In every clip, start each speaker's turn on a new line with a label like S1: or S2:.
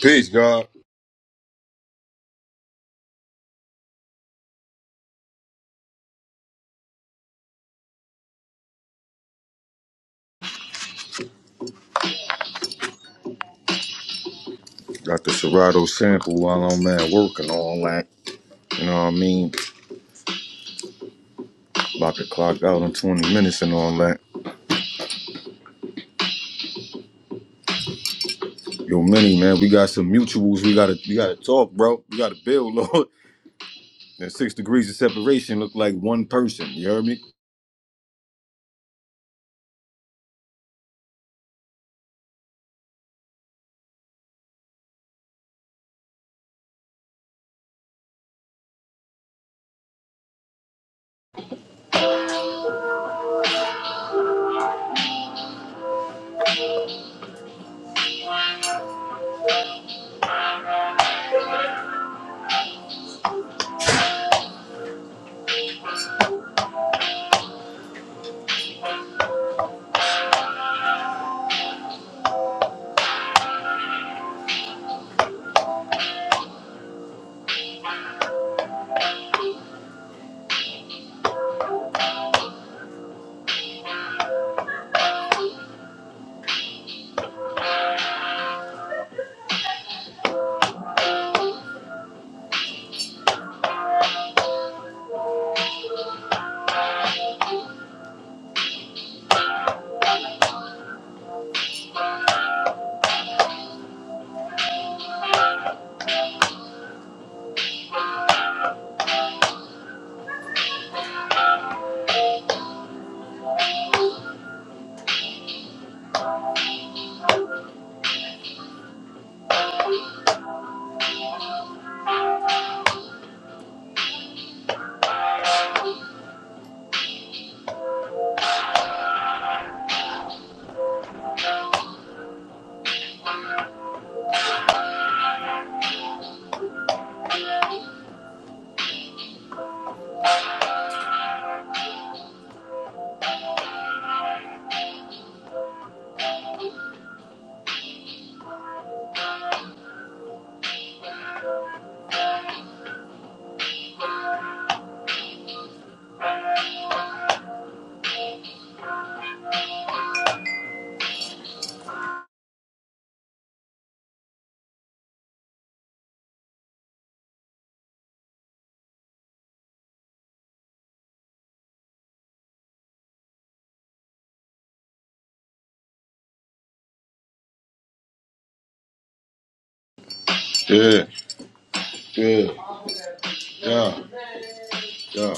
S1: Peace, God. Got the Serato sample while I'm at work and all that. You know what I mean? About to clock out in 20 minutes and all that. Yo, Mini, man, we got some mutuals. We gotta we gotta talk, bro. We gotta build, Lord. That six degrees of separation look like one person. You heard me? Yeah, yeah, yeah, yeah.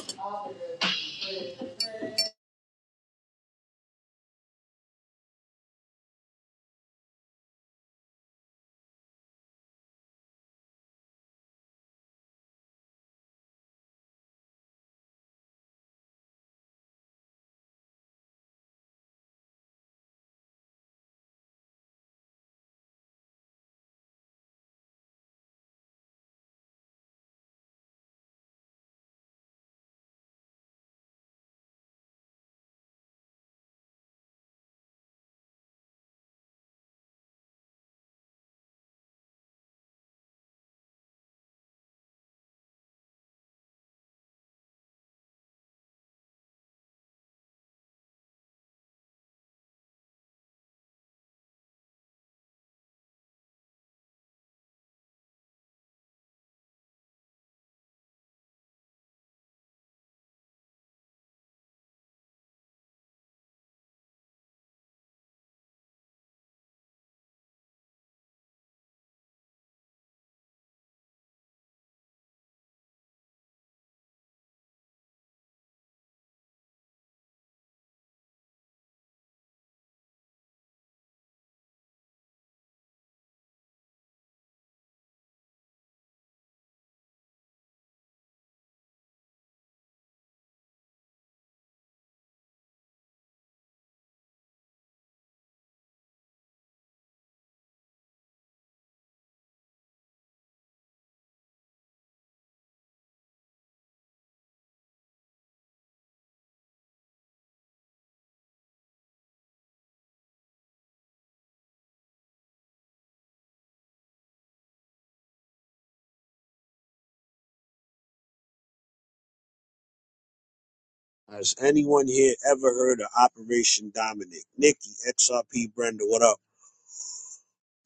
S2: Has anyone here ever heard of Operation Dominic? Nikki, XRP, Brenda, what up?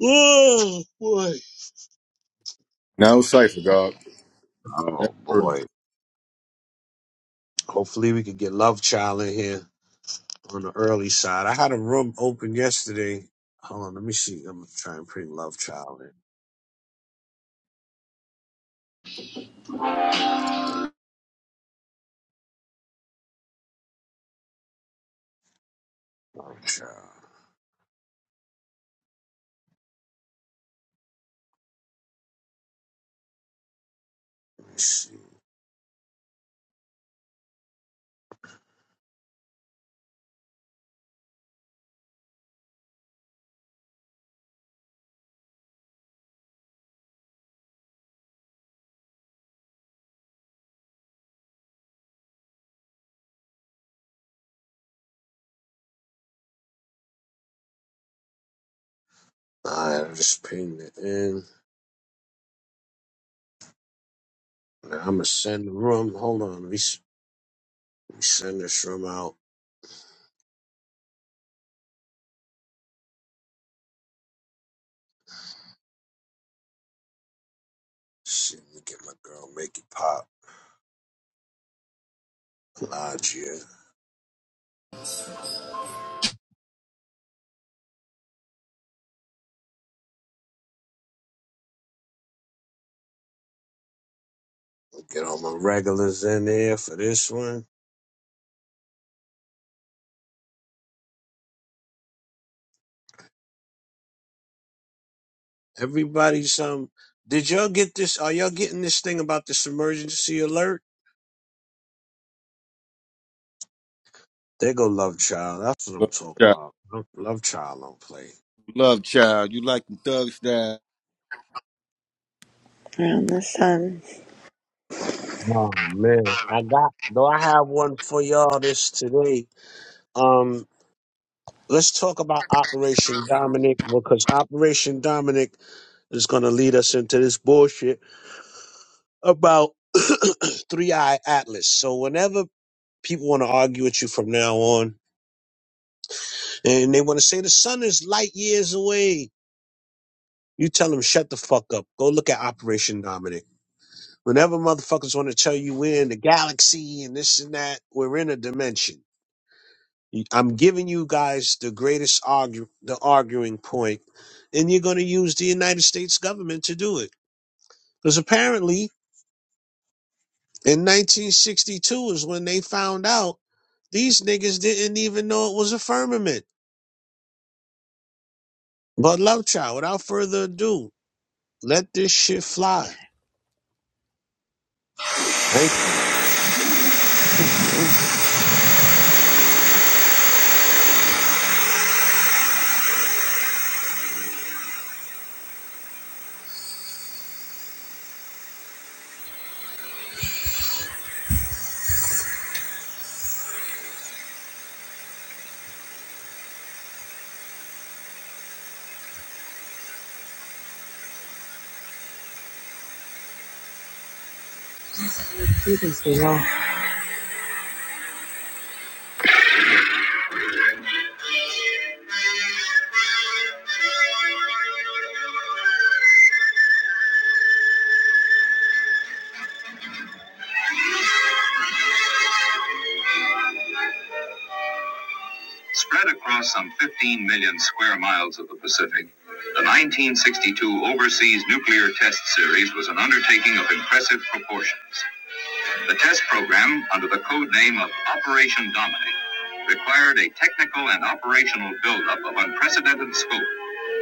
S2: Oh boy.
S1: Now cipher, God. Never
S2: Oh
S1: heard of it.
S2: boy. Hopefully we could get Love Child in here on the early side. I had a room open yesterday. Hold on, let me see. I'm gonna try and ping Love Child in. Love Child. Let me see. Alright, I just pinged it in. Now I'm gonna send the room. Hold on, let me, s- let me send this room out. See, let me get my girl Make It Pop. Lodge here. Get all my regulars in there for this one. Everybody's um. Did y'all get this? Are y'all getting this thing about this emergency alert? They go love child. That's what I'm
S1: Love
S2: talking
S1: child.
S2: about. Love Love child don't play.
S1: Love child. You like the thug style.
S3: around the sun.
S2: Oh man, I got though. I have one for y'all this today. Um, let's talk about Operation Dominic because Operation Dominic is going to lead us into this bullshit about Three Eye Atlas. So whenever people want to argue with you from now on, and they want to say the sun is light years away, You tell them shut the fuck up. Go look at Operation Dominic. Whenever motherfuckers want to tell you we're in the galaxy and this and that, we're in a dimension. You- I'm giving you guys the greatest argue, the arguing point, and you're going to use the United States government to do it. Because apparently, in 1962 is when they found out these niggas didn't even know it was a firmament. But love child, without further ado, let this shit fly. Thank you.
S3: You can say no. Spread across some 15 million square miles of the Pacific, the 1962 Overseas Nuclear Test Series was an undertaking of impressive proportions. The test program, under the code name of Operation Dominic, required a technical and operational buildup of unprecedented scope,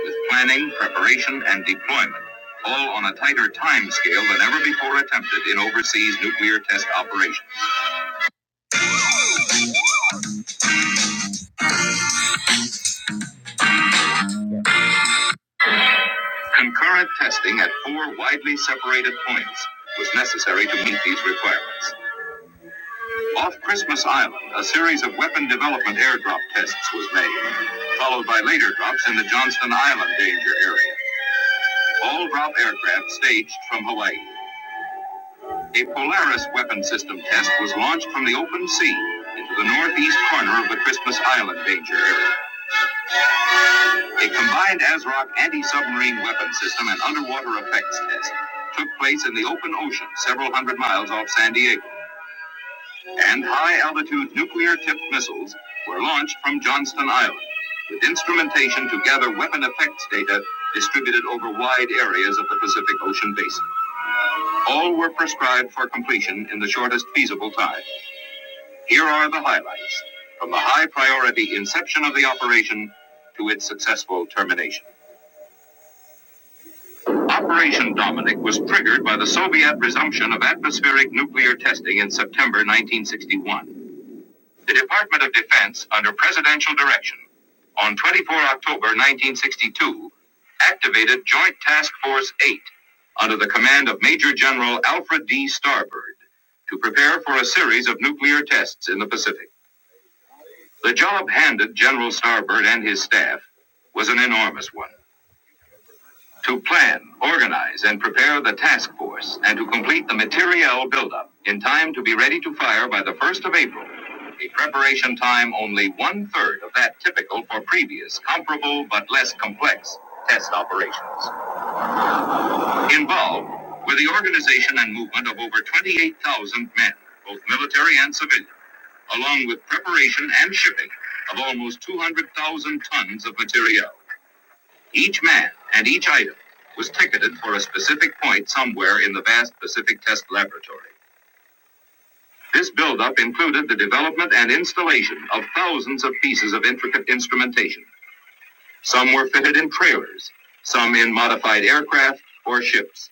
S3: with planning, preparation, and deployment, all on a tighter time scale than ever before attempted in overseas nuclear test operations. Concurrent testing at four widely separated points was necessary to meet these requirements. Off Christmas Island, a series of weapon development airdrop tests was made, followed by later drops in the Johnston Island danger area. All drop aircraft staged from Hawaii. A Polaris weapon system test was launched from the open sea into the northeast corner of the Christmas Island danger area. A combined ASROC anti-submarine weapon system and underwater effects test took place in the open ocean several hundred miles off San Diego, and high-altitude nuclear-tipped missiles were launched from Johnston Island with instrumentation to gather weapon effects data distributed over wide areas of the Pacific Ocean basin. All were prescribed for completion in the shortest feasible time. Here are the highlights from the high priority inception of the operation to its successful termination. Operation Dominic was triggered by the Soviet resumption of atmospheric nuclear testing in September 1961. The Department of Defense, under presidential direction, on 24 October 1962, activated Joint Task Force 8 under the command of Major General Alfred D. Starbird to prepare for a series of nuclear tests in the Pacific. The job handed General Starbird and his staff was an enormous one. To plan, organize, and prepare the task force, and to complete the materiel buildup in time to be ready to fire by the 1st of April, a preparation time only one third of that typical for previous, comparable, but less complex test operations. Involved were the organization and movement of over 28,000 men, both military and civilian, along with preparation and shipping of almost 200,000 tons of materiel. Each man and each item was ticketed for a specific point somewhere in the vast Pacific Test Laboratory. This buildup included the development and installation of thousands of pieces of intricate instrumentation. Some were fitted in trailers, some in modified aircraft or ships.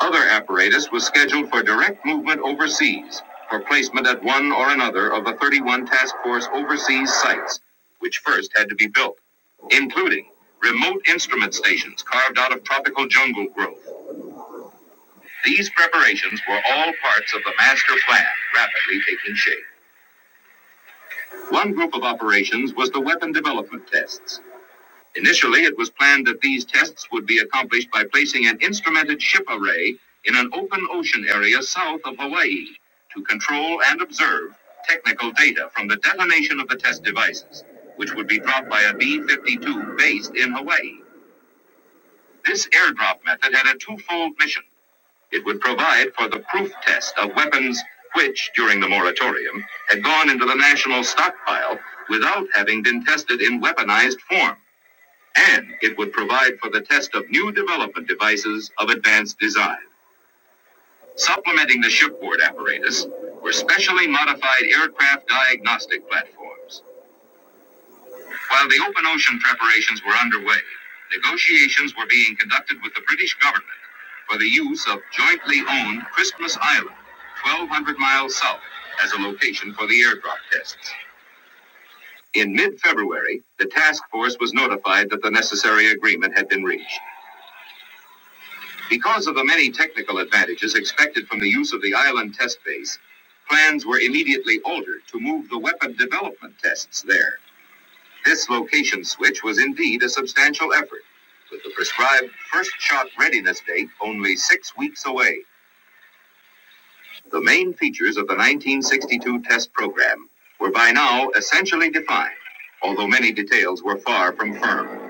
S3: Other apparatus was scheduled for direct movement overseas for placement at one or another of the 31 task force overseas sites, which first had to be built, including remote instrument stations carved out of tropical jungle growth. These preparations were all parts of the master plan rapidly taking shape. One group of operations was the weapon development tests. Initially, it was planned that these tests would be accomplished by placing an instrumented ship array in an open ocean area south of Hawaii to control and observe technical data from the detonation of the test devices, which would be dropped by a B 52 based in Hawaii. This airdrop method had a twofold mission. It would provide for the proof test of weapons which, during the moratorium, had gone into the national stockpile without having been tested in weaponized form and it would provide for the test of new development devices of advanced design. Supplementing the shipboard apparatus were specially modified aircraft diagnostic platforms. While the open ocean preparations were underway, negotiations were being conducted with the British government for the use of jointly owned Christmas Island, 1,200 miles south, as a location for the airdrop tests. In mid February, the task force was notified that the necessary agreement had been reached. Because of the many technical advantages expected from the use of the island test base, plans were immediately altered to move the weapon development tests there. This location switch was indeed a substantial effort, with the prescribed first shot readiness date only six weeks away. The main features of the 1962 test program were by now essentially defined, although many details were far from firm.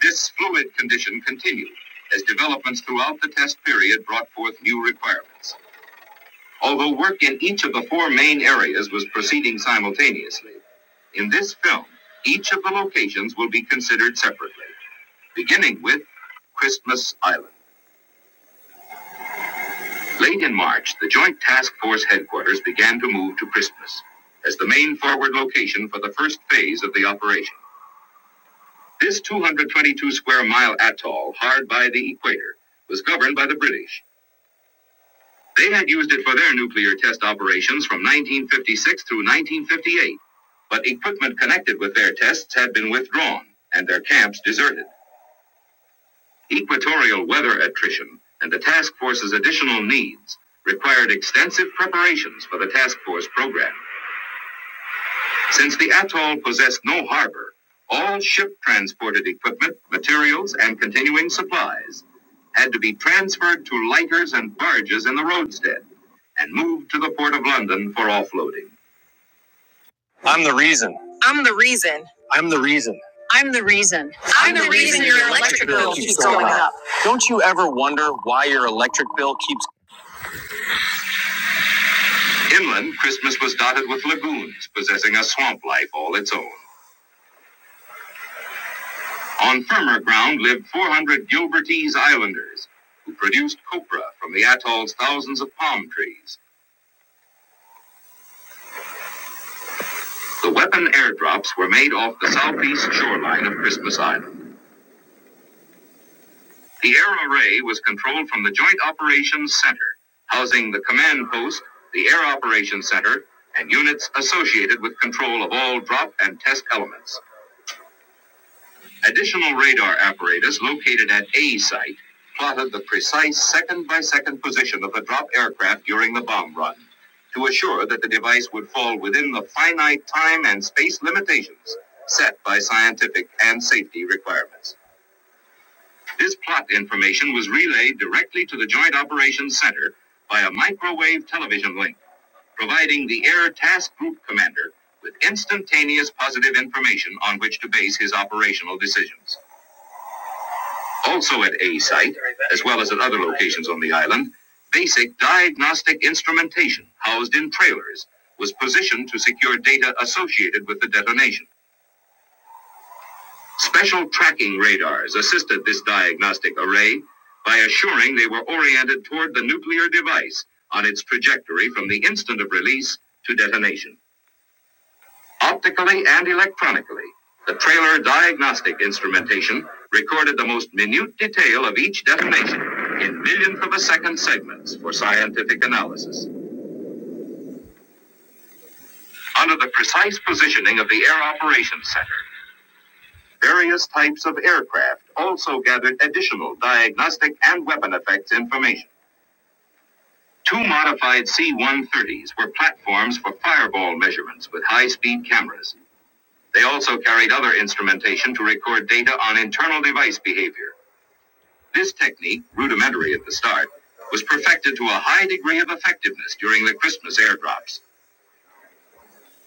S3: This fluid condition continued as developments throughout the test period brought forth new requirements. although work in each of the four main areas was proceeding simultaneously. In this film, each of the locations will be considered separately, beginning with Christmas Island. Late in March, the Joint Task Force headquarters began to move to Christmas as the main forward location for the first phase of the operation. This 222 square mile atoll, hard by the equator, was governed by the British They had used it for their nuclear test operations from 1956 through 1958, but equipment connected with their tests had been withdrawn and their camps deserted. Equatorial weather attrition and the task force's additional needs required extensive preparations for the task force program. Since the atoll possessed no harbor, all ship transported equipment, materials, and continuing supplies had to be transferred to lighters and barges in the roadstead and moved to the Port of London for offloading. I'm the reason. I'm the reason. I'm the reason. I'm the reason. I'm, I'm the, the reason, reason your electric bill keeps, going up. up. Don't you ever wonder why your electric bill keeps. Inland, Christmas was dotted with lagoons, possessing a swamp life all its own. On firmer ground lived 400 Gilbertese islanders who produced copra from the atoll's thousands of palm trees. The weapon airdrops were made off the southeast shoreline of Christmas Island. The air array was controlled from the Joint Operations Center, housing the command post, the Air Operations Center, and units associated with control of all drop and test elements. Additional radar apparatus located at A site plotted the precise second by second position of the dropped aircraft during the bomb run to assure that the device would fall within the finite time and space limitations set by scientific and safety requirements. This plot information was relayed directly to the Joint Operations Center by a microwave television link, providing the Air Task Group Commander with instantaneous positive information on which to base his operational decisions. Also at A site, as well as at other locations on the island, basic diagnostic instrumentation housed in trailers was positioned to secure data associated with the detonation. Special tracking radars assisted this diagnostic array by assuring they were oriented toward the nuclear device on its trajectory from the instant of release to detonation. Optically and electronically, the trailer diagnostic instrumentation recorded the most minute detail of each detonation in millionth of a second segments for scientific analysis. Under the precise positioning of the Air Operations Center, various types of aircraft also gathered additional diagnostic and weapon effects information. Two modified C 130s were platforms for fireball measurements with high speed cameras. They also carried other instrumentation to record data on internal device behavior. This technique, rudimentary at the start, was perfected to a high degree of effectiveness during the Christmas airdrops.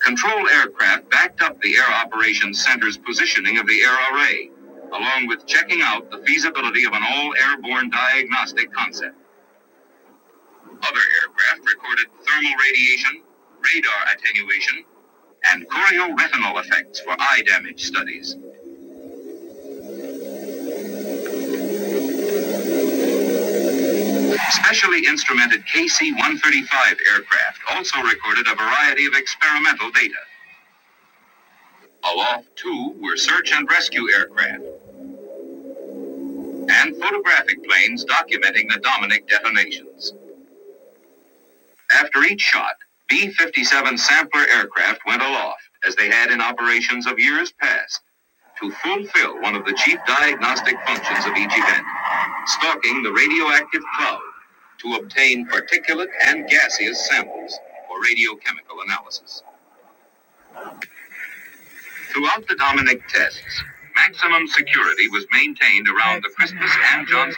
S3: Control aircraft backed up the Air Operations Center's positioning of the air array, along with checking out the feasibility of an all airborne diagnostic concept. Other aircraft recorded thermal radiation, radar attenuation, and chorioretinal effects for eye damage studies. Specially instrumented KC 135 aircraft also recorded a variety of experimental data. Aloft, too, were search and rescue aircraft and photographic planes documenting the Dominic detonations. After each shot, B 57 sampler aircraft went aloft, as they had in operations of years past, to fulfill one of the chief diagnostic functions of each event stalking the radioactive cloud to obtain particulate and gaseous samples for radiochemical analysis. Throughout the Dominic tests, maximum security was maintained around the Christmas and Johnson.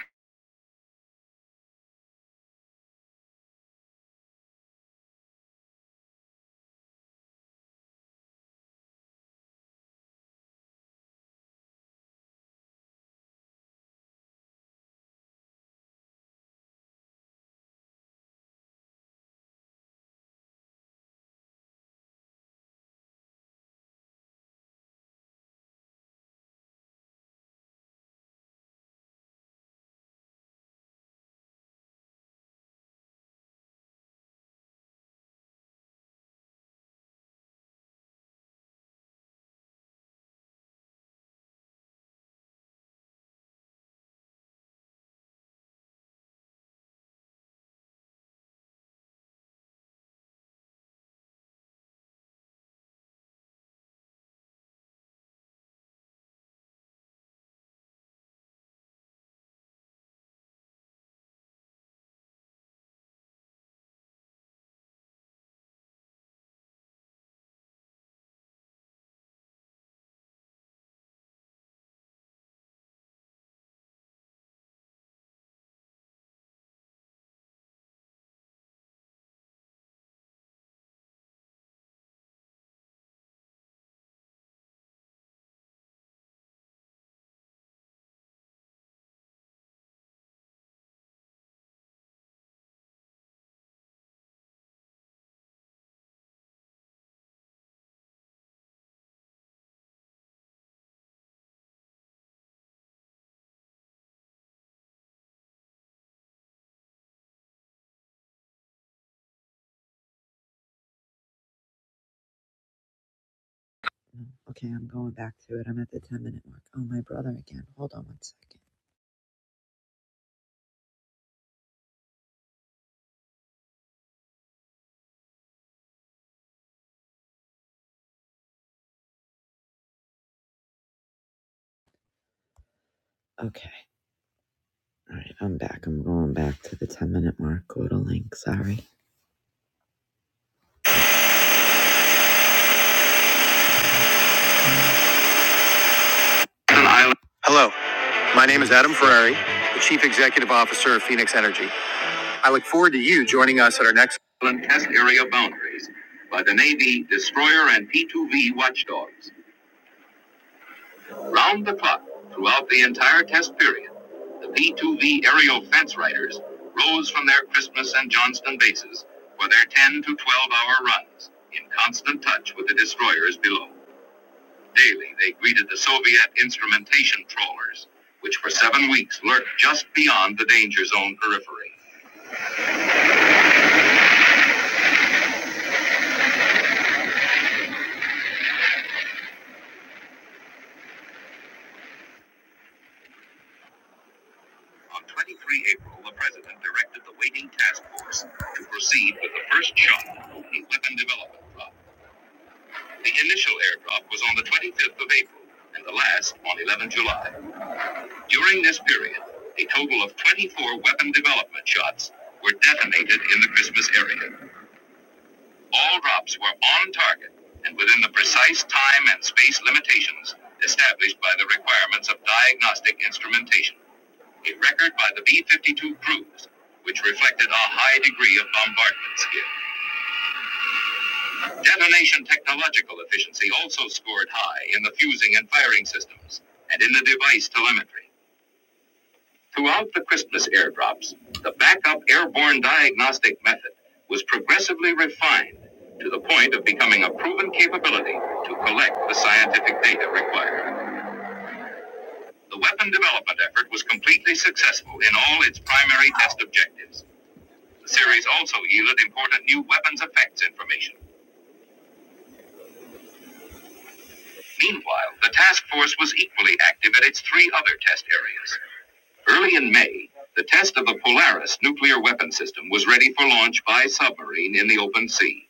S3: No. Okay, I'm going back to it. I'm at the 10 minute mark. Oh, my brother again. Hold on one second. Okay. All right, I'm back. I'm going back to the 10 minute mark. Go to link. Sorry. Hello, my name is Adam Ferrari, the Chief Executive Officer of Phoenix Energy. I look forward to you joining us at our next. Test area boundaries by the Navy destroyer and P 2V watchdogs. Round the clock, throughout the entire test period, the P-2V aerial fence riders rose from their Christmas and Johnston bases for their 10 to 12 hour runs in constant touch with the destroyers below. Daily, they greeted the Soviet instrumentation trawlers, which for seven weeks lurked just beyond the danger zone periphery. On 23 April, the president directed the waiting task force to proceed with the first shot in weapon development. project. The initial airdrop was on the 25th of April and the last on 11 July. During this period, a total of 24 weapon development shots were detonated in the Christmas area. All drops were on target and within the precise time and space limitations established by the requirements of diagnostic instrumentation. A record by the B 52 crews, which reflected a high degree of bombardment skill. Detonation technological efficiency also scored high in the fusing and firing systems and in the device telemetry. Throughout the Crispus airdrops, the backup airborne diagnostic method was progressively refined to the point of becoming a proven capability to collect the scientific data required. The weapon development effort was completely successful in all its primary test objectives. The series also yielded important new weapons effects information Meanwhile, the task force was equally active at its three other test areas. Early in May, the test of the Polaris nuclear weapon system was ready for launch by submarine in the open sea.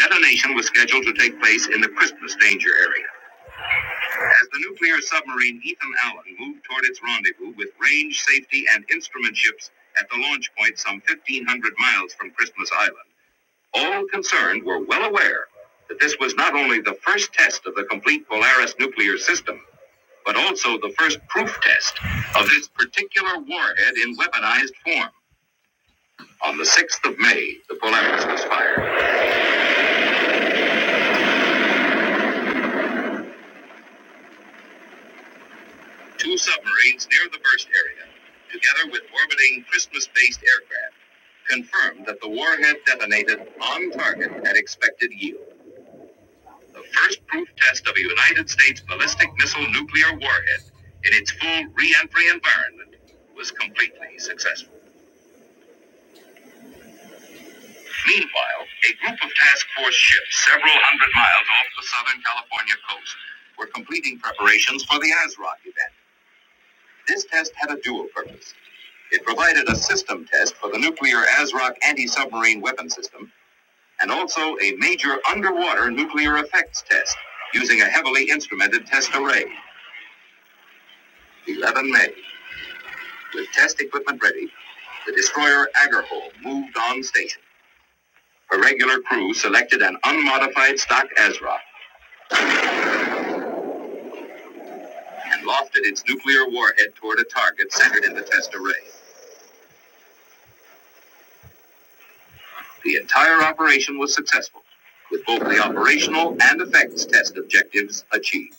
S3: Detonation was scheduled to take place in the Christmas danger area. As the nuclear submarine Ethan Allen moved toward its rendezvous with range, safety, and instrument ships at the launch point some 1,500 miles from Christmas Island, all concerned were well aware that this was not only the first test of the complete Polaris nuclear system, but also the first proof test of this particular warhead in weaponized form. On the 6th of May, the Polaris was fired. Two submarines near the burst area, together with orbiting Christmas based aircraft, confirmed that the warhead detonated on target at expected yield. The first proof test of a United States ballistic missile nuclear warhead in its full re entry environment was completely successful. Meanwhile, a group of task force ships several hundred miles off the Southern California coast were completing preparations for the ASROC event. This test had a dual purpose. It provided a system test for the nuclear ASROC anti-submarine weapon system and also a major underwater nuclear effects test using a heavily instrumented test array. 11 May, with test equipment ready, the destroyer Agerholm moved on station. Her regular crew selected an unmodified stock ASROC and lofted its nuclear warhead toward a target centered in the test array. The entire operation was successful, with both the operational and effects test objectives achieved.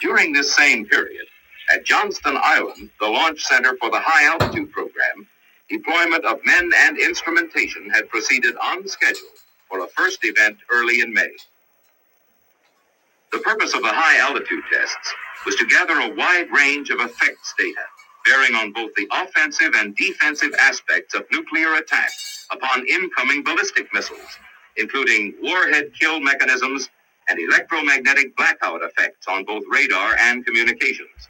S3: During this same period, at Johnston Island, the launch center for the high altitude program, deployment of men and instrumentation had proceeded on schedule for a first event early in May. The purpose of the high altitude tests was to gather a wide range of effects data bearing on both the offensive and defensive aspects of nuclear attack upon incoming ballistic missiles, including warhead kill mechanisms and electromagnetic blackout effects on both radar and communications.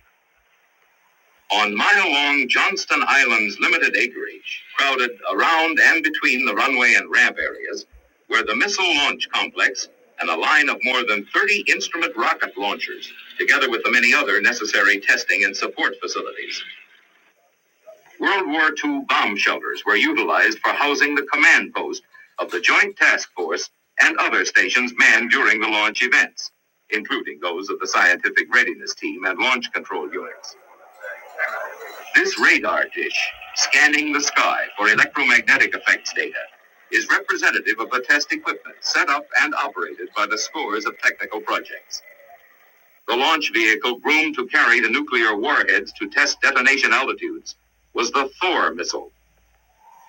S3: On mile-long Johnston Island's limited acreage, crowded around and between the runway and ramp areas, were the missile launch complex and a line of more than 30 instrument rocket launchers, together with the many other necessary testing and support facilities. World War II bomb shelters were utilized for housing the command post of the Joint Task Force and other stations manned during the launch events, including those of the Scientific Readiness Team and Launch Control Units. This radar dish, scanning the sky for electromagnetic effects data, is representative of the test equipment set up and operated by the scores of technical projects. The launch vehicle groomed to carry the nuclear warheads to test detonation altitudes was the Thor missile.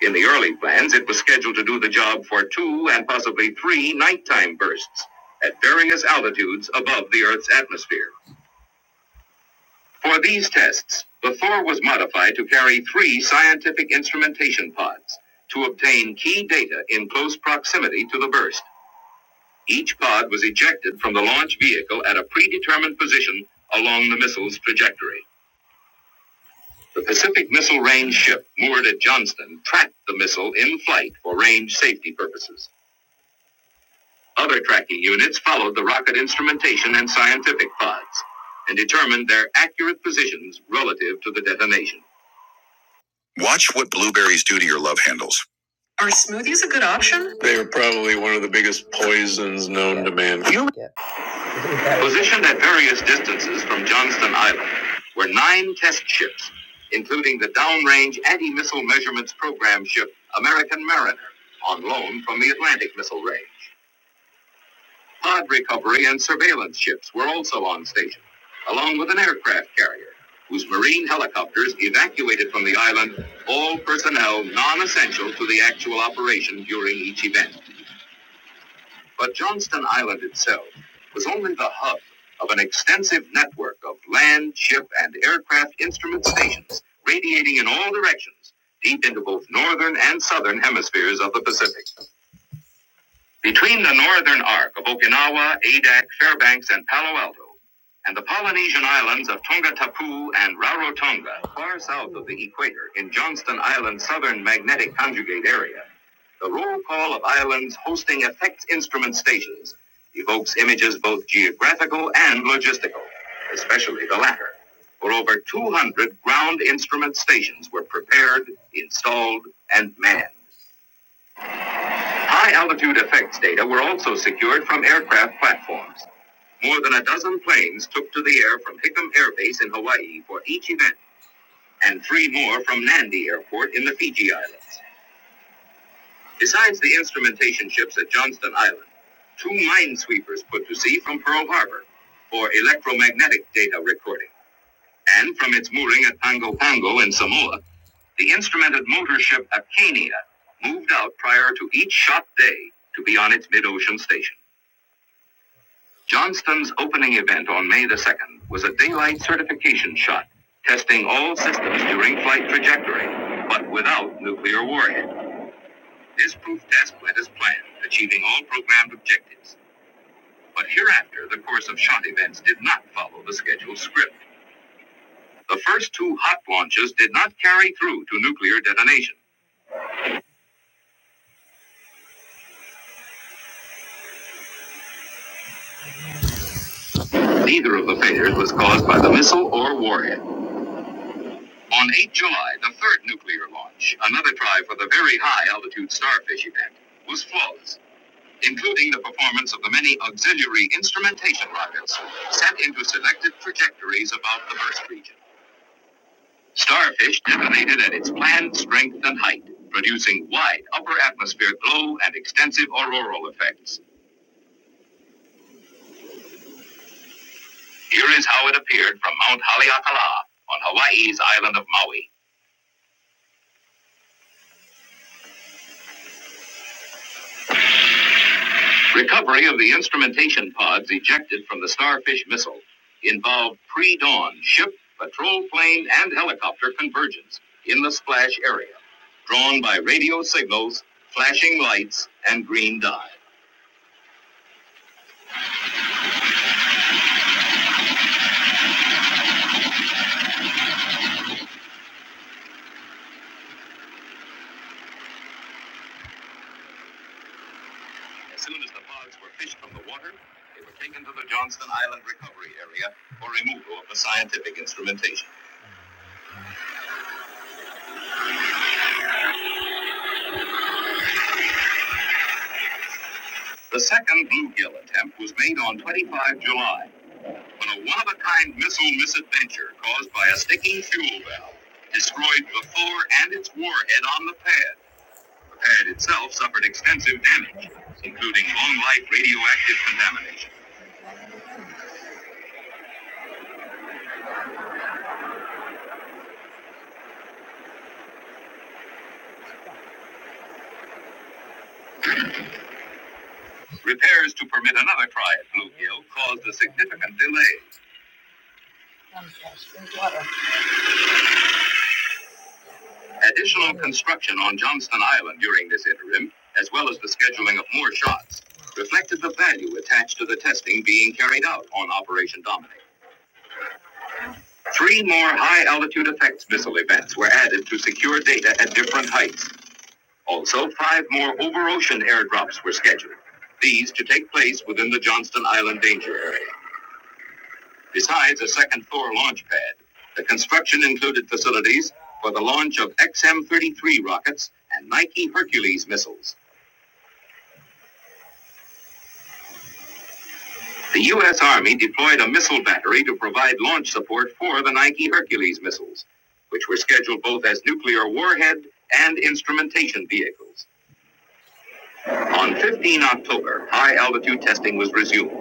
S3: In the early plans, it was scheduled to do the job for two and possibly three nighttime bursts at various altitudes above the Earth's atmosphere. For these tests, the Thor was modified to carry three scientific instrumentation pods to obtain key data in close proximity to the burst. Each pod was ejected from the launch vehicle at a predetermined position along the missile's trajectory. The Pacific Missile Range ship moored at Johnston tracked the missile in flight for range safety purposes. Other tracking units followed the rocket instrumentation and scientific pods and determined their accurate positions relative to the detonation. Watch what blueberries do to your love handles. Are smoothies a good option? They are probably one of the biggest poisons known to man. You positioned at various distances from Johnston Island were nine test ships, including the downrange anti-missile measurements program ship American Mariner, on loan from the Atlantic Missile Range. Pod recovery and surveillance ships were also on station, along with an aircraft carrier, whose marine helicopters evacuated from the island all personnel non essential to the actual operation during each event. But Johnston Island itself was only the hub of an extensive network of land, ship, and aircraft instrument stations radiating in all directions, deep into both northern and southern hemispheres of the Pacific. Between the northern arc of Okinawa, Adak, Fairbanks, and Palo Alto, and the Polynesian islands of Tonga Tapu and Rarotonga, far south of the equator in Johnston Island's southern magnetic conjugate area, the roll call of islands hosting effects instrument stations evokes images both geographical and logistical, especially the latter. For over 200 ground instrument stations were prepared, installed, and manned. High altitude effects data were also secured from aircraft platforms. More than a dozen planes took to the air from Hickam Air Base in Hawaii for each event, and three more from Nandi Airport in the Fiji Islands. Besides the instrumentation ships at Johnston Island, two minesweepers put to sea from Pearl Harbor for electromagnetic data recording. And from its mooring at Pongo Pongo in Samoa, the instrumented motor ship Acania moved out prior to each shot day to be on its mid ocean station. Johnston's opening event on May the 2nd was a daylight certification shot, testing all systems during flight trajectory, but without nuclear warhead. This proof test went as planned, achieving all programmed objectives. But hereafter, the course of shot events did not follow the scheduled script. The first two hot launches did not carry through to nuclear detonation. Neither of the failures was caused by the missile or warhead. On 8 July, the third nuclear launch, another try for the Very High Altitude Starfish event, was flawless, including the performance of the many auxiliary instrumentation rockets set into selected trajectories above the burst region. Starfish detonated at its planned strength and height, producing wide upper atmosphere glow and extensive auroral effects. Here is how it appeared from Mount Haleakala on Hawaii's island of Maui. Recovery of the instrumentation pods ejected from the Starfish missile involved pre dawn ship, patrol plane, and helicopter convergence in the splash area, drawn by radio signals, flashing lights, and green dye. As soon as the pods were fished from the water, they were taken to the Johnston Island recovery area for removal of the scientific instrumentation. The second bluegill attempt was made on 25 July when a one-of-a-kind missile misadventure caused by a sticking fuel valve destroyed the fore and its warhead on the pad. The pad itself suffered extensive damage, including long-life radioactive contamination. Repairs to permit another try at Bluegill caused a significant delay. Additional construction on Johnston Island during this interim, as well as the scheduling of more shots, reflected the value attached to the testing being carried out on Operation Dominic. Three more high altitude effects missile events were added to secure data at different heights. Also, five more over ocean airdrops were scheduled, these to take place within the Johnston Island danger area. Besides a second Thor launch pad, the construction included facilities for the launch of XM 33 rockets and Nike Hercules missiles. The U.S. Army deployed a missile battery to provide launch support for the Nike Hercules missiles, which were scheduled both as nuclear warhead and instrumentation vehicles. On 15 October, high altitude testing was resumed,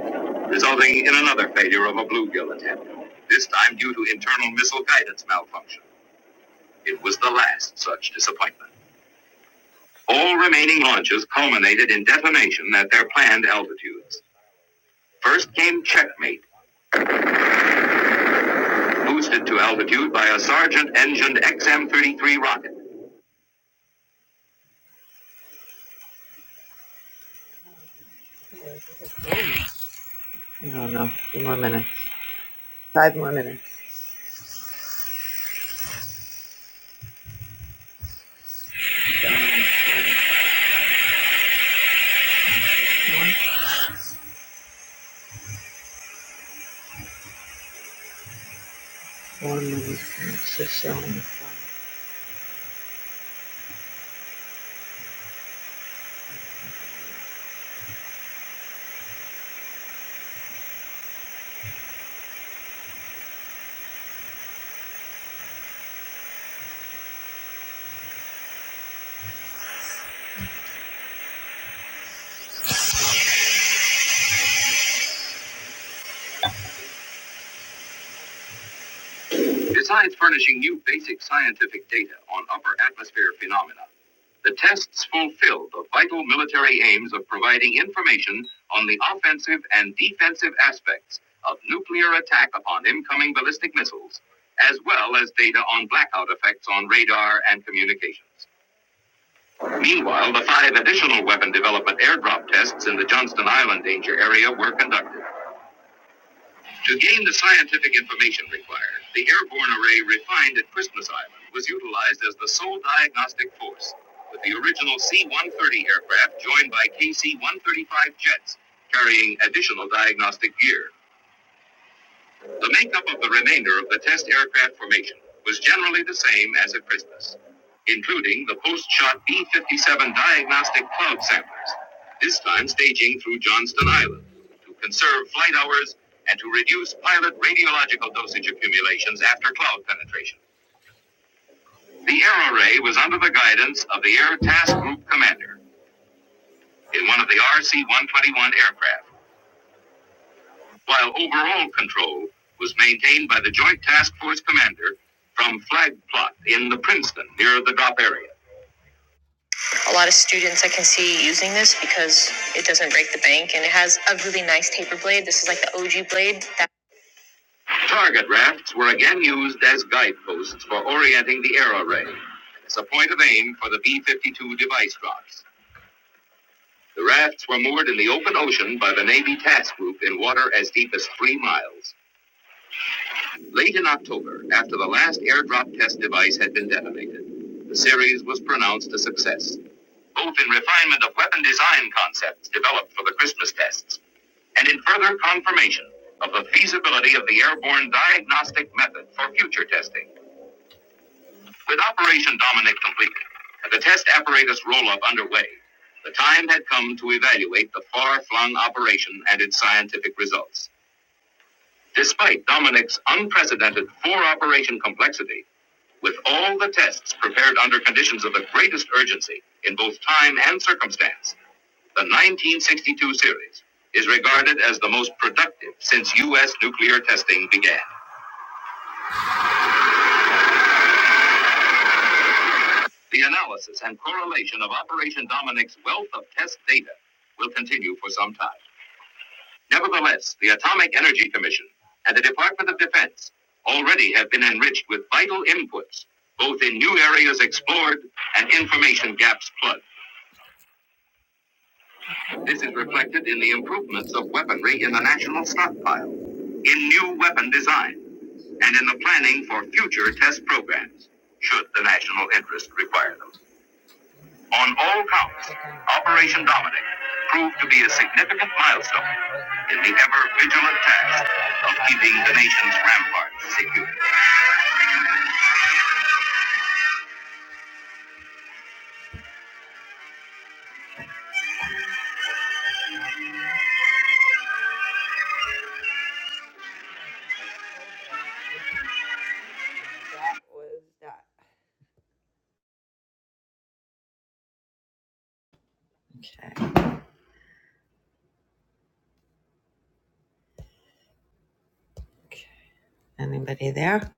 S3: resulting in another failure of a bluegill attempt, this time due to internal missile guidance malfunction. It was the last such disappointment. All remaining launches culminated in detonation at their planned altitudes. First came checkmate boosted to altitude by a Sargent engined XM-33 rocket. Besides furnishing new basic scientific data on upper atmosphere phenomena, the tests fulfill the vital military aims of providing information on the offensive and defensive aspects of nuclear attack upon incoming ballistic missiles, as well as data on blackout effects on radar and communications. Meanwhile, the five additional weapon development airdrop tests in the Johnston Island danger area were conducted. To gain the scientific information required, the airborne array refined at Christmas Island was utilized as the sole diagnostic force, with the original C 130 aircraft joined by KC 135 jets, carrying additional diagnostic gear. The makeup of the remainder of the test aircraft formation was generally the same as at Christmas, including the post-shot B-57 diagnostic cloud samplers, this time staging through Johnston Island to conserve flight hours and to reduce pilot radiological dosage accumulations after cloud penetration. The air array was under the guidance of the Air Task Group Commander in one of the RC-121 aircraft while overall control was maintained by the Joint Task Force commander from Flag Plot in the Princeton near the drop area. It's like using this because it doesn't break the bank and it has a really nice taper blade. This is like the OG blade. That- Target rafts were again used as guideposts for orienting the arrow array as a point of aim for the B 52 device drops. The rafts were moored in the open ocean by the Navy task group in water as deep as three miles. Late in October, after the last airdrop test device had been detonated, the series was pronounced a success, both in refinement of weapon design concepts developed for the Christmas tests and in further confirmation of the feasibility of the airborne diagnostic method for future testing. With Operation Dominic completed and the test apparatus roll up underway, the time had come to evaluate the far flung operation and its scientific results. Despite Dominic's unprecedented four operation complexity, with all the tests prepared under conditions of the greatest urgency in both time and circumstance, the 1962 series is regarded as the most productive since U.S. nuclear testing began. The analysis and correlation of Operation Dominic's wealth of test data will continue for some time. Nevertheless, the Atomic Energy Commission and the Department of Defense already have been enriched with vital inputs, both in new areas explored and information gaps plugged. This is reflected in the improvements of weaponry in the national stockpile, in new weapon design, and in the planning for future test programs, should the national interest require them. On all counts, Operation Dominic proved to be a significant milestone in the ever vigilant task of keeping the nation's ramparts secure. Anybody there?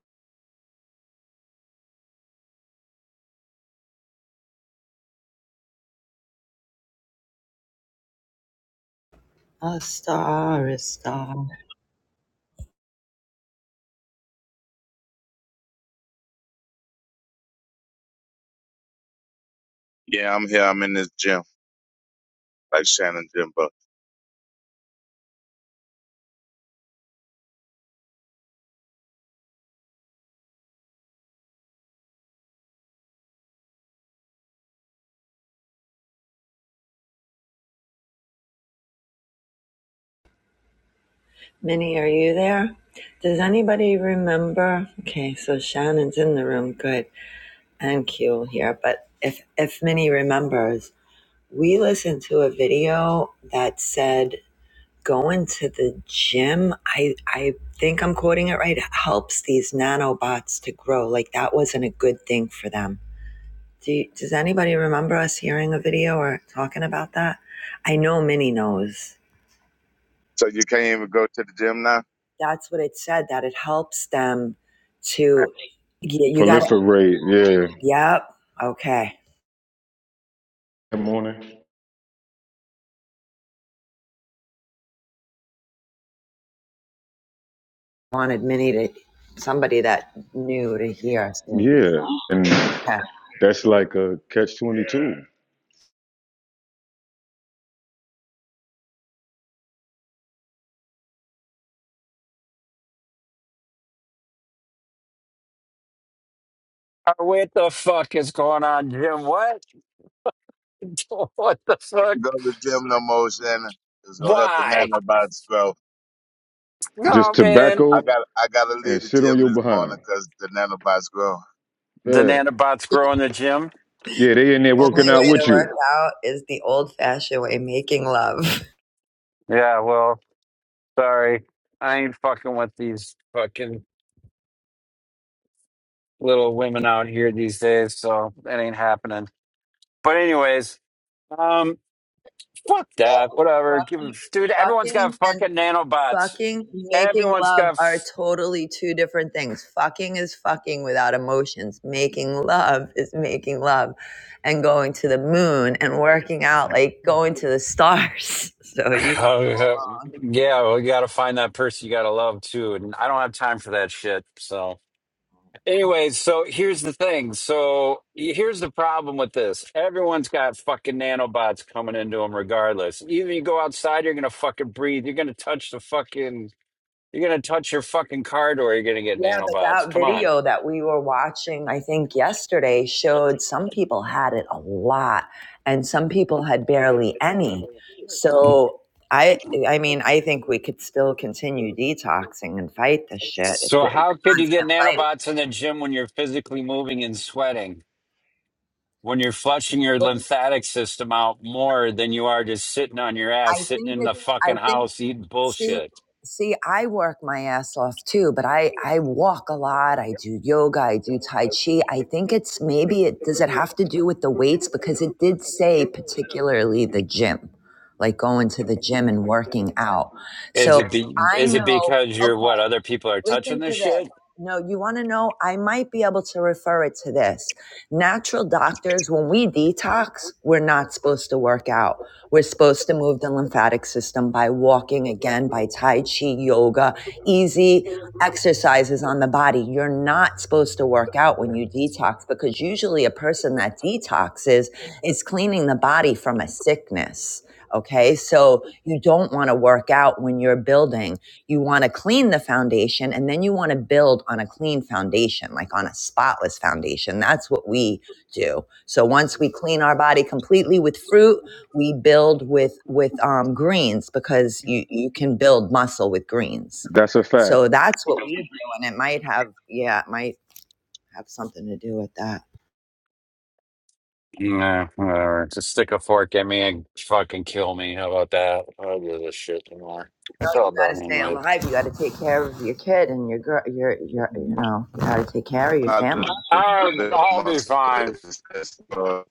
S3: A star a star.
S4: Yeah, I'm here. I'm in this gym, like Shannon Jimbo.
S3: Minnie, are you there? Does anybody remember? Okay, so Shannon's in the room, good, and Q here. But if if Minnie remembers, we listened to a video that said going to the gym. I I think I'm quoting it right. Helps these nanobots to grow. Like that wasn't a good thing for them. Do you, does anybody remember us hearing a video or talking about that? I know Minnie knows.
S4: So you can't even go to the gym now?
S3: That's what it said, that it helps them to, yeah, you got it.
S1: Proliferate, yeah.
S3: yep. Okay.
S1: Good morning.
S3: Wanted Minnie to, somebody that knew to hear. So,
S1: Yeah, and
S3: yeah.
S1: that's like a catch twenty two.
S5: Uh, What the fuck is going on, Jim? What? What the fuck?
S4: Can't go to the gym no more, Shannon. It's gonna help the
S5: Why?
S4: nanobots grow.
S1: Just
S5: Oh man,
S4: I
S1: tobacco
S4: got I gotta
S1: and
S4: leave the
S1: sit on
S4: gym
S1: your
S4: this
S1: behind.
S4: morning 'cause the nanobots grow.
S5: the
S1: Yeah,
S5: nanobots grow in the gym.
S1: yeah, they in there working out with you.
S5: Yeah, well, sorry, I ain't fucking with these fucking little women out here these days, so that ain't happening. But anyways, um, fuck
S3: Well,
S5: that. Whatever. Give, dude, everyone's got
S3: fucking and
S5: fucking nanobots.
S3: fucking making
S5: Everyone's
S3: love
S5: got.
S3: are
S5: F-
S3: totally two different things. Fucking is fucking without emotions. Making love is making love and going to the moon and working out like going to the stars. So you got it all wrong.
S5: yeah, well, you got to find that person you got to love too, and I don't have time for that shit. So. Anyways, so here's the thing. So here's the problem with this. Everyone's got fucking nanobots coming into them regardless. Even you go outside, you're going to fucking breathe. You're going to touch the fucking, you're going to touch your fucking car door. You're going to get
S3: Yeah, but
S5: nanobots.
S3: that
S5: Come on.
S3: video that we were watching, I think yesterday, showed some people had it a lot and some people had barely any. So I I mean, I think we could still continue detoxing and fight this shit. It's
S5: So
S3: a, it's
S5: how
S3: a
S5: could you get
S3: constant fight.
S5: nanobots in the gym when you're physically moving and sweating? When you're flushing your
S3: But
S5: lymphatic system out more than you are just sitting on your
S3: I
S5: ass, sitting
S3: think
S5: in the
S3: it's I
S5: fucking
S3: think
S5: house eating
S3: See,
S5: bullshit.
S3: see, I work my ass off too, but I I walk a lot. I do yoga. I do tai chi. I think it's maybe it does it have to do with the weights because it did say particularly the gym, like going to the gym and working out.
S5: Is
S3: So
S5: it be,
S3: I
S5: is it
S3: know.
S5: because you're
S3: Okay.
S5: what other people are
S3: Listen
S5: touching this
S3: to this.
S5: shit?
S3: No, you want to know? I might be able to refer it to this. Natural doctors, when we detox, we're not supposed to work out. We're supposed to move the lymphatic system by walking again, by Tai Chi, yoga, easy exercises on the body. You're not supposed to work out when you detox because usually a person that detoxes is cleaning the body from a sickness. Okay, so you don't want to work out when you're building you want to clean the foundation and then you want to build on a clean foundation like on a spotless foundation that's what we do so once we clean our body completely with fruit we build with with um, greens because you you can build muscle with greens
S1: That's a fact.
S3: so that's what we do and it might have yeah it might have something to do with that
S5: Nah, whatever. Just stick a fork at me and fucking kill me. How about that? I don't do this shit anymore. I
S3: no you
S5: felt
S3: got to
S5: done
S3: stay
S5: anyway.
S3: alive you got to take care of your kid and your girl your your you know you got to take care of your
S4: Out
S3: family
S4: of the
S5: Uh,
S4: big
S5: I'll be
S4: muscle
S5: fine.
S4: is- is, uh,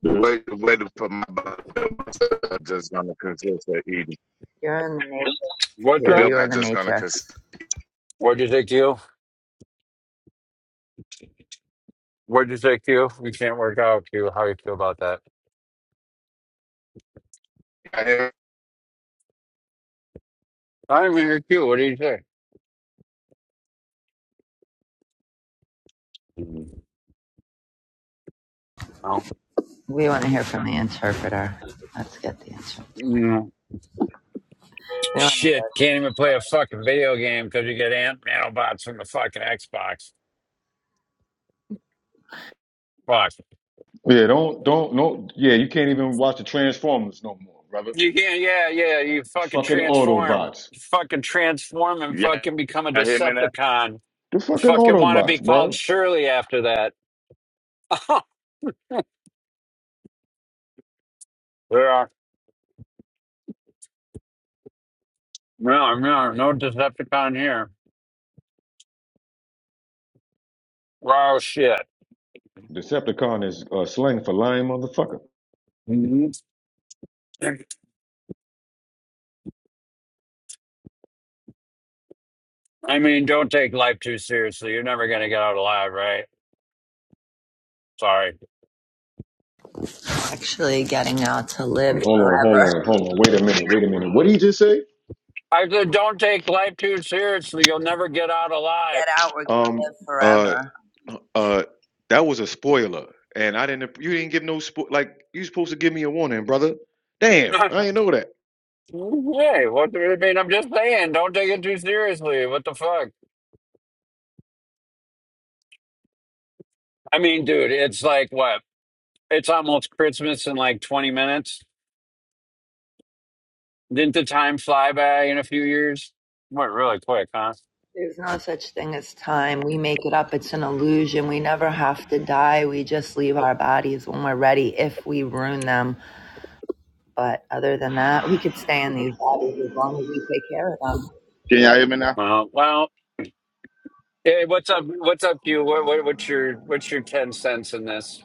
S4: The way the way to put my body I'm just gonna consist of eating.
S3: you're in the matrix
S5: What's
S4: The
S3: are
S5: up?
S4: building
S3: you're
S4: I'm
S3: in the
S4: just gonna
S3: matrix
S4: consist.
S5: What'd you say, Q? What'd you say, Q? We can't work out, Q. How you feel about that?
S4: Y'all hear,
S5: I'm here, Q. What do you say? Oh.
S3: We want to hear from the interpreter. Let's get the interpreter.
S5: Mm.
S3: We want to
S5: Shit, can't even play a fucking video game because you get ant nanobots from the fucking Xbox. Fuck.
S1: Yeah, don't don't no. Yeah, you can't even watch the Transformers no more, brother.
S5: You can, yeah, yeah. You fucking
S1: Fucking
S5: transform,
S1: Autobots.
S5: fucking transform, and
S4: yeah,
S5: fucking become a
S4: y'all hear me now?
S5: Decepticon.
S1: The
S5: You
S1: fucking
S5: Fucking want to be
S1: Autobots,
S5: called
S1: bro.
S5: Shirley after that. yeah, no, no, no Decepticon here. Oh shit.
S1: Decepticon is uh, slang for lying motherfucker.
S5: Mhm. I mean, don't take life too seriously. You're never gonna get out alive, right? Sorry.
S3: hear actually getting out to live
S1: Hold on, hold
S3: forever.
S1: on, hold on. Wait a minute, wait a minute. What did he just say?
S5: I said, don't take life too seriously. You'll never get out alive.
S3: Get out, we're going to
S1: Um.
S3: live
S1: Uh.
S3: forever.
S1: Uh. That was a spoiler, and I didn't. You didn't give no spo- like. You supposed to give me a warning, brother. Damn, I
S5: hey,
S1: didn't know that.
S5: what do you mean? I'm just saying, don't take it too seriously. What the fuck? I mean, dude, it's like what? It's almost Christmas in like 20 minutes. Didn't the time fly by in a few years? Went really quick, huh?
S3: There's no such thing as time. We make it up. It's an illusion. We never have to die. We just leave our bodies when we're ready if we ruin them. But other than that, we could stay in these bodies as long as we take care of them.
S4: Can y'all hear me now?
S5: Well, well. Hey, what's up? What's up, you? What, what, what's your what's your ten cents in this?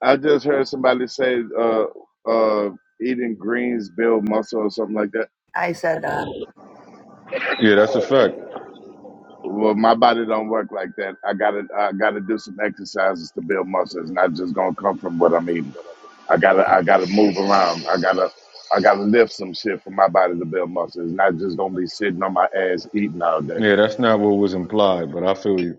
S4: I just heard somebody say uh uh eating greens build muscle or something like that.
S3: I said, uh,
S1: Yeah, that's a fact.
S4: Well, my body don't work like that. I gotta I gotta do some exercises to build muscle. It's not just gonna come from what I'm eating. I gotta I gotta move around. I gotta I gotta lift some shit for my body to build muscle. It's not just gonna be sitting on my ass eating all day.
S1: Yeah, that's not what was implied, but I feel you.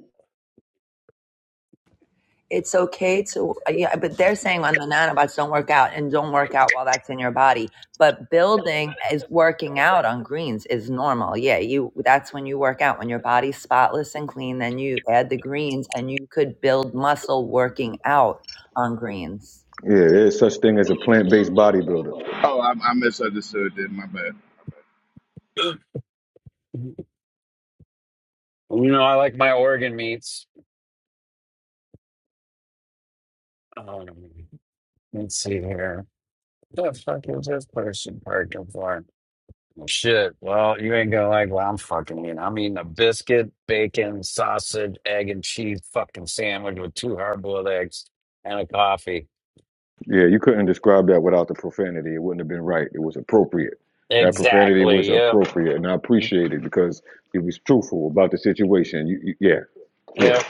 S3: it's okay to yeah but they're saying on the nanobots don't work out and don't work out while that's in your body but building is working out on greens is normal yeah you that's when you work out when your body's spotless and clean then you add the greens and you could build muscle working out on greens
S1: Yeah, there's such thing as a plant-based bodybuilder.
S4: Oh, I, I misunderstood. Then my bad.
S5: You know, I like my organ meats. Um, let's see here. What the fuck is this person parking for? Shit. Well, you ain't gonna like what I'm fucking eating. I'm eating a biscuit, bacon, sausage, egg and cheese fucking sandwich with two hard boiled eggs and a coffee.
S1: Yeah, you couldn't describe that without the profanity. It wouldn't have been right. It was appropriate. That profanity was
S5: Exactly. Yep.
S1: appropriate, and I appreciate it because it was truthful about the situation. You, you, yeah, yeah.
S5: Yep.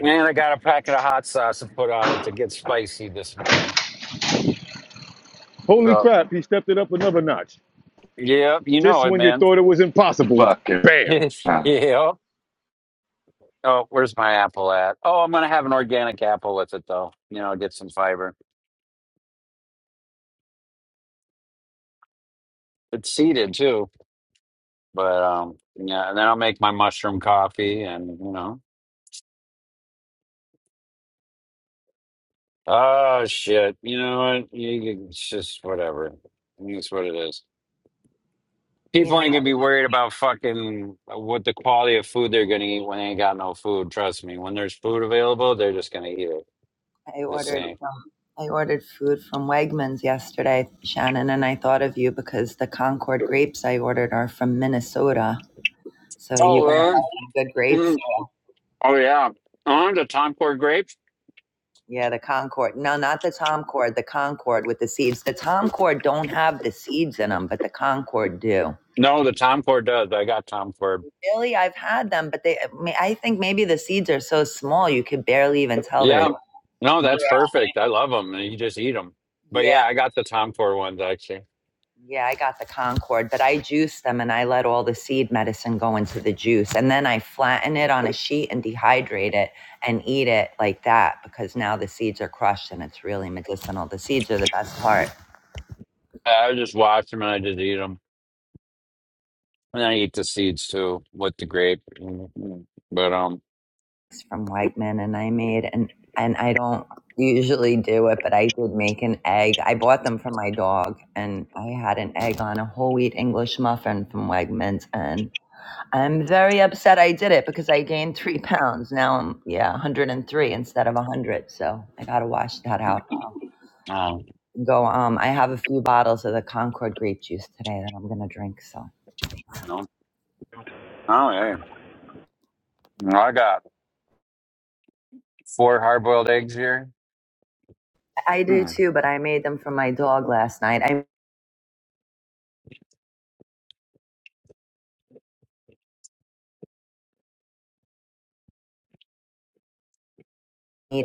S5: And I got a packet of hot sauce to put on it to get spicy this morning.
S1: Holy
S5: So,
S1: crap! He stepped it up another notch.
S5: yep, you know
S1: Just
S5: it,
S1: when you
S5: man.
S1: thought it was impossible,
S4: Fucking.
S1: bam.
S4: hell.
S5: yep. Oh, where's my apple at? Oh, I'm gonna have an organic apple with it though. You know, get some fiber. It's seeded too, but um, yeah. And then I'll make my mushroom coffee, and you know, oh shit. You know what? You, you- it's just whatever. I mean, It's what it is.
S3: you know,
S5: People ain't gonna be worried about fucking what the quality of food they're gonna eat when they ain't got no food. Trust me, when there's food available, they're just gonna eat it.
S3: I
S5: The
S3: ordered
S5: same.
S3: from I ordered food from Wegmans yesterday, Shannon, and I thought of you because the Concord grapes I ordered are from Minnesota. So you
S5: Oh,
S3: guys
S5: really?
S3: have some good grapes.
S5: Mm. oh yeah. Oh, the Tom Cord grapes?
S3: Yeah, the Concord. No, not the Tom Cord, the Concord with the seeds. The Tom Cord don't have the seeds in them, but the Concord do.
S5: No, the Tom Cord does. I got Tom Cord.
S3: Really, I've had them, but they, I think maybe the seeds are so small you could barely even tell they're.
S5: Yeah. No,
S3: Yeah,
S5: that's perfect. I love them. and You just eat them. But
S3: yeah,
S5: yeah, I got the Tom Cord ones actually.
S3: Yeah, I got the Concord, but I juice them and I let all the seed medicine go into the juice. And then I flatten it on a sheet and dehydrate it and eat it like that because now the seeds are crushed and it's really medicinal. The seeds are the best part.
S5: I just watch them and I just eat them, and I eat the seeds too with the grape. Mm, mm. But um,
S3: from Wegman, and I made an and I don't usually do it, but I did make an egg. I bought them for my dog, and I had an egg on a whole wheat English muffin from Wegmans, and I'm very upset I did it because I gained three pounds. Now I'm yeah 103 instead of 100, so I gotta wash that out.
S5: oh,
S3: Go um, I have a few bottles of the Concord grape juice today that I'm gonna drink. So
S5: you know, oh yeah. I got. Four hard boiled eggs here.
S3: I do
S5: Hmm.
S3: too, but I made them for my dog last night. I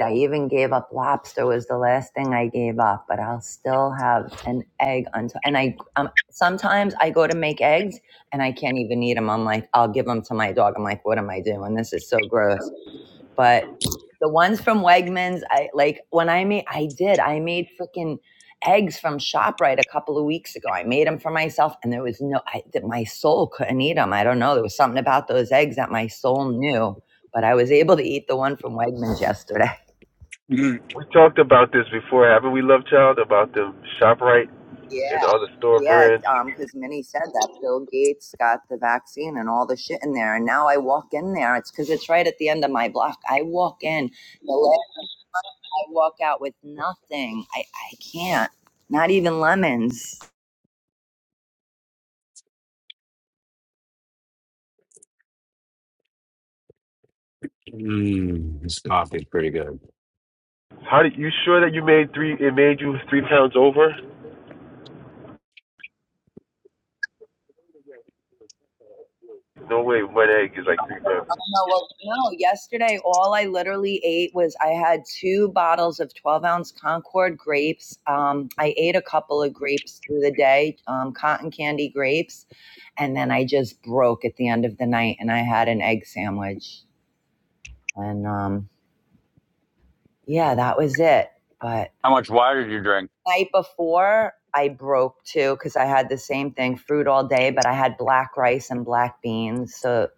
S3: I even gave up lobster was the last thing I gave up, but I'll still have an egg until. And I um, sometimes I go to make eggs and I can't even eat them. I'm like, I'll give them to my dog. I'm like, what am I doing? This is so gross. But the ones from Wegmans, I like when I made. I did. I made freaking eggs from Shoprite a couple of weeks ago. I made them for myself, and there was no. I, that my soul couldn't eat them. I don't know. There was something about those eggs that my soul knew. But I was able to eat the one from Wegmans yesterday.
S5: Mm,
S6: We talked about this before, haven't we, Love Child? About the Shoprite
S3: Yeah,
S6: and all the store
S3: yeah,
S6: brands.
S3: um, because Minnie said that Bill Gates got the vaccine and all the shit in there, and now I walk in there. It's because it's right at the end of my block. I walk in, the last I walk out with nothing. I I can't, not even lemons.
S5: mm, this coffee's pretty good.
S6: How did you sure that you made three? It made you three pounds over. No way, one egg is like three pounds.
S3: No, well, no. Yesterday, all I literally ate was I had two bottles of twelve ounce Concord grapes. Um, I ate a couple of grapes through the day, um, cotton candy grapes, and then I just broke at the end of the night, and I had an egg sandwich. And um, yeah, that was it. But
S5: How much water did you drink?
S3: night before, I broke too because I had the same thing fruit all day, but I had black rice and black beans. So,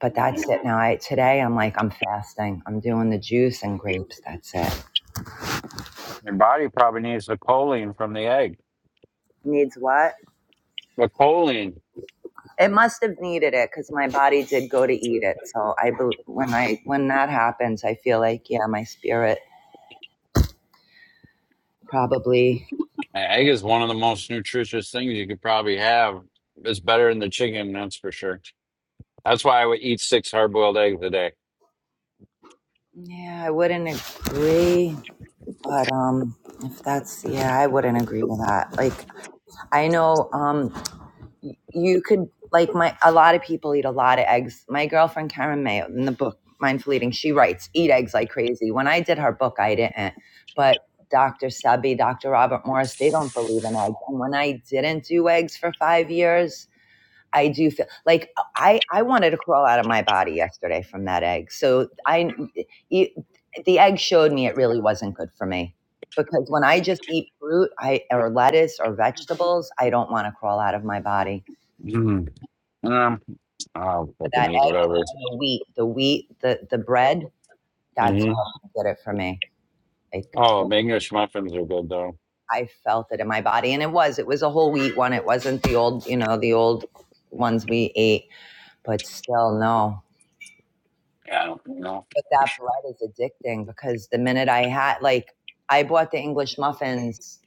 S3: but
S5: Mm.
S3: that's it now. I, today, I'm like, I'm fasting. I'm doing the juice and grapes. That's it.
S5: Your body probably needs the choline from the egg.
S3: Needs what?
S5: But choline,
S3: It must have needed it because my body did go to eat it. So I, when I, when that happens, I feel like yeah, my spirit probably.
S5: an egg is one of the most nutritious things you could probably have. It's better than the chicken, that's for sure. That's why I would eat six hard boiled eggs a day.
S3: Yeah, I wouldn't agree But um, if that's yeah, I wouldn't agree with that. Like I know um, y- you could like my a lot of people eat a lot of eggs. My girlfriend Karen Mayo in the book Mindful Eating, she writes eat eggs like crazy. When I did her book, I didn't, but Dr. Sebi, Dr. Robert Morris, they don't believe in eggs. And when I didn't do eggs for five years, I do feel like I I wanted to crawl out of my body yesterday from that egg. So I it, the egg showed me it really wasn't good for me because when I just eat fruit, I or lettuce or vegetables, I don't want to crawl out of my body.
S5: Mm. Um, I'll
S3: But
S5: fucking
S3: that
S5: eat
S3: egg
S5: whatever.
S3: and the wheat, the wheat, the the bread, that's
S5: hmm
S3: what did it for me. Like
S5: Oh, English muffins are good though.
S3: I felt it in my body and it was it was a whole wheat one. It wasn't the old, you know, the old ones we ate, but still no.
S5: Yeah, I don't know.
S3: But that bread is addicting because the minute I had, like, I bought the English muffins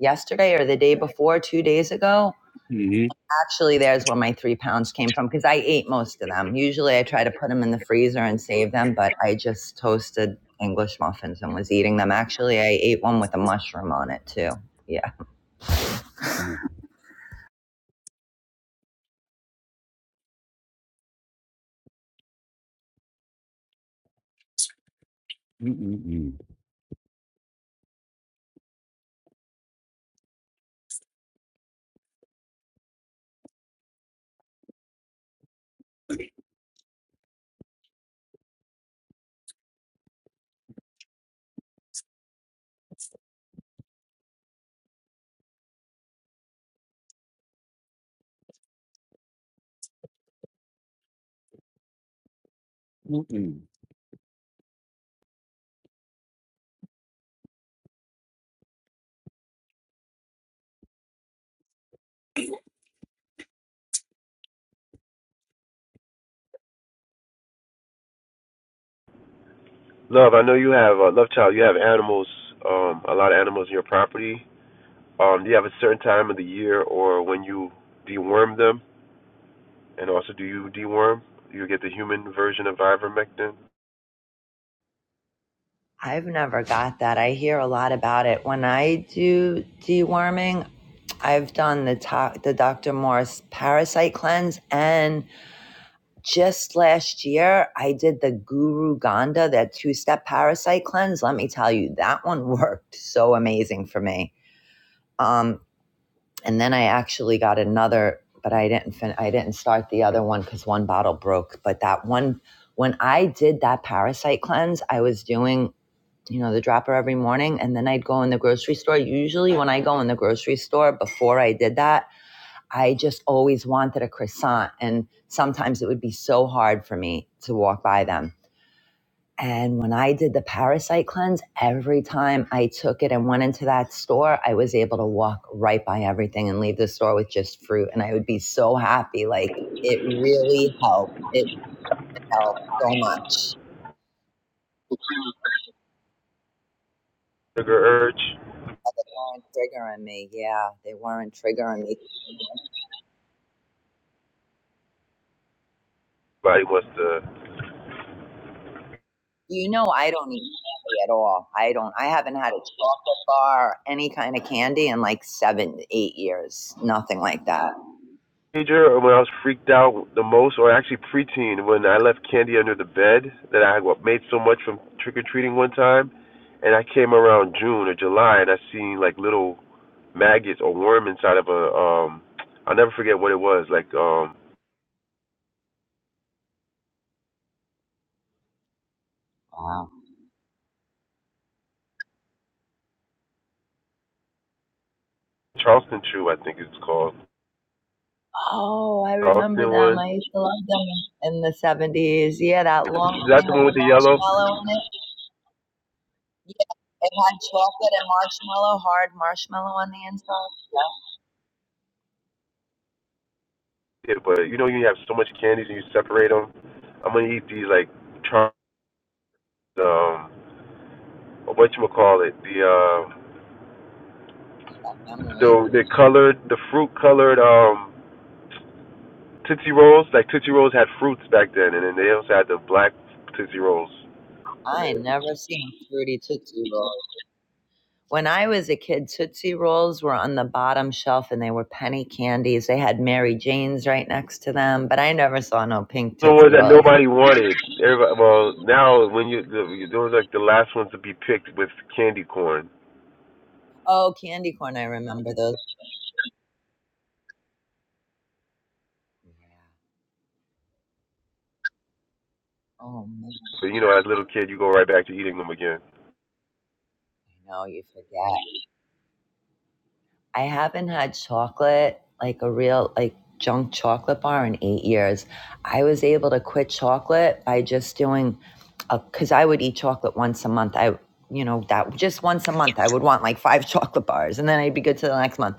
S3: yesterday or the day before, two days ago.
S5: Mm-hmm.
S3: Actually, there's where my three pounds came from because I ate most of them. Usually I try to put them in the freezer and save them, but I just toasted English muffins and was eating them. Actually, I ate one with a mushroom on it too. Yeah.
S5: Mm-mm-mm.
S6: Love, I know you have uh, Love Child. You have animals, um, a lot of animals in your property. Um, do you have a certain time of the year or when you deworm them? And also, do you deworm? You get the human version of ivermectin.
S3: I've never got that. I hear a lot about it. When I do deworming, I've done the, to- the Dr. Morris parasite cleanse and Just last year, I did the Guru Ganda, that two step parasite cleanse. Let me tell you, that one worked so amazing for me. Um, and then I actually got another, but I didn't fin- I didn't start the other one because one bottle broke. But that one, when I did that parasite cleanse, I was doing you know the dropper every morning, and then I'd go in the grocery store. Usually, when I go in the grocery store before I did that, I just always wanted a croissant. And sometimes it would be so hard for me to walk by them. And when I did the parasite cleanse, every time I took it and went into that store, I was able to walk right by everything and leave the store with just fruit. And I would be so happy. Like it really helped. It helped so much.
S6: Sugar urge.
S3: They weren't triggering me. Yeah, they weren't triggering me.
S6: Body wants to.
S3: You know, I don't eat candy at all. I don't. I haven't had a chocolate bar, any kind of candy, in like seven, eight years. Nothing like that.
S6: teenager when I was freaked out the most, or actually preteen when I left candy under the bed that I had made so much from trick or treating one time, and I came around June or July and I seen like little maggots or worm inside of a um I'll never forget what it was like um
S3: Wow.
S6: Charleston chew I think it's called
S3: Oh, I remember
S6: Charleston
S3: them.
S6: one.
S3: I used to love them in the seventies. Yeah, that long
S6: That's
S3: thing
S6: the
S3: with
S6: one
S3: the
S6: with the yellow.
S3: marshmallow in it. Yeah, it had chocolate and marshmallow, hard marshmallow on the inside. Yeah.
S6: Yeah, but you know you have so much candies and you separate them. I'm gonna eat these like Charleston um what you call it the uh
S3: Bring back memories.
S6: The they colored the fruit colored um Tootsie Rolls, like Tootsie Rolls had fruits back then, and then they also had the black Tootsie Rolls.
S3: I ain't
S6: The
S3: never seen fruity Tootsie Rolls. When I was a kid, Tootsie Rolls were on the bottom shelf and they were penny candies. They had Mary Jane's right next to them, but I never saw no pink
S6: ones
S3: Tootsie
S6: that
S3: Rolls.
S6: nobody wanted. Everybody, well, now when you the- those are like the last ones to be picked with candy corn.
S3: Oh, candy corn. I remember those. Yeah. Oh, man.
S6: But you know, as a little kid, you go right back to eating them again.
S3: I know you forget. I haven't had chocolate, like a real, like junk chocolate bar in eight years. I was able to quit chocolate by just doing cause I would eat chocolate once a month. I, you know, that just once a month, I would want like five chocolate bars and then I'd be good to the next month.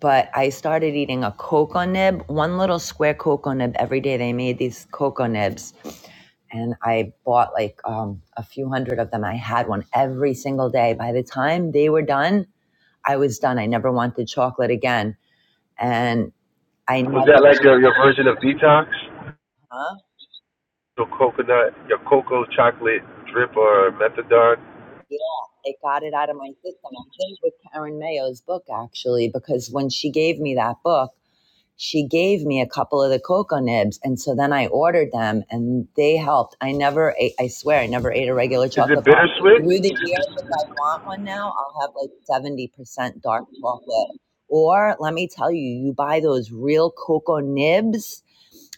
S3: but I started eating a cocoa nib, one little square cocoa nib every day. They made these cocoa nibs, and I bought like um, a few hundred of them. I had one every single day. By the time they were done, I was done. I never wanted chocolate again, and I never.
S6: Was that like your your version of detox?
S3: Huh?
S6: your coconut, your cocoa chocolate drip or methadone?
S3: Yeah, it got it out of my system. I think with Karen Mayo's book actually, because when she gave me that book. she gave me a couple of the cocoa nibs and so then i ordered them and they helped i never ate i swear i never ate a regular
S6: Is it
S3: chocolate bar
S6: bittersweet?
S3: through the years if i want one now i'll have like 70% dark chocolate or let me tell you you buy those real cocoa nibs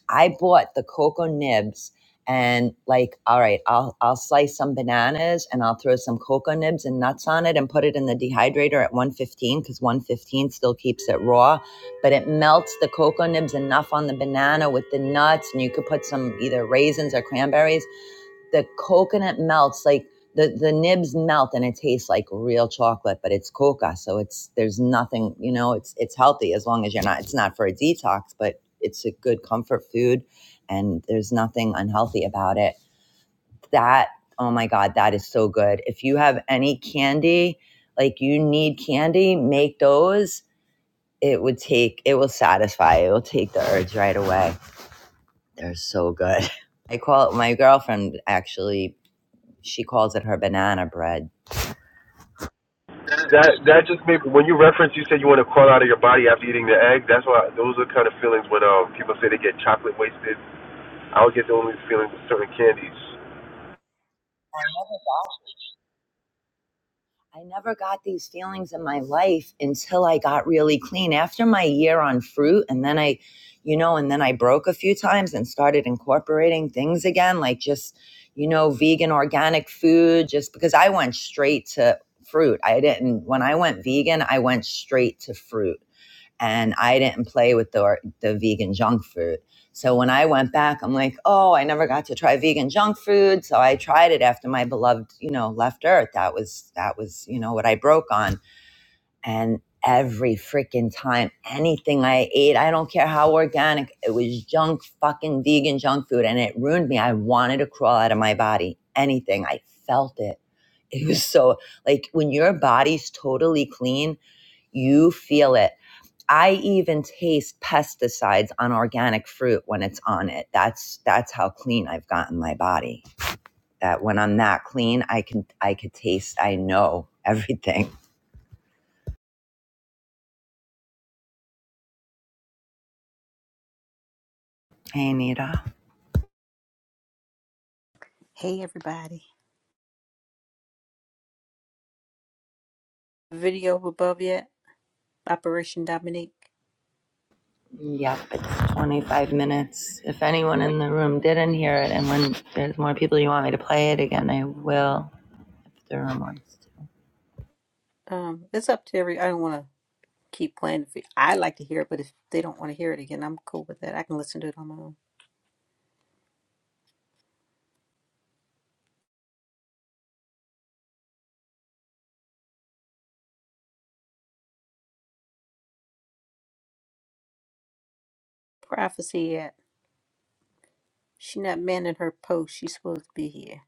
S3: I bought the cocoa nibs and like, all right, I'll I'll slice some bananas and I'll throw some cocoa nibs and nuts on it and put it in the dehydrator at 115 because 115 still keeps it raw, but it melts the cocoa nibs enough on the banana with the nuts and you could put some either raisins or cranberries the coconut melts like the the nibs melt and it tastes like real chocolate but it's coca so it's there's nothing you know it's it's healthy as long as you're not it's not for a detox but it's a good comfort food and there's nothing unhealthy about it that oh my god that is so good if you have any candy like you need candy make those it would take it will satisfy it will take the urge right away they're so good I call it my girlfriend actually she calls it her banana bread. I
S6: That that just made when you reference you said you want to crawl out of your body after eating the egg. That's why those are kind of feelings when um people say they get chocolate wasted. I would get those feelings with certain candies.
S3: never got I never got these feelings in my life until I got really clean. After my year on fruit, and then I, you know, and then I broke a few times and started incorporating things again, like just, you know, vegan organic food, just because I went straight to fruit. I didn't, when I went vegan, I went straight to fruit. and I didn't play with the the vegan junk food. So when I went back, I'm like, oh, I never got to try vegan junk food. So I tried it after my beloved, you know, left Earth. That was that was you know what I broke on and every freaking time, anything I ate, I don't care how organic, it was junk, fucking vegan junk food. And it ruined me. I wanted to crawl out of my body. Anything. I felt it. It was so like when your body's totally clean, you feel it. I even taste pesticides on organic fruit when it's on it. That's that's how clean I've gotten my body. That when I'm that clean, I can I could taste. I know everything. Hey, Anita.
S7: Hey everybody. Video above yet? Operation Dominique.
S3: Yep, it's 25 minutes. If anyone in the room didn't hear it, and when there's more people you want me to play it again, I will. If the room wants
S7: Um, it's up to every I don't wanna keep playing the vi- I like to hear it, but if they don't want to hear it again, I'm cool with that. I can listen to it on my own. Prophecy yet. She not manning her post. She's supposed to be here.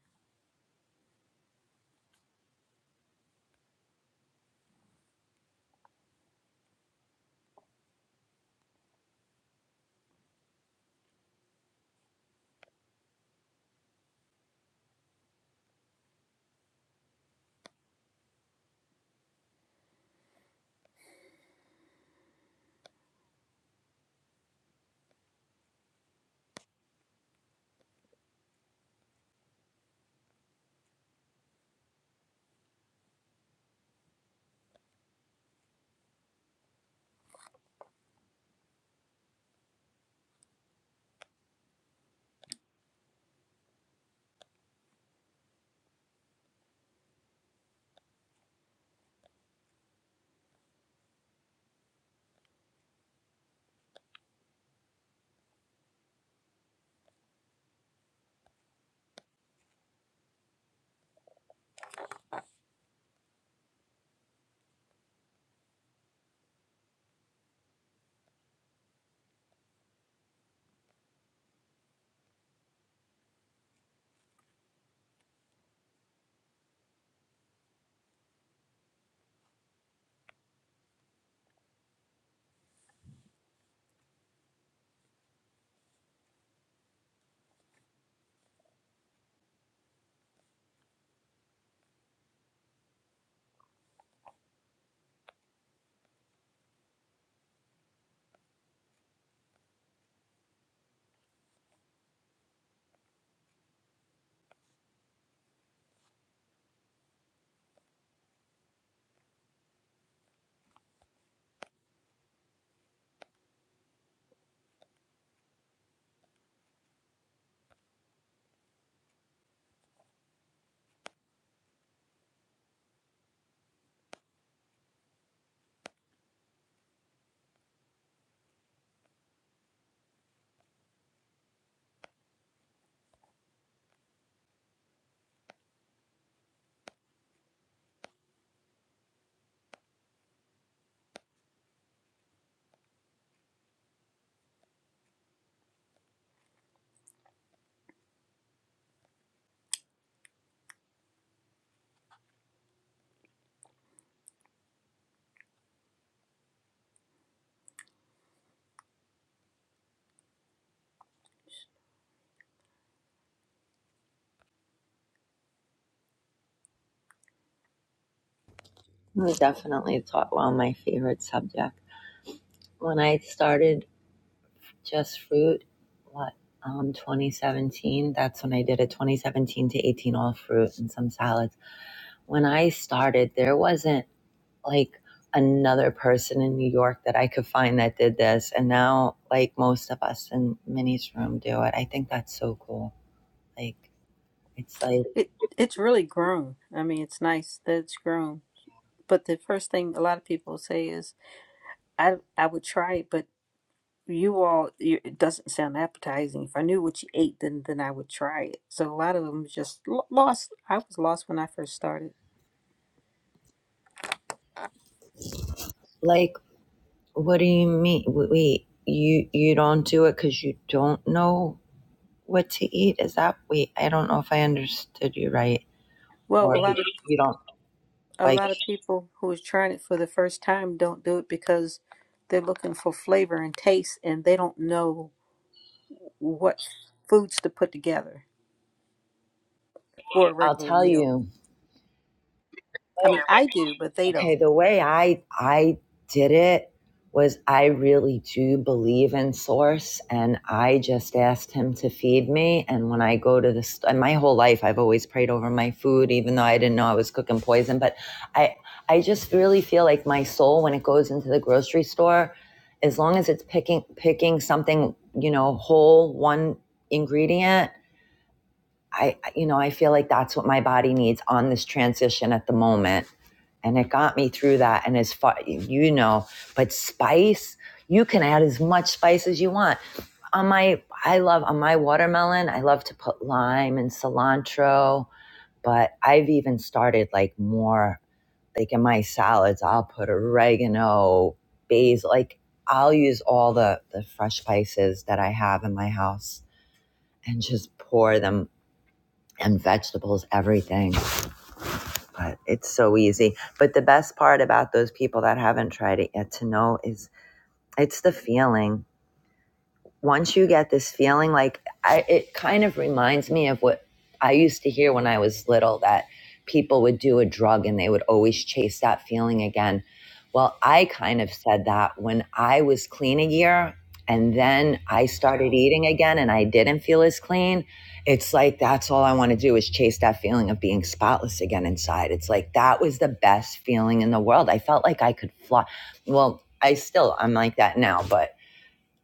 S3: to. I definitely taught well my favorite subject. When I started Just Fruit, what, um, 2017, that's when I did it 2017 to 18 all fruit and some salads. When I started, there wasn't like another person in New York that I could find that did this. And now, like most of us in Minnie's room do it. I think that's so cool. Like, it's like,
S7: It it's really grown. I mean it's nice that it's grown. But the first thing a lot of people say is I I would try it, but you all you, it doesn't sound appetizing if i knew what you ate then then i would try it so a lot of them just lo- lost i was lost when i first started
S3: like, what do you mean? Wait, you you don't do it because you don't know what to eat? Is that wait? I don't know if I understood you right,
S7: well
S3: or
S7: a lot of
S3: you don't
S7: a
S3: like.
S7: lot of people who are trying it for the first time don't do it because they're looking for flavor and taste and they don't know what foods to put together for a
S3: I'll
S7: regular
S3: tell
S7: meal
S3: you.
S7: i mean i do but they
S3: Okay,
S7: don't
S3: the way I I did it was I really do believe in source and I just asked him to feed me and when I go to the st- my whole life I've always prayed over my food even though I didn't know I was cooking poison but I I just really feel like my soul when it goes into the grocery store as long as it's picking picking something, you know, whole one ingredient I, you know, I feel like that's what my body needs on this transition at the moment. And it got me through that. And as far, you know, but spice, you can add as much spice as you want. On my, I love, on my watermelon, I love to put lime and cilantro, but I've even started like more, like in my salads, I'll put oregano, basil, like I'll use all the, the fresh spices that I have in my house and just pour them and vegetables, everything. But it's so easy. But the best part about those people that haven't tried it yet to know is it's the feeling once you get this feeling, like I, it kind of reminds me of what I used to hear when I was little that people would do a drug and they would always chase that feeling again. Well, I kind of said that when I was clean a year and then I started eating again and I didn't feel as clean. It's like that's all I want to do is chase that feeling of being spotless again inside. It's like that was the best feeling in the world. I felt like I could fly. Well, I still, I'm like that now, but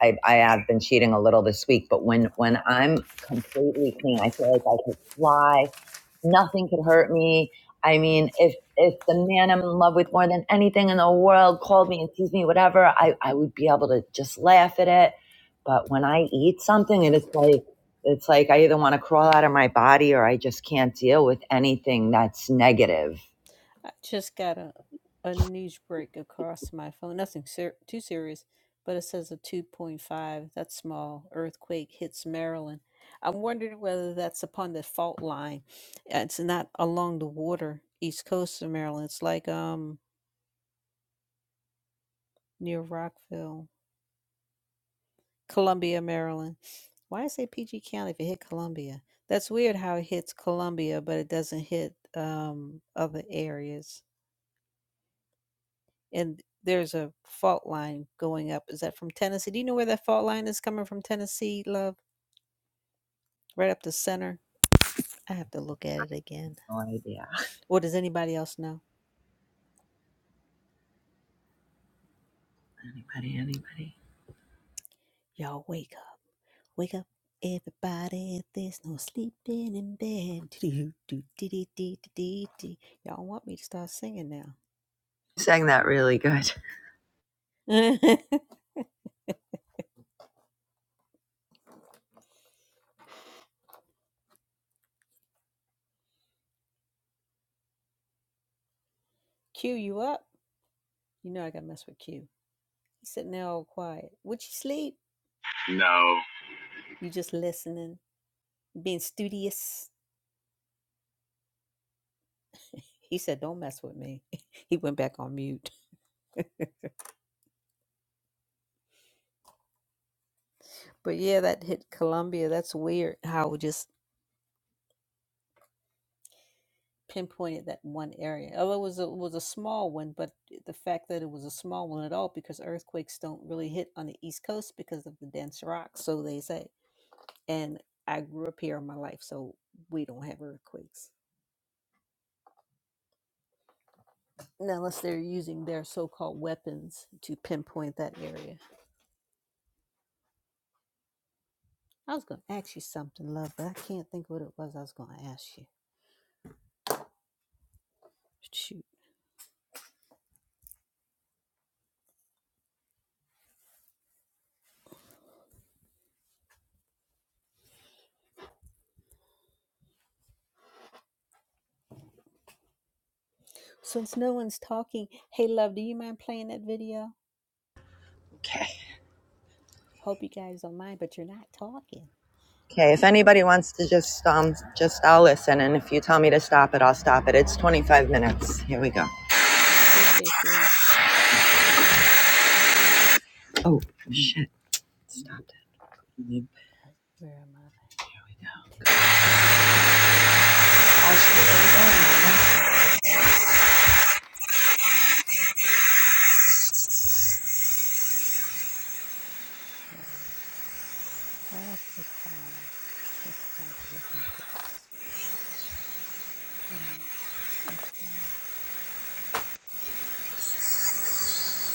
S3: I, I have been cheating a little this week, but when when I'm completely clean, I feel like I could fly. Nothing could hurt me. I mean, if if the man I'm in love with more than anything in the world called me and teased me, whatever, I, I would be able to just laugh at it. But when I eat something, it is like it's like I either want to crawl out of my body or I just can't deal with anything that's negative.
S7: I just got a, a news break across my phone. Nothing ser- too serious, but it says a 2.5, that's small, earthquake hits Maryland. I'm wondering whether that's upon the fault line. Uh, It's not along the water, east coast of Maryland. It's like um near Rockville, Columbia, Maryland. Why I say PG County if it hit Columbia? That's weird how it hits Columbia, but it doesn't hit um other areas. and there's a fault line going up. Is that from Tennessee? Do you know where that fault line is coming from Tennessee, love? Right up the center. I have to look at it again.
S3: No idea.
S7: Or does anybody else know?
S3: Anybody? Anybody?
S7: Y'all wake up. Wake up. Everybody, there's no sleeping in bed. Do, do, do, do, do, do, do, Y'all want me to start singing
S3: You Sang that really good.
S7: now. Cue you up. You know I gotta mess with Q. He's sitting there all quiet. Would you sleep?
S4: No,
S7: You just listening, being studious. He said, Don't mess with me. he went back on mute. But yeah, that hit Colombia. That's weird how it just pinpointed that one area. Although it was a, was a small one, but the fact that it was a small one at all because earthquakes don't really hit on the East Coast because of the dense rocks, so they say. And I grew up here in my life, so we don't have earthquakes. And Unless they're using their so-called weapons to pinpoint that area. I was going to ask you something, love, but I can't think what it was I was going to ask you. Shoot. Since no one's talking, hey love, do you mind playing that video?
S3: Okay.
S7: Hope you guys don't mind, but you're not talking.
S3: Okay. If anybody wants to just um just I'll listen and if you tell me to stop it, I'll stop it. It's 25 minutes. Here we go.
S7: Appreciate you. Thanks.
S3: Oh shit! Stopped it.
S7: All right, where am I? Activity shows. Why did I put file? I think 'cause I had to look into this. Hold on. and file.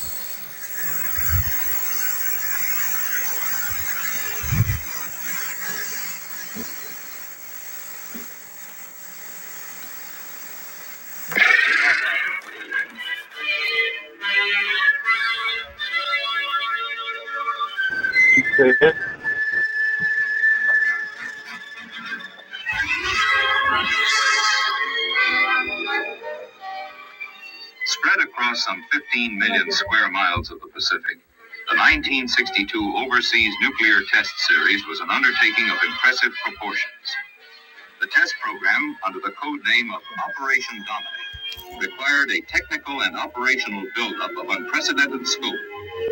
S7: This is all still.
S6: Keep saying it.
S3: Spread across some 15 million square miles of the Pacific, the 1962 Overseas Nuclear Test Series was an undertaking of impressive proportions. The test program, under the code name of Operation Dominic, required a technical and operational buildup of unprecedented scope,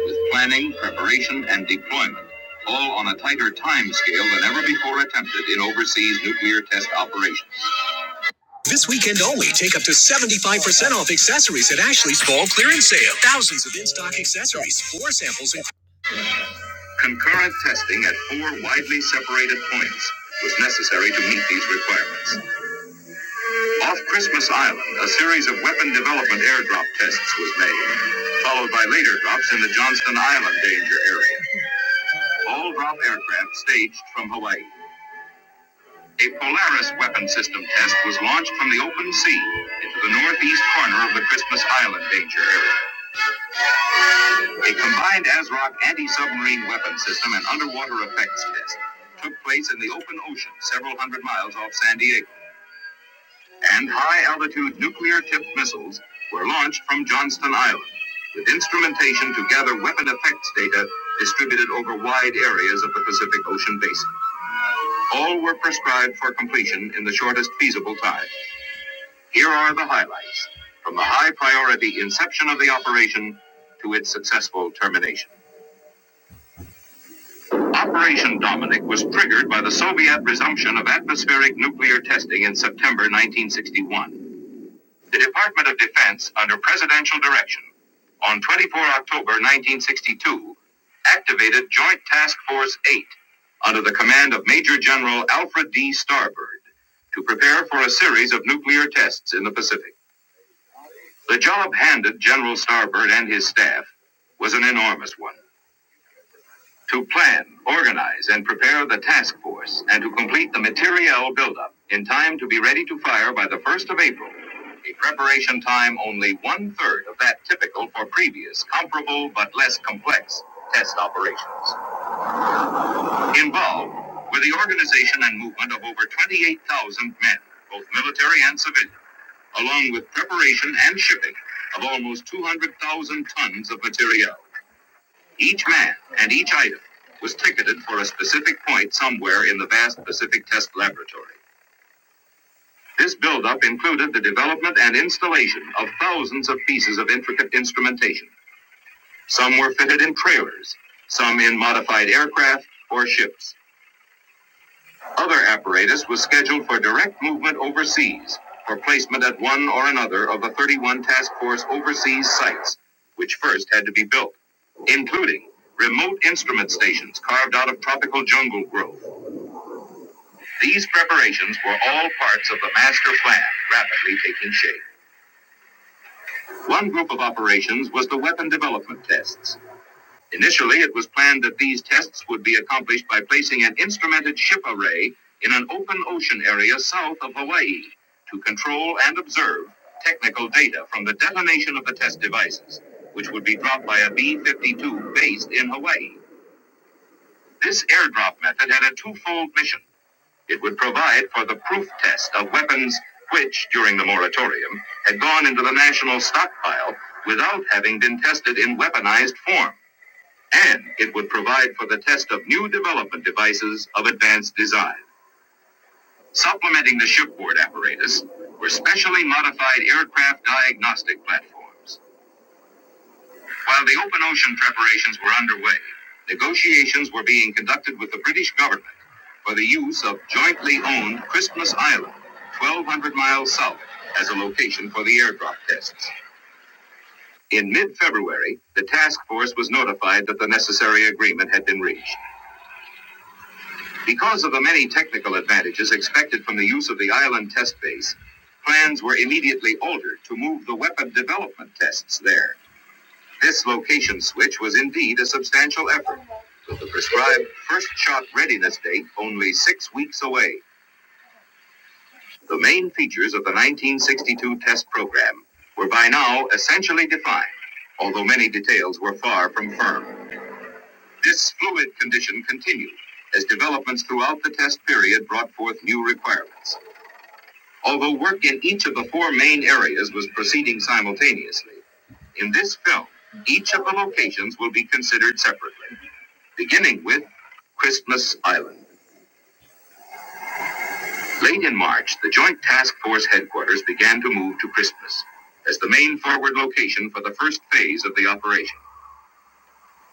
S3: with planning, preparation, and deployment, all on a tighter time scale than ever before attempted in overseas nuclear test operations. Concurrent testing at four widely separated points was necessary to meet these requirements. Off Christmas Island, a series of weapon development airdrop tests was made, followed by later drops in the Johnston Island danger area. All drop aircraft staged from Hawaii. A Polaris weapon system test was launched from the open sea into the northeast corner of the Christmas Island danger area. A combined ASROC anti-submarine weapon system and underwater effects test took place in the open ocean several hundred miles off San Diego, and high-altitude nuclear-tipped missiles were launched from Johnston Island with instrumentation to gather weapon effects data distributed over wide areas of the Pacific Ocean basin. All were prescribed for completion in the shortest feasible time. Here are the highlights from the high priority inception of the operation to its successful termination. Operation Dominic was triggered by the Soviet resumption of atmospheric nuclear testing in September 1961. The Department of Defense, under presidential direction, on 24 October 1962, activated Joint Task Force 8 under the command of Major General Alfred D. Starbird to prepare for a series of nuclear tests in the Pacific. The job handed General Starbird and his staff was an enormous one. to plan, organize, and prepare the task force, and to complete the materiel buildup in time to be ready to fire by the 1st of April, a preparation time only one third of that typical for previous, comparable but less complex test operations. Involved were the organization and movement of over 28,000 men, both military and civilian, along with preparation and shipping of almost 200,000 tons of materiel. Each man and each item was ticketed for a specific point somewhere in the vast Pacific Test Laboratory. This buildup included the development and installation of thousands of pieces of intricate instrumentation. Some were fitted in trailers, some in modified aircraft or ships. Other apparatus was scheduled for direct movement overseas for placement at one or another of the 31 task force overseas sites, which first had to be built, including remote instrument stations carved out of tropical jungle growth. These preparations were all parts of the master plan rapidly taking shape. One group of operations was the weapon development tests. Initially, it was planned that these tests would be accomplished by placing an instrumented ship array in an open ocean area south of Hawaii to control and observe technical data from the detonation of the test devices, which would be dropped by a B 52 based in Hawaii. This airdrop method had a twofold mission. It would provide for the proof test of weapons which, during the moratorium, had gone into the national stockpile without having been tested in weaponized form and it would provide for the test of new development devices of advanced design. Supplementing the shipboard apparatus were specially modified aircraft diagnostic platforms. While the open ocean preparations were underway, negotiations were being conducted with the British government for the use of jointly owned Christmas Island, 1,200 miles south, as a location for the airdrop tests. In mid February, the task force was notified that the necessary agreement had been reached. Because of the many technical advantages expected from the use of the island test base, plans were immediately altered to move the weapon development tests there. This location switch was indeed a substantial effort, with the prescribed first shot readiness date only six weeks away. The main features of the 1962 test program were by now essentially defined, although many details were far from firm. This fluid condition continued as developments throughout the test period brought forth new requirements. although work in each of the four main areas was proceeding simultaneously. In this film, each of the locations will be considered separately, beginning with Christmas Island. Late in March, the Joint Task Force headquarters began to move to Christmas as the main forward location for the first phase of the operation.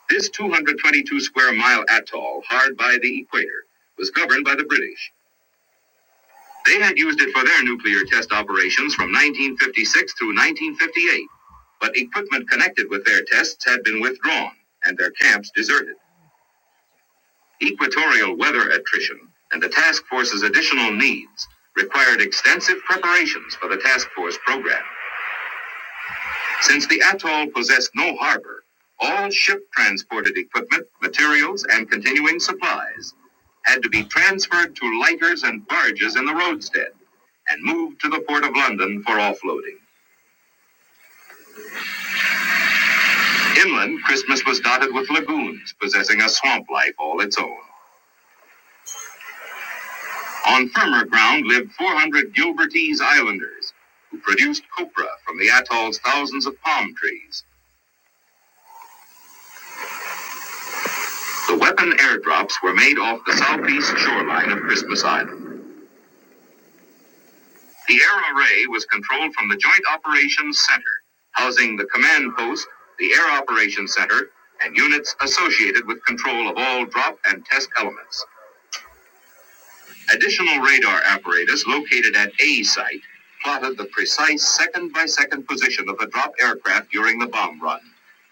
S3: This 222 square mile atoll, hard by the equator, was governed by the British They had used it for their nuclear test operations from 1956 through 1958, but equipment connected with their tests had been withdrawn and their camps deserted. Equatorial weather attrition and the task force's additional needs required extensive preparations for the task force program. Since the atoll possessed no harbor, all ship transported equipment, materials, and continuing supplies had to be transferred to lighters and barges in the roadstead and moved to the port of London for offloading. Inland, Christmas was dotted with lagoons, possessing a swamp life all its own. On firmer ground lived 400 Gilbertese islanders, who produced copra from the atoll's thousands of palm trees. The weapon airdrops were made off the southeast shoreline of Christmas Island. The air array was controlled from the Joint Operations Center, housing the command post, the Air Operations Center, and units associated with control of all drop and test elements. Additional radar apparatus located at A site plotted the precise second by second position of the drop aircraft during the bomb run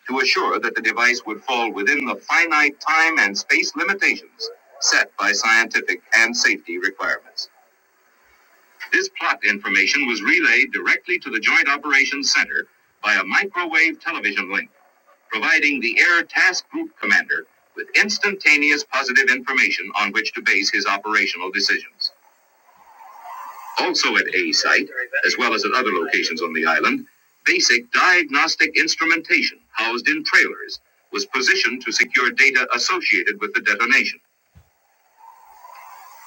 S3: to assure that the device would fall within the finite time and space limitations set by scientific and safety requirements. This plot information was relayed directly to the Joint Operations Center by a microwave television link, providing the Air Task Group Commander with instantaneous positive information on which to base his operational decisions. Also at A Site, as well as at other locations on the island, basic diagnostic instrumentation housed in trailers was positioned to secure data associated with the detonation.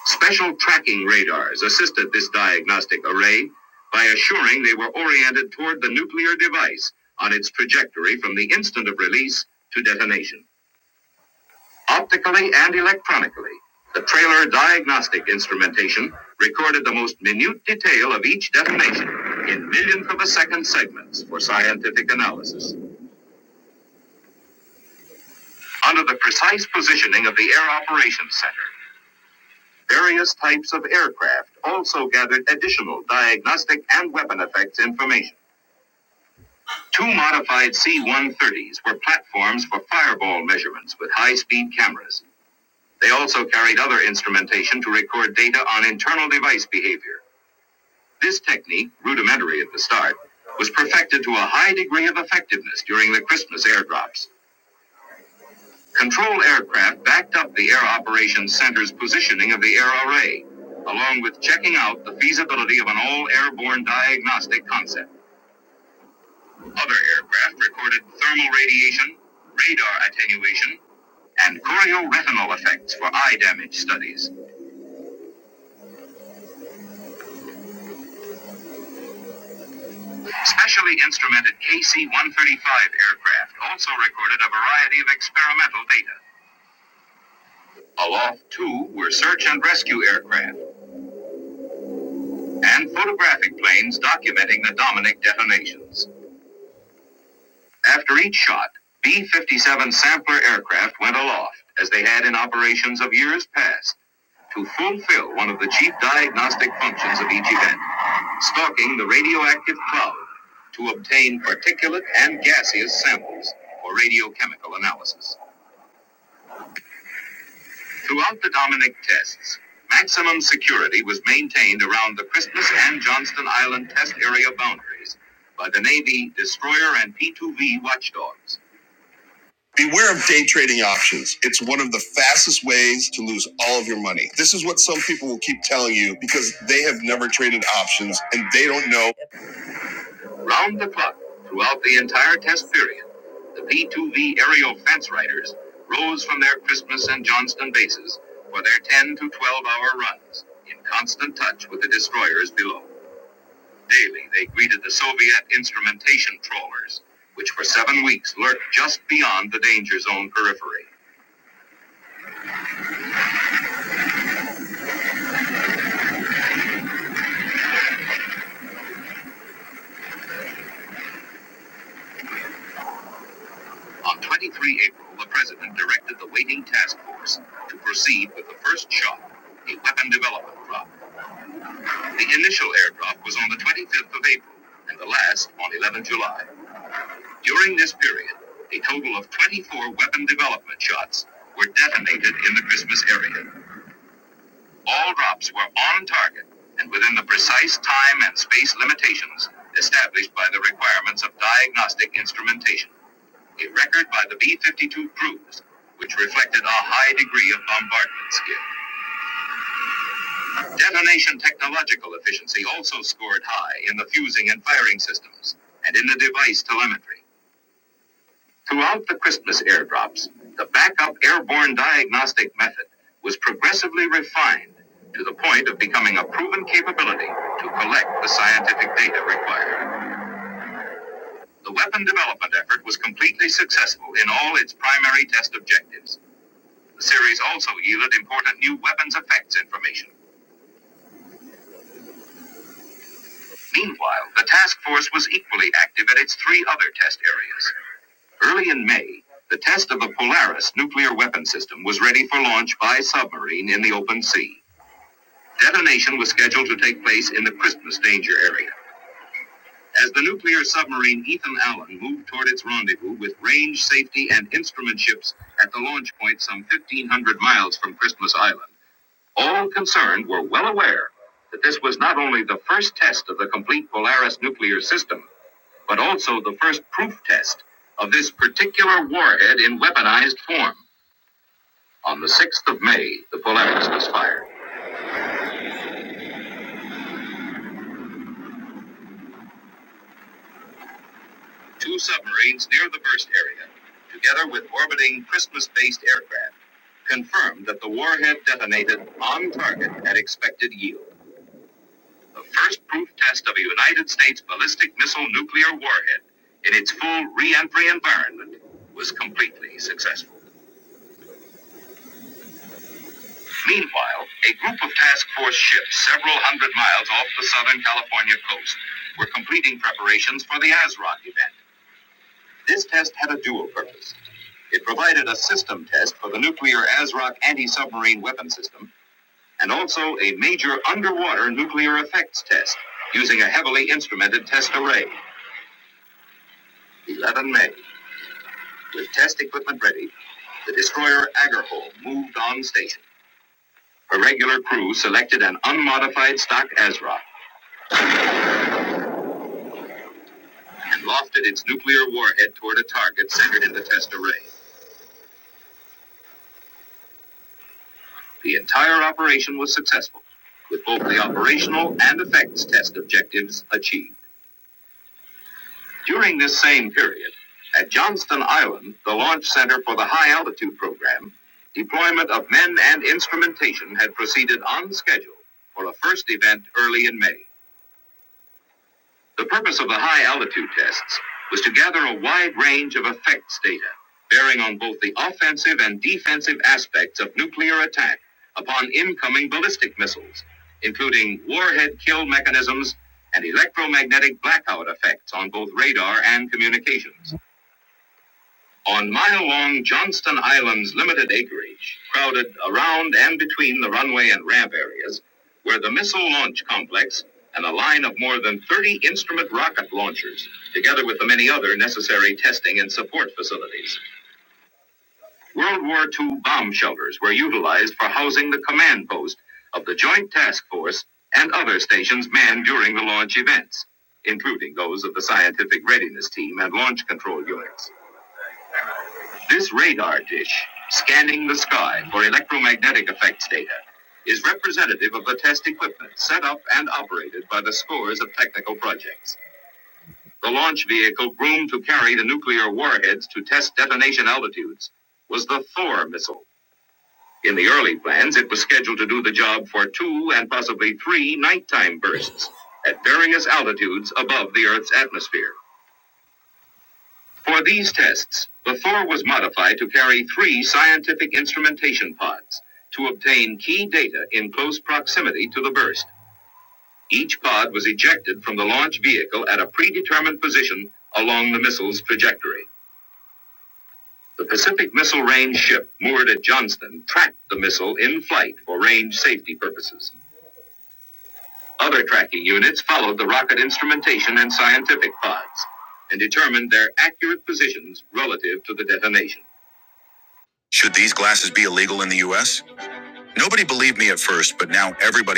S3: Special tracking radars assisted this diagnostic array by assuring they were oriented toward the nuclear device on its trajectory from the instant of release to detonation. Optically and electronically, the trailer diagnostic instrumentation recorded the most minute detail of each detonation in millionth of a second segments for scientific analysis. Under the precise positioning of the Air Operations Center, Various types of aircraft also gathered additional diagnostic and weapon effects information. Two modified C 130s were platforms for fireball measurements with high speed cameras. They also carried other instrumentation to record data on internal device behavior. This technique, rudimentary at the start, was perfected to a high degree of effectiveness during the Christmas airdrops. Control aircraft backed up the Air Operations Center's positioning of the air array, along with checking out the feasibility of an all airborne diagnostic concept. Other aircraft recorded thermal radiation, radar attenuation, and chorioretinal effects for eye damage studies. Specially instrumented KC 135 aircraft also recorded a variety of experimental data. Aloft 2 were search and rescue aircraft and photographic planes documenting the Dominic detonations. After each shot, B 57 sampler aircraft went aloft, as they had in operations of years past, to fulfill one of the chief diagnostic functions of each event stalking the radioactive cloud to obtain particulate and gaseous samples for radiochemical analysis. Throughout the Dominic tests, maximum security was maintained around the Christmas and Johnston Island test area boundaries by the Navy destroyer and P 2V watchdogs. Beware of day trading options. It's one of the fastest ways to lose all of your money. This is what some people will keep telling you because they have never traded options and they don't know. Round the clock, throughout the entire test period, the P2V aerial fence riders rose from their Christmas and Johnston bases for their 10 to 12 hour runs in constant touch with the destroyers below. Daily, they greeted the Soviet instrumentation trawlers, which for seven weeks lurked just beyond the danger zone periphery. On 23 April, the president directed the waiting task force to proceed with the first shot, a weapon development drop. The initial airdrop was on the 25th of April and the last on 11 July. During this period, a total of 24 weapon development shots were detonated in the Christmas area. All drops were on target and within the precise time and space limitations established by the requirements of diagnostic instrumentation. a record by the B-52 crews, which reflected a high degree of bombardment skill. Detonation technological efficiency also scored high in the fusing and firing systems, and in the device telemetry. Throughout the Christmas airdrops, the backup airborne diagnostic method was progressively refined to the point of becoming a proven capability to collect the scientific data required. The weapon development effort was completely successful in all its primary test objectives. The series also yielded important new weapons effects information. Meanwhile, the task force was equally active at its three other test areas. Early in May, the test of a Polaris nuclear weapon system was ready for launch by submarine in the open sea. Detonation was scheduled to take place in the Christmas danger area. As the nuclear submarine Ethan Allen moved toward its rendezvous with range, safety, and instrument ships at the launch point some 1,500 miles from Christmas Island, All concerned were well aware that this was not only the first test of the complete Polaris nuclear system, but also the first proof test of this particular warhead in weaponized form. On the 6th of May, the Polaris was fired. Two submarines near the burst area, together with orbiting Christmas based aircraft, confirmed that the warhead detonated on target at expected yield. the first proof test of a United States ballistic missile nuclear warhead in its full re-entry environment was completely successful. Meanwhile, a group of task force ships several hundred miles off the Southern California coast were completing preparations for the ASROC event. This test had a dual purpose. It provided a system test for the nuclear ASROC anti-submarine weapon system and also a major underwater nuclear effects test using a heavily instrumented test array. 11 May. With test equipment ready, the destroyer Agarhole moved on station. A regular crew selected an unmodified stock Azra and lofted its nuclear warhead toward a target centered in the test array. The entire operation was successful, with both the operational and effects test objectives achieved. During this same period, at Johnston Island, the launch center for the high altitude program, deployment of men and instrumentation had proceeded on schedule for a first event early in May. The purpose of the high altitude tests was to gather a wide range of effects data bearing on both the offensive and defensive aspects of nuclear attack upon incoming ballistic missiles, including warhead kill mechanisms and electromagnetic blackout effects on both radar and communications. On mile-long Johnston Island's limited acreage, crowded around and between the runway and ramp areas, were the missile launch complex and a line of more than 30 instrument rocket launchers, together with the many other necessary testing and support facilities. World War II bomb shelters were utilized for housing the command post of the Joint Task Force and other stations manned during the launch events, including those of the Scientific Readiness Team and Launch Control Units. This radar dish, scanning the sky for electromagnetic effects data, is representative of the test equipment set up and operated by the scores of technical projects. The launch vehicle groomed to carry the nuclear warheads to test detonation altitudes was the Thor missile. In the early plans, it was scheduled to do the job for two and possibly three nighttime bursts at various altitudes above the Earth's atmosphere. For these tests, the Thor was modified to carry three scientific instrumentation pods to obtain key data in close proximity to the burst. Each pod was ejected from the launch vehicle at a predetermined position along the missile's trajectory. The Pacific Missile Range ship moored at Johnston tracked the missile in flight for range safety purposes. Other tracking units followed the rocket instrumentation and scientific pods and determined their accurate positions relative to the detonation.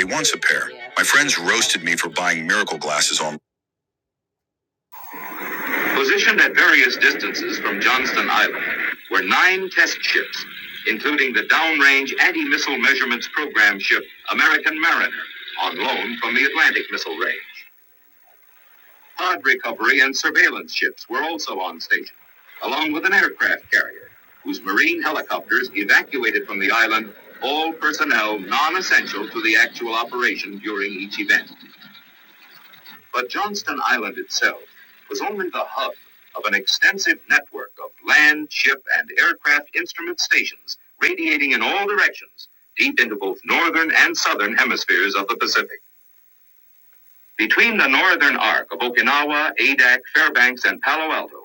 S3: Once a pair. Positioned at various distances from Johnston Island were nine test ships, including the downrange anti-missile measurements program ship American Mariner, on loan from the Atlantic Missile Range. Pod recovery and surveillance ships were also on station, along with an aircraft carrier, whose marine helicopters evacuated from the island all personnel non-essential to the actual operation during each event. But Johnston Island itself was only the hub of an extensive network of land, ship, and aircraft instrument stations radiating in all directions, deep into both northern and southern hemispheres of the Pacific. Between the northern arc of Okinawa, Adak, Fairbanks, and Palo Alto,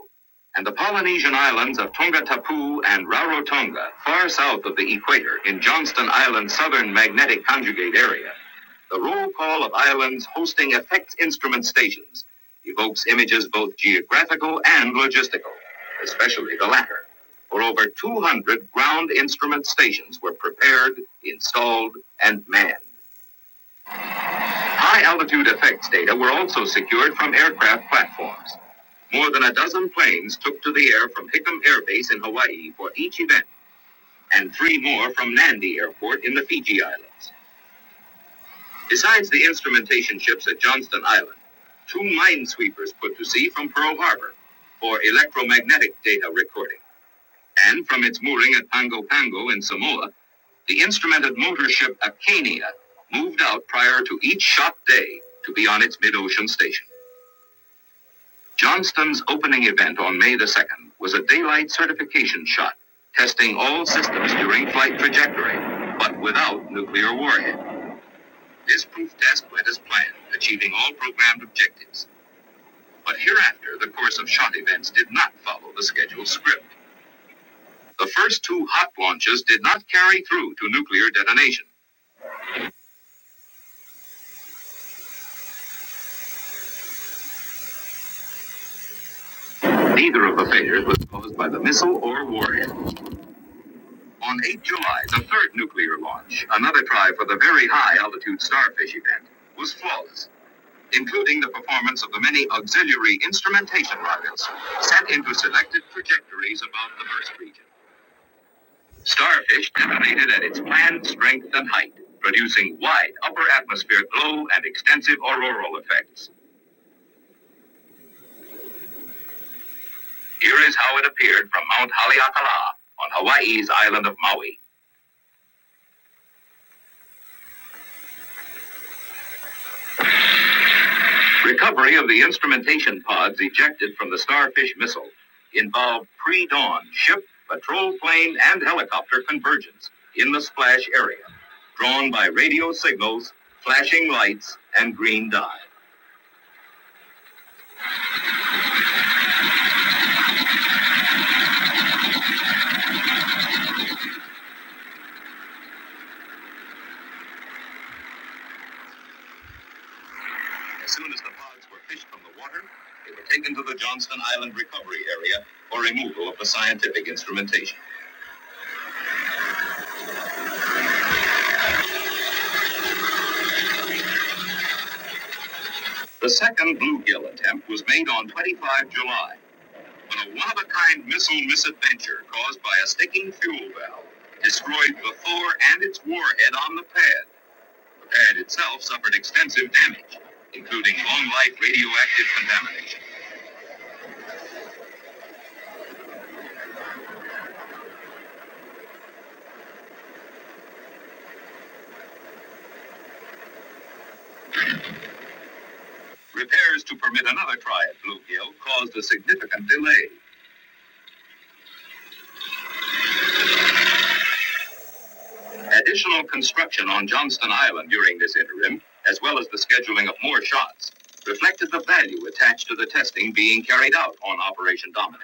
S3: and the Polynesian islands of Tonga Tapu and Rarotonga, far south of the equator in Johnston Island's southern magnetic conjugate area, the roll call of islands hosting effects instrument stations evokes images both geographical and logistical, especially the latter. For over 200 ground instrument stations were prepared, installed, and manned. High altitude effects data were also secured from aircraft platforms. More than a dozen planes took to the air from Hickam Air Base in Hawaii for each event, and three more from Nandi Airport in the Fiji Islands. Besides the instrumentation ships at Johnston Island, two minesweepers put to sea from Pearl Harbor for electromagnetic data recording. And from its mooring at Pango Pango in Samoa, the instrumented motor ship Acania moved out prior to each shot day to be on its mid ocean station. Johnston's opening event on May the 2nd was a daylight certification shot, testing all systems during flight trajectory, but without nuclear warhead. This proof test went as planned, achieving all programmed objectives. But hereafter, the course of shot events did not follow the scheduled script. The first two hot launches did not carry through to nuclear detonation. Neither of the failures was caused by the missile or warhead. On 8 July, the third nuclear launch, another try for the very high altitude starfish event, was flawless, including the performance of the many auxiliary instrumentation rockets sent into selected trajectories above the burst region. Starfish estimated at its planned strength and height, producing wide upper atmosphere glow and extensive auroral effects. Here is how it appeared from Mount Haleakala on Hawaii's island of Maui. Recovery of the instrumentation pods ejected from the Starfish missile involved pre-dawn ship, patrol plane, and helicopter convergence in the splash area, drawn by radio signals, flashing lights, and green dye. As soon as the pods were fished from the water, they were taken to the Johnston Island recovery area for removal of the scientific instrumentation. The second bluegill attempt was made on 25 July when a one of a kind missile misadventure caused by a sticking fuel valve destroyed the Thor and its warhead on the pad. The pad itself suffered extensive damage, including long life radioactive contamination. Repairs to permit another try at bluegill caused a significant delay. Additional construction on Johnston Island during this interim, as well as the scheduling of more shots, reflected the value attached to the testing being carried out on Operation Dominate.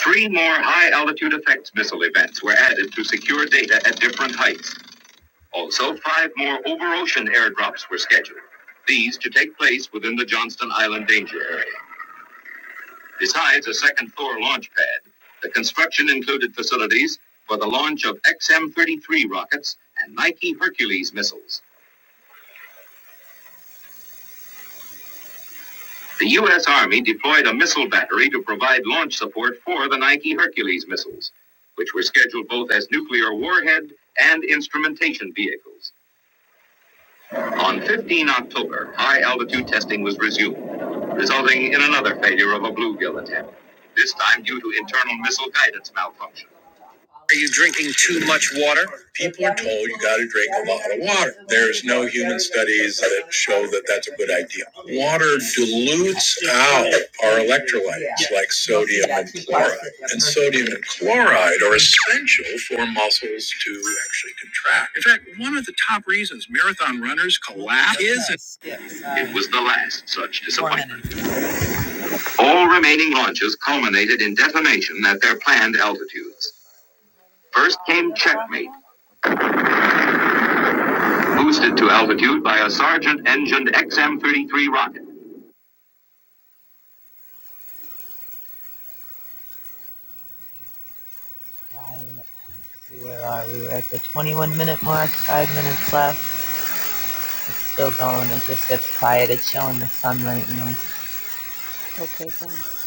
S3: Three more high altitude effects missile events were added to secure data at different heights. Also, five more over ocean airdrops were scheduled, these to take place within the Johnston Island danger area. Besides a second floor launch pad, the construction included facilities for the launch of XM 33 rockets and Nike Hercules missiles. The U.S. Army deployed a missile battery to provide launch support for the Nike Hercules missiles, which were scheduled both as nuclear warhead and instrumentation vehicles. On 15 October, high altitude testing was resumed, resulting in another failure of a bluegill attempt, this time due to internal missile guidance malfunction. water. People are told you got to drink a lot of water. There's no human studies that show that that's a good idea. Water dilutes out our electrolytes like sodium and chloride. And sodium and chloride are essential for muscles to actually contract. In fact, one of the top reasons marathon runners collapse is it was the last such disappointment. All remaining launches culminated in detonation at their planned altitudes. First came checkmate Boosted to altitude by a Sergeant engined XM 33 rocket. Right. Where are you? At the 21 minute mark, five minutes left. It's still going. It just gets quiet. It's showing the sun right now.
S7: Okay, thanks.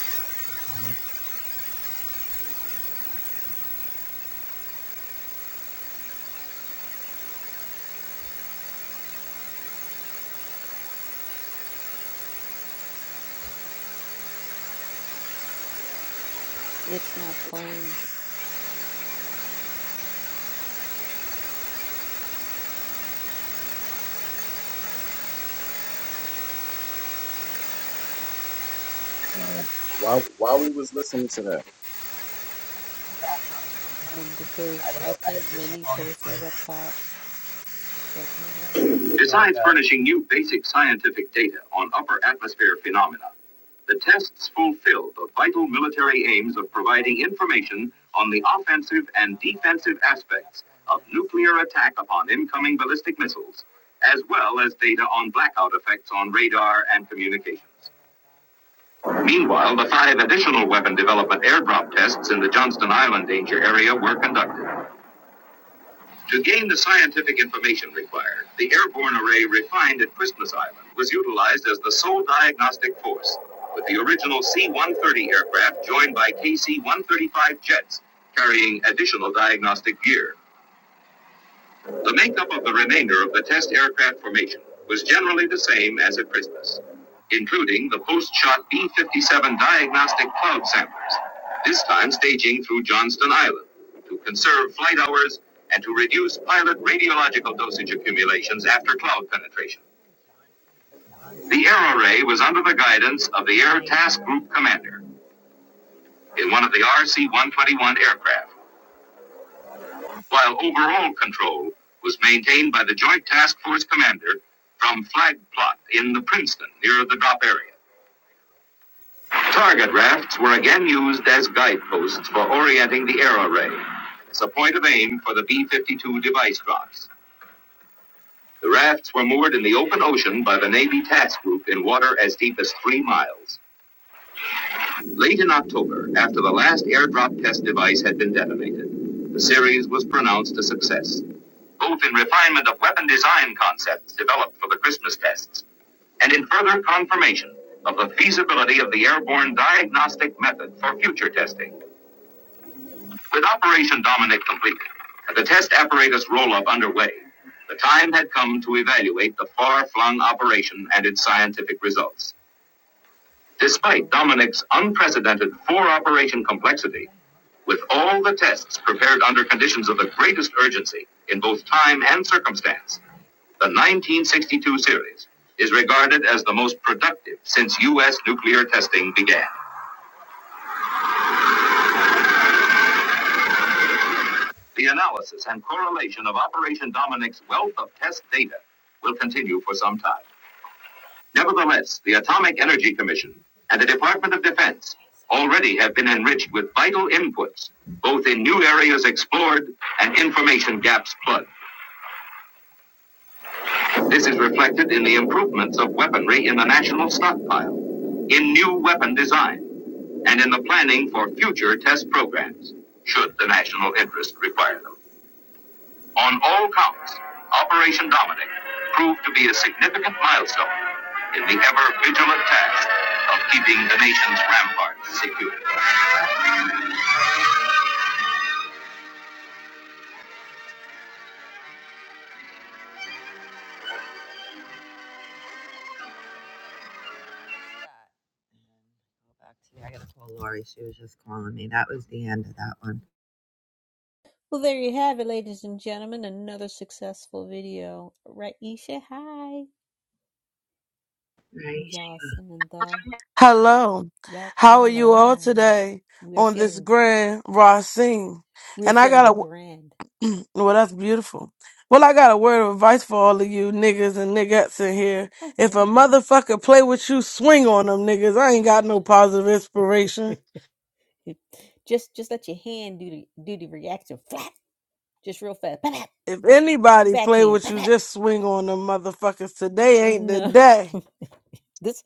S7: It's not playing
S8: Um, while while we was listening to that,
S7: um, because I think Minnie posted it up top Just checking it out.
S3: Besides furnishing new basic scientific data on upper atmosphere phenomena, the tests fulfill the vital military aims of providing information on the offensive and defensive aspects of nuclear attack upon incoming ballistic missiles, as well as data on blackout effects on radar and communications. Meanwhile, the five additional weapon development airdrop tests in the Johnston Island danger area were conducted. To gain the scientific information required, the airborne array refined at Christmas Island was utilized as the sole diagnostic force, with the original C 130 aircraft joined by KC 135 jets carrying additional diagnostic gear. The makeup of the remainder of the test aircraft formation was generally the same as at Christmas, including the post-shot B 57 diagnostic cloud samplers, this time staging through Johnston Island to conserve flight hours and to reduce pilot radiological dosage accumulations after cloud penetration. The air array was under the guidance of the Air Task Group Commander in one of the RC 121 aircraft. while overall control was maintained by the Joint Task Force commander from Flag Plot in the Princeton near the drop area. Target rafts were again used as guideposts for orienting the air array as a point of aim for the B 52 device drops. The rafts were moored in the open ocean by the Navy task group in water as deep as three miles. Late in October, after the last airdrop test device had been detonated, the series was pronounced a success. both in refinement of weapon design concepts developed for the Christmas tests and in further confirmation of the feasibility of the airborne diagnostic method for future testing. With Operation Dominic completed and the test apparatus roll up underway, the time had come to evaluate the far flung operation and its scientific results. Despite Dominic's unprecedented four operation complexity, with all the tests prepared under conditions of the greatest urgency in both time and circumstance, The 1962 series is regarded as the most productive since U.S. nuclear testing began. The analysis and correlation of Operation Dominic's wealth of test data will continue for some time. Nevertheless, the Atomic Energy Commission and the Department of Defense already have been enriched with vital inputs, both in new areas explored and information gaps plugged. This is reflected in the improvements of weaponry in the national stockpile, in new weapon design and in the planning for future test programs, should the national interest require them. On all counts, Operation Dominic proved to be a significant milestone in the ever vigilant task of keeping the nation's ramparts secure. I gotta call Lori. She was just calling me. That was the end of that one.
S7: Well, there you have it, ladies and gentlemen. Another successful video. Raisha, hi. Yasin and the
S9: Hello,
S7: y'all come
S9: how are
S7: on
S9: you all
S7: alive.
S9: today
S7: We are
S9: on this
S7: feeling
S9: grand Racine?
S7: we are
S9: And I
S7: feeling
S9: got
S7: grand.
S9: a well, that's beautiful. Well, I got a word of advice for all of you
S7: Uh,
S9: niggas and niggas in here.
S7: All
S9: If
S7: right,
S9: a
S7: all right.
S9: motherfucker play with you, swing on them niggas. I ain't got no positive inspiration.
S7: just just let your hand do the do the reaction flat, just real fast. Bap, bap,
S9: If anybody play
S7: backhand.
S9: with
S7: Pat,
S9: you,
S7: pat.
S9: just swing on them motherfuckers. Today ain't the
S7: No.
S9: day.
S7: this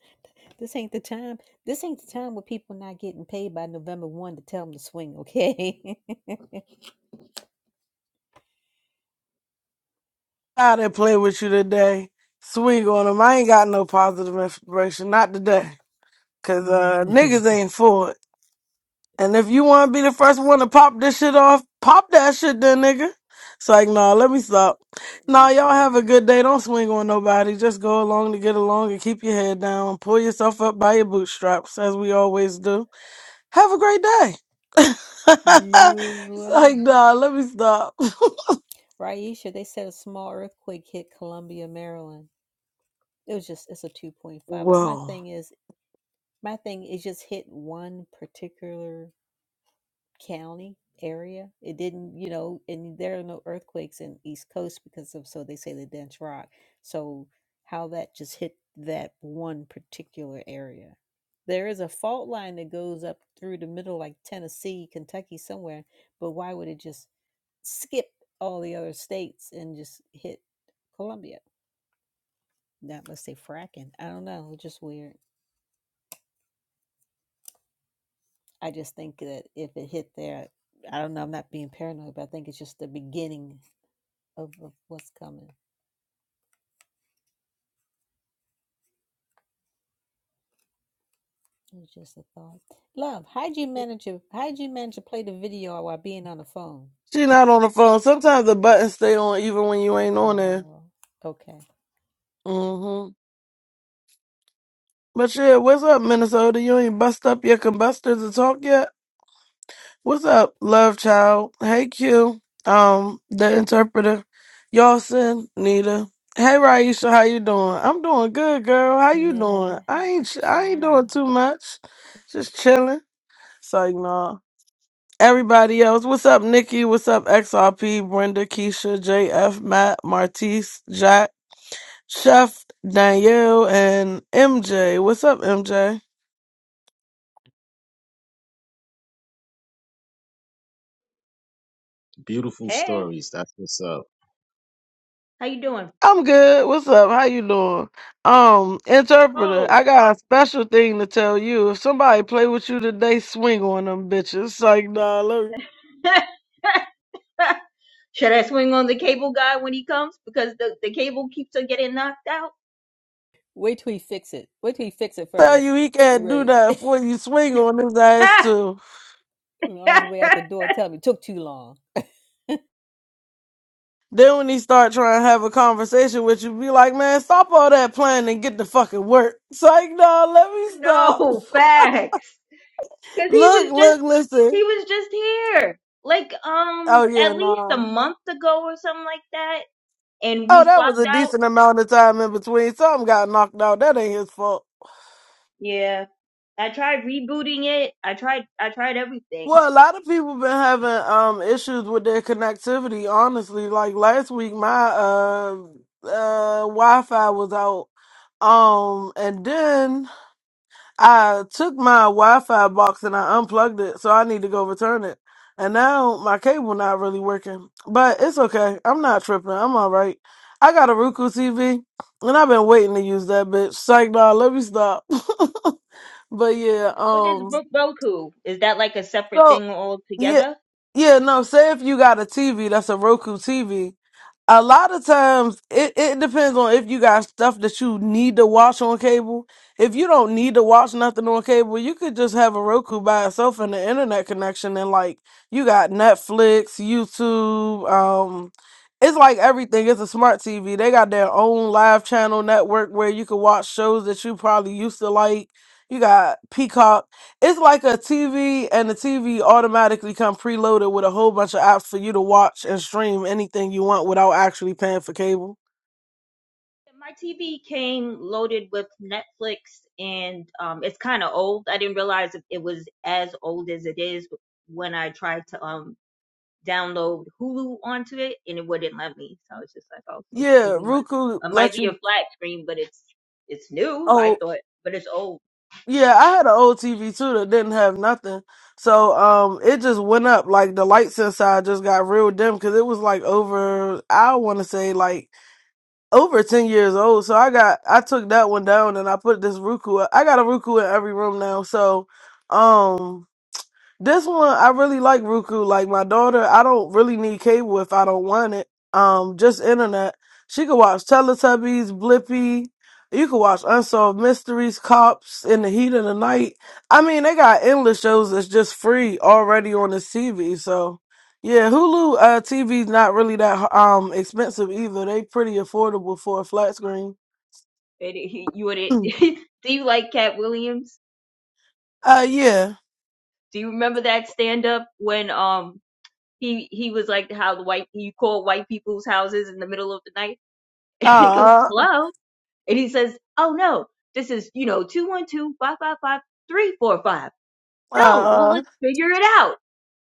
S7: this ain't the time. This ain't the time where people not getting paid by November 1 to tell them to swing, okay?
S9: How they play with you today? Swing on them. I ain't got no positive inspiration. Not today. Cause uh,
S7: Mm.
S9: niggas ain't for it. And if you want to be the first one to pop this shit off, pop that shit then, nigga. It's like, nah, let me stop. Nah,
S7: you
S9: y'all have a
S7: crazy.
S9: good day. Don't swing on nobody. Just go along to get along and keep your head down. Pull yourself up by your bootstraps, as we always do. Have a great day.
S7: You as
S9: it's like,
S7: well.
S9: nah, let me stop.
S7: Raisha, they said a small earthquake hit Columbia, Maryland. It was just it's a 2.5, but my
S9: Whoa.
S7: thing is my thing is just hit one particular county area. It didn't, you know, and there are no earthquakes in East Coast because of so they say the dense rock. So how that just hit that one particular area. There is a fault line that goes up through the middle, like Tennessee, Kentucky, somewhere. But why would it just skip all the other states and just hit Columbia? Not let's say fracking. I don't know. It's just weird. I just think that if it hit there, I don't know. I'm not being paranoid, but I think it's just the beginning of, of what's coming. It was just a thought. Love, how'd you manage to how'd you manage to play the video while being on the phone?
S9: She not on the phone. Sometimes the buttons stay on even when you ain't on there.
S7: Oh, okay.
S9: hmm But yeah, what's up, Minnesota? You ain't bust up your combustors to talk yet? What's up, love child? Hey Q, um, the interpreter, Yawson, Nita. Hey Raisha, how you doing? I'm doing good, girl. How you doing? I ain't, I ain't
S7: Ciao.
S9: doing too much, just chilling. So you know, everybody else. What's up, Nikki? What's up, XRP? Brenda, Keisha, JF, Matt, Martise, Jack, Chef, Danielle, and MJ. What's up, MJ?
S8: beautiful
S10: Hey,
S8: stories. That's what's up.
S10: how you doing? I'm
S9: I'm good. What's up? How you doing? Um, interpreter,
S10: cold.
S9: I got a special thing to tell you. If somebody play with you today, swing on them bitches. It's like, nah, let me
S10: Should I swing on the cable guy when he comes because the, the cable keeps on getting knocked out?
S7: Wait till we fix it. Wait till we fix it
S9: tell
S7: first.
S9: you, he
S7: You
S9: can't do
S7: Right.
S9: that for you. Swing on his ass too.
S7: on his way out the door, tell me it took too long.
S9: Then when he start trying to have a conversation with you, be like, man, stop all that playing and get the fucking work. It's like, nah, let me stop.
S10: no, facts. Cause he
S9: Look,
S10: was just
S9: look, listen.
S10: he was just here. Like um
S9: Oh
S10: at
S9: yeah,
S10: least a
S9: nah.
S10: month ago or something like that. And
S9: Oh,
S10: we
S9: that was
S10: swapped
S9: a
S10: out.
S9: decent amount of time in between. Something got knocked out. That ain't his fault.
S10: Yeah. I tried rebooting it. I tried I tried everything.
S9: Well, a lot of people been having um issues with their connectivity, honestly. Like last week my uh uh Wi-Fi was out. Um and then I took my Wi-Fi box and I unplugged it, so I need to go return it. And now my cable not really working. But it's okay. I'm not tripping. I'm all right. I got a Roku TV and I've been waiting to use that bitch. Psych dog, let me stop. but
S10: What
S9: yeah,
S10: what is
S9: um
S10: Brook Boku? Is that like a separate
S9: so
S10: thing
S9: yeah,
S10: altogether?
S9: yeah, no. Say if you got a TV that's a Roku TV. A lot of times, it, it depends on if you got stuff that you need to watch on cable. If you don't need to watch nothing on cable, you could just have a Roku by itself and the internet connection, and like you got Netflix, YouTube. Um, it's like everything. It's a smart TV. They got their own live channel network where you can watch shows that you probably used to like. You got Peacock it's like a TV, and the TV automatically come preloaded with a whole bunch of apps for you to watch and stream anything you want without actually paying for cable.
S10: My TV came loaded with Netflix, and um, it's kind of old. I didn't realize it it was as old as it is when I tried to um download Hulu onto it, and it wouldn't let me. So I was just like, oh, so
S9: Yeah,
S10: maybe my
S9: Roku
S10: it might
S9: let
S10: be a
S9: you.
S10: flat screen, but it's it's new. I
S9: Oh,
S10: thought, but it's old.
S9: yeah, I had an old TV too that didn't have nothing, so um, it just went up. Like the lights inside just got real dim because it was like over. I want to say like over ten years old. So I got I took that one down and I put this Roku. I got a Roku in every room now. So um. This one I really like Roku. Like my daughter, I don't really need cable if I don't want it. Um, just internet. She could watch Teletubbies, Blippi. You could watch Unsolved Mysteries, Cops, In the Heat of the Night. I mean, they got endless shows that's just free already on this TV. So, yeah, Hulu uh, TV's not really that um expensive either. They pretty affordable for a flat screen.
S10: It, it- you would it,
S9: Mm.
S10: do you like Cat Williams?
S9: Uh, yeah.
S10: Do you remember that stand up when um he he was like how the white you call white people's houses in the middle of the night and he goes
S9: Uh,
S10: hello And he says, Oh no, this is, you know, 212 555 No, well,
S9: uh,
S10: let's figure it out.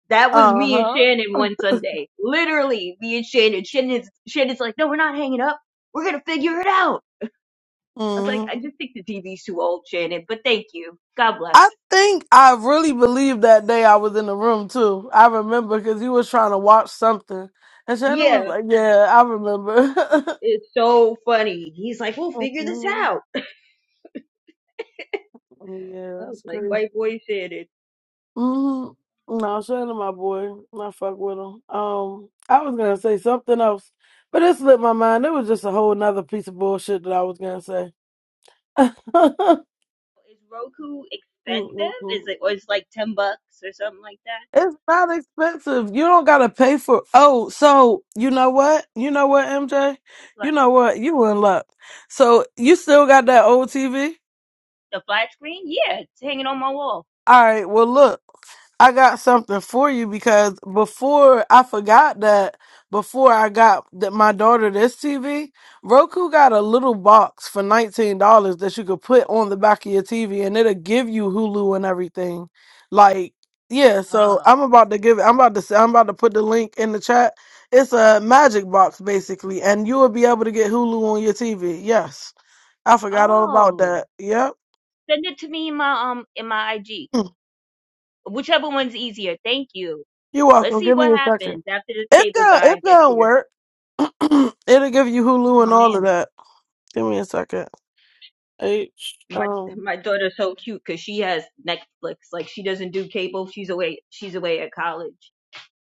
S10: That was
S9: uh
S10: me and Shannon
S9: huh.
S10: one Sunday. Literally, me and Shannon. Shannon's, Shannon's like, No, we're not hanging up. We're going to figure it out. I was like, I
S9: Hmm.
S10: just think the TV's too old, Shannon, but thank you. God bless.
S9: I think I really believe that day I was in the room too. I remember because he was trying to watch something, and Shannon was
S10: Yeah,
S9: like, "Yeah, I remember."
S10: it's so funny. He's like, We'll figure this
S9: Mhm.
S10: out. I
S9: Yeah,
S10: was
S9: it's
S10: like,
S9: crazy.
S10: White boy Shannon.
S9: hmm No, Shannon, my boy, I fuck with him. Um, I was gonna say something else, but it slipped my mind. It was just a whole nother piece of bullshit that I was gonna say.
S10: Is Roku expensive?
S9: Mm-mm-mm.
S10: Is it, or is it like 10 bucks or something like that?
S9: It's not expensive. You don't gotta pay for. Oh, so you know what? You know what, MJ? You know what? You in luck. So you still got that old TV?
S10: The flat screen? Yeah, it's hanging on my wall.
S9: All right. Well, look, I got something for you because before I forgot that before I got that my daughter this TV, Roku got a little box for nineteen dollars that you could put on the back of your TV and it'll give you Hulu and everything. Like, yeah. So
S10: Oh,
S9: I'm about to give. it. I'm about to. say- I'm about to put the link in the chat. It's a magic box basically, and you will be able to get Hulu on your TV. Yes, I forgot all about
S10: oh,
S9: that. Yep.
S10: Send it to me in my um in my IG. Whichever one's easier. Thank you.
S9: You're
S10: Let's
S9: welcome.
S10: see
S9: Give me
S10: what
S9: a second.
S10: happens after this
S9: It's
S10: cable
S9: gonna
S10: guy
S9: it's
S10: gets
S9: gonna
S10: here.
S9: work. It'll give you Hulu
S10: Oh
S9: and all of
S10: man.
S9: that. Give me a second. H
S10: My
S9: um
S10: my daughter's so cute because she has Netflix. Like she doesn't do cable. She's away she's away at college.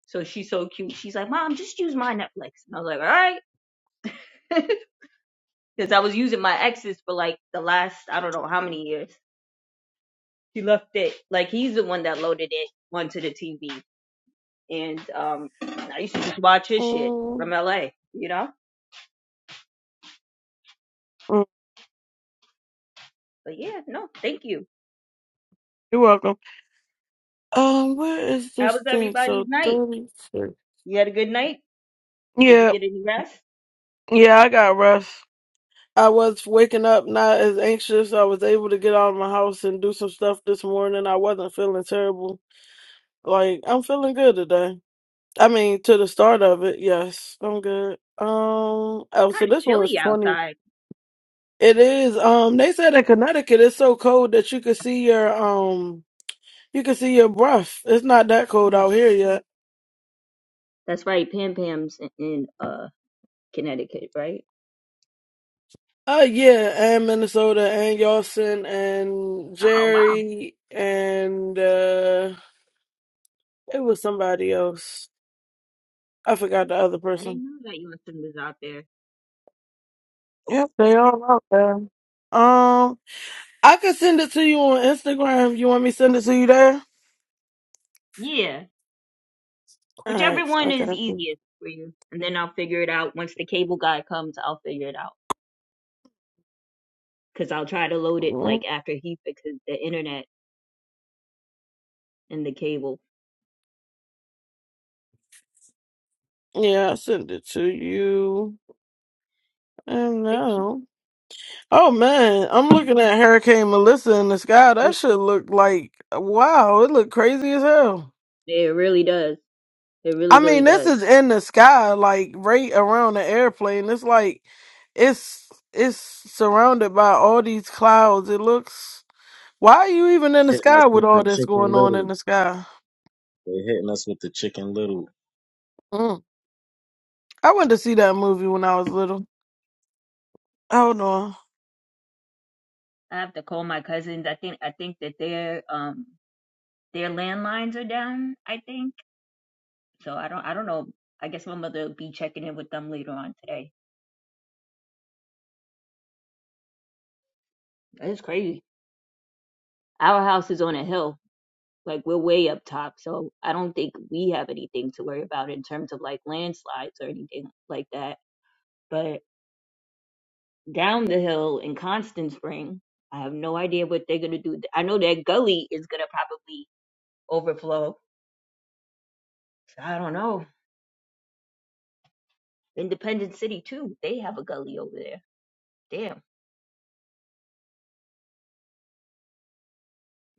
S10: So she's so cute. She's like, Mom, just use my Netflix. And I was like, All right. Because I was using my ex's for like the last I don't know how many years. He left it. Like he's the one that loaded it onto the TV. And um, I used to just watch his shit
S9: mm,
S10: from LA, you know?
S9: mm.
S10: But yeah, no, thank you.
S9: you're welcome. Um where is
S10: How
S9: this
S10: was
S9: thing?
S10: everybody's
S9: So
S10: night?
S9: thirty six.
S10: You had a good night? Did you
S9: Yeah,
S10: get any rest?
S9: yeah, I got rest. I was waking up not as anxious. I was able to get out of my house and do some stuff this morning. I wasn't feeling terrible. Like I'm feeling good today. I mean, to the start of it, yes, I'm good. Um, oh, so
S10: Kind of
S9: this one is
S10: chilly
S9: 20.
S10: outside.
S9: It is. Um, they said in Connecticut it's so cold that you can see your um, you can see your breath. It's not that cold
S10: Mhm.
S9: out here yet.
S10: That's right, Pam Pam's in, in uh Connecticut, right?
S9: Uh, yeah, and Minnesota and Yawson and
S10: Oh, wow.
S9: Jerry and uh, it was somebody else. I forgot the other
S10: I
S9: person.
S10: didn't know that your son was out there.
S9: Yep, they all out there. Um, I could send it to you on Instagram. You want me to send it to you there?
S10: Yeah,
S9: All
S10: whichever
S9: right.
S10: one
S9: Okay.
S10: is easiest for you. And then I'll figure it out. Once the cable guy comes, I'll figure it out. Because I'll try to load it like
S9: cool.
S10: after he fixes the internet and the cable.
S9: Yeah, I send it to you. And
S10: Thank you.
S9: now. Oh man, I'm looking at Hurricane Melissa in the sky. That should look like wow, it looked crazy as hell.
S10: It really does. It really,
S9: I
S10: really
S9: mean, this
S10: does.
S9: is in the sky, like right around the airplane. It's like it's it's surrounded by all these clouds. It looks why are you even in the
S8: They hitting us
S9: sky with
S8: with the
S9: all this
S8: Chicken
S9: going on in
S8: Little.
S9: the sky?
S8: They hitting us with the Chicken Little.
S9: Mm. I went to see that movie when I was little. Hold on.
S10: I have to call my cousins. I think I think that their um their landlines are down, I think. So I don't I don't know. I guess my mother will be checking in with them later on today. That's crazy. Our house is on a hill. Like we're way up top, so I don't think we have anything to worry about in terms of like landslides or anything like that. But down the hill in Constant Spring, I have no idea what they're gonna do. I know that gully is gonna probably overflow. So I don't know. Independence City too. They have a gully over there. Damn.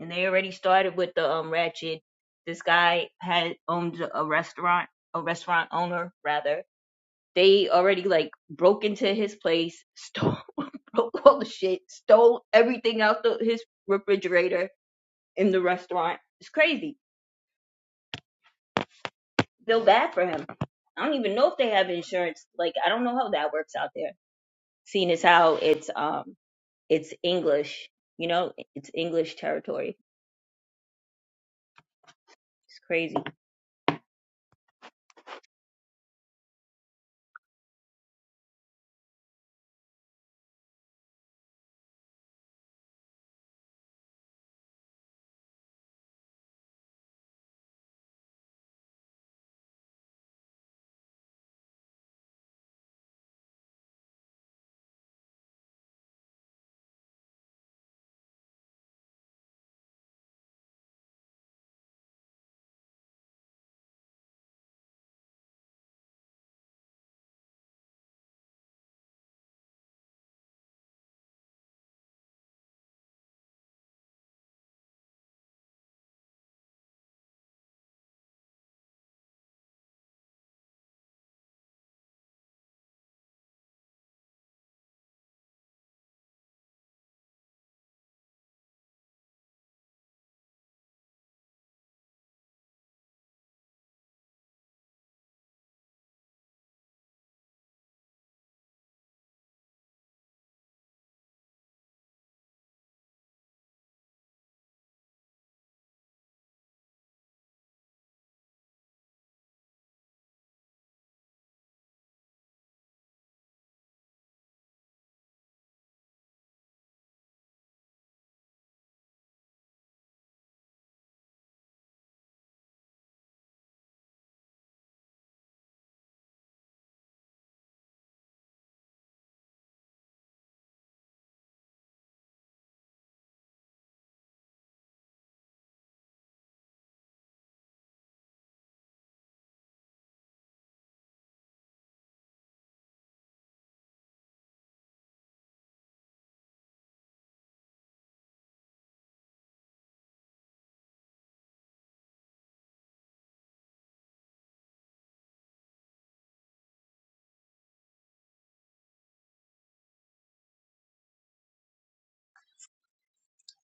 S10: And they already started with the um ratchet. This guy had owned a restaurant, a restaurant owner rather. They already like broke into his place, stole, broke all the shit, stole everything out the his refrigerator in the restaurant. It's crazy. Feel bad for him. I don't even know if they have insurance. Like I don't know how that works out there. Seeing as how it's um it's English, you know, it's English territory It's crazy that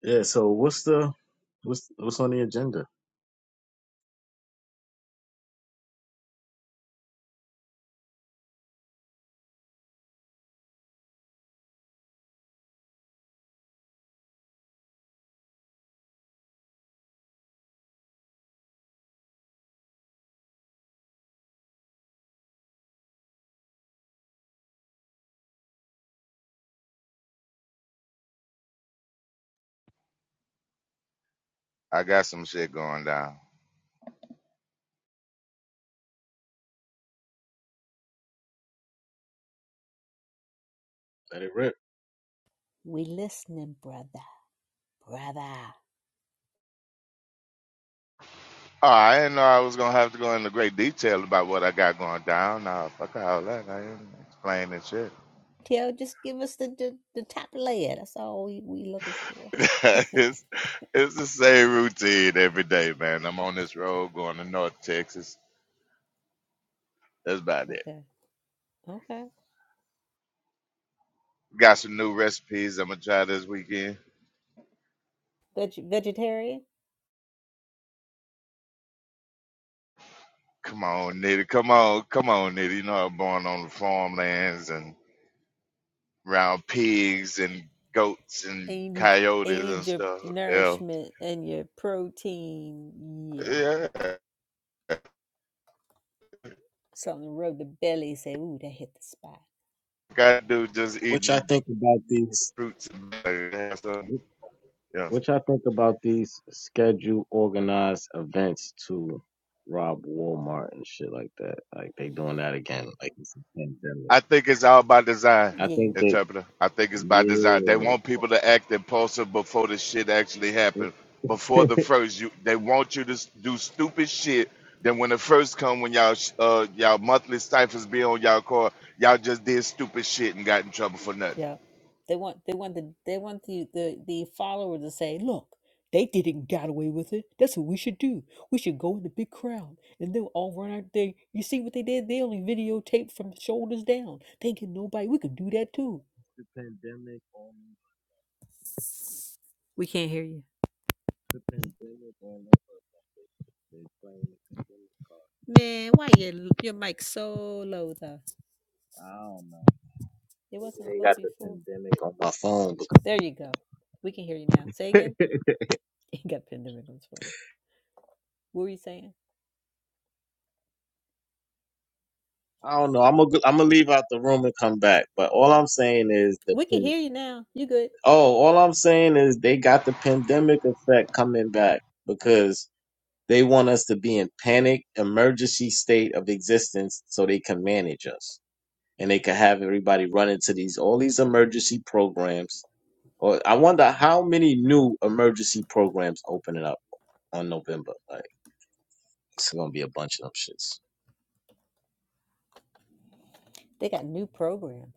S8: Yeah. So what's the what's what's on the agenda?
S4: I got some shit going down.
S8: Let it rip.
S7: We listening, brother. Brother.
S4: Oh, I didn't know I was gonna have to go into great detail about what I got going down. Nah, fuck all that. I ain't explaining shit.
S7: Tell, just give us the, the, the top layer. That's all we, we looking for.
S4: it's it's the same routine every day, man. I'm on this road going to North Texas. That's about it.
S7: Okay. Okay.
S4: Got some new recipes I'm gonna try this weekend.
S7: Veg- vegetarian.
S4: Come on, Nitty. Come on, come on, Nitty. You know I'm born on the farmlands and around pigs and goats and
S7: And you need, and
S4: coyotes
S7: you
S4: and
S7: need your
S4: stuff. Yeah.
S7: nourishment and your protein. Yeah.
S4: Yeah.
S7: Something to rub the belly. Say, ooh, that hit the spot.
S4: Gotta do just
S8: Which I
S4: eating
S8: think about these.
S4: fruits. And stuff. Yeah,
S8: Which I think about these scheduled organized events to rob Walmart and shit like that. Like they doing that again. Like it's a pandemic.
S4: I think it's all by design,
S8: I
S7: Yeah.
S8: think they.
S4: interpreter. I think it's by design. They
S8: Yeah.
S4: want people to act impulsive before the shit actually happens. Before the first, you they want you to s- do stupid shit. Then when the first come, when y'all sh- uh y'all monthly stipends be on y'all card, y'all just did stupid shit and got in trouble for nothing.
S7: Yeah. They want they want the they want the the, the follower to say, look, they didn't got away with it. That's what we should do. We should go in the big crowd and they'll all run out there. You see what they did? They only videotaped from shoulders down. Thinking nobody we could do that too.
S8: the pandemic on
S7: We can't hear you.
S8: the pandemic on. They playing the pandemic card.
S7: Man, why your your mic so low though?
S8: I don't know.
S7: It wasn't
S8: Maybe they
S7: low
S8: got the
S7: before.
S8: pandemic on my phone.
S7: There you go. We can hear you now. Say again.
S8: because-
S7: You got Pendergrass phone. What were you saying?
S8: I don't know. I'm gonna I'm gonna leave out the room and come back. But all I'm saying is the
S7: We can
S8: pan-
S7: hear you now. You good.
S8: oh, all I'm saying is they got the pandemic effect coming back because they want us to be in panic emergency state of existence so they can manage us and they can have everybody run into these all these emergency programs. Or I wonder how many new emergency programs opening up on November. like. It's gonna be a bunch of them shits.
S7: They got new programs.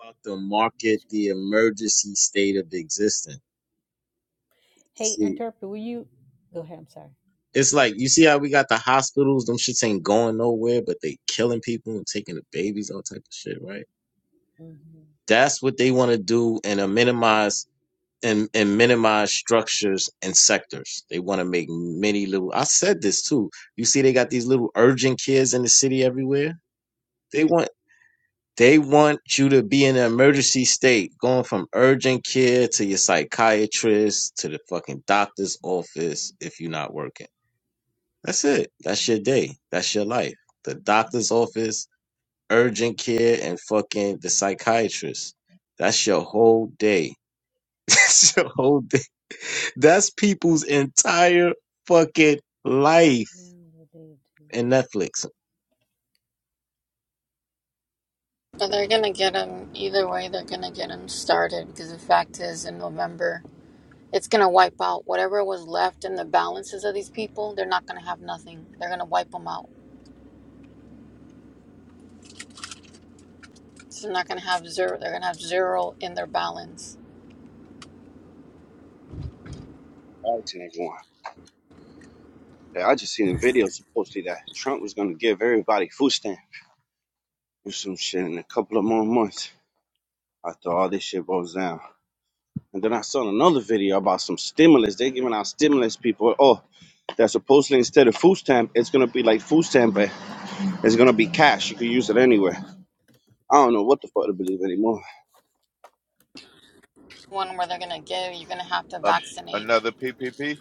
S8: About to market
S7: That's
S8: the
S7: crazy.
S8: emergency state of existence. You
S7: Hey,
S8: see,
S7: interpreter, will you go ahead? I'm sorry.
S8: it's like you see how we got the hospitals. Them shits ain't going nowhere, but they killing people and taking the babies, all type of shit. Right?
S7: Mm-hmm.
S8: That's what they want to do, and uh, minimize and and minimize structures and sectors. They want to make many little. I said this too. You see, they got these little urgent kids in the city everywhere. They want. They want you to be in an emergency state, going from urgent care to your psychiatrist to the fucking doctor's office if you're not working. That's it. That's your day. That's your life. The doctor's office, urgent care, and fucking the psychiatrist. That's your whole day. That's your whole day. That's people's entire fucking life
S7: Now the
S8: And
S7: to
S8: Netflix.
S11: But they're gonna get him either way. They're gonna get him started because the fact is, in November, it's gonna wipe out whatever was left in the balances of these people. They're not gonna have nothing. They're gonna wipe them out. So they're not gonna have zero. They're gonna have zero in their balance.
S12: Right, and everyone. Yeah, I just seen a video supposedly that Trump was gonna give everybody food stamps or some shit in a couple of more months after all this shit goes down. And then I saw another video about some stimulus. they giving out stimulus people. Oh, that supposedly instead of food stamp, it's gonna be like food stamp, but it's gonna be cash. You can use it anywhere. I don't know what the fuck to believe anymore.
S11: One where they're gonna give, you're gonna have to
S4: Uh,
S11: vaccinate.
S4: another PPP.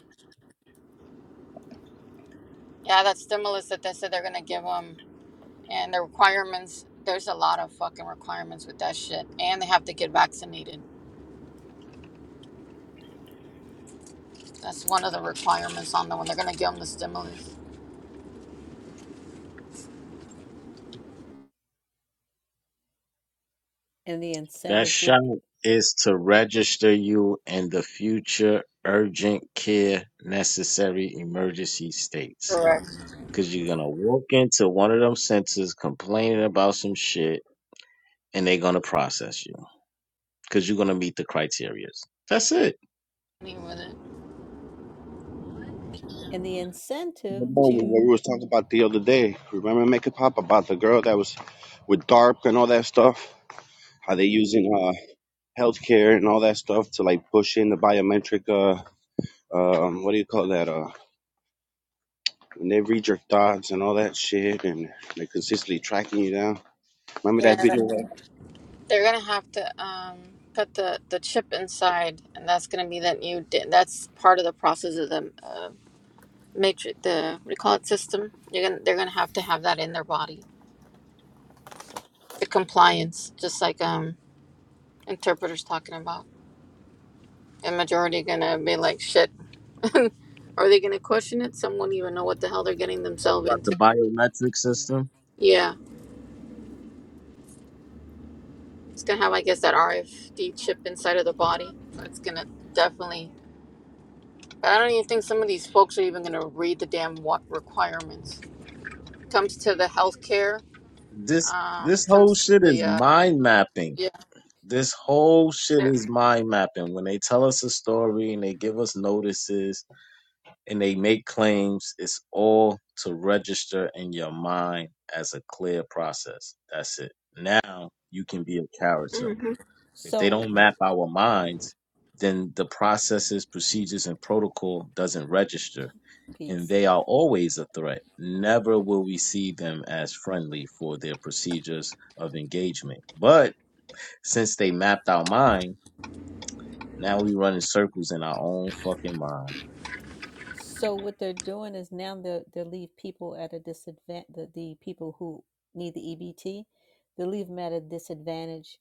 S11: Yeah, that stimulus that they said they're gonna give them, and the requirements. There's a lot of fucking requirements with that shit, and they have to get vaccinated. That's one of the requirements on them when they're gonna give them the stimulus.
S7: And the
S8: That
S7: incentive would,
S8: shot is to register you in the future urgent care necessary emergency states.
S11: Correct.
S8: Because you're going to walk into one of them centers complaining about some shit and they're going to process you
S7: you.
S8: because you're going to meet the criteria. That's it.
S11: With it.
S7: and the incentive
S12: The moment where
S7: to,
S12: we was talking about the other day, remember Make a Pop about the girl that was with DARP and all that stuff? How they using uh healthcare and all that stuff to like push in the biometric uh um what do you call that uh when they read your thoughts and all that shit and they're consistently tracking you down remember
S11: Yeah,
S12: that
S11: that-
S12: video
S11: they're gonna have to um, put the, the chip inside, and that's gonna be that new. di- That's part of the process of the uh, matrix. The what do you call it? System. You're gonna they're gonna have to have that in their body. The compliance, just like um interpreters talking about. The majority gonna be like shit. Are they gonna question it? Some won't even know what the hell they're getting themselves
S8: About the
S11: into.
S8: biometric
S7: come on.
S8: system.
S11: Yeah,
S7: Lord.
S11: it's gonna have I guess that RFD chip inside of the body. It's gonna definitely I don't even think some of these folks are even going to read the damn wa- requirements. Comes to the healthcare,
S8: This,
S11: um,
S8: this whole
S11: comes to
S8: shit
S11: the
S8: is
S11: uh,
S8: mind mapping.
S11: yeah,
S8: This whole shit
S11: yeah,
S8: is mind mapping. When they tell us a story and they give us notices and they make claims. It's all to register in your mind as a clear process. That's it. Now you can be a character.
S11: mm-hmm.
S8: If they
S7: so,
S8: don't
S7: w-
S8: map our minds, then the processes, procedures, and protocol doesn't register. And
S7: peace.
S8: they are always a threat. Never will we see them as friendly for their procedures of engagement. But since they mapped our mind, now we run in circles in our own fucking mind
S7: So what they're doing is now they they leave people at a disadvantage. The, the people who need the EBT, they leave them at a disadvantage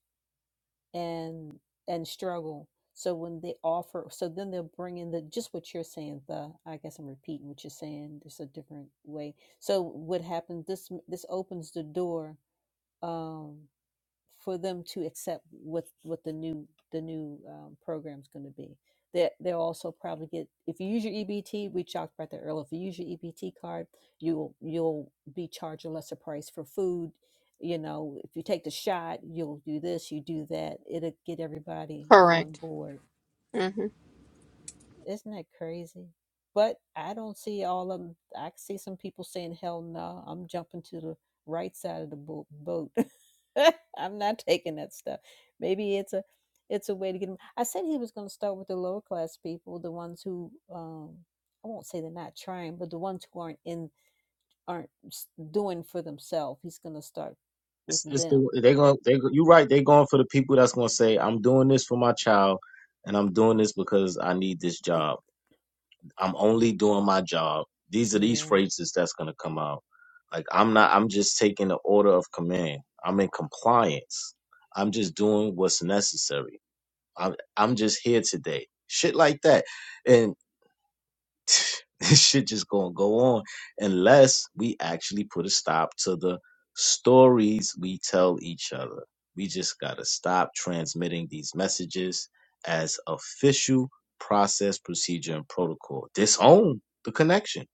S7: and and struggle. So when they offer, so then they'll bring in the just what you're saying. The I guess I'm repeating what you're saying. There's a different way. So what happens? This this opens the door. Um, for them to accept what what the new the new um, program is going to be. That they, they'll also probably get if you use your EBT. We talked about that earlier. If you use your EBT card, you'll you'll be charged a lesser price for food. You know, if you take the shot, you'll do this, you do that. It'll get everybody on
S11: correct.
S7: board
S11: hmm
S7: isn't that crazy? But I don't see all of them. I see some people saying, hell no, I'm jumping to the right side of the bo- boat. I'm not taking that stuff. Maybe it's a it's a way to get them. I said he was going to start with the lower class people, the ones who um, I won't say they're not trying, but the ones who aren't in aren't s- doing for themselves. He's going to start with
S8: It's, it's
S7: them.
S8: the, they going they you're right. They're going for the people that's going to say, "I'm doing this for my child, and I'm doing this because I need this job. I'm only doing my job." These are these
S7: Yeah.
S8: phrases that's going to come out. Like I'm not. I'm just taking the order of command. I'm in compliance. I'm just doing what's necessary. I'm I'm just here today. Shit like that, and this shit just gonna go on unless we actually put a stop to the stories we tell each other. We just gotta stop transmitting these messages as official process, procedure, and protocol. Disown the connection.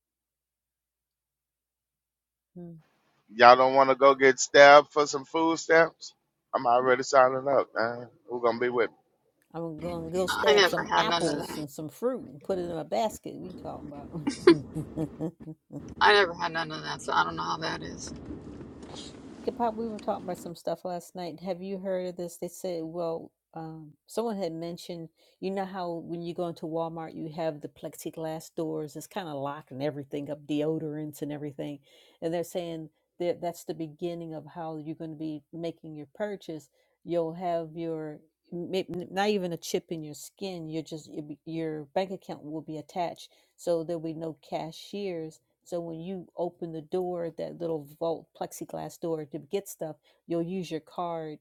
S7: Hmm.
S4: Y'all don't want to go get stabbed for some food stamps. I'm already signing up, man. Who gonna be with? me?
S7: I'm gonna go
S11: I
S7: stab
S11: never
S7: some
S11: had none of
S7: apples
S11: that.
S7: and some fruit and put it in a basket. We talking about?
S11: I never had none of that, so I don't know how that is.
S7: Jacob Pop, we were talking about some stuff last night. Have you heard of this? They said, well, um, someone had mentioned, you know how when you go into Walmart, you have the plexiglass doors. It's kind of locking everything up, deodorants and everything. And they're saying that that's the beginning of how you're going to be making your purchase. You'll have your may- not even a chip in your skin. You're just your your bank account will be attached, so there'll be no cashiers so when you open the door, that little vault plexiglass door to get stuff, you'll use your card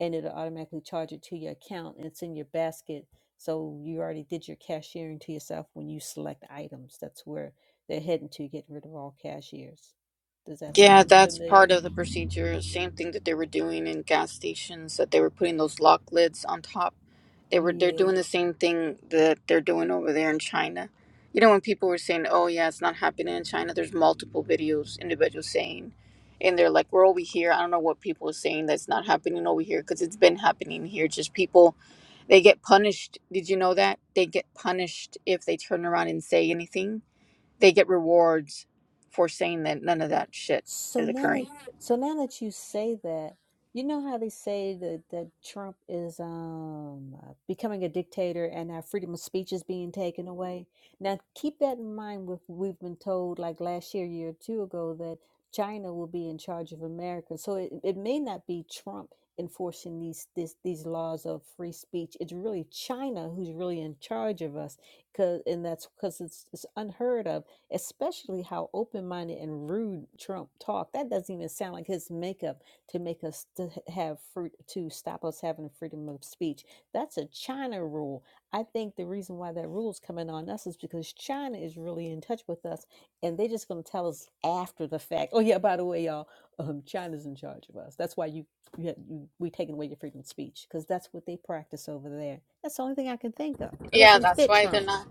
S7: and it'll automatically charge it to your account and it's in your basket. So you already did your cashiering to yourself when you select items. That's where they're heading to, getting rid of all cashiers. Does that
S11: Yeah,
S7: sound
S11: that's part
S7: familiar?
S11: of the procedure. Same thing that they were doing in gas stations that they were putting those lock lids on top. They were they're
S7: Yeah.
S11: doing the same thing that they're doing over there in China. You know, when people were saying, "Oh yeah, it's not happening in China," there's multiple videos individuals saying, and they're like, "We're over here." I don't know what people are saying that's not happening over here because it's been happening here. Just people, they get punished. Did you know that they get punished if they turn around and say anything? they get rewards for saying that none of that shit
S7: So
S11: is
S7: now that
S11: occurring.
S7: so now that you say that, you know how they say that, that Trump is um uh, becoming a dictator and our freedom of speech is being taken away. Now keep that in mind. With we've been told like last year, year or two ago, that China will be in charge of America. So it, it may not be Trump enforcing these this, these laws of free speech. It's really China who's really in charge of us, cause and that's because it's it's unheard of especially how open-minded and rude Trump talked. That doesn't even sound like his makeup to make us to have fruit to stop us having freedom of speech. That's a China rule. I think the reason why that rule is coming on us is because China is really in touch with us, and they're just going to tell us after the fact. Oh yeah, by the way, y'all, um, China's in charge of us. That's why you you, you we taking away your freedom of speech because that's what they practice over there. That's the only thing I can think of. It
S11: Yeah,
S7: doesn't
S11: that's
S7: fit
S11: why they're
S7: Trump.
S11: not.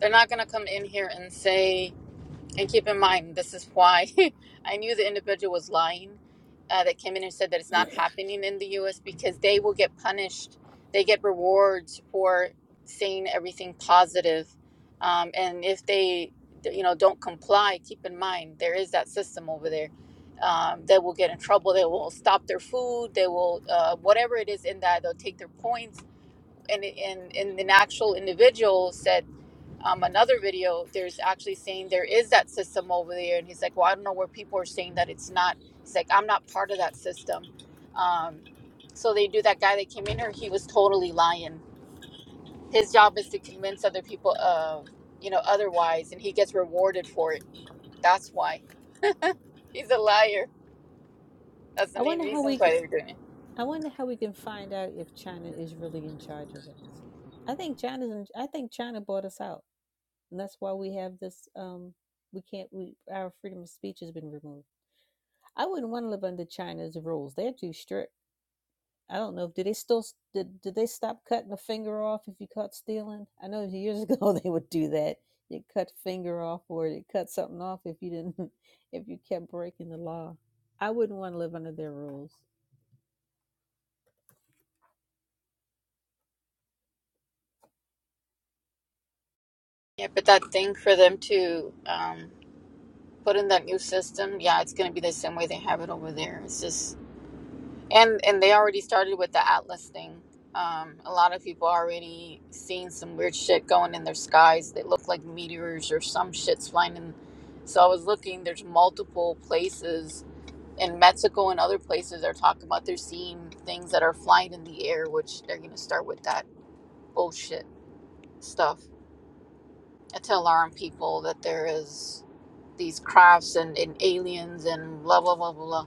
S11: They're not gonna come in here and say And keep in mind, this is why I knew the individual was lying uh, that came in and said that it's not happening in the US because they will get punished. They get rewards for saying everything positive. Um, and if they, you know, don't comply, keep in mind, there is that system over there. Um, they will get in trouble. They will stop their food. They will, uh, whatever it is in that, they'll take their points. And, and, and an actual individual said, um, another video, there's actually saying there is that system over there. And he's like, well, I don't know where people are saying that it's not. He's like, I'm not part of that system. Um, so they do that guy that came in here, he was totally lying. His job is to convince other people, uh, you know, otherwise, and he gets rewarded for it. That's why he's a liar. That's the
S7: I
S11: main
S7: wonder how
S11: reason
S7: we
S11: why they're doing it.
S7: I wonder how we can find out if China is really in charge of us. I think China's. In, I think China bought us out, and that's why we have this. Um, we can't. We our freedom of speech has been removed. I wouldn't want to live under China's rules. They're too strict. I don't know. Do they still? Did, did they stop cutting a finger off if you caught stealing? I know years ago they would do that. They cut a finger off, or they cut something off if you didn't. If you kept breaking the law, I wouldn't want to live under their rules.
S11: Yeah, but that thing for them to um, put in that new system, yeah, it's going to be the same way they have it over there. It's just And and they already started with the Atlas thing. Um, a lot of people already seeing some weird shit going in their skies that look like meteors or some shit's flying in. So I was looking. There's multiple places in Mexico and other places they're talking about they're seeing things that are flying in the air, which they're gonna start with that bullshit stuff uh, to alarm people that there is these crafts and, and aliens and blah blah blah blah blah.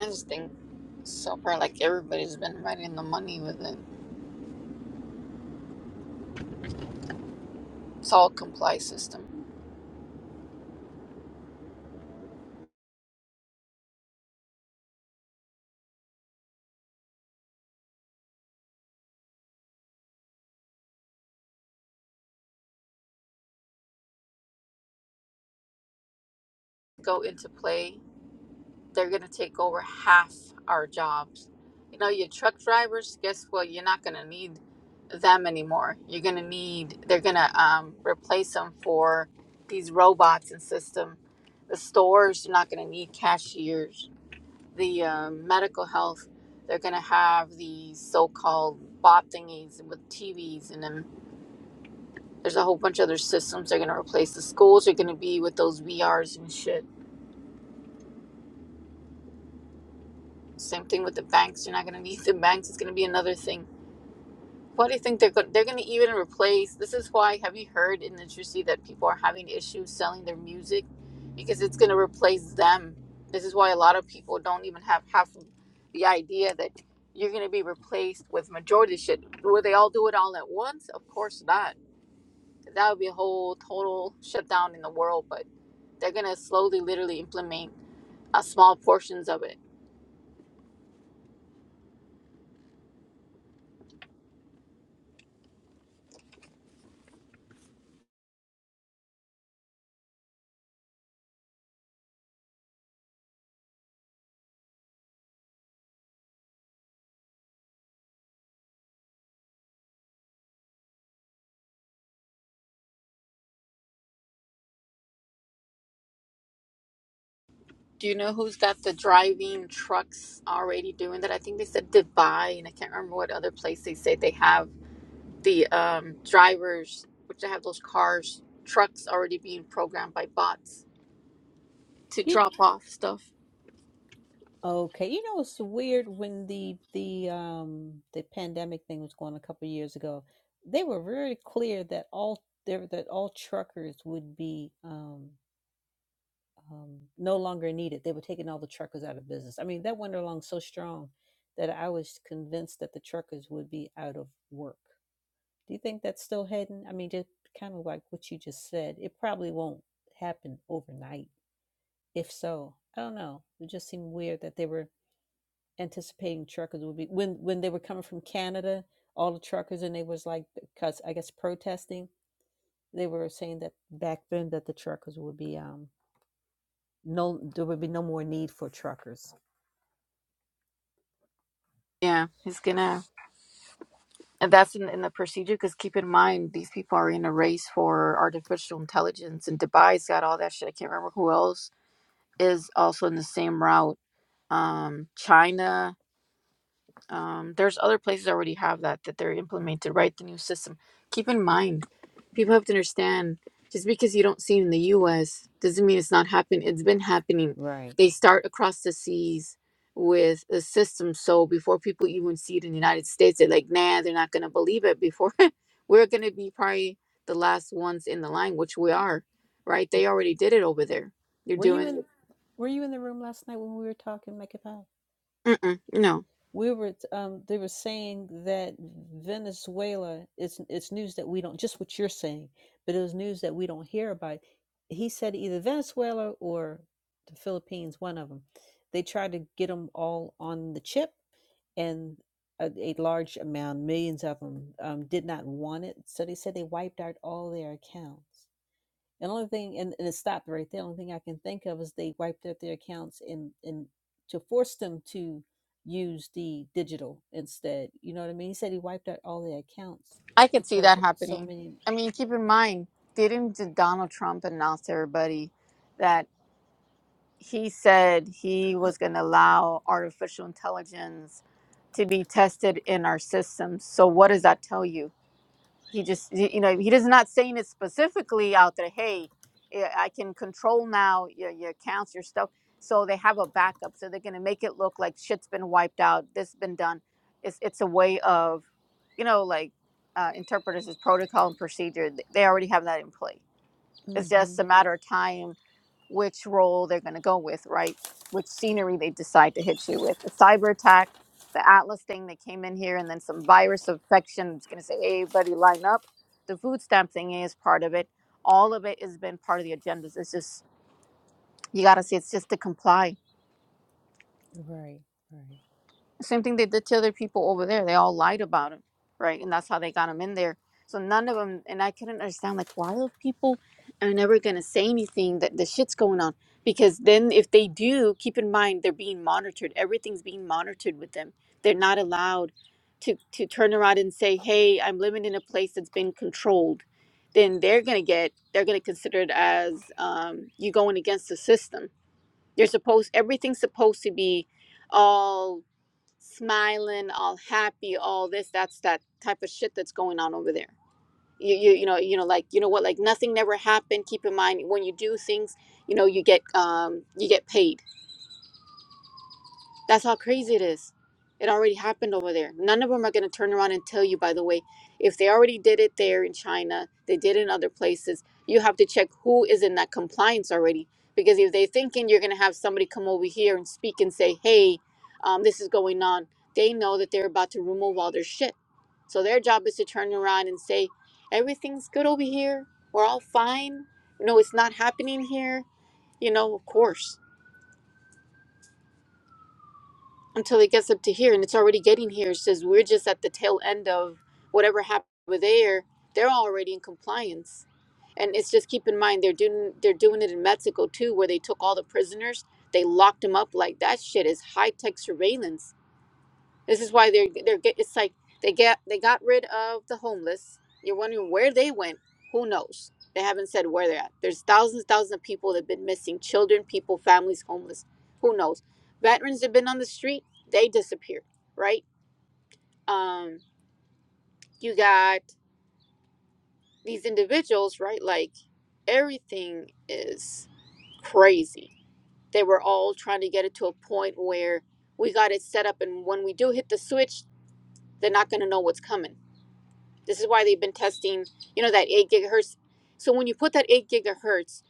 S11: I just think so far like everybody's been right in the money with it. salt comply system go into play, they're going to take over half our jobs. You know, your truck drivers, guess what? You're not going to need them anymore. You're going to need, they're going to um, replace them for these robots and system. The stores, you're not going to need cashiers. The um, medical health, they're going to have these so called bot thingies with TVs and then there's a whole bunch of other systems they're going to replace. The schools are going to be with those VRs and shit Same thing with the banks. You're not going to need the banks. It's going to be another thing. What do you think they're going? They're going to even replace. This is why. Have you heard in the industry that people are having issues selling their music because it's going to replace them. This is why a lot of people don't even have half the idea that you're going to be replaced with majority shit. Will they all do it all at once? Of course not. That would be a whole total shutdown in the world. But they're going to slowly, literally implement uh, small portions of it Do you know who's got the driving trucks already doing that? I think they said Dubai, and I can't remember what other place they say they have the um, drivers, which they have those cars, trucks already being programmed by bots to
S7: You.
S11: drop off stuff.
S7: Okay, you know it's weird when the the um the pandemic thing was going a couple of years ago, they were very clear that all there that all truckers would be um um no longer needed. They were taking all the truckers out of business. I mean, that went along so strong that I was convinced that the truckers would be out of work. Do you think that's still heading? I mean, just kind of like what you just said, it probably won't happen overnight. If so, I don't know. It just seemed weird that they were anticipating truckers would be when when they were coming from Canada, all the truckers and they was like because I guess protesting, they were saying that back then that the truckers would be um no there would be no more need for truckers.
S11: Yeah, it's gonna, and that's in, in the procedure. Because keep in mind, these people are in a race for artificial intelligence, and Dubai's got all that shit. I can't remember who else is also in the same route. Um, China. um, there's other places that already have that that they're implemented right the new system keep in mind people have to understand just because you don't see it in the us doesn't mean it's not happening it's been happening
S7: Right.
S11: they start across the seas with a system so before people even see it in the united states they're like nah they're not going to believe it before we're going to be probably the last ones in the line which we are right they already did it over there you're
S7: Were you
S11: doing
S7: in were you in the room last night when we were talking, Mecca
S11: it Mm-mm, no
S7: we were um they were saying that Venezuela it's it's news that we don't just what you're saying, but it was news that we don't hear about. He said either Venezuela or the Philippines, one of them. They tried to get them all on the chip, and a, a large amount, millions of them, um, did not want it. So they said they wiped out all their accounts. And the only thing, and, and it stopped right there. The only thing I can think of is they wiped out their accounts and and to force them to use the digital instead. You know what I mean? He said he wiped out all their accounts
S11: I could see
S7: because
S11: that
S7: so
S11: happening.
S7: many.
S11: I mean, keep in mind, didn't d- Donald Trump announce to everybody that he said he was going to allow artificial intelligence to be tested in our systems? So, what does that tell you? he just you know he does not saying it specifically out there hey eh, i can control now your, your accounts your stuff so they have a backup so they're going to make it look like shit's been wiped out this been done it's it's a way of you know like uh, interpreters protocol and procedure th- they already have that in place it's
S7: Mm-hmm.
S11: just a matter of time which role they're going to go with, right? Which scenery they decide to hit you with. The cyber attack, the Atlas thing that came in here, and then some virus infection. It's going to say, hey, everybody line up. The food stamp thing is part of it. All of it has been part of the agendas. It's just, you got to see, it's just to comply
S7: Right, right,
S11: Same thing they did to other people over there. They all lied about him, right? And that's how they got him in there. So none of them, and I couldn't understand like why are people are never gonna say anything that the shit's going on because then if they do, keep in mind they're being monitored. Everything's being monitored with them. They're not allowed to to turn around and say, "Hey, I'm living in a place that's been controlled." Then they're gonna get they're gonna consider it as um, you going against the system. You're supposed everything's supposed to be all smiling, all happy, all this. That's that type of shit that's going on over there. You, you, you know, you know, like you know what, like nothing never happened. Keep in mind when you do things, you know, you get um, you get paid that's how crazy it is. It already happened over there. None of them are going to turn around and tell you, by the way, if they already did it there in China, they did it in other places, you have to check who is in that compliance already. Because if they're thinking you're going to have somebody come over here and speak and say, hey, um, this is going on, they know that they're about to remove all their shit. So their job is to turn around and say, everything's good over here. We're all fine. No, it's not happening here. You know, of course. until it gets up to here and it's already getting here it's just we're just at the tail end of whatever happened over there they're already in compliance and it's just keep in mind they're doing they're doing it in mexico too where they took all the prisoners they locked them up like that shit is high-tech surveillance this is why they're they're get, it's like they get they got rid of the homeless. You're wondering where they went. Who knows? They haven't said where they're at. There's thousands, thousands of people that've been missing: children, people, families, homeless. Who knows? Veterans that have been on the street. They disappeared, right? Um, you got these individuals, right? Like everything is crazy. They were all trying to get it to a point where we got it set up, and when we do hit the switch, they're not going to know what's coming This is why they've been testing, you know, that 8 gigahertz. So when you put that 8 gigahertz,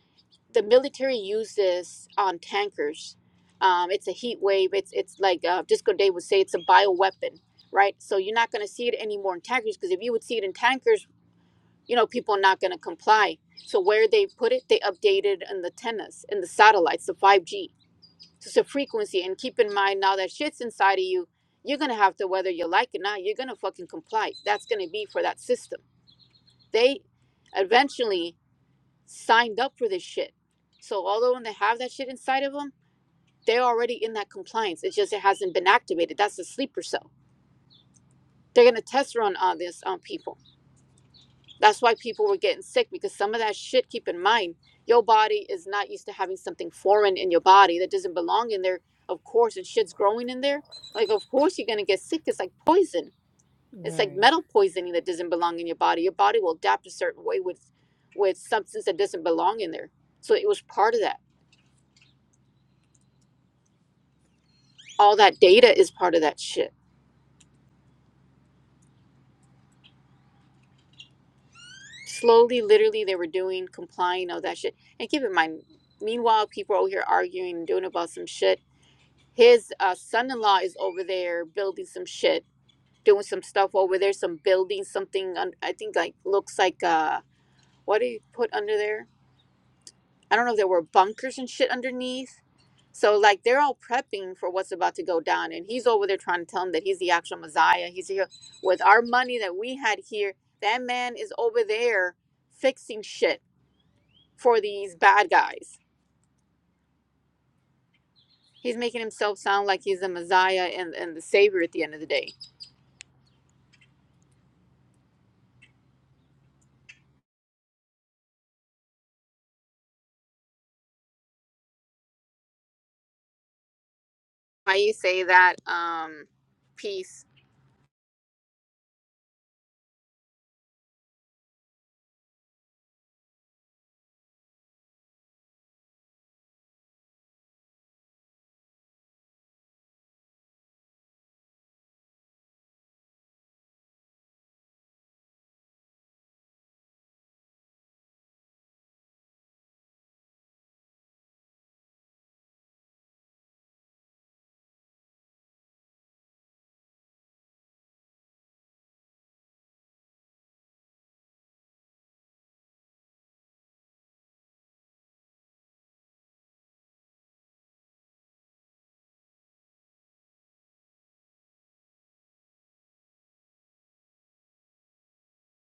S11: the military uses on tankers. Um, it's a heat wave. It's it's like uh, Disco Day would say, it's a bioweapon, right? So you're not going to see it anymore in tankers because if you would see it in tankers, you know, people are not going to comply. So where they put it, they updated in the antennas, in the satellites, the 5G. So it's a frequency. And keep in mind now that shit's inside of you, you're going to have to, whether you like it or not, you're going to fucking comply. That's going to be for that system they eventually signed up for this shit. So although when they have that shit inside of them, they're already in that compliance. It's just it hasn't been activated. That's a sleeper cell. They're gonna test run on this on people. That's why people were getting sick because some of that shit. Keep in mind, your body is not used to having something foreign in your body that doesn't belong in there. Of course, and shit's growing in there. Like of course you're gonna get sick. It's like poison It's like
S7: right.
S11: metal poisoning that doesn't belong in your body. Your body will adapt a certain way with with substance that doesn't belong in there. So it was part of that. All that data is part of that shit. Slowly, literally, they were doing, complying, all that shit. And keep in mind, meanwhile, people are over here arguing and doing about some shit. His uh, son-in-law is over there building some shit, doing some stuff over there, some building, something. un- I think like looks like uh, what do you put under there? I don't know if there were bunkers and shit underneath. So like they're all prepping for what's about to go down, and he's over there trying to tell him that he's the actual Messiah. He's here with our money that we had here. That man is over there fixing shit for these bad guys. He's making himself sound like he's the Messiah and, and the savior at the end of the day. Why you say that, um, peace?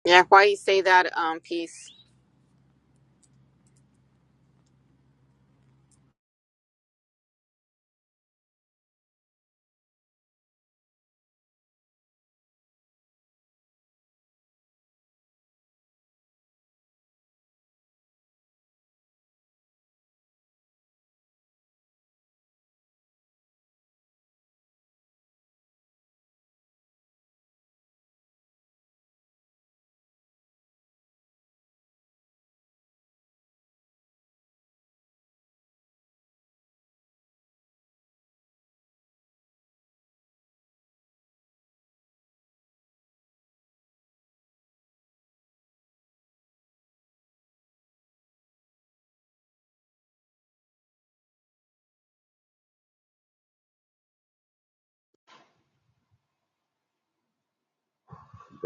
S11: Yeah, why you say that, um, peace?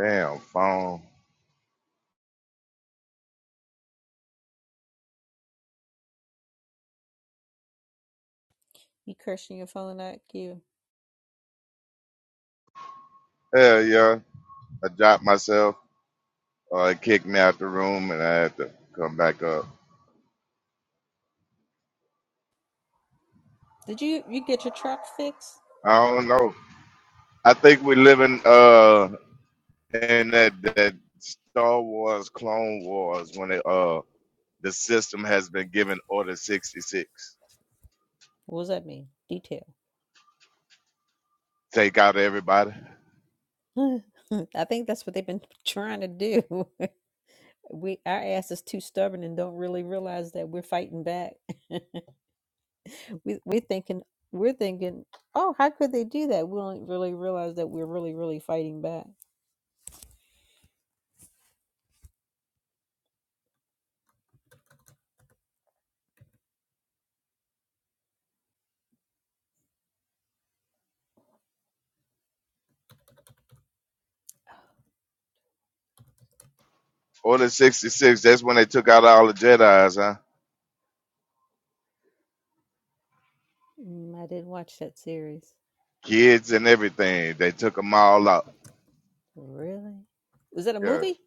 S4: Damn phone.
S7: You cursing your phone out, Q.
S4: Hell yeah. I dropped myself. Uh, it kicked me out the room, and I had to come back up.
S7: Did you you get your truck fixed?
S4: I don't know. I think we're living uh in that that Star Wars Clone Wars when it, uh the system has been given Order sixty six.
S7: What does that mean? Detail.
S4: Take out everybody.
S7: I think that's what they've been trying to do. we our ass is too stubborn and don't really realize that we're fighting back. we, we're thinking we're thinking oh how could they do that we don't really realize that we're really really fighting back
S4: Order sixty six. That's when they took out all the Jedi's, huh?
S7: mm, i didn't watch that series
S4: Kids and everything. They took them all out.
S7: really was that a
S4: Yes,
S7: movie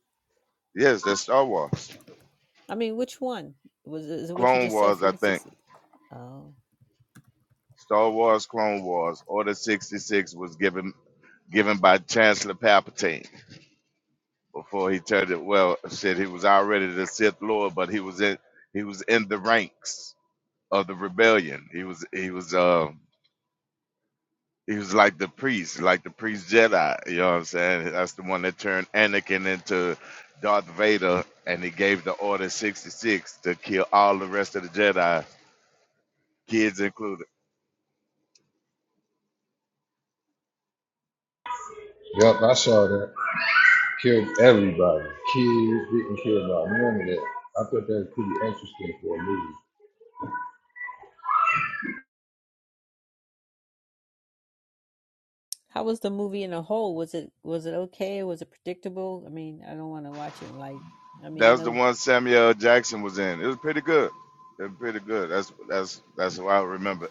S4: yes. That's Star Wars.
S7: i mean which one was it- is it what you
S4: Clone
S7: just said
S4: Wars, I think.
S7: 46 oh
S4: Star Wars Clone Wars Order 66 was given given by Chancellor Palpatine before he turned it well said he was already the Sith Lord but he was in he was in the ranks of the rebellion he was he was uh he was like the priest like the priest Jedi you know what I'm saying that's the one that turned Anakin into Darth Vader and he gave the Order 66 to kill all the rest of the Jedi kids included
S13: Yep, I saw that. Killed everybody. Kids didn't care about none of that. I thought that was pretty interesting for a movie.
S7: how was the movie in a whole was it was it okay was it predictable i mean i don't want to watch it like i mean i
S4: That was the
S7: know
S4: one Samuel L. Jackson was in. It was pretty good. It was pretty good. That's that's that's what I remember.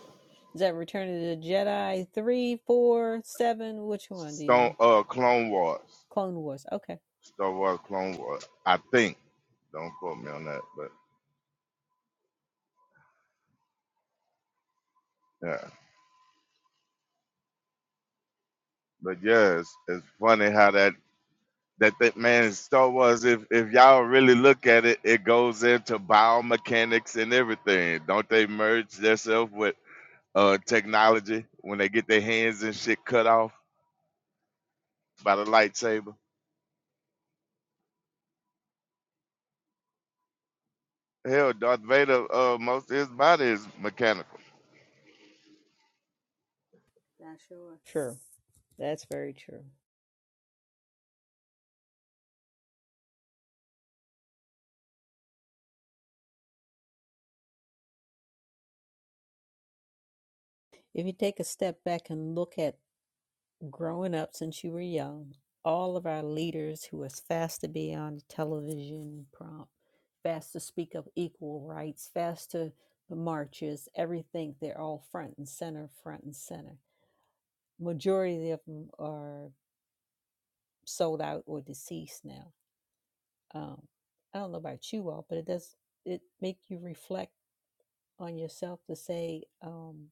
S7: is that return of the jedi three four seven which one do you
S4: Stone
S7: know
S4: uh Clone Wars.
S7: clone wars okay
S4: Star Wars Clone Wars. I think. Don't quote me on that, but yeah. But yeah, it's, it's funny how that that that man Star Wars, if if y'all really look at it, it goes into biomechanics and everything. Don't they merge themselves with uh technology when they get their hands and shit cut off by the lightsaber? Hell, Darth Vader, uh, most of his body is mechanical.
S7: sure that's very true If you take a step back and look at growing up since you were young, all of our leaders who was fast to be on the television prompt, fast to speak of equal rights, fast to the marches, everything, they're all front and center, front and center. Majority of them are sold out or deceased now. Um, I don't know about you all, but it does it make you reflect on yourself to say, um,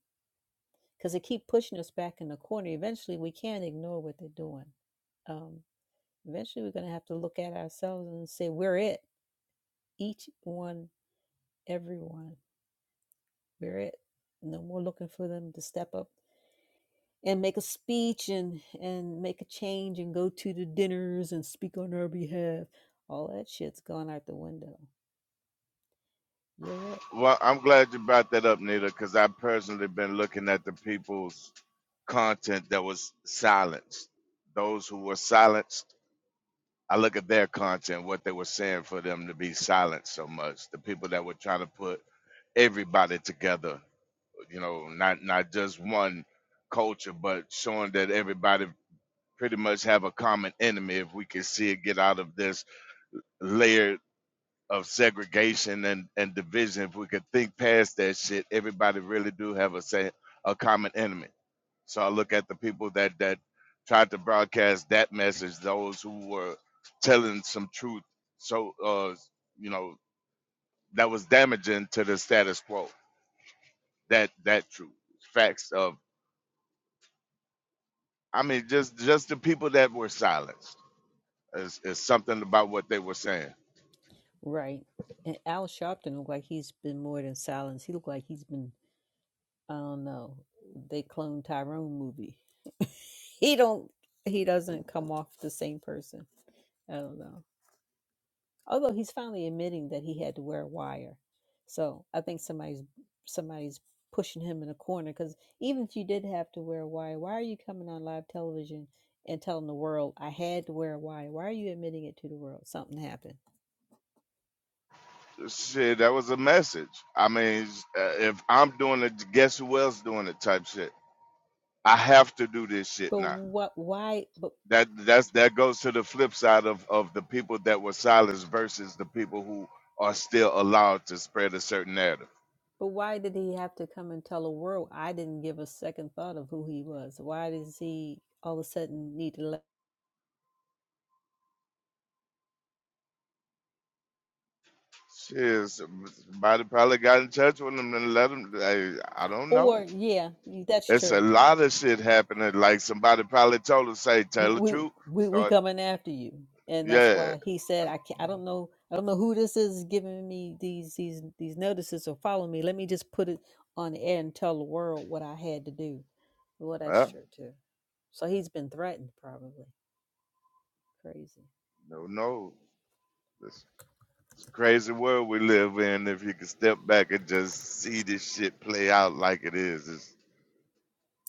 S7: because they keep pushing us back in the corner. Eventually, we can't ignore what they're doing. Um, eventually, we're going to have to look at ourselves and say, we're it. Each one, everyone, we're it. No more looking for them to step up and make a speech and, and make a change and go to the dinners and speak on our behalf. All that shit's gone out the window. You're it.
S4: Well, I'm glad you brought that up, Nita, because I personally been looking at the people's content that was silenced. Those who were silenced, I look at their content, what they were saying for them to be silenced so much. The people that were trying to put everybody together, you know, not not just one culture, but showing that everybody pretty much have a common enemy if we can see it get out of this layered. of segregation and, and division, if we could think past that shit, everybody really do have a say a common enemy. So I look at the people that that tried to broadcast that message, those who were telling some truth. So uh, you know, that was damaging to the status quo. That that truth. Facts of I mean just just the people that were silenced is, is something about what they were saying.
S7: Right. And Al Sharpton looked like he's been more than silenced. He looked like he's been I don't know. They cloned Tyrone movie. he don't. He doesn't come off the same person. I don't know. Although he's finally admitting that he had to wear a wire, so I think somebody's somebody's pushing him in a corner. Because even if you did have to wear a wire, why are you coming on live television and telling the world I had to wear a wire? Why are you admitting it to the world? Something happened.
S4: Shit, that was a message. I mean, uh, if I'm doing it, guess who else doing it? Type shit. I have to do this shit
S7: But
S4: now.
S7: what? Why? But
S4: That that's that goes to the flip side of of the people that were silenced versus the people who are still allowed to spread a certain narrative.
S7: But why did he have to come and tell the world? I didn't give a second thought of who he was. Why does he all of a sudden need to? Let,
S4: Shit, so, somebody probably got in touch with them and let them. I, I don't
S7: or
S4: know.
S7: yeah, that's
S4: It's a
S7: true.
S4: lot of shit happening. Like somebody probably told us, say, tell the
S7: We
S4: truth.
S7: we we
S4: Start,
S7: coming after you, and that's
S4: yeah.
S7: why he said, I can't, I don't know I don't know who this is giving me these these these notices or following me. Let me just put it on the air and tell the world what I had to do. Well, that's
S4: Well,
S7: true too. So he's been threatened, probably. Crazy.
S4: no, no. It's a crazy world we live in. If you can step back and just see this shit play out like it is, it's,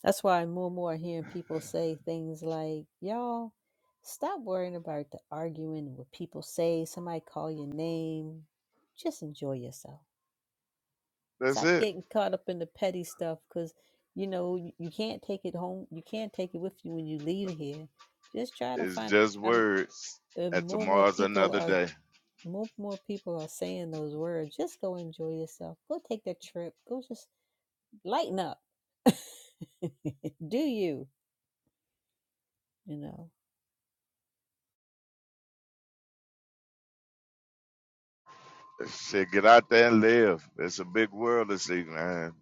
S7: That's why I'm more and more hearing people say things like, y'all, stop worrying about the arguing and what people say, somebody call your name. Just enjoy yourself.
S4: that's
S7: Stop
S4: it.
S7: getting caught up in the petty stuff because, you know, you, you can't take it home. You can't take it with you when you leave here. Just try to
S4: It's
S7: find,
S4: just
S7: I'm,
S4: words.
S7: and
S4: And
S7: more and more
S4: tomorrow's
S7: people
S4: another
S7: are,
S4: day.
S7: more and more people are saying those words. Just go enjoy yourself. Go take that trip. Go just lighten up. Do you, you know?
S4: Shit, get out there and live. It's a big world to see, man.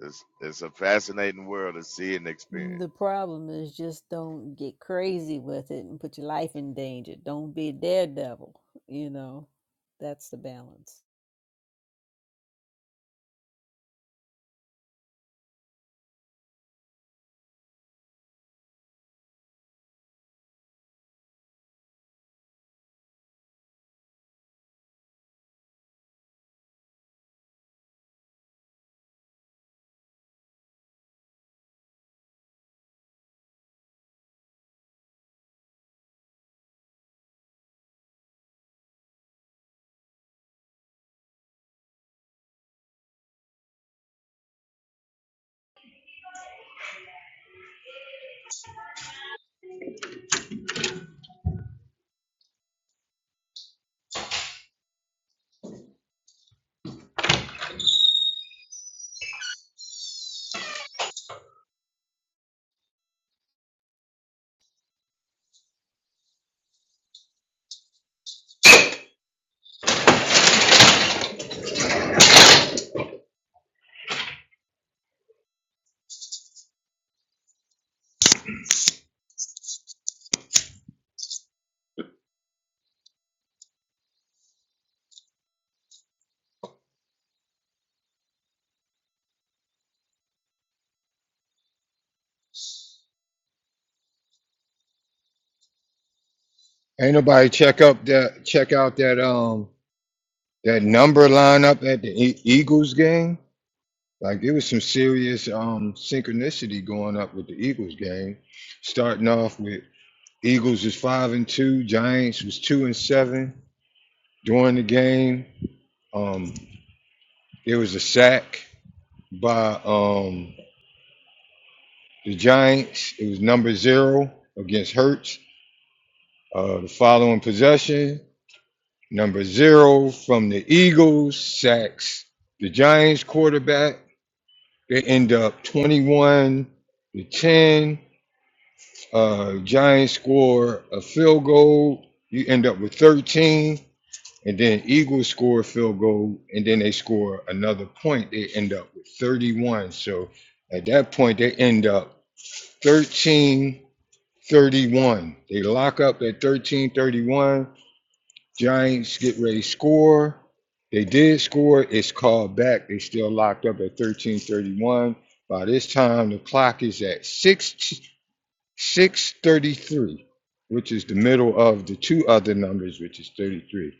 S4: It's it's a fascinating world to see and experience.
S7: The problem is just don't get crazy with it and put your life in danger. Don't be a daredevil. You know, that's the balance.
S13: Ain't nobody check up that check out that um that number lineup at the E- Eagles game. Like there was some serious um synchronicity going up with the Eagles game. Starting off with Eagles was five and two, Giants was two and seven during the game. Um, there was a sack by um The Giants, it was number zero against Hurts. Uh, the following possession, number zero from the Eagles, sacks the Giants quarterback. They end up 21 to 10. Uh, Giants score a field goal. You end up with 13. And then Eagles score a field goal. And then they score another point. They end up with 31. So at that point, they end up 13 31. They lock up at 13 31. Giants get ready to score. They did score. It's called back. They still locked up at 13 31. By this time, the clock is at 6 633, which is the middle of the two other numbers, which is 33.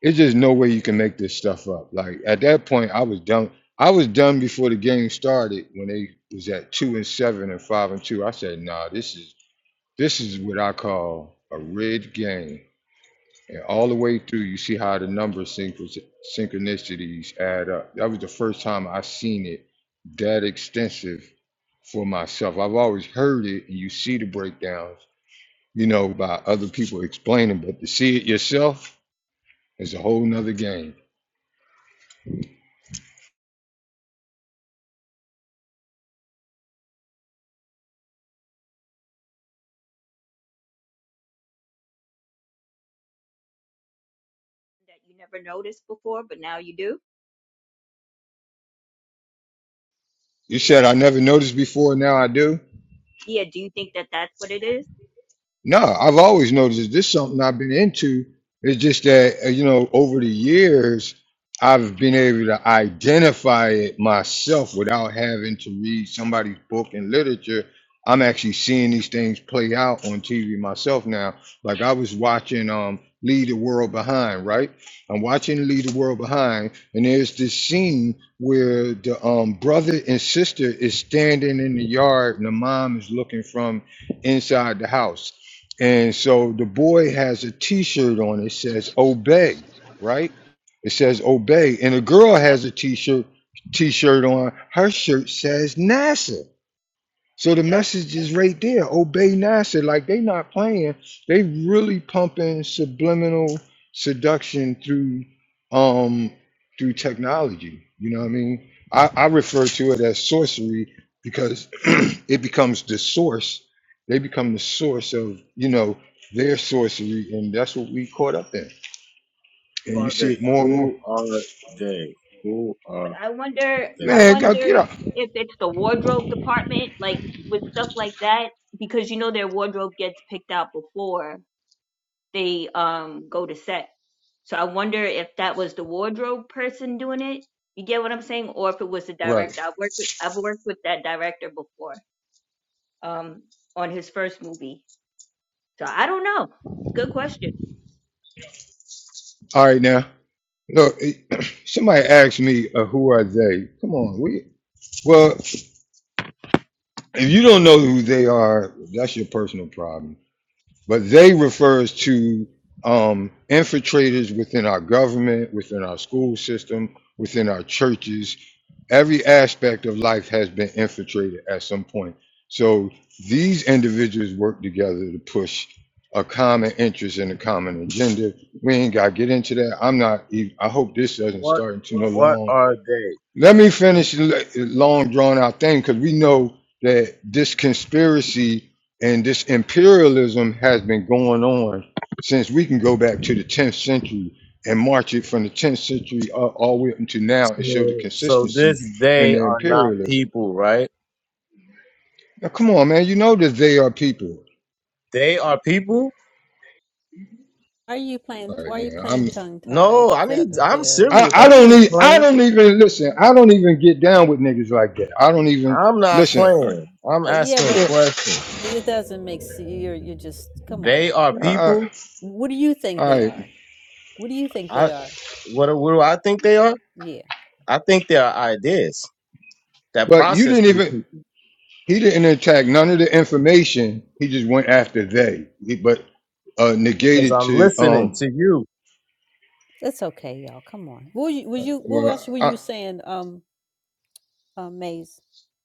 S13: It's just no way you can make this stuff up. Like at that point, I was done. I was done before the game started when they was at two and seven and five and two. I said, nah, this is this is what I call a red game. And all the way through, you see how the number of synchro- synchronicities add up. That was the first time I seen it that extensive for myself. I've always heard it, and you see the breakdowns, you know, by other people explaining, but to see it yourself is a whole nother game.
S10: you never noticed before, but now you do.
S13: You said I never noticed before, now I do.
S10: Yeah, do you think that that's what it is?
S13: No, I've always noticed this is something I've been into. It's just that, uh, you know, over the years, I've been able to identify it myself without having to read somebody's book and literature. I'm actually seeing these things play out on TV myself now. Like I was watching um Leave the World Behind, right? I'm watching Leave the World Behind, and there's this scene where the um brother and sister is standing in the yard and the mom is looking from inside the house and so the boy has a T-shirt on. It says "Obey," right? It says "Obey," and the girl
S10: Yep,
S13: has a T-shirt T-shirt on. Her shirt says NASA. So the
S10: yep.
S13: message is right there. Obey NASA. Like they not playing. They really pumping subliminal seduction through um through technology. You know what I mean? I, I refer to it as sorcery because it becomes the source. They become the source of, you know, their sorcery, and that's what we caught up in. And
S8: Who
S13: you
S8: are they?
S13: see it more and more.
S8: Who are they? Who
S10: But
S8: are
S10: I wonder,
S8: they?
S10: I
S13: Man, go get
S10: wondered
S13: up.
S10: if it's the wardrobe department, like with stuff like that, because you know their wardrobe gets picked out before they um go to set. So I wonder if that was the wardrobe person doing it. You get what I'm saying, or if it was the director.
S13: Right.
S10: I've worked with, I've worked with that director before, um, on his first movie. So I don't know. It's a good question.
S13: All right now. Look, it- somebody asked me, uh, who are they? Come on, we. Well, if you don't know who they are, that's your personal problem. But they refers to um, infiltrators within our government, within our school system, within our churches. Every aspect of life has been infiltrated at some point. So these individuals work together to push a common interest and a common agenda. We ain't got to get into that. I'm not. even- I hope this doesn't
S8: What
S13: start into no
S8: what
S13: long.
S8: are they?
S13: Let me finish the l- long drawn out thing because we know that this conspiracy and this imperialism has been going on since we can go back to the 10th century and march it from the 10th century a- all the way up until now and show the
S8: So, so
S13: consistency
S8: this
S13: in
S8: they
S13: their
S8: are not
S13: imperialism.
S8: people, right?
S13: Now, come on, man. You know that they are people.
S8: They are people?
S7: are you playing?
S13: All right,
S7: Why are you
S13: man.
S7: playing
S13: I'm.
S7: tongue tied?
S8: No, I need. I'm
S7: There,
S13: I,
S8: serious.
S13: I
S8: I'm
S13: don't
S8: not
S13: need. I
S8: playing.
S13: don't even listen. I don't even get down with niggas like that. I don't even
S8: I'm not
S13: listen. I,
S8: playing. I'm
S7: but yeah,
S8: asking a
S7: but
S13: I,
S8: question.
S7: it doesn't make sense. You're you're just come on
S8: They
S7: now.
S8: are
S13: I, all right.
S8: people.
S7: What do you think
S13: All
S7: they
S13: right.
S7: are? What do you think they
S8: I
S7: are?
S8: what, do- what do I think they are?
S7: Yeah,
S8: I think they are ideas that
S7: uh,
S13: But you
S8: process
S13: didn't
S8: through
S13: even.
S8: people
S13: He didn't attack none of the information. He just went after they, He- but uh,
S8: because
S13: negated
S8: I'm
S13: to.
S8: listening
S13: Um,
S8: to you.
S7: that's okay, y'all. Come on. What were you? Was you? What
S13: well,
S7: else were
S13: I,
S7: you saying? Um, uh, Maze.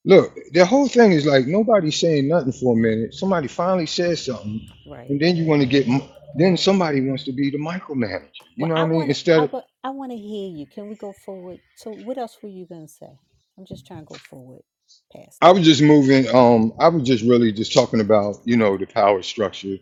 S13: look, the whole thing is like nobody's saying nothing for a minute. Somebody finally says something,
S7: Right.
S13: and then you want to get. m- Then somebody wants to be the micromanager. You
S7: Well,
S13: know what
S7: I
S13: I mean?
S7: want
S13: Instead
S7: I
S13: of
S7: wa- I want to hear you. Can we go forward? So, what else were you gonna say? I'm just trying to go forward past
S13: I was just moving. Um, I was just really just talking about you know the power structure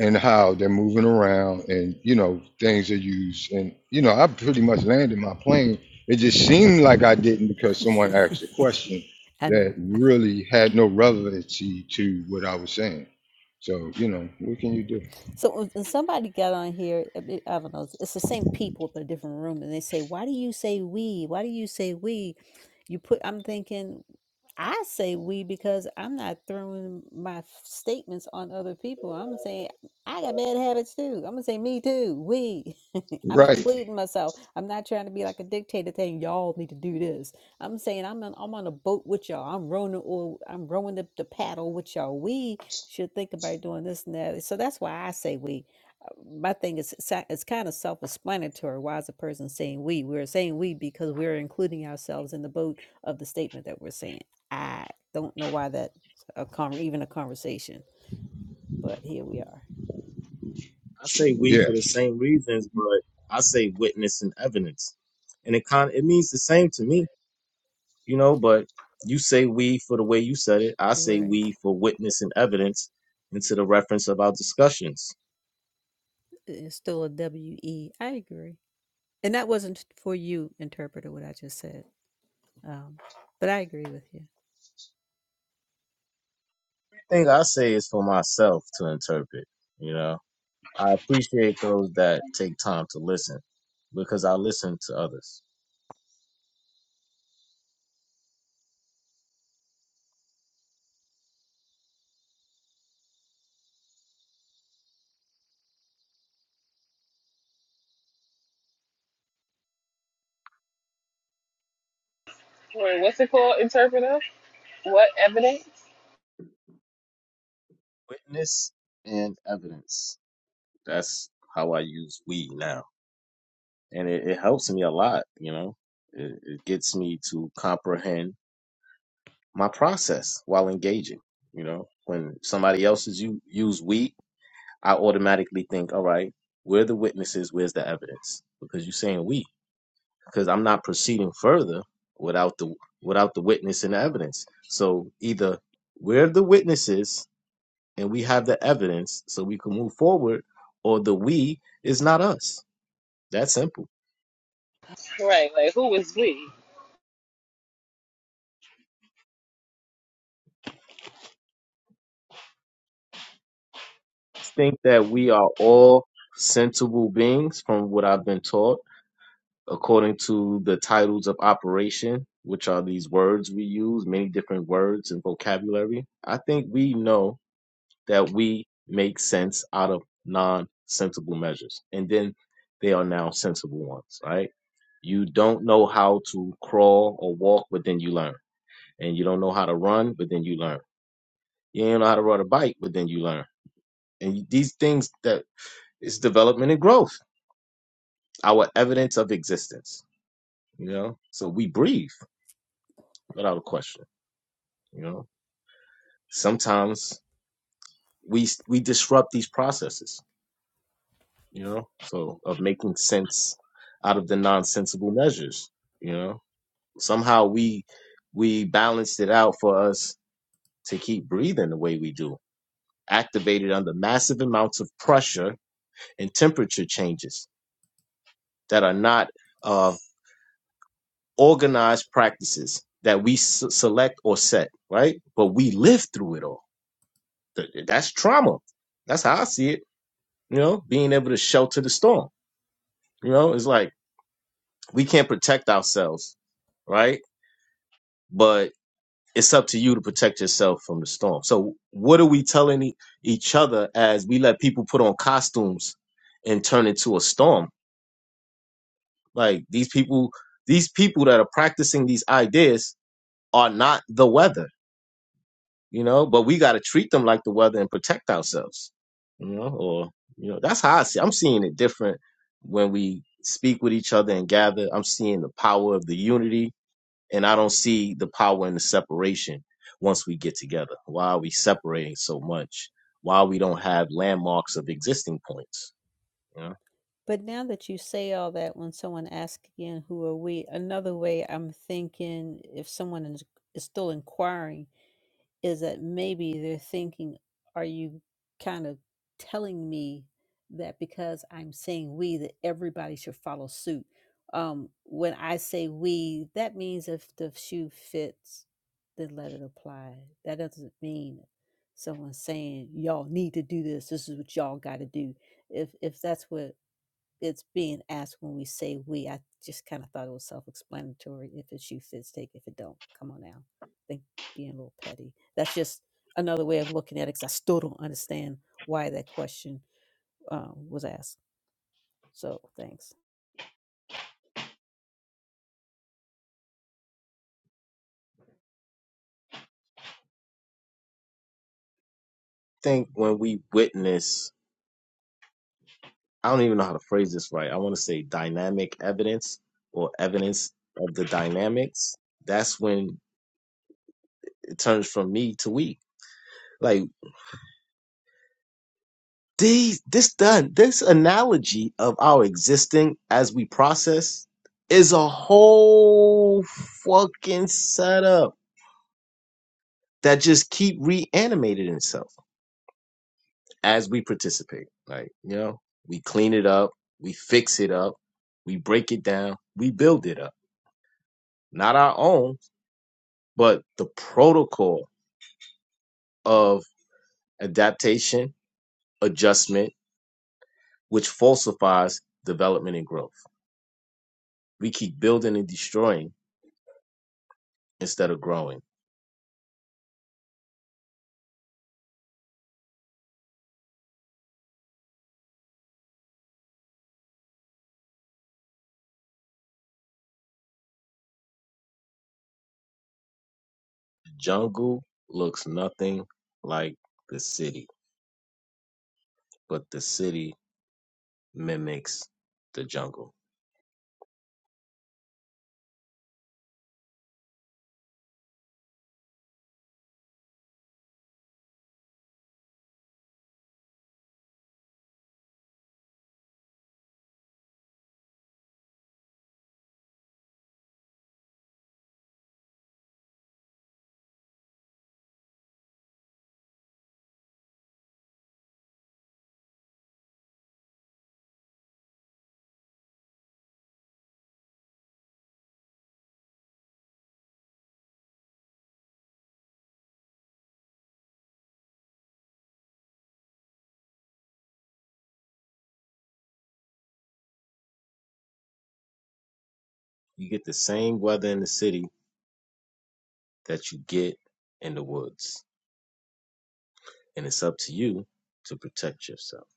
S13: and how they're moving around and you know things are used and you know I pretty much landed my plane. It just seemed like I didn't because someone asked a
S7: that.
S13: question
S7: I know.
S13: that really had no relevancy to what I was saying. So you know what can you do?
S7: So uh, uh, somebody got on here. I mean, I don't know. It's it's the same people but a different room, and they say, "Why do you say we? Why do you say we?" You put. I'm thinking. I say we because I'm not throwing my f- statements on other people. I'm saying I got bad habits too. I'm gonna say me too. We. I'm
S13: Right?
S7: including myself. I'm not trying to be like a dictator saying y'all need to do this. I'm saying I'm on, I'm on a boat with y'all. I'm rowing or I'm rowing the, the paddle with y'all. We should think about doing this and that. So that's why I say we. Uh, My thing is, sa- it's kind of self explanatory. Why is a person saying we? We're saying we because we're including ourselves in the boat of the statement that we're saying. I don't know why that's a con- even a conversation, but here we are.
S8: I say we
S13: Yeah.
S8: for the same reasons, but I say witness and evidence, and it kind it means the same to me, you know. But you say we for the way you said it. I say
S7: Right.
S8: we for witness and evidence into the reference of our discussions.
S7: It's still a W E. I agree. And that wasn't for you, interpreter, what I just said. Um, but I agree with you.
S8: thing I say is for myself to interpret. You know, I appreciate those that take time to listen because I listen to others.
S14: Wait, what's it called? Interpreter? What evidence?
S8: Witness and evidence. That's how I use we now. And it, it helps me a lot, you know, it, it gets me to comprehend my process while engaging. You know, when somebody else is you use we, I automatically think, all right, we're the witnesses, where's the evidence? Because you're saying we. because I'm not proceeding further without the without the witness and the evidence. So either we're the witnesses and we have the evidence so we can move forward, or the we is not us. That simple.
S14: Right, like who is we?
S8: Think that we are all sensible beings from what I've been taught, according to the titles of operation, which are these words we use, many different words and vocabulary. I think we know that we make sense out of non-sensible measures. And then they are now sensible ones, right? You don't know how to crawl or walk, but then you learn. And you don't know how to run, but then you learn. You don't know how to ride a bike, but then you learn. And these things that it's development and growth, our evidence of existence, you know? So we breathe without a question, you know? Sometimes we we disrupt these processes you know, so of making sense out of the nonsensical measures, you know. Somehow we we balanced it out for us to keep breathing the way we do, activated under massive amounts of pressure and temperature changes that are not uh, organized practices that we s- select or set, right? But we live through it all. Th- That's trauma. That's how I see it. You know, being able to shelter the storm. You know, it's like we can't protect ourselves right? but it's up to you to protect yourself from the storm. So what are we telling e- each other as we let people put on costumes and turn into a storm? Like these people, these people that are practicing these ideas are not the weather, you know, but we got to treat them like the weather and protect ourselves, you know, or, you know, that's how I see, I'm seeing it different when we speak with each other and gather. I'm seeing the power of the unity And I don't see the power in the separation once we get together. Why are we separating so much? Why we don't have landmarks of existing points? You know?
S7: But now that you say all that, when someone asks again, who are we? Another way I'm thinking, if someone is, is still inquiring, is that maybe they're thinking, are you kind of telling me that because I'm saying we, that everybody should follow suit? Um, when I say we, that means if the shoe fits, then let it apply. That doesn't mean someone saying, y'all need to do this. This is what y'all got to do if if that's what it's being asked when we say we. I just kind of thought it was self-explanatory. If it's you, fits take. If it don't, come on now. I think being a little petty. That's just another way of looking at it. Because I still don't understand why that question um, was asked. So thanks.
S8: I think when we witness, I don't even know how to phrase this right. I want to say dynamic evidence or evidence of the dynamics. That's when it turns from me to we. Like these, this done, this analogy of our existing as we process is a whole fucking setup that just keep reanimating itself as we participate. Like, you know, we clean it up, we fix it up, we break it down, we build it up. Not our own, but the protocol of adaptation, adjustment, which falsifies development and growth. We keep building and destroying instead of growing. Jungle looks nothing like the city, but the city mimics the jungle. You get the same weather in the city that you get in the woods. And it's up to you to protect yourself.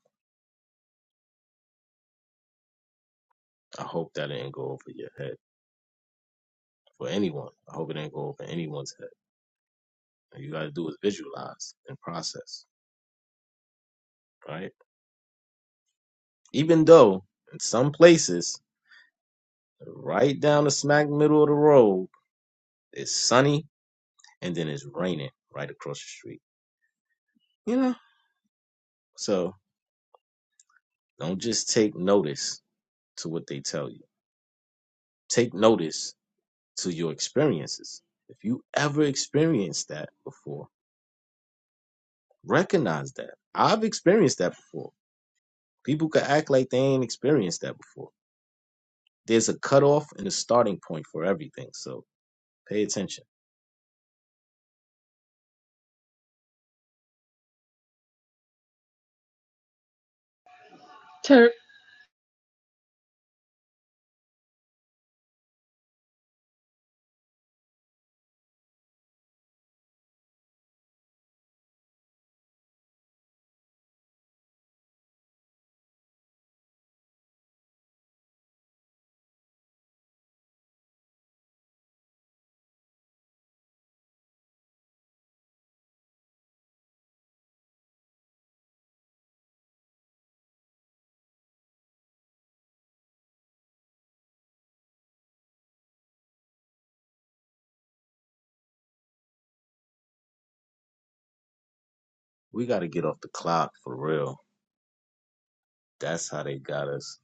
S8: I hope that didn't go over your head for anyone. I hope it didn't go over anyone's head. All you got to do is visualize and process, right? Even though in some places, right down the smack middle of the road, it's sunny and then it's raining right across the street. You know? So don't just take notice to what they tell you, take notice to your experiences. If you ever experienced that before, Recognize that. I've experienced that before. People could act like they ain't experienced that before. There's a cutoff and a starting point for everything. So pay attention.
S14: Ter-
S8: We got to get off the clock for real. That's how they got us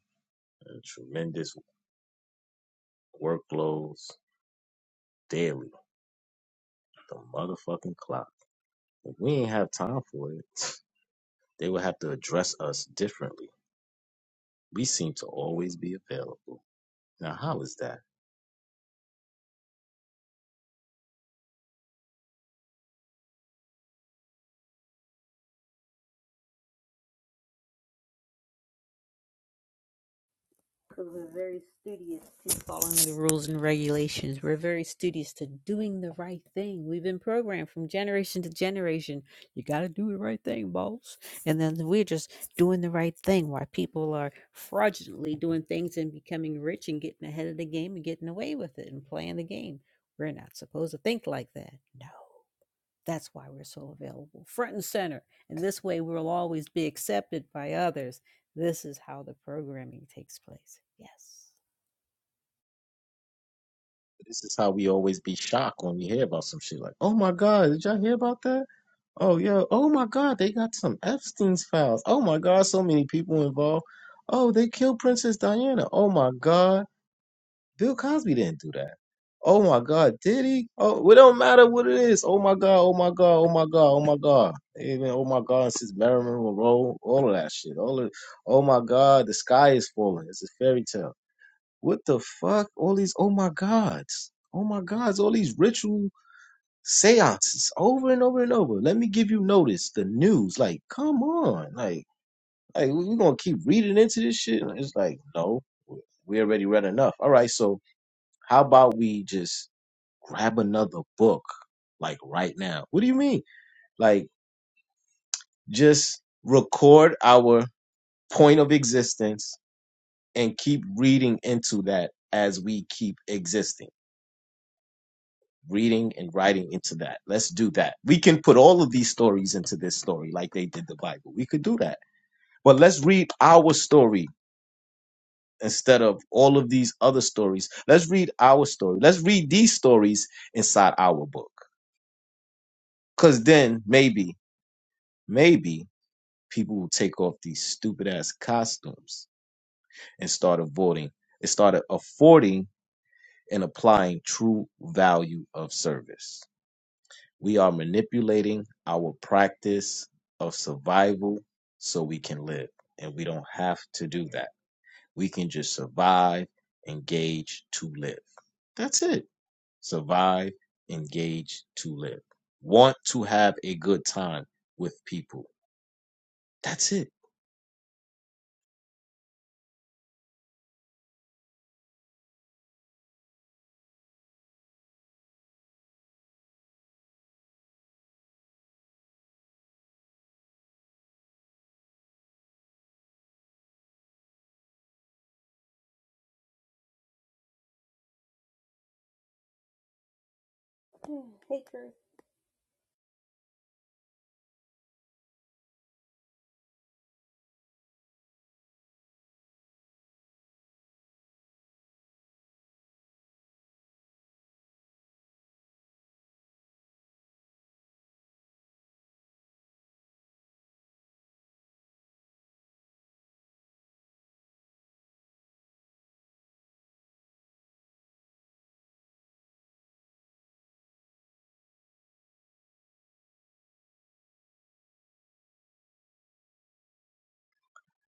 S8: in tremendous workloads daily. The motherfucking clock. If we ain't have time for it, they would have to address us differently. We seem to always be available. Now, how is that?
S7: because we're very studious to following the rules and regulations. We're very studious to doing the right thing. We've been programmed from generation to generation. You got to do the right thing, boss. And then we're just doing the right thing while people are fraudulently doing things and becoming rich and getting ahead of the game and getting away with it and playing the game. We're not supposed to think like that. No. That's why we're so available, front and center. And this way, we'll always be accepted by others. This is how the programming takes place. Yes.
S8: This is how we always be shocked when we hear about some shit like, oh my God, did y'all hear about that? Oh yeah. Oh my God, they got some Epstein's files. Oh my God, so many people involved. Oh, they killed Princess Diana. Oh my God, Bill Cosby didn't do that. Oh my God, did he? Oh, well, it don't matter what it is. Oh my God, oh my God, oh my God, oh my God. Even oh my God, since Marilyn Monroe, all of that shit. All of, oh my God, the sky is falling. It's a fairy tale. What the fuck? All these oh my gods. Oh my gods, all these rituals seances over and over and over. Let me give you notice, the news. Like, come on. Like, like we're gonna keep reading into this shit. It's like, no, we already read enough. All right, so how about we just grab another book, like right now? What do you mean? Like, just record our point of existence and keep reading into that as we keep existing reading and writing into that. Let's do that. We can put all of these stories into this story like they did the Bible. We could do that. But let's read our story instead of all of these other stories. Let's read our story. Let's read these stories inside our book. Because then maybe, maybe people will take off these stupid ass costumes and start avoiding and start affording and applying true value of service. We are manipulating our practice of survival so we can live. And we don't have to do that. We can just survive, engage to live. That's it. Survive, engage to live. Want to have a good time with people. That's it.
S7: Mm, Hey, Ruth.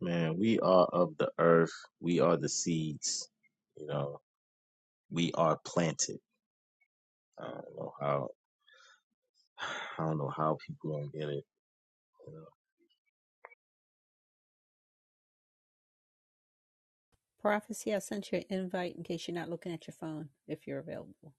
S8: Man, we are of the earth. We are the seeds. You know, we are planted. I don't know how. I don't know how people don't get it. You know?
S7: Prophecy, I sent you an invite in case you're not looking at your phone if you're available.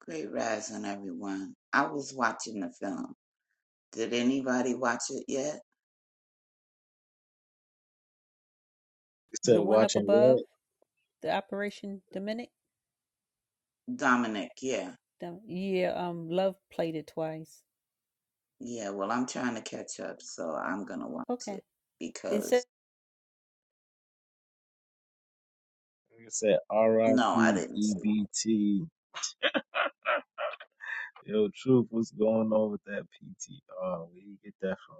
S15: Great rising, everyone. I was watching the film. Did anybody watch it yet?
S8: It said
S7: The one up
S8: watching.
S7: above, the Operation Dominic.
S15: Dominic, yeah.
S7: Dom- yeah, um, Love played it twice.
S15: Yeah, well, I'm trying to catch up, so I'm going to watch
S7: Okay.
S15: it
S7: It said,
S15: because,
S8: Like I said, R I
S15: no, I
S8: P
S15: didn't
S8: E
S15: see it.
S8: B T. Yo, truth, what's going on with that PTR? Where you get that from?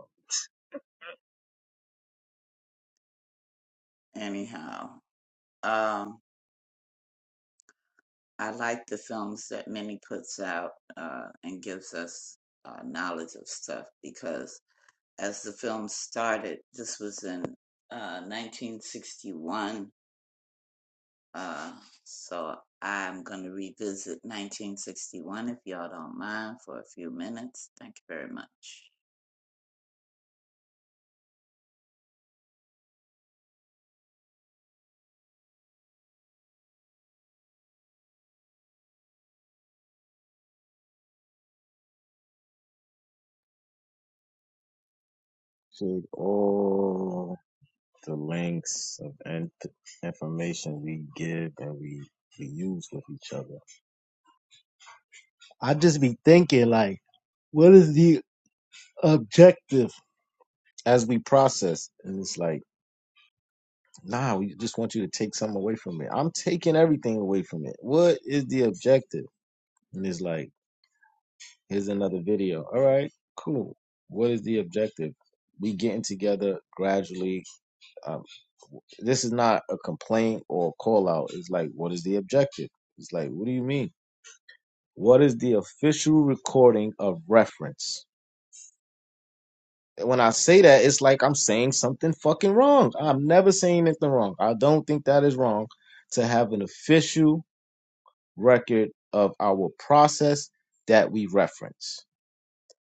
S15: Anyhow, um, I like the films that Minnie puts out uh, and gives us uh, knowledge of stuff because as the film started, this was in uh, 1961 Uh, so I'm going to revisit 1961 if y'all don't mind for a few minutes. Thank you very much.
S8: Showed all the links of in- information we give and we, we use with each other. I just be thinking, like, what is the objective as we process? And it's like, nah, we just want you to take something away from it. I'm taking everything away from it. What is the objective? And it's like, Here's another video. All right, cool. What is the objective? We getting together gradually. Um, this is not a complaint or a call out. It's like, what is the objective? It's like, what do you mean? What is the official recording of reference? When I say that, it's like I'm saying something fucking wrong. I'm never saying anything wrong. I don't think that is wrong to have an official record of our process that we reference.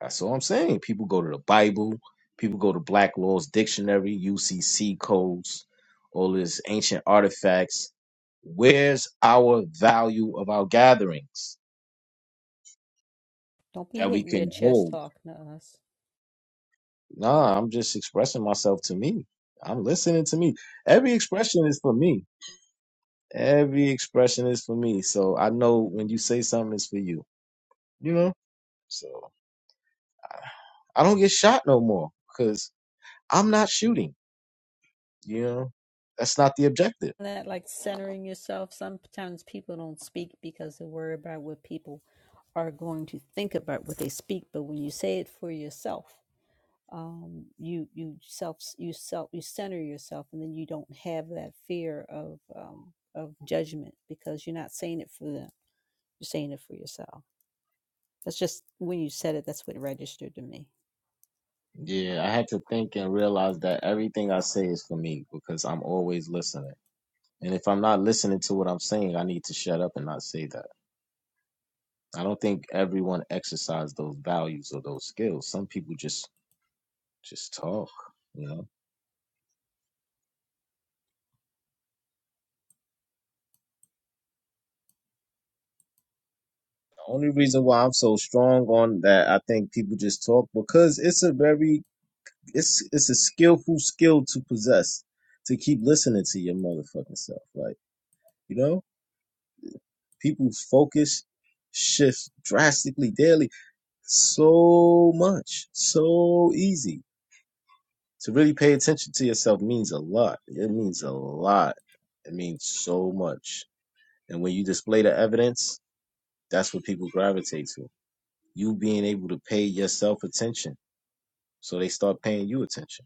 S8: That's all I'm saying. People go to the Bible, people go to Black Law's Dictionary, UCC codes, all these ancient artifacts. Where's our value of our gatherings
S7: don't be
S8: that we
S7: hitting your
S8: can
S7: chest
S8: hold?
S7: talking to us.
S8: Nah, I'm just expressing myself to me. I'm listening to me. Every expression is for me. Every expression is for me. So I know when you say something, it's for you. You know? So I don't get shot no more because I'm not shooting. You know? That's not the objective.
S7: that like centering yourself sometimes people don't speak because they worry about what people are going to think about what they speak but when you say it for yourself um you you self you self you center yourself and then you don't have that fear of um of judgment because you're not saying it for them you're saying it for yourself that's just when you said it that's what registered to me
S8: Yeah, I had to think and realize that everything I say is for me because I'm always listening. And if I'm not listening to what I'm saying, I need to shut up and not say that. I don't think everyone exercises those values or those skills. Some people just just talk, you know. The only reason why I'm so strong on that, I think people just talk because it's a very it's it's a skillful skill to possess to keep listening to your motherfucking self. Like, you know, people's focus shifts drastically daily so much, so easy. To really pay attention to yourself means a lot. It means a lot. It means so much. And when you display the evidence, that's what people gravitate to. You being able to pay yourself attention. So they start paying you attention.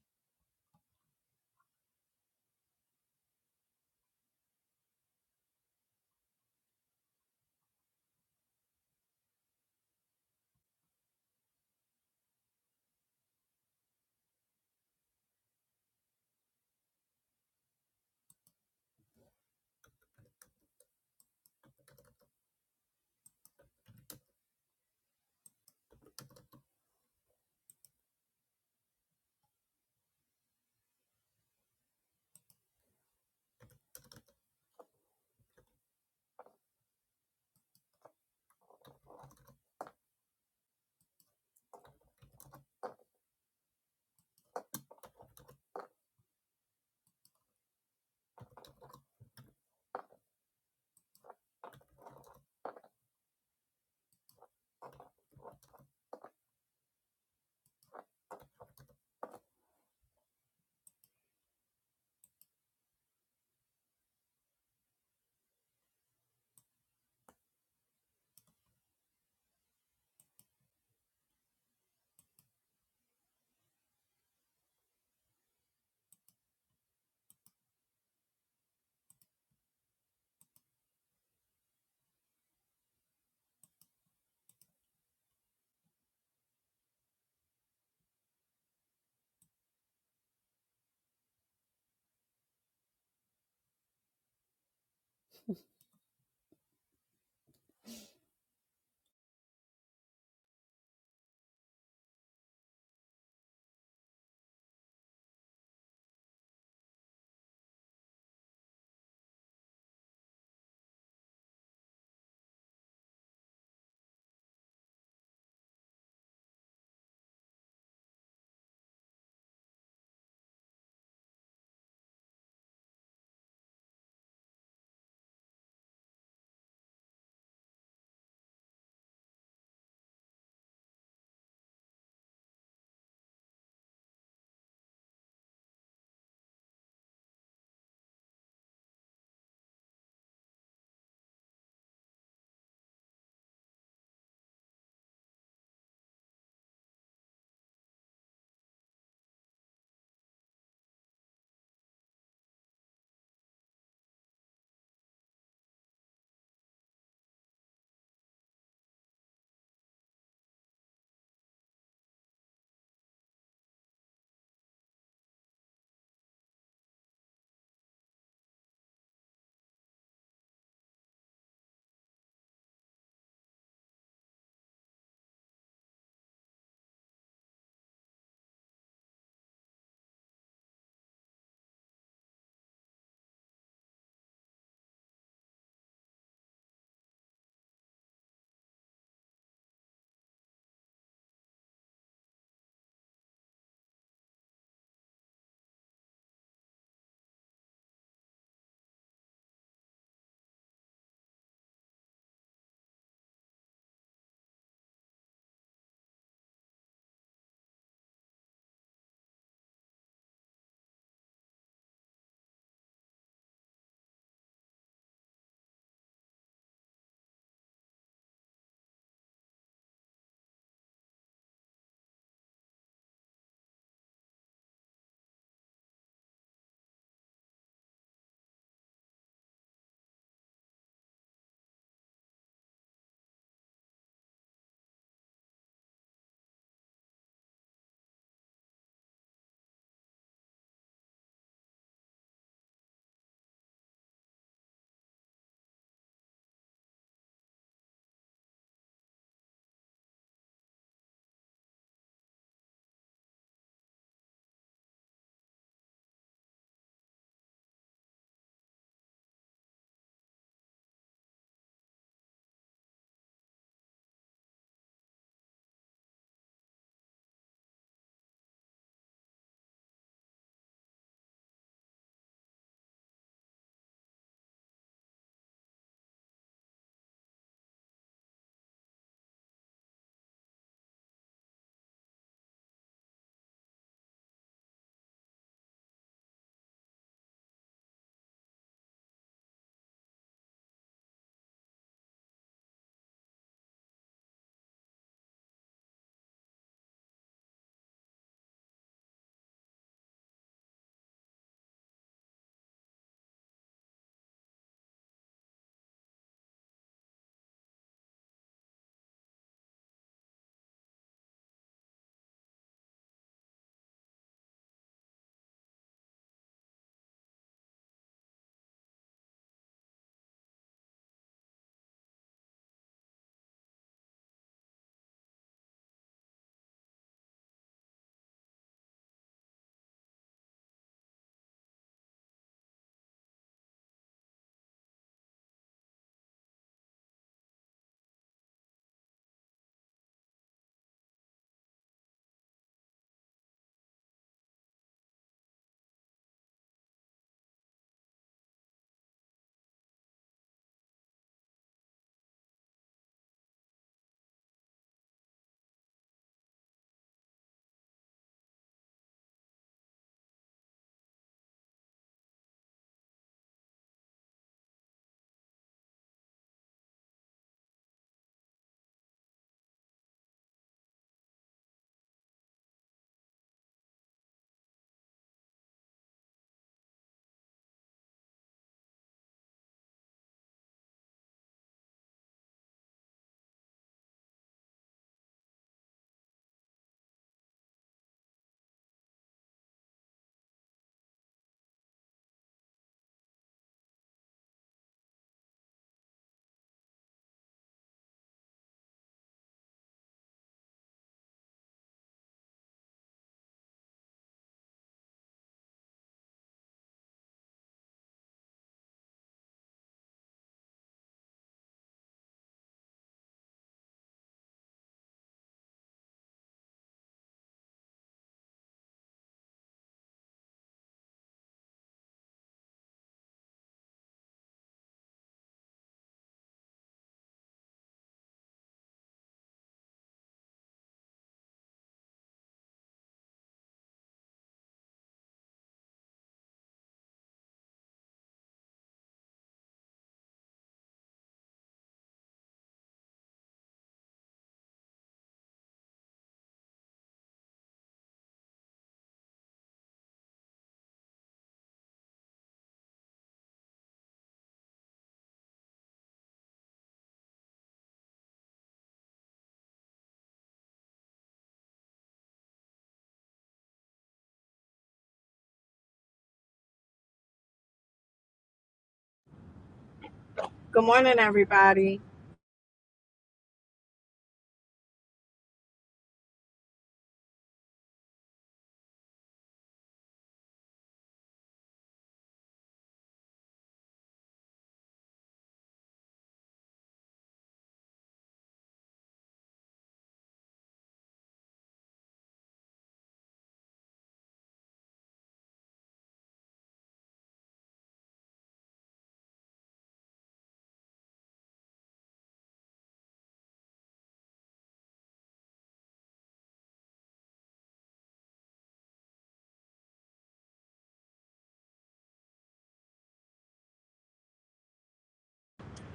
S16: Good morning, everybody.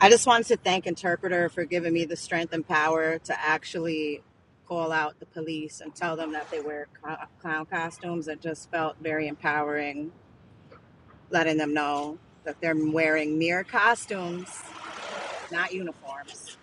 S16: I just wanted to thank Interpreter for giving me the strength and power to actually call out the police and tell them that they wear cl- clown costumes. It just felt very empowering, letting them know that they're wearing mere costumes, not uniforms.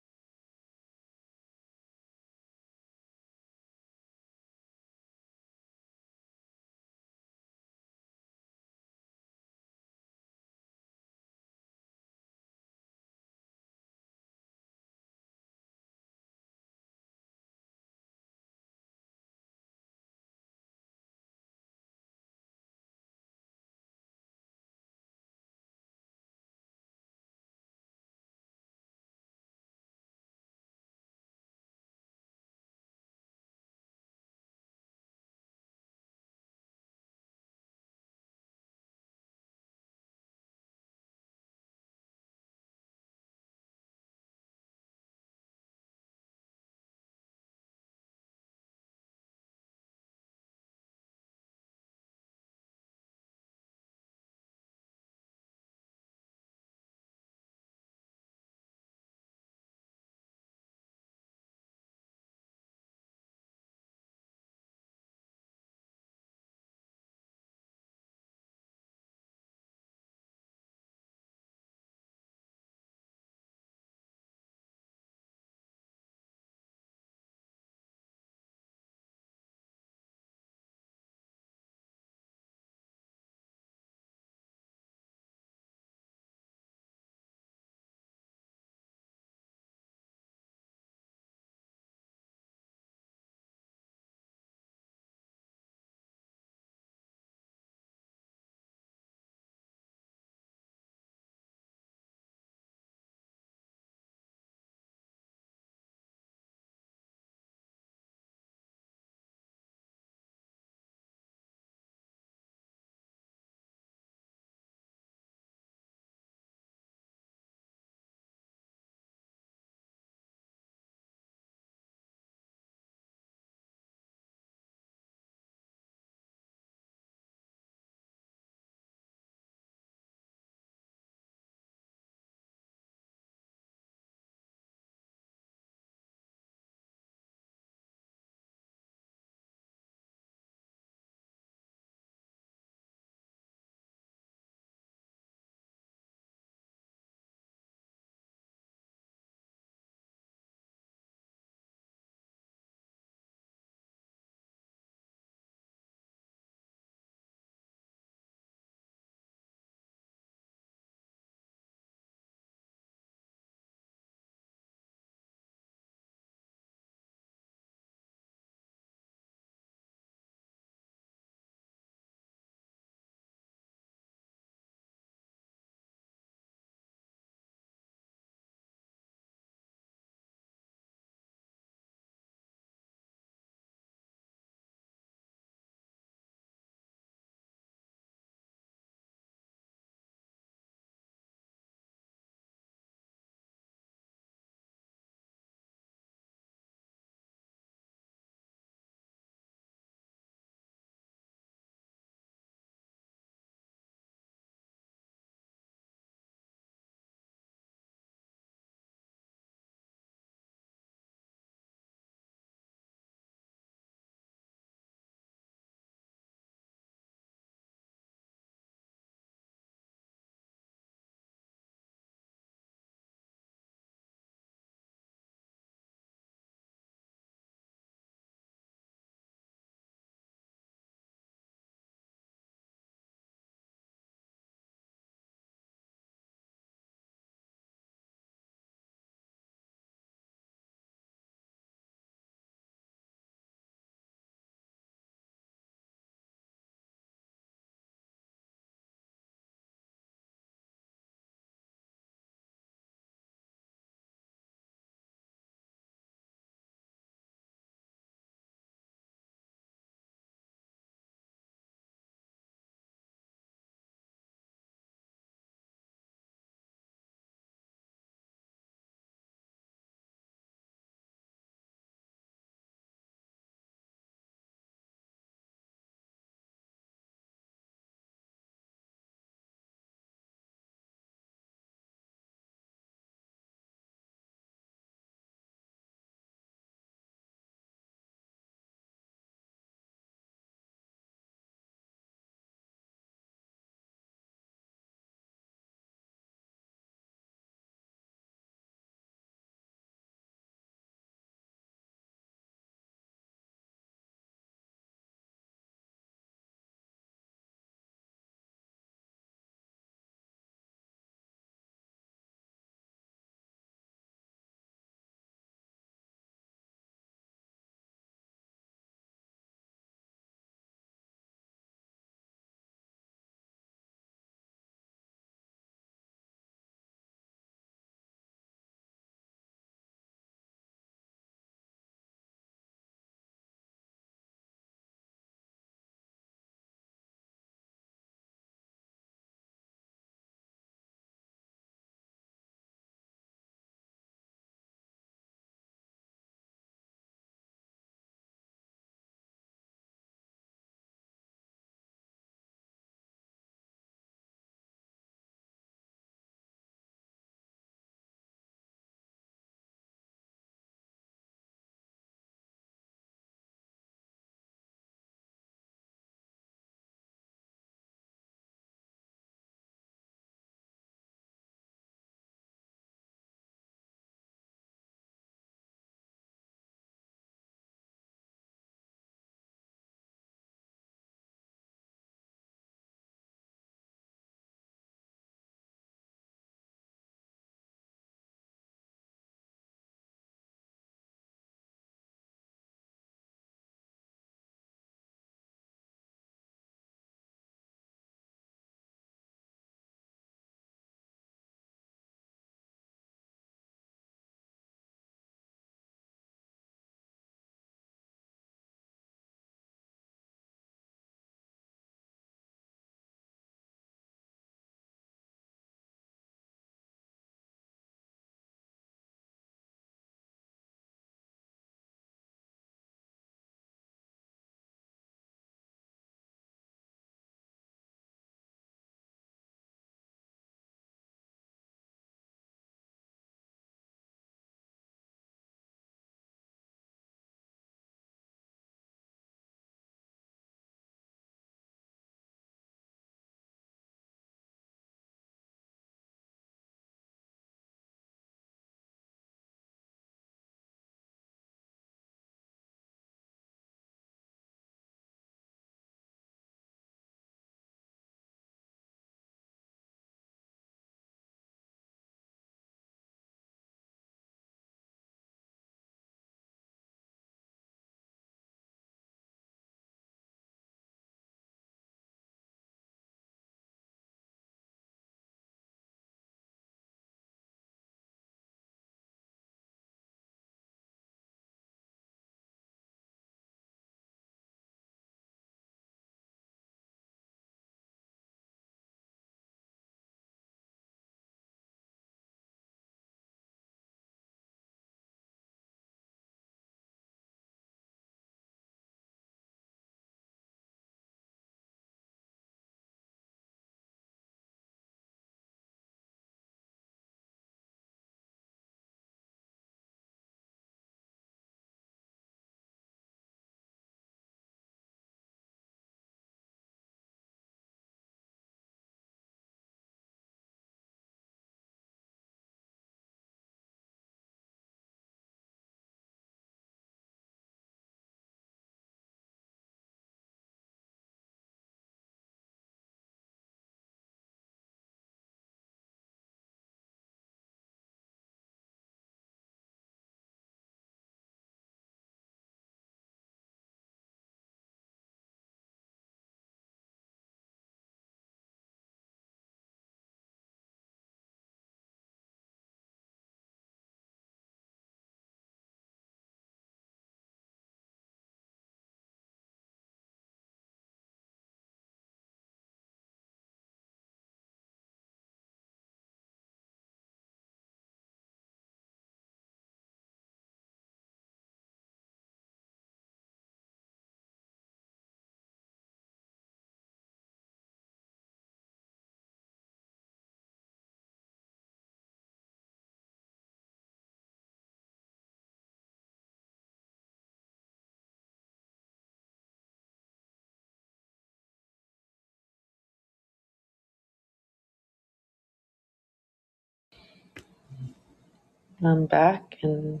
S3: I'm back, and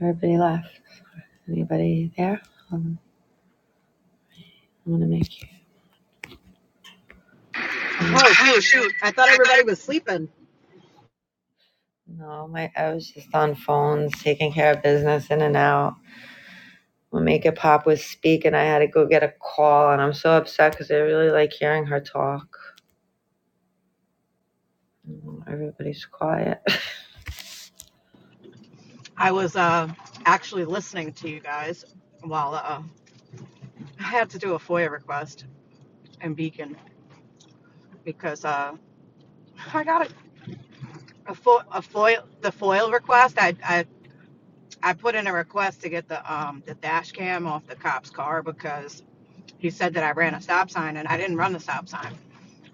S3: everybody left. Anybody there? I'm gonna make you. Oh
S16: Dude,
S3: shoot!
S16: at the
S3: No, my I was just on phones, taking care of business in and out. when Make It Pop with speak, and I had to go get a call, and I'm so upset because I really like hearing her talk. Everybody's quiet.
S16: I was uh, actually listening to you guys while uh, I had to do a FOIA request in Beacon because uh, I got a, a, fo- a FOIA the FOIA request. I, I I put in a request to get the um the dash cam off the cop's car because he said that I ran a stop sign and I didn't run the stop sign.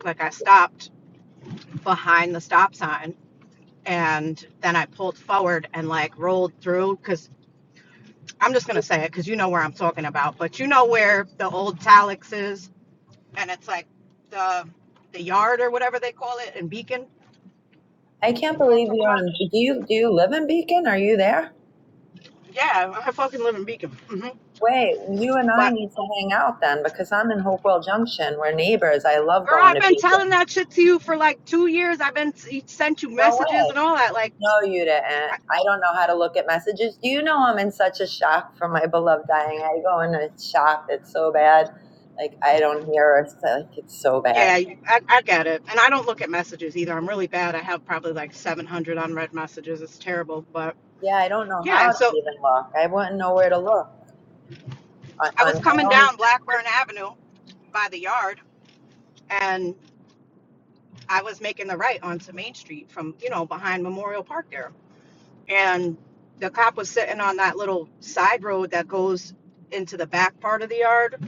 S16: Like I stopped behind the stop sign and then I pulled forward and like rolled through because I'm just gonna say it because you know where I'm talking about, but you know where the old Talix is and it's like the the yard or whatever they call it in Beacon. You
S3: I can't
S16: know what I'm
S3: believe
S16: talking
S3: you're
S16: about?
S3: in. Do you do you live in Beacon? Are you there?
S16: Yeah, I fucking live in Beacon. hmm
S3: Wait, you and I
S16: But
S3: need to hang out then because I'm in Hopewell Junction. We're neighbors. I love
S16: Girl,
S3: going
S16: I've
S3: to
S16: been
S3: Beacon.
S16: telling that shit to you for like two years. I've been sent you
S3: No
S16: messages
S3: way.
S16: and all that. Like,
S3: No, you didn't.
S16: I,
S3: I don't know how to look at messages. Do you know I'm in such a shock from my beloved dying? I go in a shock. It's so bad. Like I don't hear her. It's like it's so bad.
S16: yeah, I, I get it. And I don't look at messages either. I'm really bad. I have probably like 700 unread messages. It's terrible. But
S3: Yeah, I don't know
S16: yeah,
S3: how to
S16: so
S3: even look. I wouldn't know where to look. I,
S16: I
S3: I,
S16: was
S3: I,
S16: coming
S3: only,
S16: down Blackburn Avenue by the yard and I was making the right onto Main Street from, you know, behind Memorial Park there. And the cop was sitting on that little side road that goes into the back part of the yard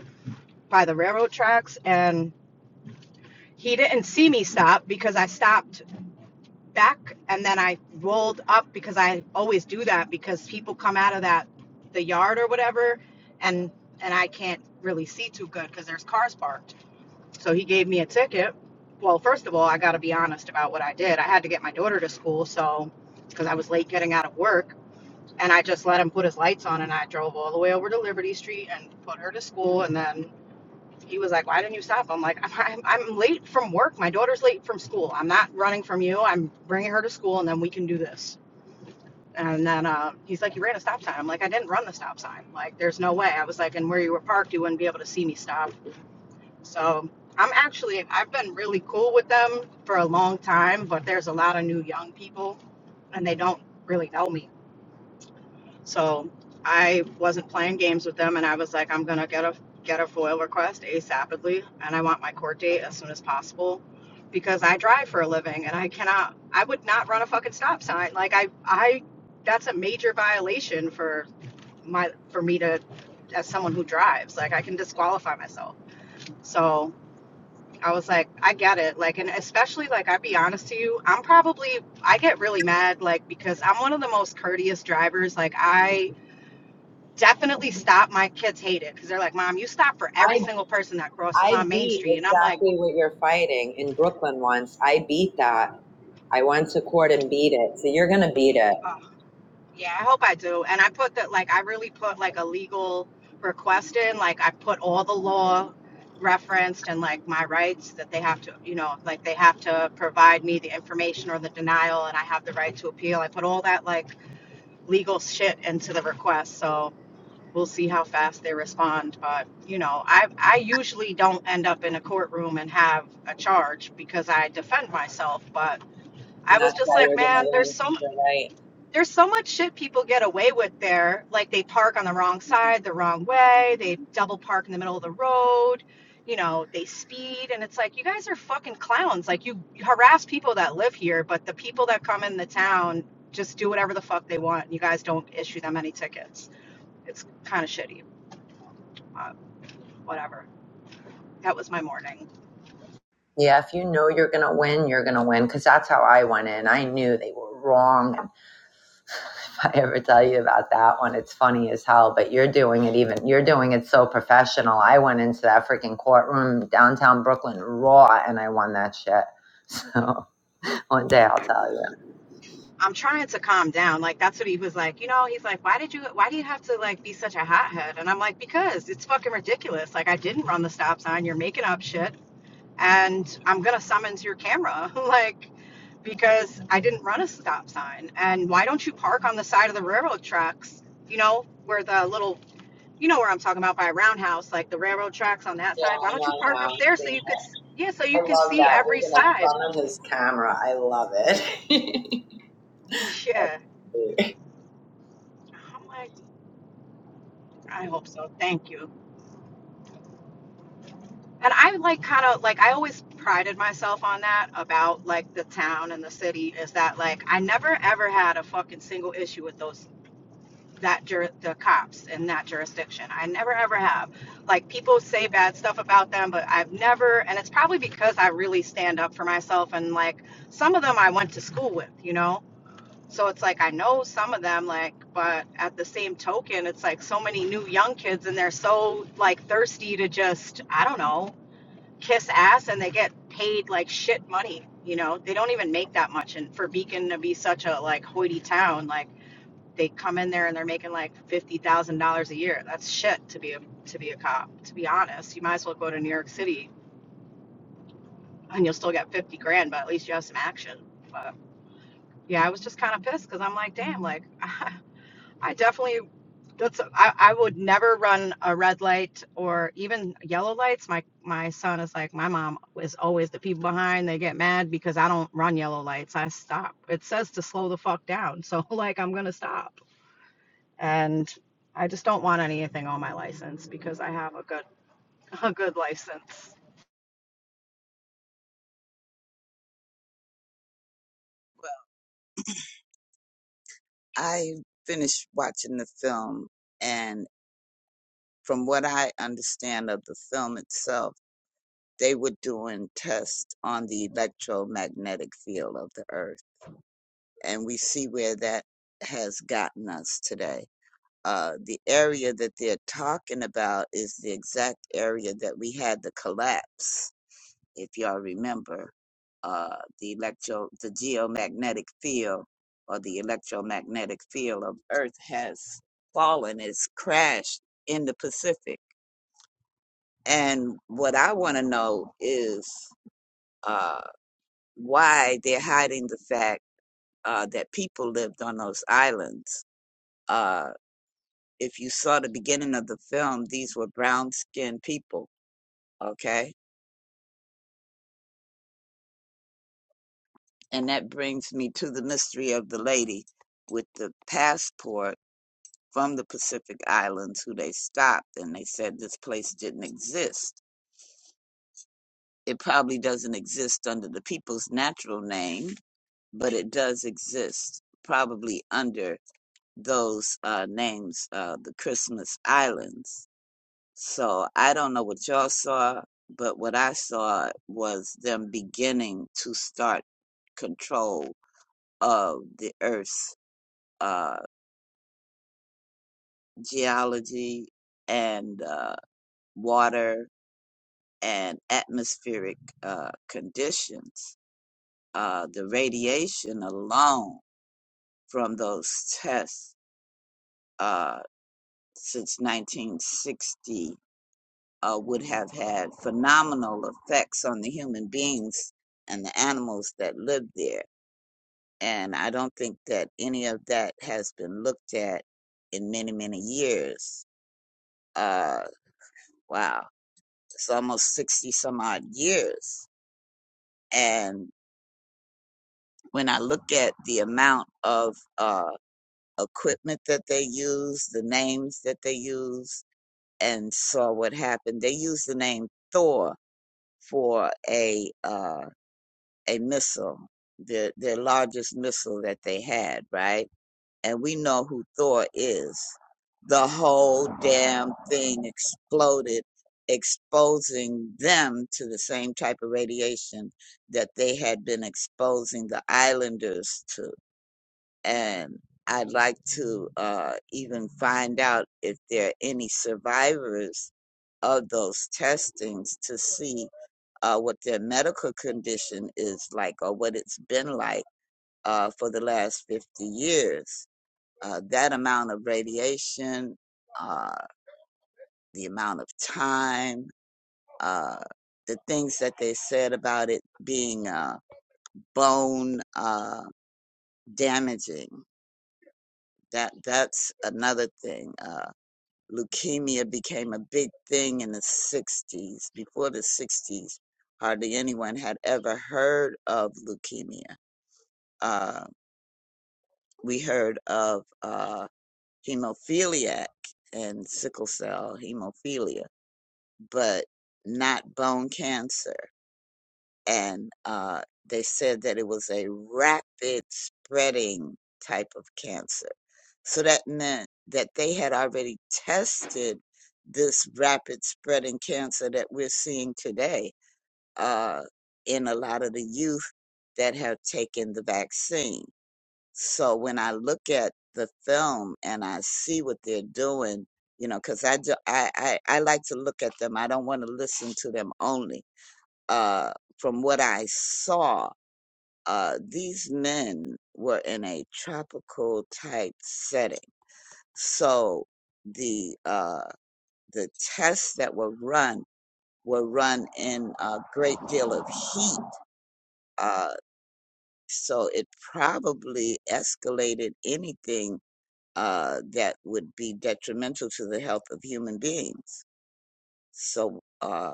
S16: by the railroad tracks. And He didn't see me stop because I stopped back and then I rolled up because I always do that because people come out of that the yard or whatever and and I can't really see too good because there's cars parked. So he gave me a ticket. Well, first of all, I got to be honest about what I did. I had to get my daughter to school, so because I was late getting out of work, and I just let him put his lights on, and I drove all the way over to Liberty Street and put her to school, and then he was like, "Why didn't you stop?" I'm like, "I'm, I'm, I'm late from work. My daughter's late from school. I'm not running from you. I'm bringing her to school, and then we can do this." And then uh, he's like, "You ran a stop sign." I'm like, "I didn't run the stop sign. Like, there's no way." I was like, "And where you were parked, you wouldn't be able to see me stop." So I'm actually, I've been really cool with them for a long time, but there's a lot of new young people, and they don't really know me so I wasn't playing games with them, and I was like, I'm gonna get a get a FOIL request asapidly, and I want my court date as soon as possible, because I drive for a living, and I cannot, I would not run a fucking stop sign. Like I, I, that's a major violation for my for me to, as someone who drives, like I can disqualify myself. So. I was like, I get it. Like, and especially, like, I'd be honest to you, I'm probably, I get really mad, like, because I'm one of the most courteous drivers. Like, I, definitely stop. My kids hate it because they're like, Mom, you stop for every
S3: I,
S16: single person that crosses
S3: I
S16: on Main
S3: beat
S16: Street. And I'm like,
S3: exactly what you're fighting in Brooklyn once. I beat that. I went to court and beat it. So you're going to beat it.
S16: oh, yeah, I hope I do. And I put that, like, I really put like a legal request in. Like, I put all the law referenced and like my rights that they have to, you know, like they have to provide me the information or the denial and I have the right to appeal. I put all that like legal shit into the request. So, we'll see how fast they respond. But you know, I I usually don't end up in a courtroom and have a charge because I defend myself. But I
S3: And
S16: was
S3: that's
S16: just
S3: why
S16: like,
S3: you're going to
S16: man, there's
S3: win
S16: so
S3: because you're right.
S16: there's so much shit people get away with there. Like they park on the wrong side, the wrong way. They double park in the middle of the road. You know, they speed, and it's like you guys are fucking clowns. Like you harass people that live here, but the people that come in the town just do whatever the fuck they want. and You guys don't issue them any tickets. It's kind of shitty whatever. That was my morning.
S3: Yeah, if you know you're going to win, you're going to win because that's how I went in. I knew they were wrong if I ever tell you about that one, it's funny as hell. But you're doing it even you're doing it so professional. I went into that freaking courtroom downtown Brooklyn raw, and I won that shit. So one day I'll tell you.
S16: I'm trying to calm down. Like that's what he was like. You know, he's like, why did you? Why do you have to like be such a hothead? And I'm like, because it's fucking ridiculous. Like I didn't run the stop sign. You're making up shit, and I'm gonna summons your camera. like because I didn't run a stop sign. And why don't you park on the side of the railroad tracks? You know where the little. You know where I'm talking about by a roundhouse, like the railroad tracks on that
S3: Yeah,
S16: side. Why
S3: I
S16: don't you park
S3: know
S16: up there
S3: now.
S16: so you could, yeah, so
S3: I
S16: you can
S3: love
S16: see
S3: that.
S16: every
S3: You're going to
S16: side?
S3: summon his camera. I love it.
S16: Yeah, I'm like, I hope so. Thank you. And I like kind of like I always prided myself on that about like the town and the city is that like I never ever had a fucking single issue with those that jur- the cops in that jurisdiction. I never ever have. Like people say bad stuff about them, but I've never and it's probably because I really stand up for myself and like some of them I went to school with, you know. So it's like I know some of them, like, but at the same token, it's like so many new young kids and they're so like thirsty to just, I don't know, kiss ass and they get paid like shit money. You know, they don't even make that much. And for Beacon to be such a like hoity town, like they come in there and they're making like fifty thousand dollars a year. That's shit to be a to be a cop. To be honest, you might as well go to New York City and you'll still get fifty grand, but at least you have some action. But yeah, I was just kind of pissed because I'm like, damn, like. I definitely That's I, I would never run a red light or even yellow lights. My my son is like my mom is always the people behind. They get mad because I don't run yellow lights. I stop. It says to slow the fuck down. So like I'm gonna stop. And I just don't want anything on my license because I have a good a good license.
S15: Well, I finished watching the film, and from what I understand of the film itself, they were doing tests on the electromagnetic field of the earth, and we see where that has gotten us today. Uh, the area that they're talking about is the exact area that we had the collapse if y'all remember uh, the electro the geomagnetic field or the electromagnetic field of earth has fallen it's crashed in the pacific and what i want to know is uh, why they're hiding the fact uh, that people lived on those islands uh, if you saw the beginning of the film these were brown skinned people okay and that brings me to the mystery of the lady with the passport from the Pacific Islands who they stopped and they said this place didn't exist. It probably doesn't exist under the people's natural name, but it does exist probably under those uh, names, uh, the Christmas Islands. So I don't know what y'all saw, but what I saw was them beginning to start control of the Earth's uh, geology and uh, water and atmospheric uh, conditions. Uh, the radiation alone from those tests uh, since 1960 uh, would have had phenomenal effects on the human beings and the animals that lived there. And I don't think that any of that has been looked at in many, many years. Uh, wow, it's almost 60 some odd years. And when I look at the amount of uh, equipment that they use, the names that they use, and saw what happened, they used the name Thor for a uh, a missile, the the largest missile that they had, right? And we know who Thor is. The whole damn thing exploded, exposing them to the same type of radiation that they had been exposing the islanders to and I'd like to uh, even find out if there are any survivors of those testings to see uh, what their medical condition is like or what it's been like uh, for the last 50 years. Uh, that amount of radiation, uh, the amount of time, uh, the things that they said about it being uh, bone uh, damaging. That that's another thing. Uh, Leukemia became a big thing in the 60s. Before the 60s, hardly anyone had ever heard of leukemia. Uh, we heard of uh, hemophiliac and sickle cell hemophilia, but not bone cancer. and uh, they said that it was a rapid spreading type of cancer. So that meant that they had already tested this rapid spreading cancer that we're seeing today uh, in a lot of the youth that have taken the vaccine. So when I look at the film and I see what they're doing, you know, because I, do, I, I, I like to look at them. I don't want to listen to them only uh, from what I saw, uh, these men were in a tropical type setting. So the uh, the tests that were run were run in a great deal of heat. Uh, so it probably escalated anything uh, that would be detrimental to the health of human beings. So uh,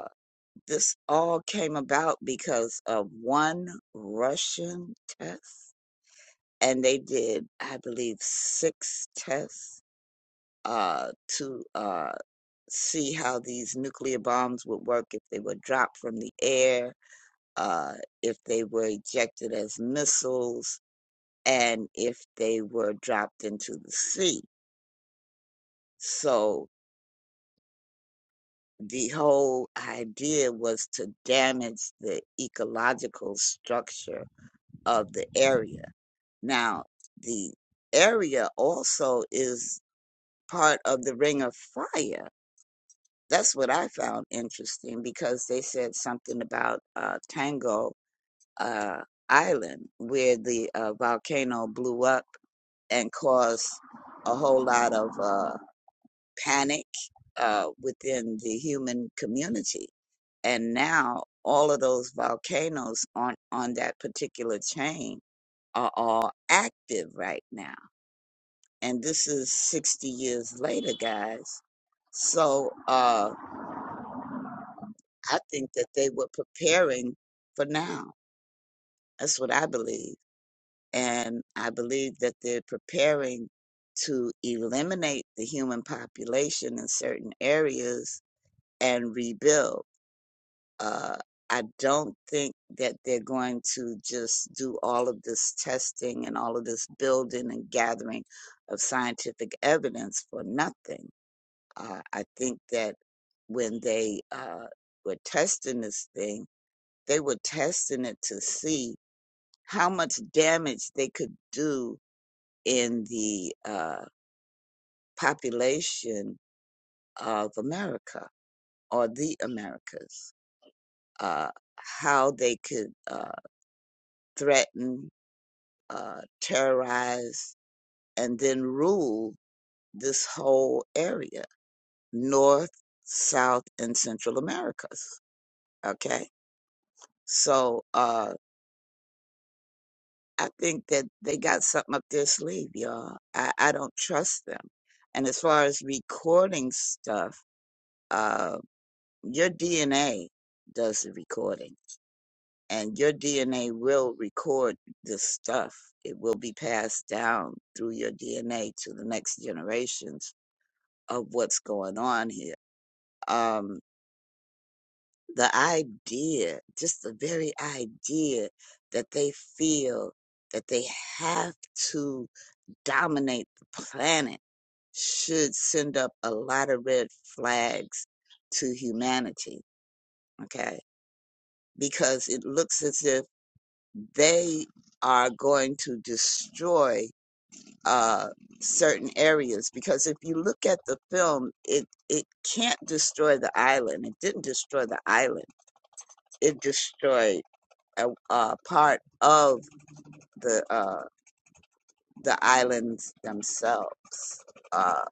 S15: This all came about because of one Russian test. And they did, I believe, six tests uh, to uh, see how these nuclear bombs would work if they were dropped from the air, uh, if they were ejected as missiles, and if they were dropped into the sea. So the whole idea was to damage the ecological structure of the area Now, the area also is part of the Ring of Fire. That's what I found interesting because they said something about uh, Tango uh, Island, where the uh, volcano blew up and caused a whole lot of uh, panic uh, within the human community. And now all of those volcanoes on, on that particular chain are all active right now and this is 60 years later guys so uh i think that they were preparing for now that's what i believe and i believe that they're preparing to eliminate the human population in certain areas and rebuild uh I don't think that they're going to just do all of this testing and all of this building and gathering of scientific evidence for nothing Uh, I think that when they uh, were testing this thing, they were testing it to see how much damage they could do in the uh, population of America or the Americas, uh, how they could uh, threaten, uh, terrorize, and then rule this whole area, North, South, and Central Americas. Okay. So, uh, I think that they got something up their sleeve, y'all. I, I don't trust them. And as far as recording stuff, uh, your DNA does the recording, and your DNA will record this stuff. It will be passed down through your DNA to the next generations of what's going on here. Um, the idea, just the very idea that they feel that they have to dominate the planet should send up a lot of red flags to humanity, okay? Because it looks as if they are going to destroy uh, certain areas. Because if you look at the film, it, it can't destroy the island. It didn't destroy the island, it destroyed a, a part of the, uh, the islands themselves. Uh,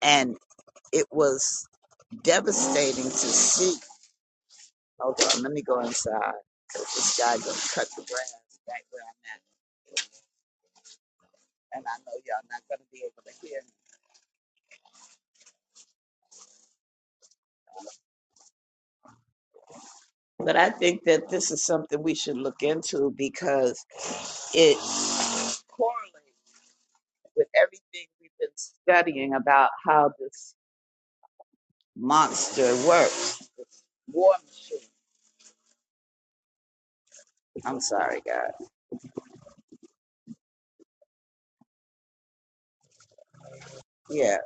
S15: and it was devastating to see. Hold on, let me go inside. This guy gonna cut the grass back where I'm at, and I know y'all not gonna be able to hear me. But I think that this is something we should look into because it correlates with everything we've been studying about how this monster works. War machine. I'm sorry, God. Yeah,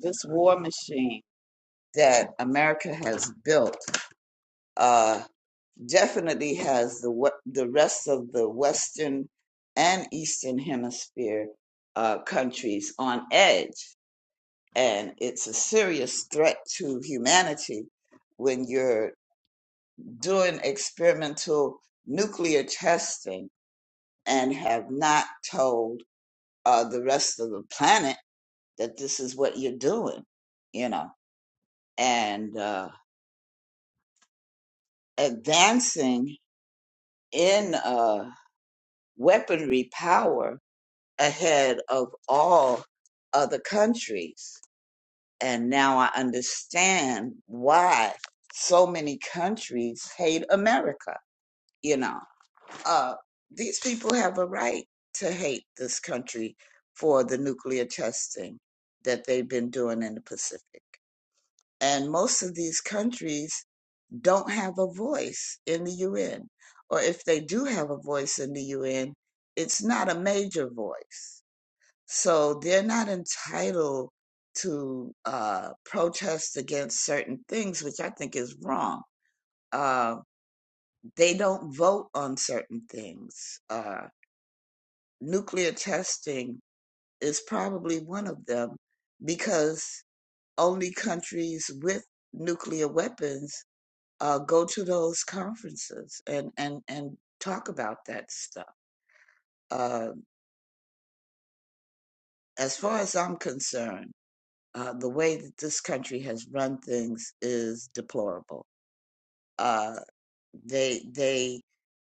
S15: this war machine that America has built. uh, definitely has the the rest of the Western and Eastern Hemisphere uh, countries on edge, and it's a serious threat to humanity when you're doing experimental nuclear testing and have not told uh, the rest of the planet that this is what you're doing, you know, and uh, advancing in uh, weaponry power ahead of all other countries. And now I understand why so many countries hate America. You know, uh, these people have a right to hate this country for the nuclear testing that they've been doing in the Pacific. And most of these countries don't have a voice in the UN. Or if they do have a voice in the UN, it's not a major voice so they're not entitled to uh, protest against certain things, which I think is wrong. Uh, they don't vote on certain things. Uh, nuclear testing is probably one of them because only countries with nuclear weapons uh, go to those conferences and, and, and talk about that stuff. Uh, as far as I'm concerned, Uh, the way that this country has run things is deplorable. Uh, they they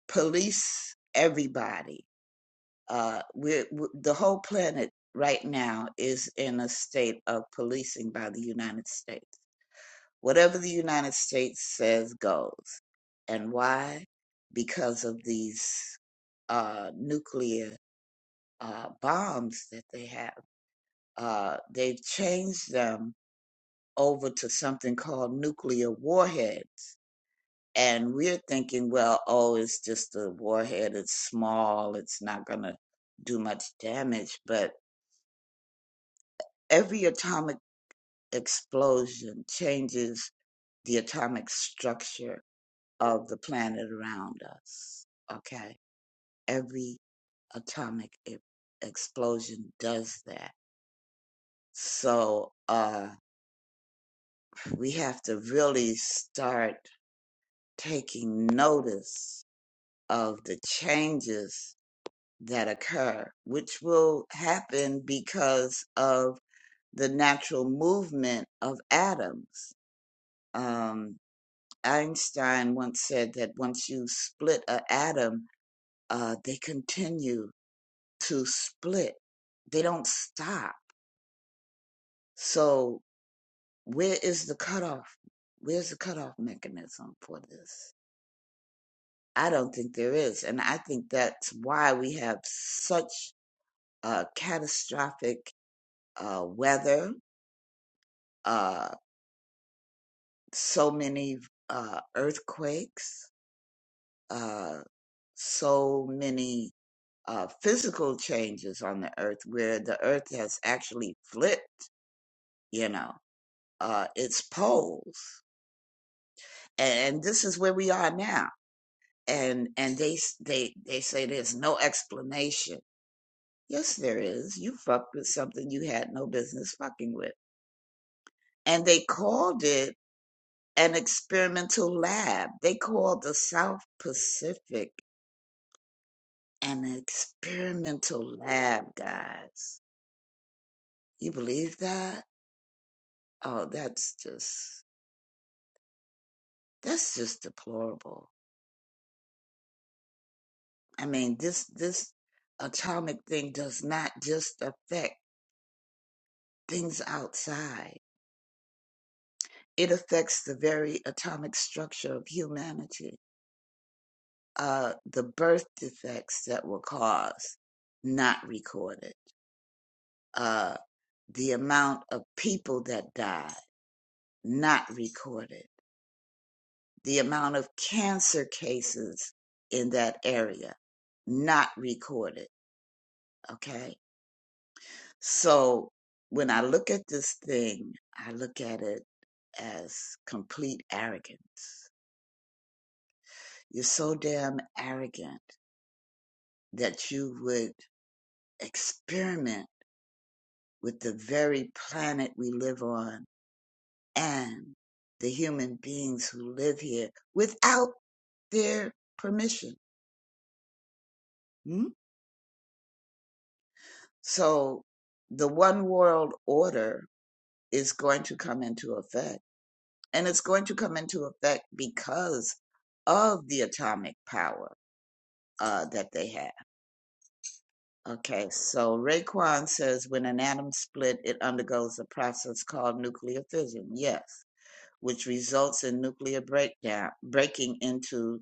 S15: police everybody. Uh, we're, we the whole planet right now is in a state of policing by the United States. Whatever the United States says goes. And why? Because of these uh, nuclear uh, bombs that they have. Uh, they've changed them over to something called nuclear warheads. And we're thinking, well, oh, it's just a warhead, it's small, it's not going to do much damage. But every atomic explosion changes the atomic structure of the planet around us. Okay? Every atomic e- explosion does that. So uh, we have to really start taking notice of the changes that occur, which will happen because of the natural movement of atoms. Um, Einstein once said that once you split an atom, uh, they continue to split, they don't stop. So, where is the cutoff? Where's the cutoff mechanism for this? I don't think there is. And I think that's why we have such uh, catastrophic uh, weather, uh, so many uh, earthquakes, uh, so many uh, physical changes on the earth where the earth has actually flipped, you know, uh, its poles. And this is where we are now. And, and they, s- they, they say there's no explanation. Yes, there is. You fucked with something you had no business fucking with. And they called it an experimental lab. They called the South Pacific an experimental lab, guys. You believe that? Oh, that's just that's just deplorable. I mean, this this atomic thing does not just affect things outside. It affects the very atomic structure of humanity. Uh, the birth defects that were caused, not recorded uh, the amount of people that died not recorded, the amount of cancer cases in that area not recorded. Okay. So when I look at this thing, I look at it as complete arrogance. You're so damn arrogant that you would experiment with the very planet we live on and the human beings who live here without their permission. Hmm? So the one world order is going to come into effect. And it's going to come into effect because of the atomic power uh, that they have. Okay, so Raekwon says when an atom split, it undergoes a process called nuclear fission. Yes, which results in nuclear breakdown, breaking into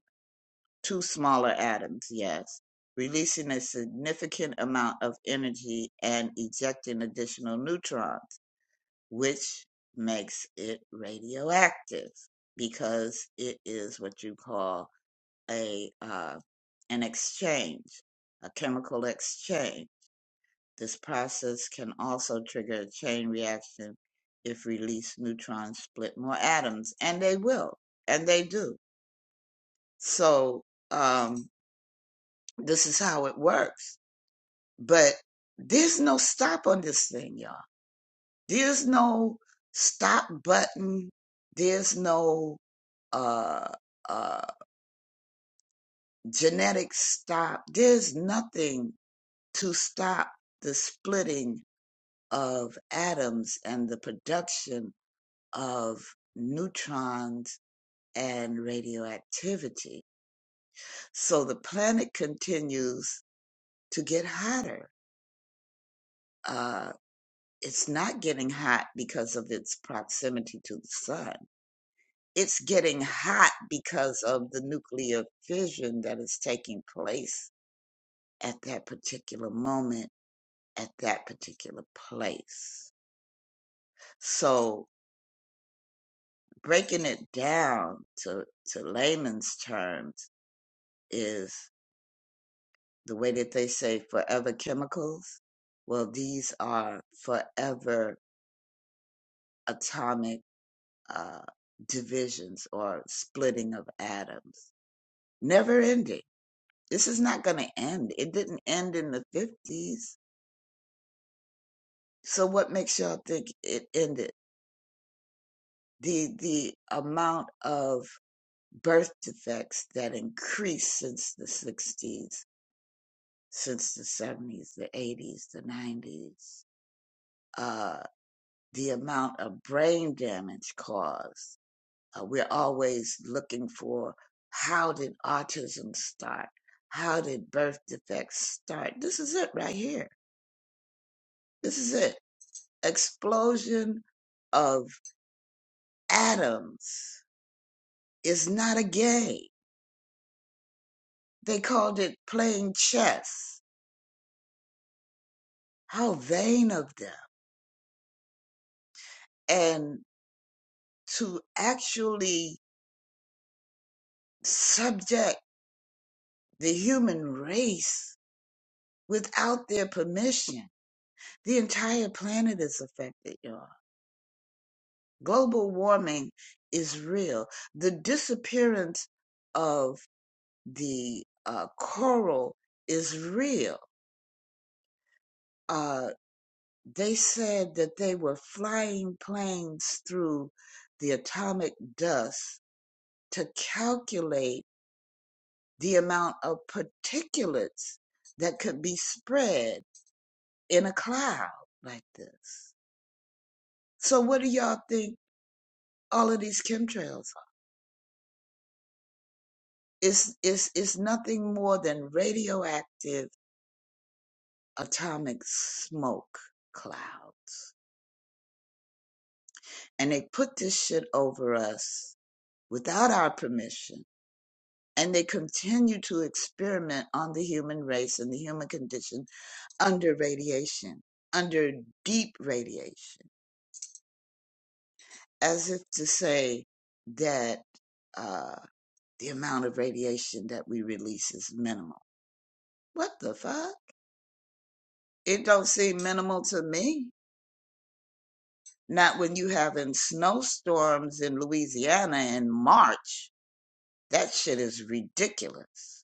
S15: two smaller atoms, yes, releasing a significant amount of energy and ejecting additional neutrons, which makes it radioactive because it is what you call a uh, an exchange, a chemical exchange. This process can also trigger a chain reaction if released neutrons split more atoms, and they will, and they do. So, um, This is how it works. But there's no stop on this thing, y'all. There's no stop button. There's no uh, uh, genetic stop. There's nothing to stop the splitting of atoms and the production of neutrons and radioactivity. So the planet continues to get hotter. Uh, It's not getting hot because of its proximity to the sun. It's getting hot because of the nuclear fission that is taking place at that particular moment, at that particular place. So breaking it down to, to layman's terms is the way that they say forever chemicals. Well, these are forever atomic uh, divisions or splitting of atoms. never ending. This is not going to end. It didn't end in the 50s. So what makes y'all think it ended? The the amount of birth defects that increased since the 60s, since the 70s, the 80s, the 90s, uh, the amount of brain damage caused. Uh, we're always looking for how did autism start? How did birth defects start? This is it right here. This is it explosion of atoms is not a game. They called it playing chess. How vain of them. And to actually subject the human race without their permission, the entire planet is affected, y'all. Global warming is real. The disappearance of the uh, coral is real. Uh, they said that they were flying planes through the atomic dust to calculate the amount of particulates that could be spread in a cloud like this. So what do y'all think all of these chemtrails are? It's it's it's nothing more than radioactive atomic smoke clouds. And they put this shit over us without our permission and they continue to experiment on the human race and the human condition under radiation, under deep radiation, as if to say that uh, the amount of radiation that we release is minimal. What the fuck? It don't seem minimal to me. Not when you having snowstorms in Louisiana in March. That shit is ridiculous.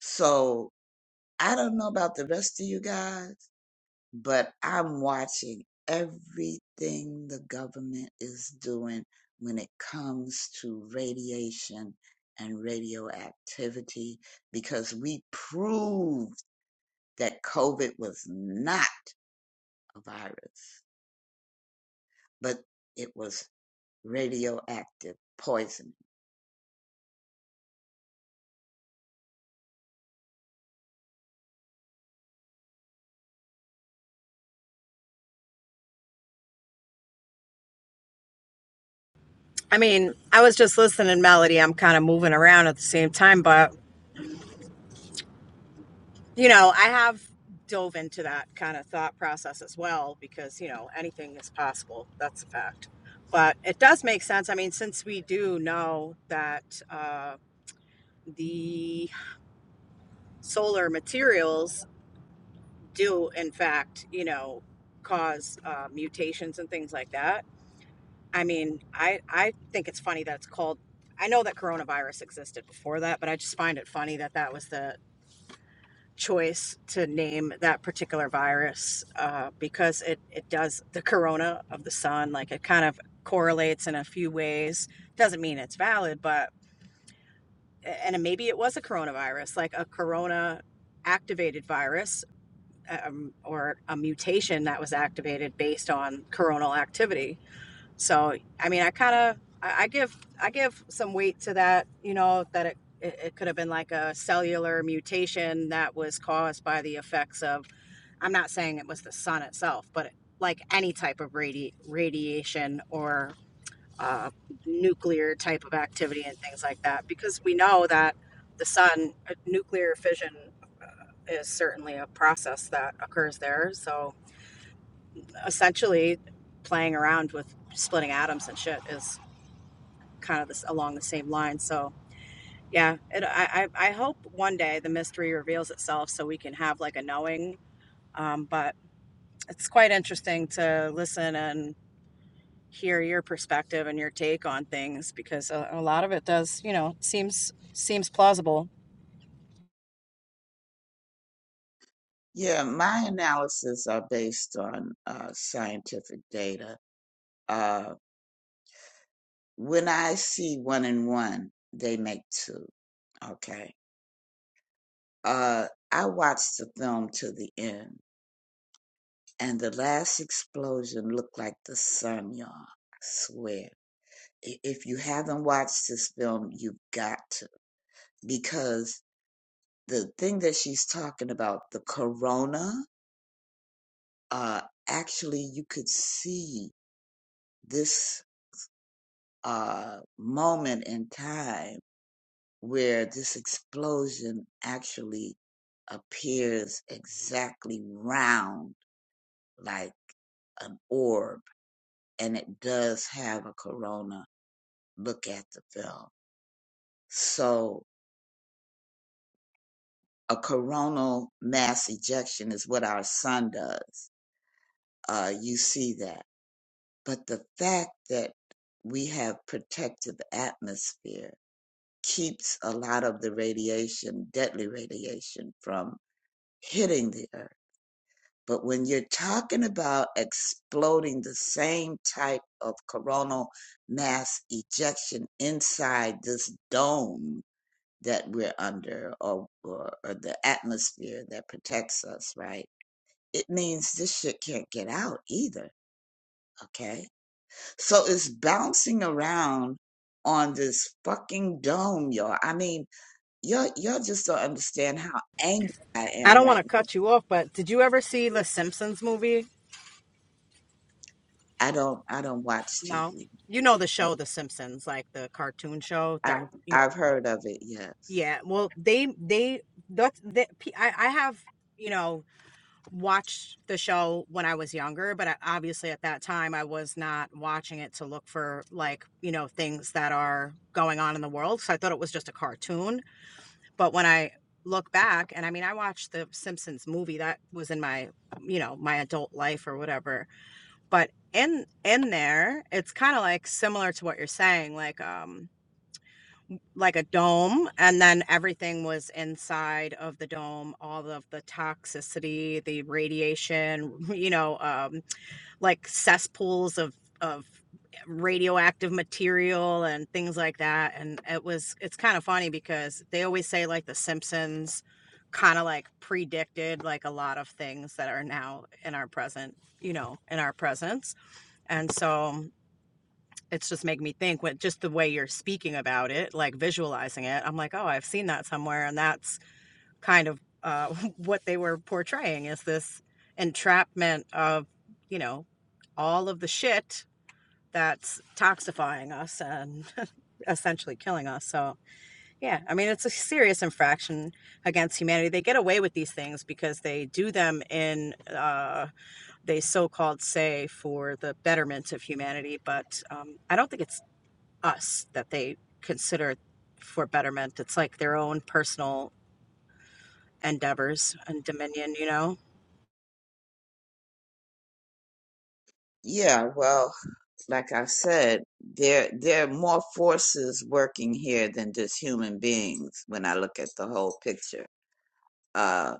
S15: So I don't know about the rest of you guys but I'm watching everything the government is doing when it comes to radiation and radioactivity because we proved that COVID was not a virus, but it was radioactive poisoning.
S16: I mean, I was just listening, Melody. I'm kind of moving around at the same time, but you know, I have dove into that kind of thought process as well because, you know, anything is possible. That's a fact. But it does make sense. I mean, since we do know that uh, the solar materials do, in fact, you know, cause uh, mutations and things like that. I mean, I, I think it's funny that it's called. I know that coronavirus existed before that, but I just find it funny that that was the choice to name that particular virus uh, because it, it does the corona of the sun like it kind of correlates in a few ways doesn't mean it's valid but and maybe it was a coronavirus like a corona activated virus um, or a mutation that was activated based on coronal activity so i mean i kind of I, I give i give some weight to that you know that it it, it could have been like a cellular mutation that was caused by the effects of I'm not saying it was the sun itself, but like any type of radi- radiation or uh, nuclear type of activity and things like that, because we know that the sun, uh, nuclear fission is certainly a process that occurs there. So essentially, playing around with splitting atoms and shit is kind of this along the same line. So yeah, it, I, I I hope one day the mystery reveals itself so we can have like a knowing. Um, but it's quite interesting to listen and hear your perspective and your take on things because a, a lot of it does, you know, seems seems plausible.
S15: Yeah, my analysis are based on uh, scientific data. Uh, when I see one and one, they make two. Okay Uh, I watched the film to the end, and the last explosion looked like the sun, y'all. I swear. I- If you haven't watched this film, you've got to, because the thing that she's talking about, the corona, uh, actually, you could see this uh, moment in time where this explosion actually appears exactly round like an orb and it does have a corona. Look at the film. So a coronal mass ejection is what our sun does. Uh, you see that. But the fact that we have protective atmosphere keeps a lot of the radiation, deadly radiation from hitting the earth. But when you're talking about exploding the same type of coronal mass ejection inside this dome, that we're under or, or, or the atmosphere that protects us, right? It means this shit can't get out either, okay? So it's bouncing around on this fucking dome, y'all. I mean, y'all, y'all just don't understand how angry I
S16: I
S15: am
S16: don't want
S15: right
S16: to
S15: now.
S16: cut you off, but did you ever see the Simpsons movie?
S15: I don't, I don't watch
S16: No.
S15: TV.
S16: You know the show The Simpsons, like the cartoon show
S15: i
S16: that you
S15: I've heard of it, yes.
S16: yeah, well they they that's that I I have, you know, watched the show when I was younger, but I, obviously at that time I was not watching it to look for like, you know, things that are going on in the world. So I thought it was just a cartoon But when I look back, and I mean, I watched the Simpsons movie that was in my, um, you know, my adult life or whatever. But in in there, it's kind of like similar to what you're saying, like um, like a dome, and then everything was inside of the dome, all of the toxicity, the radiation, you know, um, like cesspools of of radioactive material and things like that and it was it's kind of funny because they always say like the simpsons kind of like predicted like a lot of things that are now in our present you know in our presence and so it's just making me think with just the way you're speaking about it like visualizing it i'm like oh i've seen that somewhere and that's kind of uh, what they were portraying is this entrapment of you know all of the shit that's toxifying us and essentially killing us so yeah i mean it's a serious infraction against humanity they get away with these things because they do them in uh, they so-called say for the betterment of humanity but um, i don't think it's us that they consider for betterment it's like their own personal endeavors and Dominion, you know?
S15: Yeah, well, like I've said, there there are more forces working here than just human beings. When I look at the whole picture, uh,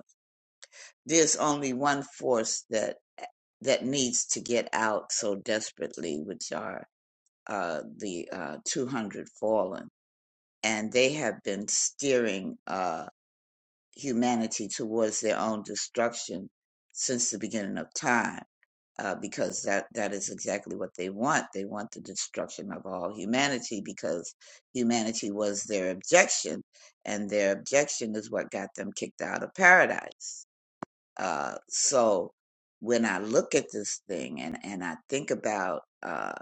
S15: there's only one force that that needs to get out so desperately, which are uh, the uh, 200 fallen, and they have been steering uh, humanity towards their own destruction since the beginning of time uh, because that, that is exactly what they want. They want the destruction of all humanity because humanity was their objection, and their objection is what got them kicked out of paradise. Uh, so when I look at this thing and, and I think about uh,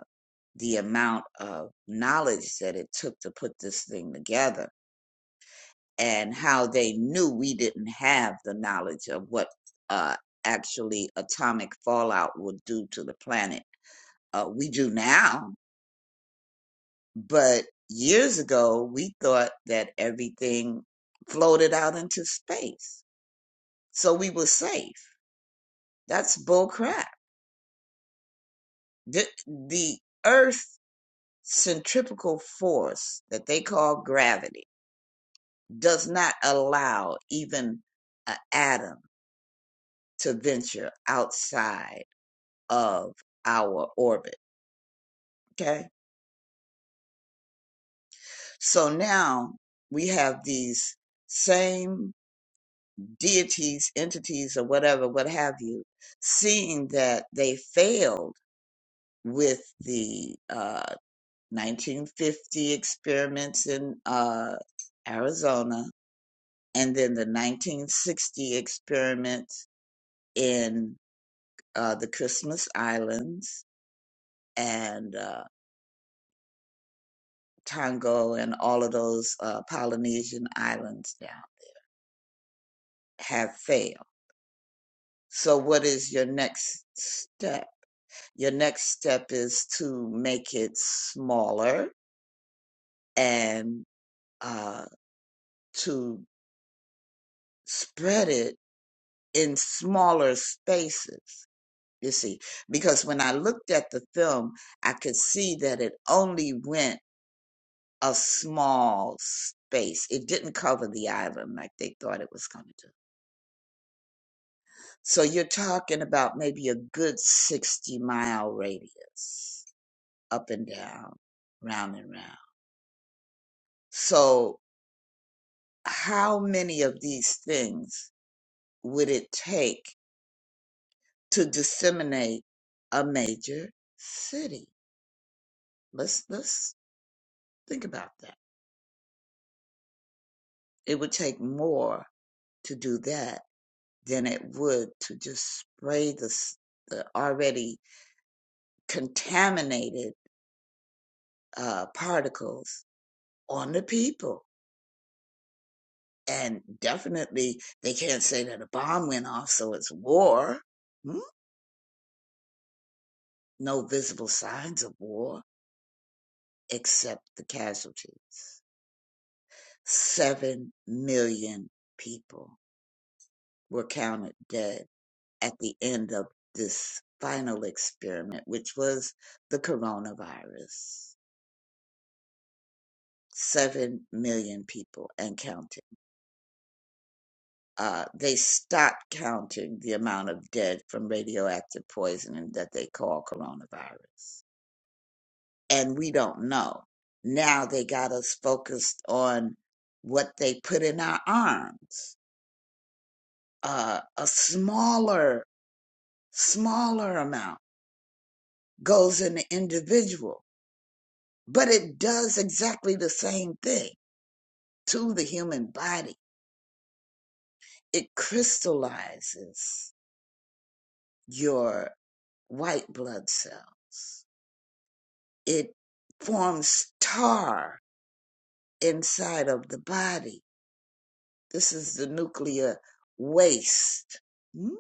S15: the amount of knowledge that it took to put this thing together and how they knew we didn't have the knowledge of what uh, actually atomic fallout would do to the planet uh, we do now. But years ago, we thought that everything floated out into space, so we were safe. That's bull crap. The, the Earth centripetal force that they call gravity does not allow even an atom to venture outside of our orbit. Okay, so now we have these same deities, entities, or whatever, what have you, seeing that they failed with the uh, 1950 experiments in uh, Arizona and then the 1960 experiments in uh, the Christmas Islands and uh, Tonga and all of those uh, Polynesian islands now have failed. So, what is your next step? Your next step is to make it smaller and uh, to spread it in smaller spaces. You see, because when I looked at the film, I could see that it only went a small space. It didn't cover the island like they thought it was going to do. So you're talking about maybe a good 60 mile radius up and down, round and round. So how many of these things would it take to disseminate a major city? Let's let's think about that. It would take more to do that than it would to just spray the s- the already contaminated uh, particles on the people. And definitely, they can't say that a bomb went off, so it's war. Hmm? No visible signs of war except the casualties. 7 million people were counted dead at the end of this final experiment, which was the coronavirus. 7 million people and counting. Uh, they stopped counting the amount of dead from radioactive poisoning that they call coronavirus. And we don't know. Now they got us focused on what they put in our arms. Uh, a smaller smaller amount goes in the individual, but it does exactly the same thing to the human body. It crystallizes your white blood cells. It forms tar inside of the body. This is the nuclear waste. Hmm?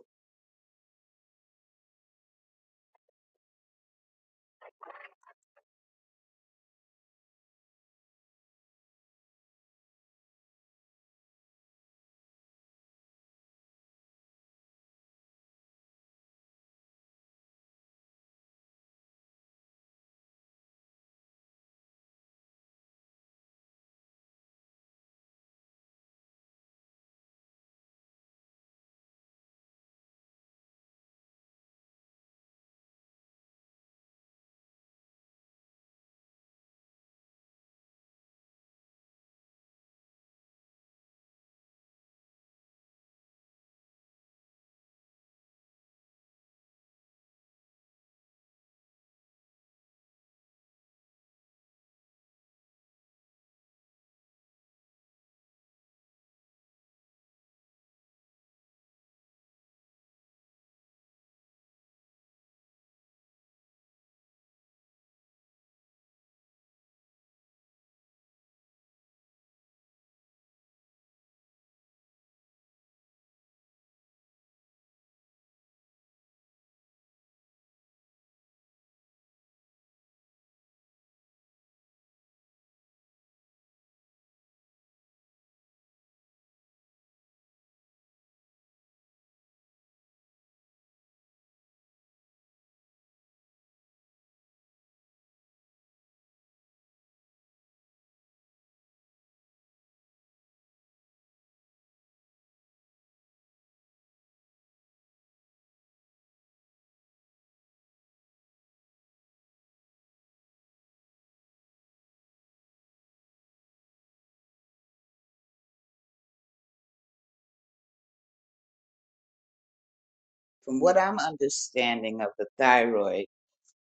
S15: From what I'm understanding of the thyroid,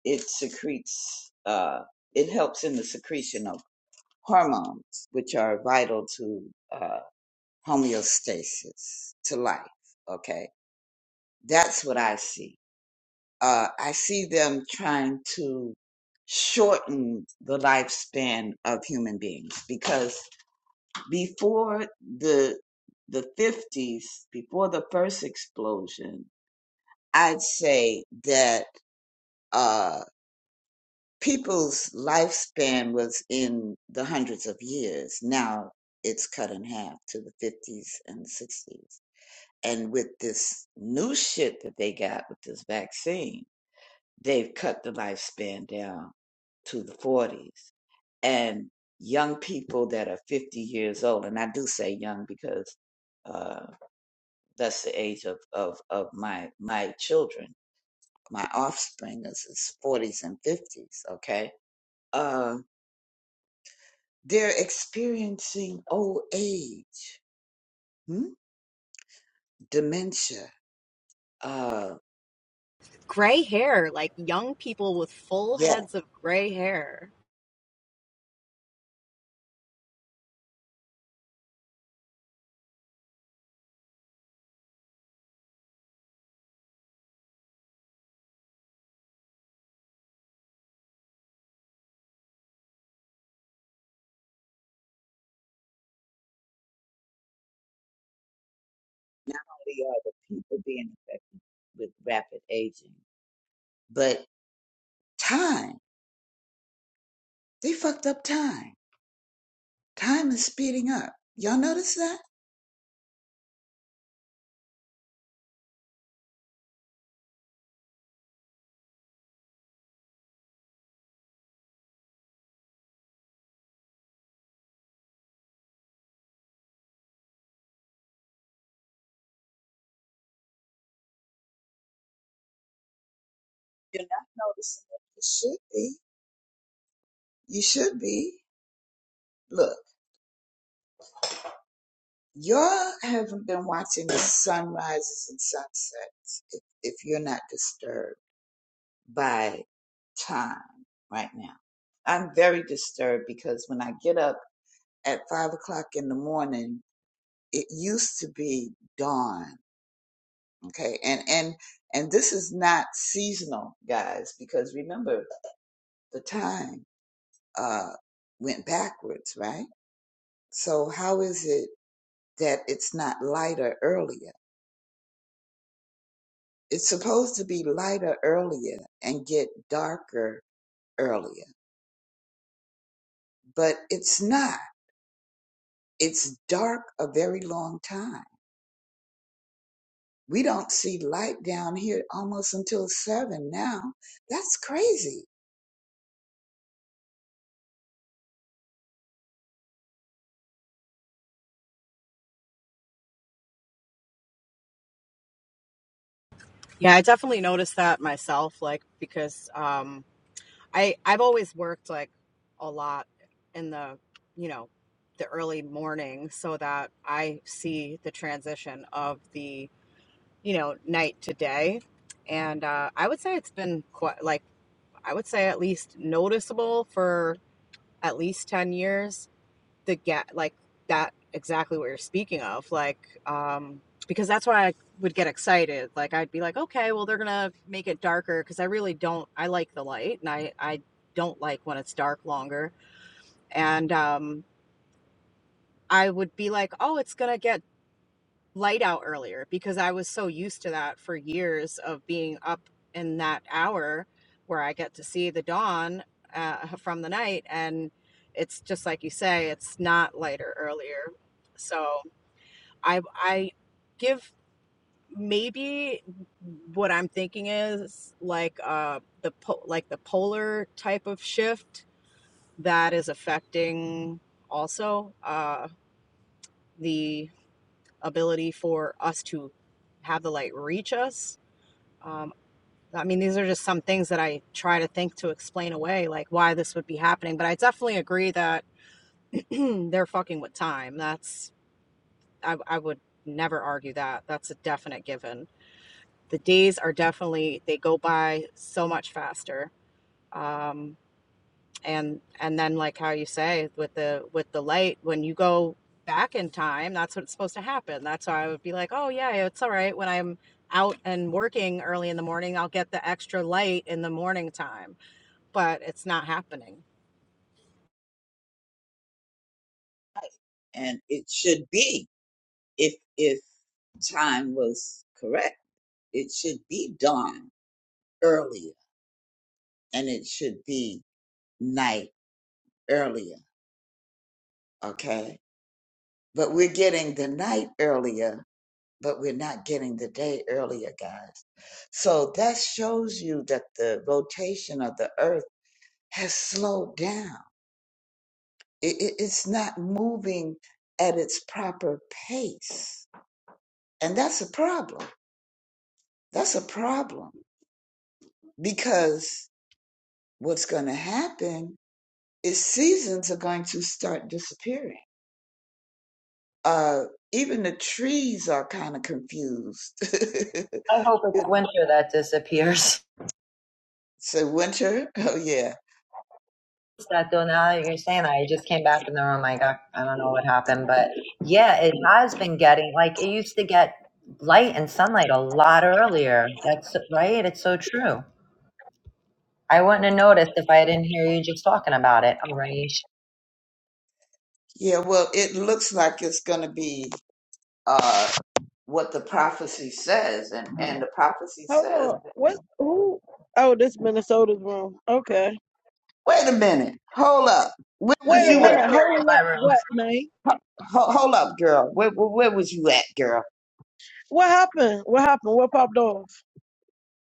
S15: it secretes, uh, it helps in the secretion of hormones, which are vital to uh, homeostasis, to life. Okay. That's what I see. Uh, I see them trying to shorten the lifespan of human beings because before the the 50s before the first explosion i'd say that uh, people's lifespan was in the hundreds of years. Now it's cut in half to the 50s and 60s. And with this new shit that they got with this vaccine, they've cut the lifespan down to the 40s. And young people that are 50 years old, and I do say young because uh, that's the age of, of, of my, my children, my offspring is, is 40s and 50s, okay? Uh, They're experiencing old age, hmm? dementia. Uh,
S16: Gray hair, like young people with full
S15: yeah,
S16: heads of gray hair.
S15: Not only are the people being affected with rapid aging, but time. They fucked up time. Time is speeding up. Y'all notice that? you're not noticing it. You should be. You should be. Look, y'all haven't been watching the sunrises and sunsets if, if you're not disturbed. by time right now. I'm very disturbed because when I get up at five o'clock in the morning, it used to be dawn. Okay. And, and, and this is not seasonal, guys, because remember the time, uh, went backwards, right? So how is it that it's not lighter earlier? It's supposed to be lighter earlier and get darker earlier, but it's not It's dark a very long time. We don't see light down here almost until seven now. That's crazy.
S16: Yeah, I definitely noticed that myself, like because um I I've always worked like a lot in the, you know, the early morning so that I see the transition of the, you know, night to day. And uh I would say it's been quite like I would say at least noticeable for at least 10 years the get like that exactly what you're speaking of like um because that's why i would get excited like i'd be like okay well they're gonna make it darker because i really don't i like the light and i i don't like when it's dark longer and um i would be like oh it's gonna get light out earlier because i was so used to that for years of being up in that hour where i get to see the dawn uh, from the night and it's just like you say it's not lighter earlier so I I give maybe what I'm thinking is like uh the po- like the polar type of shift that is affecting also uh the ability for us to have the light reach us. Um I mean, these are just some things that I try to think to explain away, like why this would be happening. But I definitely agree that they're fucking with time. That's I, I would never argue that. That's a definite given the days are definitely they go by so much faster um and and then like how you say with the with the light when you go back in time that's what's supposed to happen that's why i would be like oh yeah it's all right when i'm out and working early in the morning i'll get the extra light in the morning time but it's not happening
S15: And it should be if if time was correct. It should be dawn earlier and it should be night earlier. Okay. But we're getting the night earlier, but we're not getting the day earlier, guys. So that shows you that the rotation of the earth has slowed down. It, it, it's not moving at its proper pace. And that's a problem. That's a problem because what's going to happen is seasons are going to start disappearing. Uh, even the trees are kind of confused.
S3: I hope it's winter that disappears.
S15: so winter, oh yeah,
S3: That though now that you're saying that, I just came back in the room. I got, I don't know what happened, but yeah, it has been getting like it used to get light and sunlight a lot earlier. That's right. It's so true. I wouldn't have noticed if I didn't hear you just talking about it. All right.
S15: yeah. Well, it looks like it's going to be uh, what the prophecy says, and and the prophecy
S17: Hold
S15: says,
S17: on. What? Who? Oh, this Minnesota's room. Okay.
S15: wait a minute, hold up, where
S3: I
S17: Wait
S15: was
S17: a
S3: mean,
S15: you
S3: I
S15: at?
S17: minute.
S3: in
S17: Hold
S3: my
S17: up.
S3: room.
S17: What, man?
S15: Ho- hold up, girl. Where, where, where was you at, girl?
S17: What happened? What happened? What popped off?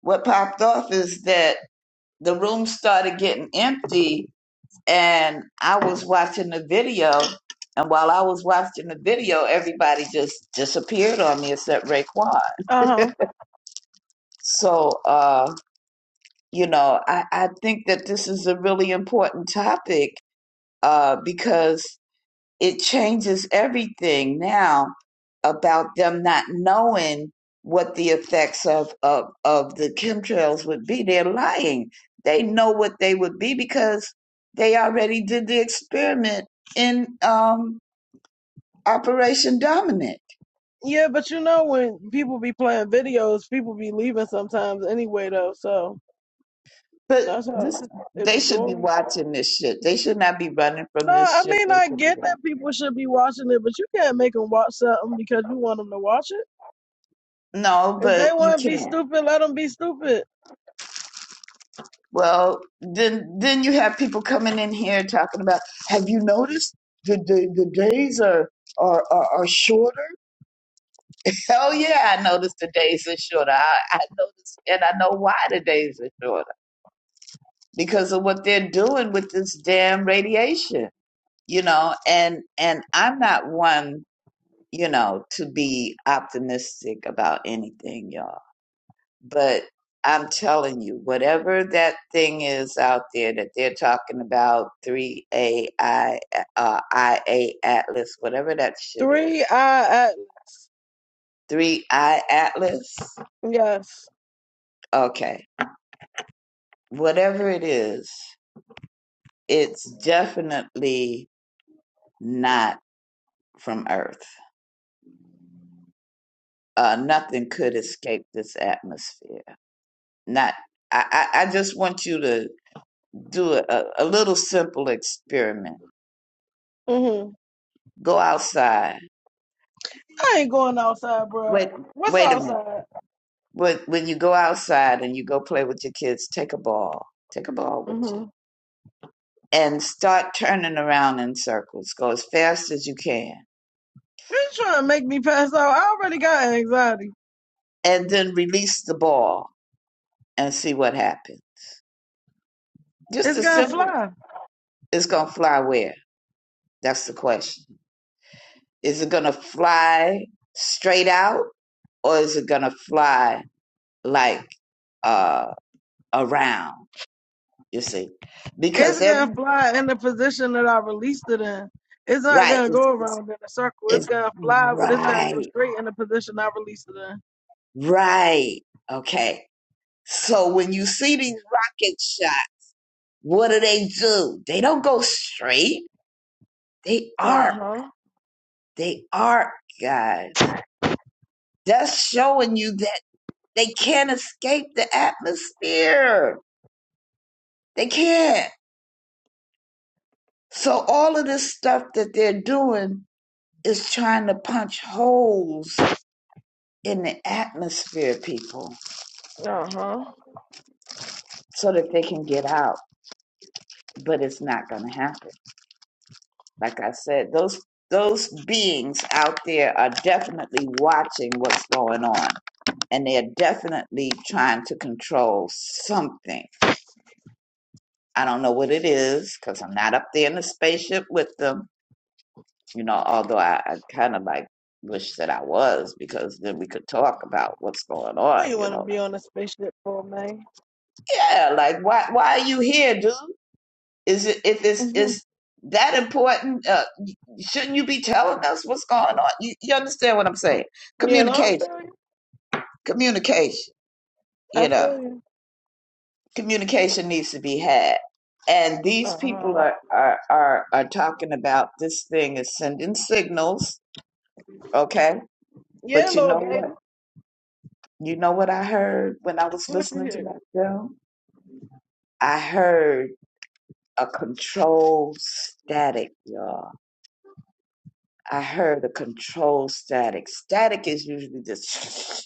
S15: What popped off is that the room started getting empty, and I was watching the video. And while I was watching the video, everybody just disappeared on me except Raekwon.
S17: Uh huh.
S15: So, uh, you know, I, I think that this is a really important topic uh, because it changes everything now about them not knowing what the effects of, of, of the chemtrails would be. They're lying. They know what they would be because they already did the experiment in um, Operation Dominant.
S17: Yeah, but you know when people be playing videos, people be leaving sometimes anyway, though. So
S15: But
S17: that's
S15: this
S17: how
S15: is,
S17: it
S15: they
S17: be
S15: should be
S17: going.
S15: watching this shit. They should not be running from
S17: No,
S15: this
S17: I
S15: shit.
S17: mean
S15: They
S17: I
S15: should be
S17: get that
S15: watching.
S17: people should be watching it, but you can't make them watch something because you want them to watch it.
S15: No,
S17: If
S15: but
S17: they
S15: you
S17: want to be
S15: can't.
S17: stupid, let them be stupid.
S15: Well, then then you have people coming in here talking about. Have you noticed the the, the days are, are are are shorter? Hell yeah, I noticed the days are shorter. I, I noticed, and I know why the days are shorter because of what they're doing with this damn radiation. You know, and and I'm not one, you know, to be optimistic about anything, y'all But I'm telling you, whatever that thing is out there that they're talking about, 3AI, uh, IA Atlas, whatever that shit is,
S17: Three, I, I
S15: 3I Atlas,
S17: yes.
S15: okay, whatever it is, it's definitely not from Earth. Uh, nothing could escape this atmosphere. Not. I, I I just want you to do a, a little simple experiment.
S17: Mm-hmm.
S15: Go outside.
S17: I ain't going outside, bro.
S15: Wait,
S17: What's
S15: wait a minute
S17: outside?
S15: But when you go outside and you go play with your kids, take a ball, take a ball with you,
S17: Mm-hmm.
S15: and start turning around in circles. Go as fast as you can,
S17: You trying to make me pass out? I already got anxiety.
S15: and then release the ball and see what happens. Just
S17: It's
S15: as
S17: gonna
S15: simple.
S17: fly.
S15: It's gonna fly where? That's the question. Is it gonna fly straight out, or is it gonna fly like uh around? You see, because
S17: It's gonna
S15: every
S17: fly in the position that I released it in. It's not
S15: right,
S17: gonna
S15: it's,
S17: go
S15: it's,
S17: around in a circle. It's
S15: it's
S17: gonna fly, but it's gonna go
S15: right,
S17: straight in the position I released it in.
S15: right, okay. So when you see these rocket shots, what do they do? They don't go straight. They
S17: Uh
S15: arc.
S17: huh.
S15: They arc, guys. That's showing you that they can't escape the atmosphere. They can't. So all of this stuff that they're doing is trying to punch holes in the atmosphere, people,
S17: Uh huh.
S15: so that they can get out. But it's not going to happen. Like I said, those those beings out there are definitely watching what's going on, and they're definitely trying to control something. I don't know what it is because I'm not up there in the spaceship with them. You know, although I, I kind of like wish that I was because then we could talk about what's going
S17: What
S15: on.
S17: you
S15: You
S17: want to
S15: know, like,
S17: be on a spaceship for, man?
S15: yeah, like why why are you here, dude? Is it if it's
S17: hmm
S15: is that important? Uh, Shouldn't you be telling us what's going on? You, you understand what I'm saying?
S17: Yeah, no, I
S15: Communication,
S17: feel you.
S15: communication,
S17: I
S15: you know,
S17: feel you.
S15: communication needs to be had. And these
S17: Uh
S15: people
S17: huh.
S15: are, are, are, are talking about this thing is sending signals, okay?
S17: Yeah,
S15: But you
S17: little
S15: know what?
S17: baby.
S15: You know what I heard when I was
S17: What you
S15: listening to
S17: hear?
S15: that film? I heard a control static, y'all. I heard a control static. Static is usually just.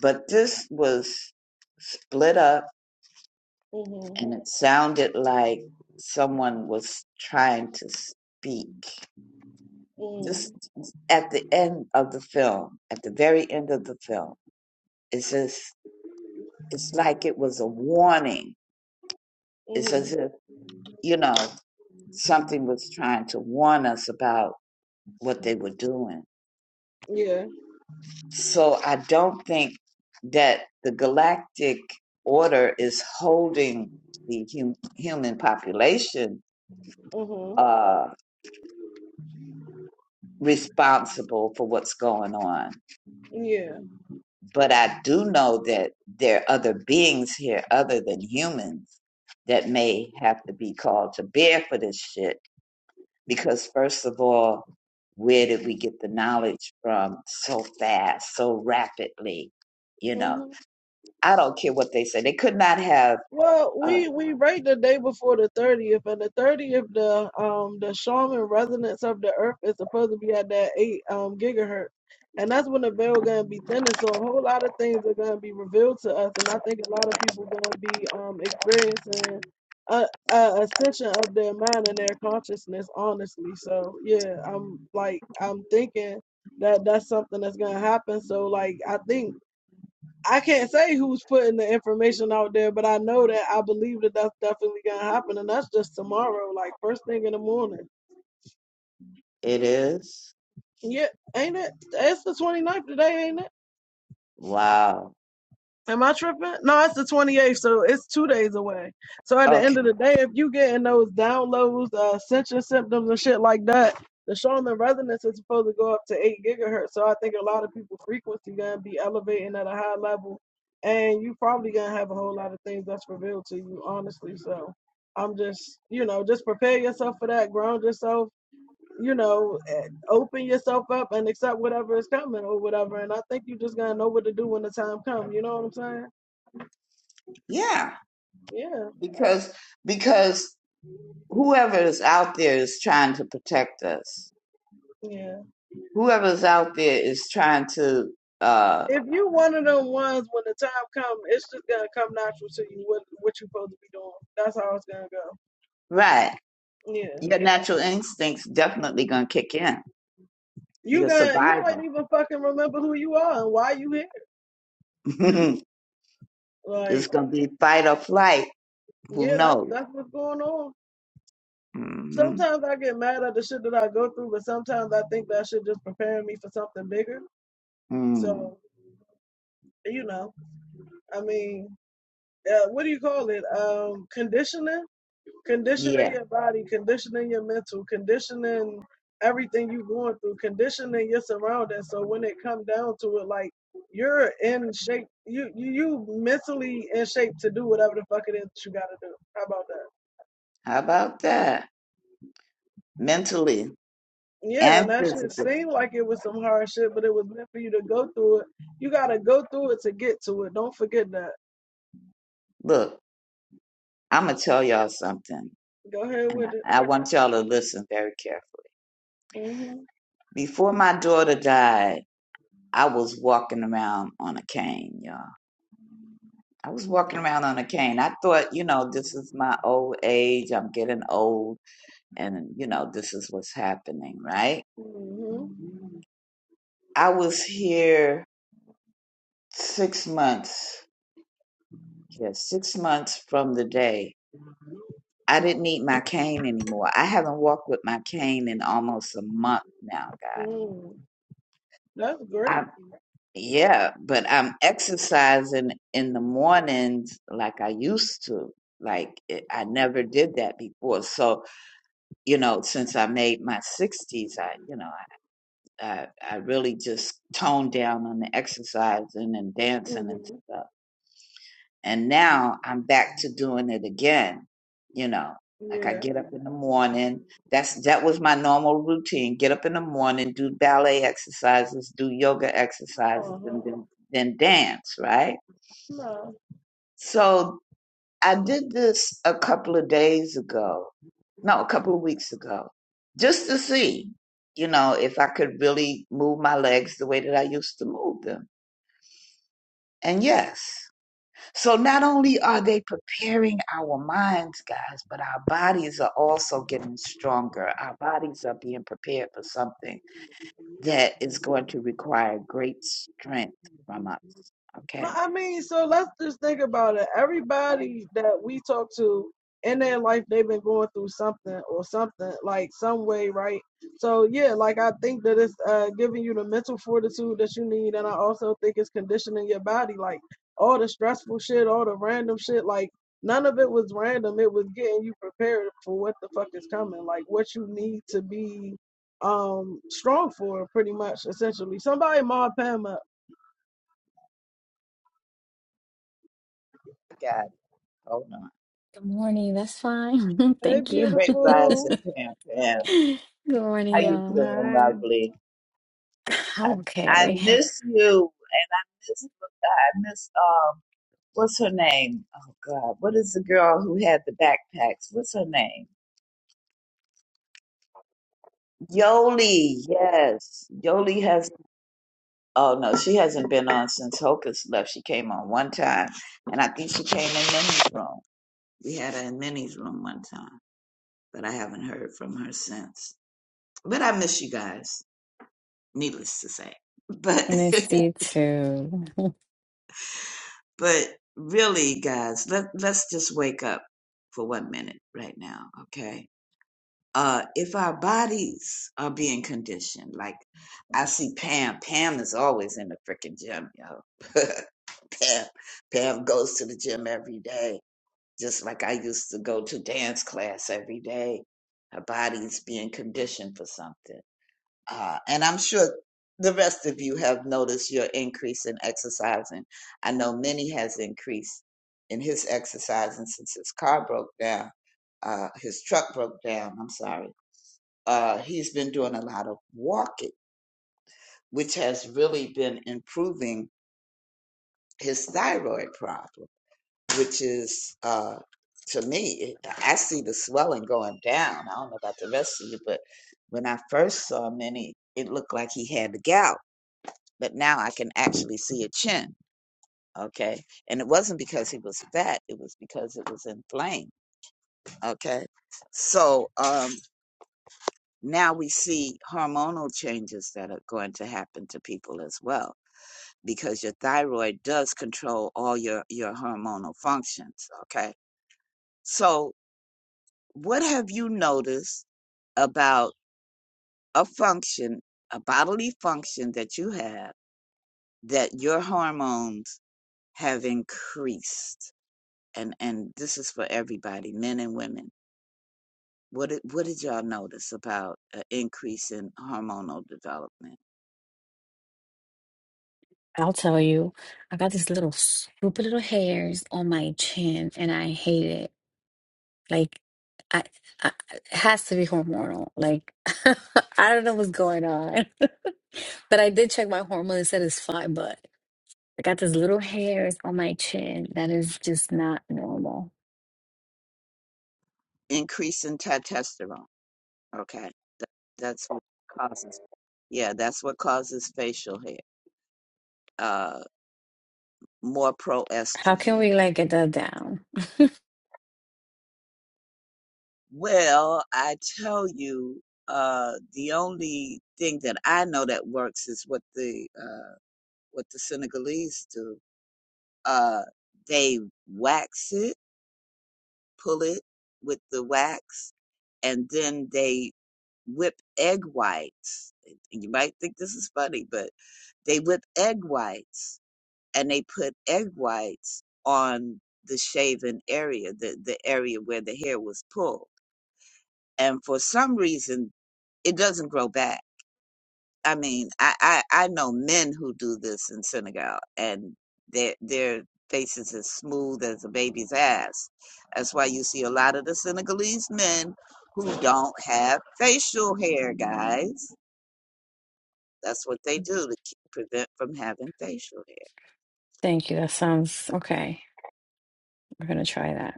S15: But this was split up
S17: Mm-hmm.
S15: and it sounded like someone was trying to speak.
S17: Mm-hmm.
S15: Just at the end of the film, at the very end of the film, it says it's like it was a warning. It's
S17: Mm-hmm.
S15: as if, you know, something was trying to warn us about what they were doing.
S17: Yeah.
S15: So I don't think that the galactic order is holding the hum- human population
S17: Mm hmm.
S15: uh, responsible for what's going on.
S17: Yeah.
S15: But I do know that there are other beings here other than humans that may have to be called to bear for this shit. Because, first of all, where did we get the knowledge from so fast, so rapidly? You know,
S17: hmm
S15: I don't care what they say. They could not have.
S17: Well,
S15: Uh,
S17: we we rate the day before the thirtieth, and the thirtieth, the um the Shaman resonance of the Earth is supposed to be at that eight um gigahertz, and that's when the veil gonna be thinnest, So a whole lot of things are gonna be revealed to us, and I think a lot of people gonna be um experiencing a, a ascension of their mind and their consciousness. Honestly, so yeah, I'm like I'm thinking that that's something that's gonna happen. So like I think. I can't say who's putting the information out there, but I know that I believe that that's definitely gonna happen, and that's just tomorrow, like first thing in the morning.
S15: it is
S17: Yeah, ain't it? It's the 29th today, ain't it?
S15: wow.
S17: Am I tripping? No, it's the 28th, so it's two days away. So at the
S15: Okay.
S17: end of the day, if you getting those downloads, uh, sensor symptoms and shit like that, the Charlemagne resonance is supposed to go up to eight gigahertz. So I think a lot of people frequency gonna be elevating at a high level, and you probably gonna have a whole lot of things that's revealed to you, honestly. So I'm just, you know, just prepare yourself for that, ground yourself, you know, and open yourself up and accept whatever is coming or whatever. And I think you just gonna know what to do when the time comes. You know what I'm saying?
S15: Yeah,
S17: Yeah,
S15: because because whoever is out there is trying to protect us.
S17: yeah.
S15: Whoever is out there is trying to uh
S17: If you one of them ones, when the time comes, it's just gonna come natural to you what what you supposed to be doing. That's how it's gonna go.
S15: right.
S17: Yeah,
S15: Your natural instincts definitely gonna kick in.
S17: you
S15: Your
S17: gonna you might
S15: survival.
S17: even fucking remember who you are and why you here.
S15: it's
S17: Like,
S15: gonna be fight or flight. Who
S17: yeah, that's
S15: knows?
S17: that's what's going on.
S15: hmm
S17: Sometimes I get mad at the shit that I go through, but sometimes I think that shit just preparing me for something bigger.
S15: Mm.
S17: So you know, I mean, uh, what do you call it? Um, conditioning. conditioning
S15: Yeah.
S17: your body, conditioning your mental, conditioning everything you are going through, conditioning your surroundings. So when it come down to it, like you're in shape, you you you mentally in shape to do whatever the fuck it is that you gotta do. How about that?
S15: How about that? Mentally
S17: Yeah, and
S15: and
S17: that shit
S15: physically.
S17: seemed like it was some hard shit, but it was meant for you to go through it. You gotta go through it to get to it. Don't forget that.
S15: Look, I'm gonna tell y'all something,
S17: Go ahead
S15: and
S17: with it.
S15: I I want y'all to listen very carefully. Before my daughter died. I was walking around on a cane, y'all. I was walking around on a cane. I thought, you know, this is my old age. I'm getting old, and, you know, this is what's happening, right?
S17: hmm
S15: I was here six months. Yeah, six months from the day. I didn't need my cane anymore. I haven't walked with my cane in almost a month now, guys.
S17: Mm. That's
S15: I
S17: great.
S15: Yeah, but I'm exercising in the mornings like I used to. Like it, I never did that before. So, you know, since I made my 60s, I, you know, I, I, I really just toned down on the exercising and dancing and
S17: hmm
S15: stuff. And now I'm back to doing it again. You know, like I
S17: Yeah.
S15: get up in the morning. That's that was my normal routine. Get up in the morning, do ballet exercises, do yoga exercises,
S17: Uh
S15: and
S17: huh.
S15: then then dance, right?
S17: No.
S15: So I did this a couple of days ago. No, a couple of weeks ago. Just to see, you know, if I could really move my legs the way that I used to move them. And yes. So not only are they preparing our minds, guys, but our bodies are also getting stronger. Our bodies are being prepared for something that is going to require great strength from us.
S17: No,
S15: Okay?
S17: I mean, so let's just think about it. Everybody that we talk to in their life, they've been going through something or something, like some way, right? So yeah, like I think that it's uh, giving you the mental fortitude that you need, and I also think it's conditioning your body, like all the stressful shit, all the random shit, like none of it was random. It was getting you prepared for what the fuck is coming, like what you need to be um strong for, pretty much, essentially. Somebody, Ma Pam up.
S15: got it. hold on.
S18: Good morning. That's fine.
S17: Hey,
S18: Thank you.
S15: Great rise
S17: beautiful.
S15: and Pam Pam.
S18: Good morning,
S15: How you
S18: y'all.
S15: doing,
S17: Hey.
S15: lovely?
S18: I'm
S15: I I
S18: okay.
S15: miss you. Miss, I miss um what's her name? Oh God, what is the girl who had the backpacks? What's her name? Yoli, yes. Yoli has Oh no, she hasn't been on since Hocus left. She came on one time, and I think she came in Minnie's room. We had her in Minnie's room one time, but I haven't heard from her since. But I miss you guys, needless to say. But
S18: Missy too.
S15: but really, guys, let let's just wake up for one minute right now, okay? Uh, if our bodies are being conditioned, like I see Pam, Pam is always in the freaking gym, yo. Pam. Pam goes to the gym every day, just like I used to go to dance class every day. Her body's being conditioned for something. Uh, and I'm sure the rest of you have noticed your increase in exercising. I know Minnie has increased in his exercising since his car broke down, uh, his truck broke down, I'm sorry. Uh, he's been doing a lot of walking, which has really been improving his thyroid problem which is uh to me i see the swelling going down i don't know about the rest of you but when i first saw minnie it looked like he had the gout but now i can actually see a chin okay and it wasn't because he was fat it was because it was inflamed okay so um now we see hormonal changes that are going to happen to people as well because your thyroid does control all your your hormonal functions okay so What have you noticed about a function, a bodily function that you have, that your hormones have increased? And and this is for everybody, men and women. What did, what did y'all notice about an increase in hormonal development?
S18: I'll tell you, I got this little stupid little hairs on my chin, and I hate it. Like, I, I it has to be hormonal. Like, I don't know what's going on, but I did check my hormones. It said it's fine, but I got this little hairs on my chin that is just not normal.
S15: Increase in testosterone. Okay, that, that's what causes. Yeah, that's what causes facial hair. Uh, more
S18: How can
S15: proestrogen.
S18: we like get that
S15: Okay
S18: down?
S15: Well, I tell you, uh, the only thing that I know that works is what the uh, what the Senegalese do. Uh, they wax it, pull it with the wax, and then they whip egg whites. You might think this is funny, but they whip egg whites and they put egg whites on the shaven area, the, the area where the hair was pulled. And for some reason, it doesn't grow back. I mean, I, I, I know men who do this in Senegal, and their their faces as smooth as a baby's ass. That's why you see a lot of the Senegalese men who don't have facial hair, guys. That's what they do to keep, prevent from having facial hair.
S18: Thank you. That sounds okay. We're gonna try that.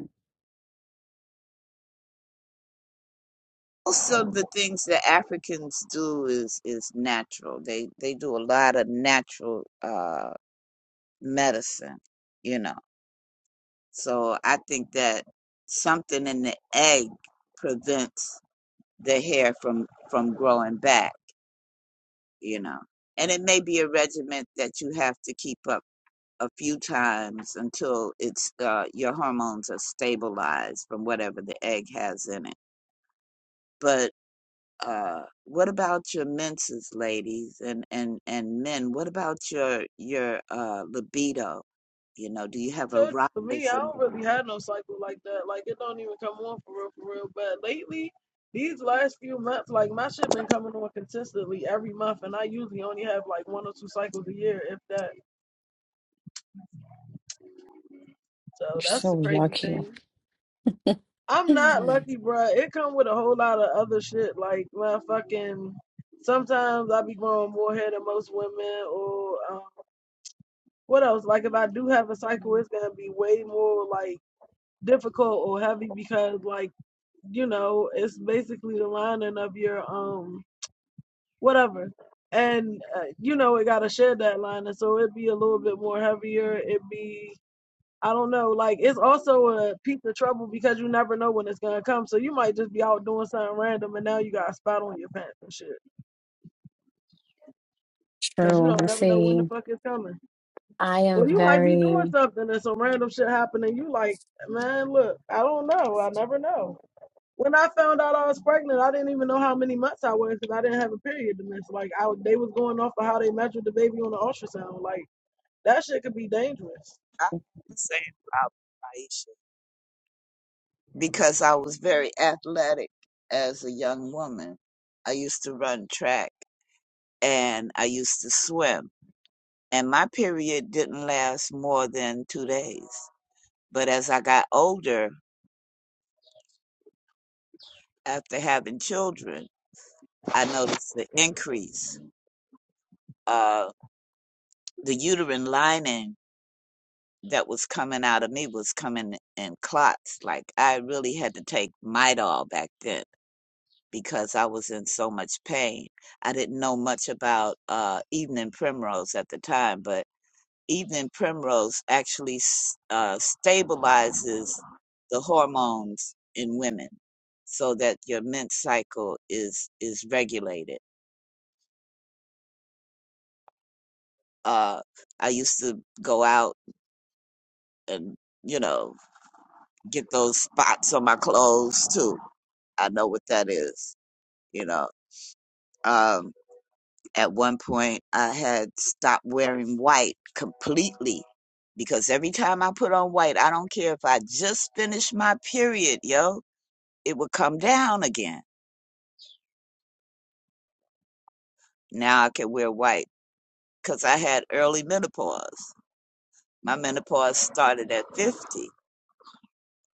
S15: Also, the things that Africans do is is natural. They they do a lot of natural uh, medicine. You know. So I think that something in the egg prevents the hair from from growing back, you know. And it may be a regimen that you have to keep up a few times until it's uh, your hormones are stabilized from whatever the egg has in it. But uh, what about your menses, ladies, and and and men? What about your your uh, libido? You know, do you have a
S17: So
S15: rise
S17: for me, I
S15: in
S17: don't
S15: libido?
S17: really have no cycle like that. Like it don't even come on for real, for real. But lately, these last few months, like my shit been coming on consistently every month, and I usually only have like one or two cycles a year, if that. So
S18: You're
S17: that's
S18: so
S17: the crazy
S18: lucky.
S17: thing. I'm not
S18: Mhm.
S17: lucky, bruh. It come with a whole lot of other shit, like my fucking. Sometimes I be growing more hair than most women, or um, what else? Like if I do have a cycle, it's gonna be way more like difficult or heavy because like. you know it's basically the lining of your um whatever and uh, you know it got to shed that lining so it'd be a little bit more heavier it'd be i don't know like it's also a piece of trouble because you never know when it's gonna come so you might just be out doing something random and now you got a spot on your pants and shit because you
S18: True.
S17: don't
S18: You
S17: never know when the
S18: see,
S17: fuck it's coming
S18: I am
S17: or you might be doing
S18: very
S17: something and some random shit happening you like man look i don't know i never know When I found out I was pregnant, I didn't even know how many months I was because I didn't have a period to miss. Like I, they was going off of how they measured the baby on the ultrasound. Like that shit could be dangerous.
S15: I have the same problem, Aisha, because I was very athletic as a young woman. I used to run track and I used to swim. And my period didn't last more than two days. But as I got older, after having children, I noticed the increase. Uh, the uterine lining that was coming out of me was coming in clots. Like I really had to take Midol back then because I was in so much pain. I didn't know much about uh, evening primrose at the time, but evening primrose actually uh, stabilizes the hormones in women so that your menstrual cycle is is regulated. Uh, I used to go out and you know get those spots on my clothes too I know what that is. You know, um, at one point I had stopped wearing white completely because every time I put on white, I don't care if I just finished my period, yo, it would come down again. Now I can wear white because I had early menopause. My menopause started at 50.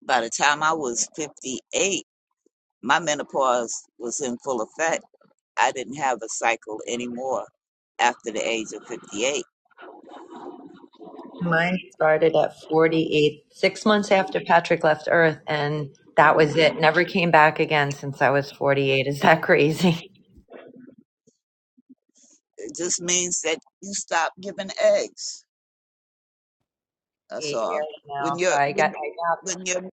S15: By the time I was 58, my menopause was in full effect. I didn't have a cycle anymore after the age of 58
S3: Mine started at 48, six months after Patrick left Earth, and that was it. Never came back again since I was 48. Is that crazy?
S15: It just means that you stop giving eggs. That's
S3: Eight
S15: all.
S3: years
S15: When
S3: now. So
S15: you're
S3: I got, I
S15: when
S3: got
S15: when you're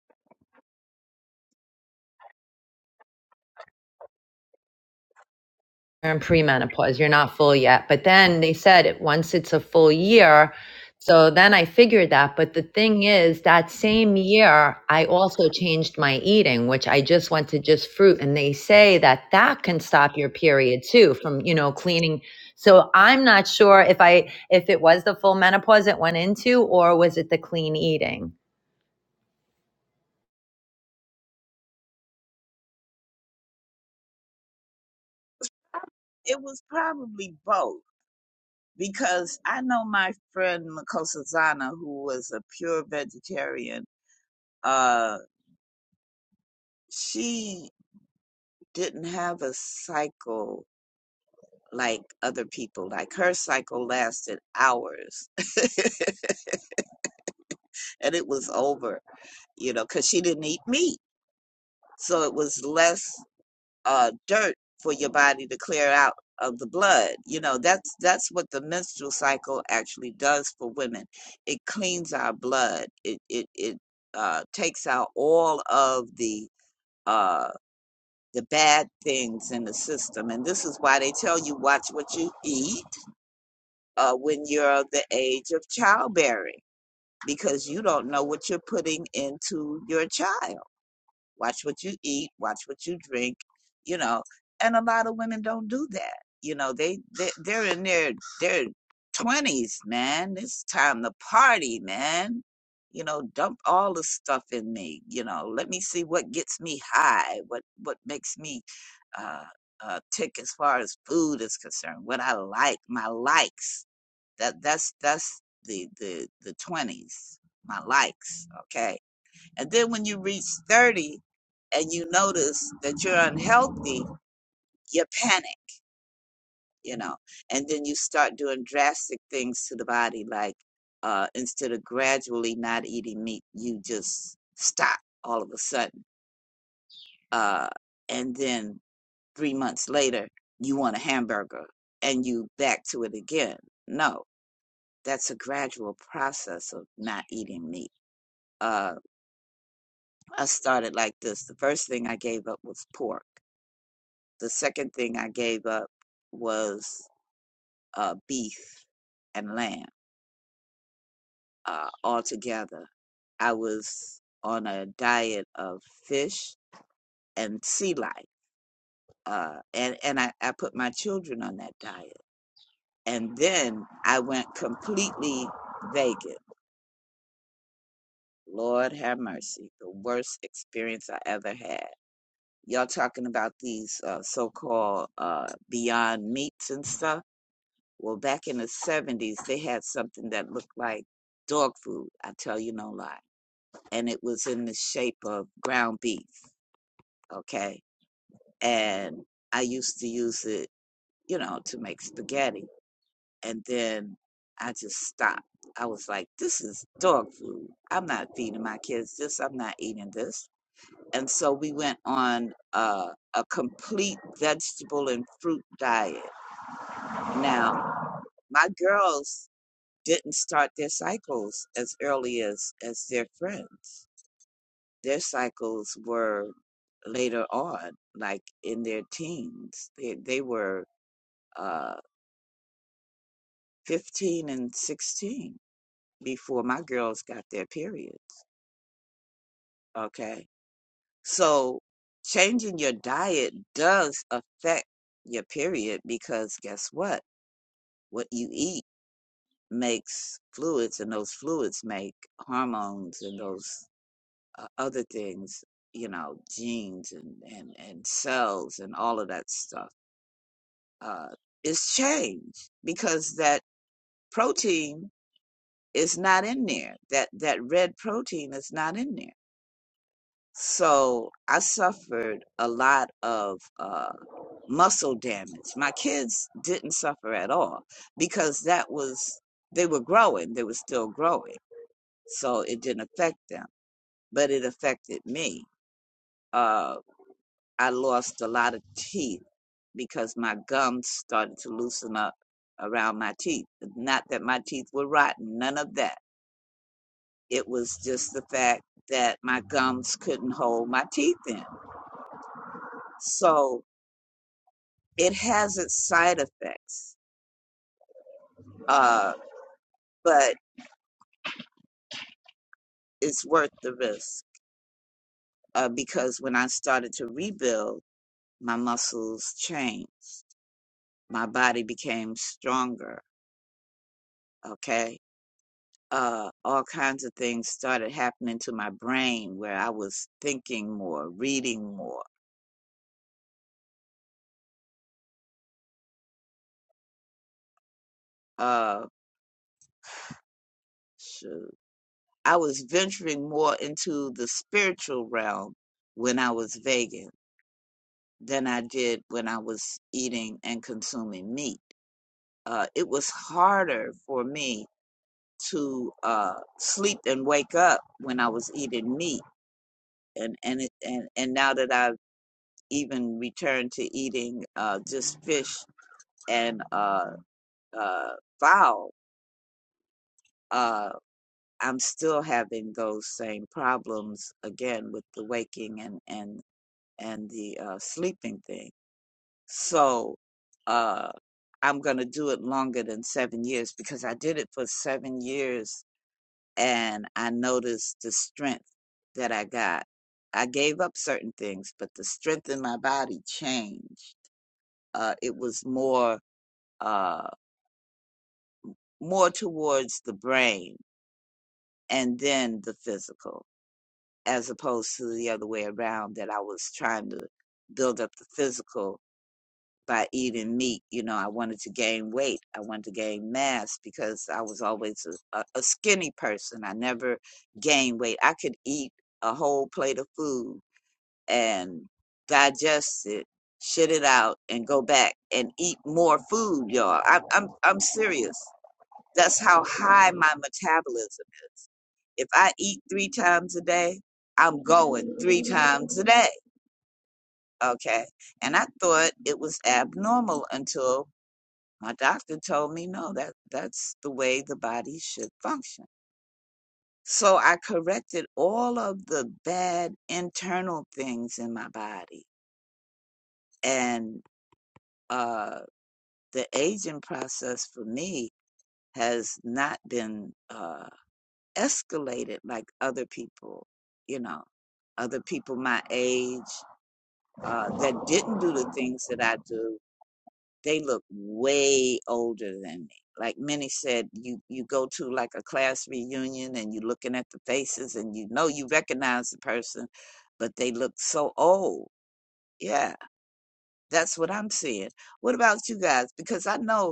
S3: you're in premenopause, you're not full yet. But then they said it once it's a full year. So then I figured that. But the thing is, that same year, I also changed my eating, which I just went to just fruit. And they say that that can stop your period too from, you know, cleaning. So I'm not sure if I, if it was the full menopause it went into or was it the clean eating?
S15: it was probably both because I know my friend Makosa Zana, who was a pure vegetarian, uh, she didn't have a cycle like other people. Like her cycle lasted hours and it was over, you know, because she didn't eat meat. So it was less uh, dirt for your body to clear out of the blood. You know, that's that's what the menstrual cycle actually does for women. It cleans our blood. It it it uh, takes out all of the uh, the bad things in the system, and this is why they tell you watch what you eat uh, when you're of the age of childbearing because you don't know what you're putting into your child watch what you eat, watch what you drink, you know. And a lot of women don't do that. You know, they, they they're in their their twenties, man. It's time to party, man. You know, dump all the stuff in me. You know, let me see what gets me high, what what makes me uh, uh, tick as far as food is concerned, what I like, my likes. That that's that's the the the twenties, my likes. Okay and then when you reach 30 and you notice that you're unhealthy, you panic, you know, and then you start doing drastic things to the body. Like uh, instead of gradually not eating meat, you just stop all of a sudden. Uh, and then three months later, you want a hamburger and you back to it again. No, that's a gradual process of not eating meat. Uh, I started like this. The first thing I gave up was pork The second thing I gave up was uh, beef and lamb uh, altogether. I was on a diet of fish and sea life, uh, and and I, I put my children on that diet, and then I went completely vegan. Lord have mercy, the worst experience I ever had. Y'all talking about these uh, so-called uh, Beyond Meats and stuff Well, back in the 70s, they had something that looked like dog food. I tell you no lie. And it was in the shape of ground beef. Okay. And I used to use it, you know, to make spaghetti. And then I just stopped. I was like, this is dog food. I'm not feeding my kids this. I'm not eating this. And so we went on uh, a complete vegetable and fruit diet. Now, my girls didn't start their cycles as early as as their friends. Their cycles were later on, like in their teens. They they were uh, 15 and 16 before my girls got their periods. Okay, so changing your diet does affect your period because guess what? What you eat makes fluids, and those fluids make hormones, and those uh, other things, you know, genes and, and, and cells and all of that stuff, uh, is changed because that protein is not in there. That, that red protein is not in there. So I suffered a lot of uh, muscle damage. My kids didn't suffer at all because that was, they were growing, they were still growing. So it didn't affect them, but it affected me Um, I lost a lot of teeth because my gums started to loosen up around my teeth. Not that my teeth were rotten, none of that. It was just the fact that my gums couldn't hold my teeth in. So it has its side effects, uh, but it's worth the risk uh, because when I started to rebuild, my muscles changed, my body became stronger. Okay uh, all kinds of things started happening to my brain where I was thinking more, reading more. Uh, shoot. I was venturing more into the spiritual realm when I was vegan than I did when I was eating and consuming meat. Uh, it was harder for me to uh, sleep and wake up when I was eating meat. And, and, it, and, and now that I've even returned to eating uh, just fish and uh, uh, vow, uh, I'm still having those same problems again with the waking and and and the uh, sleeping thing. So uh, I'm gonna do it longer than seven years because I did it for seven years and I noticed the strength that I got. I gave up certain things, but the strength in my body changed. Uh, it was more uh, more towards the brain and then the physical as opposed to the other way around that I was trying to build up the physical by eating meat. You know, I wanted to gain weight. I wanted to gain mass because I was always a, a skinny person. I never gained weight. I could eat a whole plate of food and digest it, shit it out, and go back and eat more food, y'all. I, I'm I'm serious. That's how high my metabolism is if I eat three times a day, I'm going three times a day. Okay. And I thought it was abnormal until my doctor told me no, that that's the way the body should function. So I corrected all of the bad internal things in my body. And uh, the aging process for me has not been uh, escalated like other people, you know, other people my age uh, that didn't do the things that I do, they look way older than me. Like many said, you you go to like a class reunion and you're looking at the faces and you know you recognize the person, but they look so old. Yeah, that's what I'm seeing. What about you guys? Because I know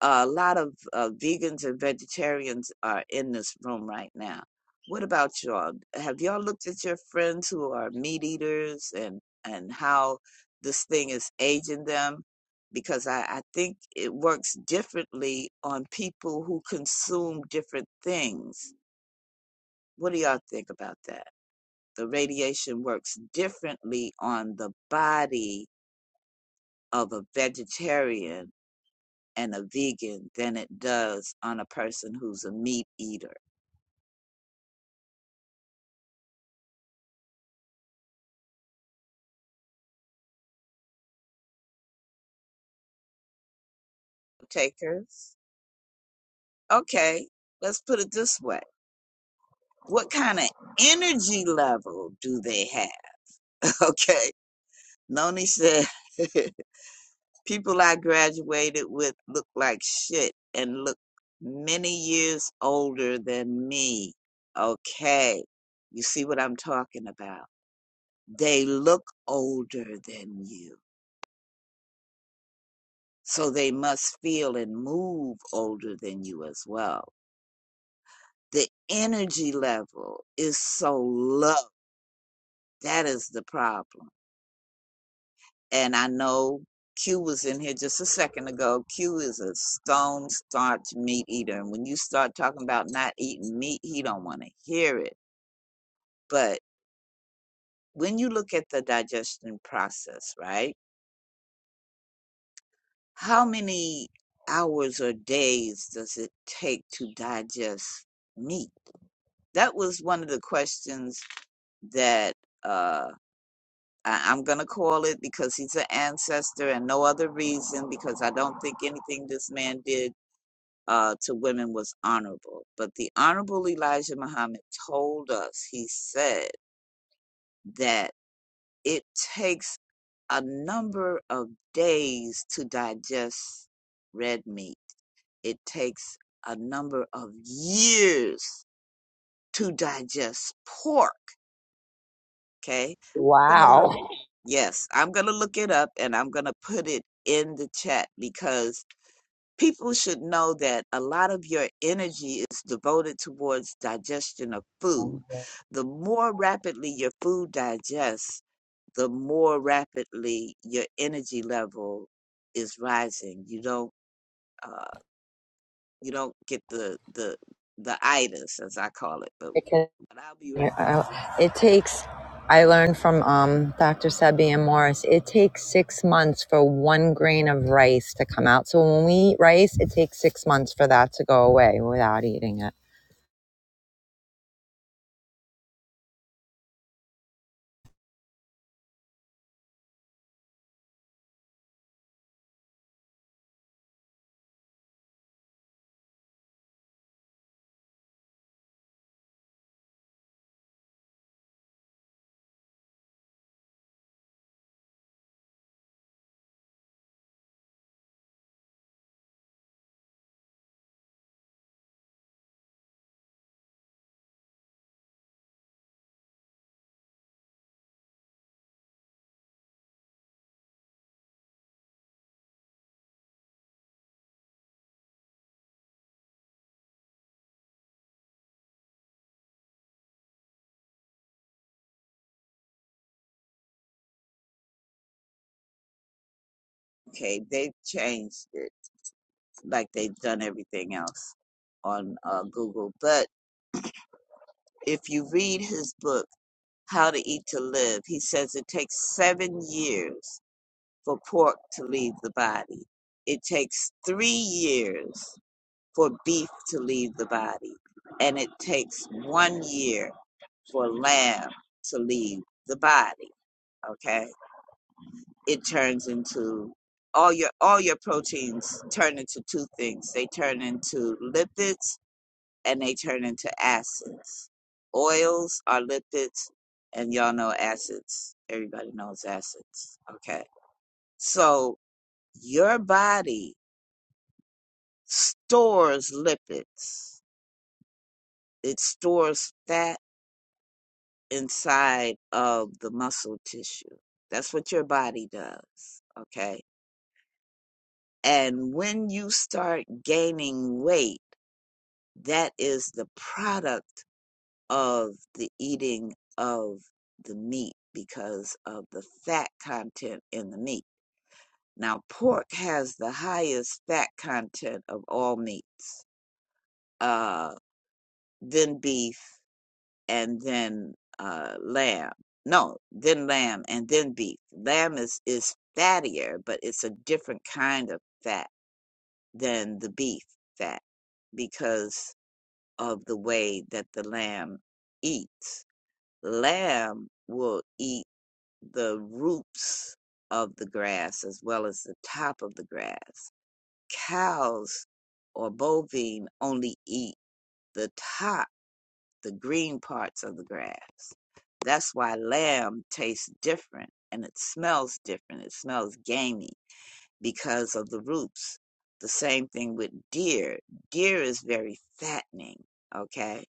S15: a lot of uh, vegans and vegetarians are in this room right now. What about y'all? Have y'all looked at your friends who are meat eaters and and how this thing is aging them? Because I, I think it works differently on people who consume different things. What do y'all think about that? The radiation works differently on the body of a vegetarian and a vegan than it does on a person who's a meat eater. Takers? Okay, let's put it this way. What kind of energy level do they have? Okay. Noni said, people I graduated with look like shit and look many years older than me. Okay. You see what I'm talking about? They look older than you So they must feel and move older than you as well. The energy level is so low. That is the problem. And I know Q was in here just a second ago. Q is a stone starch meat eater. And when you start talking about not eating meat, he don't want to hear it. But when you look at the digestion process, right? How many hours or days does it take to digest meat? That was one of the questions that uh, I, I'm going to call it because he's an ancestor and no other reason, because I don't think anything this man did uh, to women was honorable. But the Honorable Elijah Muhammad told us, he said that it takes a number of days to digest red meat, it takes a number of years to digest pork. Okay. I'm gonna look
S3: Wow.
S15: Yes, I'm going to look it up and I'm going to put it in the chat because people should know that a lot of your energy is devoted towards digestion of food. The more rapidly your food digests, the more rapidly your energy level is rising. You don't uh, you don't get the the the itis as I call it, but
S3: Because
S15: but I'll be right back. Let me-
S3: It takes, I learned from um, Dr. and Morris, it takes six months for one grain of rice to come out. So when we eat rice, it takes six months for that to go away without eating it.
S15: Okay, they changed it like they've done everything else. on uh, Google. But if you read his book, How to Eat to Live, he says it takes seven years for pork to leave the body. It takes three years for beef to leave the body. And it takes one year for lamb to leave the body. Okay? It turns into all your all your proteins turn into two things. They turn into lipids and they turn into acids. Oils are lipids, and y'all know acids. Everybody knows acids. Okay. So your body stores lipids, it stores fat inside of the muscle tissue. That's what your body does. Okay. And when you start gaining weight, that is the product of the eating of the meat because of the fat content in the meat. Now, pork has the highest fat content of all meats, uh, then beef, and then uh, lamb. No, then lamb and then beef. Lamb is, is fattier, but it's a different kind of fat than the beef fat because of the way that the lamb eats. Lamb will eat the roots of the grass as well as the top of the grass. Cows or bovine only eat the top, the green parts of the grass. That's why lamb tastes different and it smells different. It smells gamey because of the roots. The same thing with deer. Deer is very fattening, okay?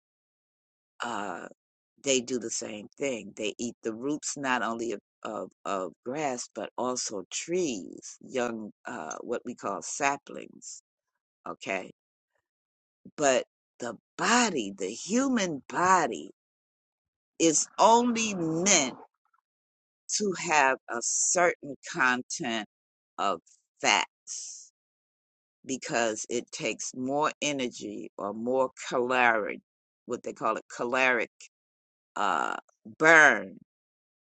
S15: Uh, they do the same thing. They eat the roots not only of of, of grass but also trees, young uh, what we call saplings. Okay, but the body, the human body, is only meant to have a certain content of fats because it takes more energy or more caloric, what they call it, caloric uh, burn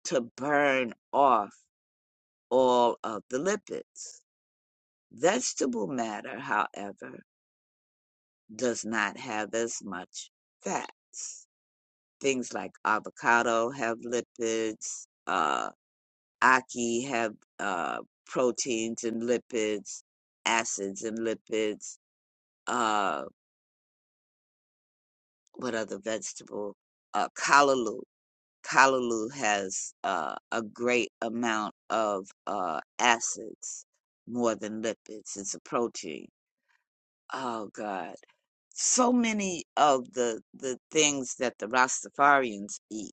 S15: to burn off all of the lipids. Vegetable matter, however, does not have as much fats. Things like avocado have lipids, uh, ackee have uh, proteins and lipids, acids and lipids. Uh, what other vegetable? Uh, callaloo. Callaloo has uh, a great amount of uh, acids more than lipids. It's a protein. Oh God. so many of the the things that the Rastafarians eat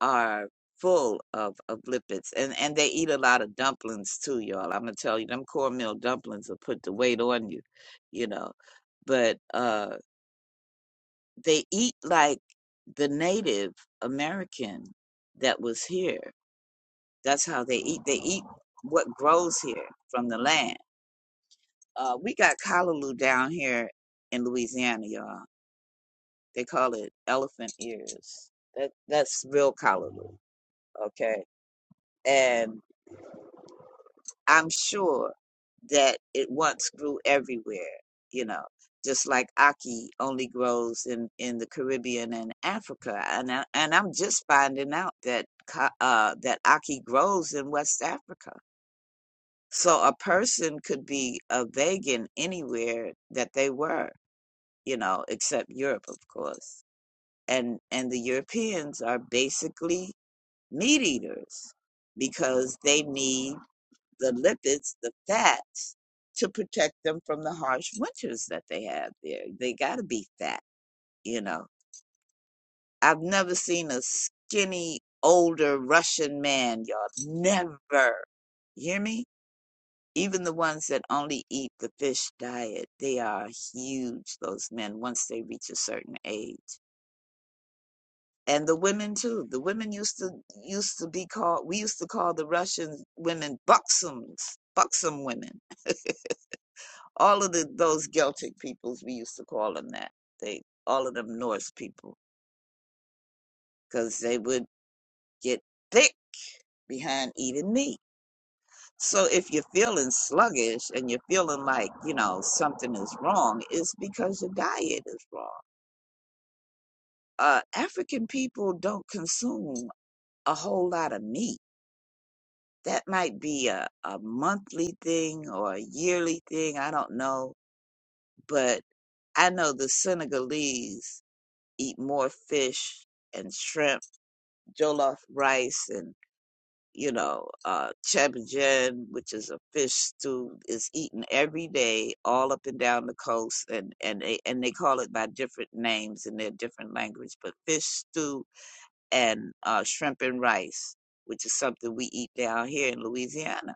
S15: are full of of lipids, and and they eat a lot of dumplings too, y'all. I'm gonna tell you, them cornmeal dumplings will put the weight on you, you know. But uh, they eat like the Native American that was here. That's how they eat. They eat what grows here from the land. Uh, we got callaloo down here in Louisiana, y'all They call it elephant ears. That that's real callaloo, okay? And I'm sure that it once grew everywhere, you know, just like Aki only grows in in the Caribbean and Africa. And I, and I'm just finding out that ca- uh that Aki grows in West Africa. So a person could be a vegan anywhere that they were, you know, except Europe, of course. And and the Europeans are basically meat eaters because they need the lipids, the fats, to protect them from the harsh winters that they have there. They got to be fat, you know. I've never seen a skinny, older Russian man, y'all. Never. You hear me? Even the ones that only eat the fish diet, they are huge, those men, once they reach a certain age. and the women too. The women used to used to be called. We used to call the Russian women buxoms, buxom women. All of the those Celtic peoples, we used to call them that. They all of them Norse people because they would get thick behind eating meat. So if you're feeling sluggish and you're feeling like you know something is wrong, it's because your diet is wrong. Uh, African people don't consume a whole lot of meat that might be a, a monthly thing or a yearly thing. I don't know. But I know the Senegalese eat more fish and shrimp, jollof rice, and, you know, uh, chebbijen, which is a fish stew, is eaten every day all up and down the coast. And, and, they, and they call it by different names in their different language. But fish stew and uh, shrimp and rice, which is something we eat down here in Louisiana,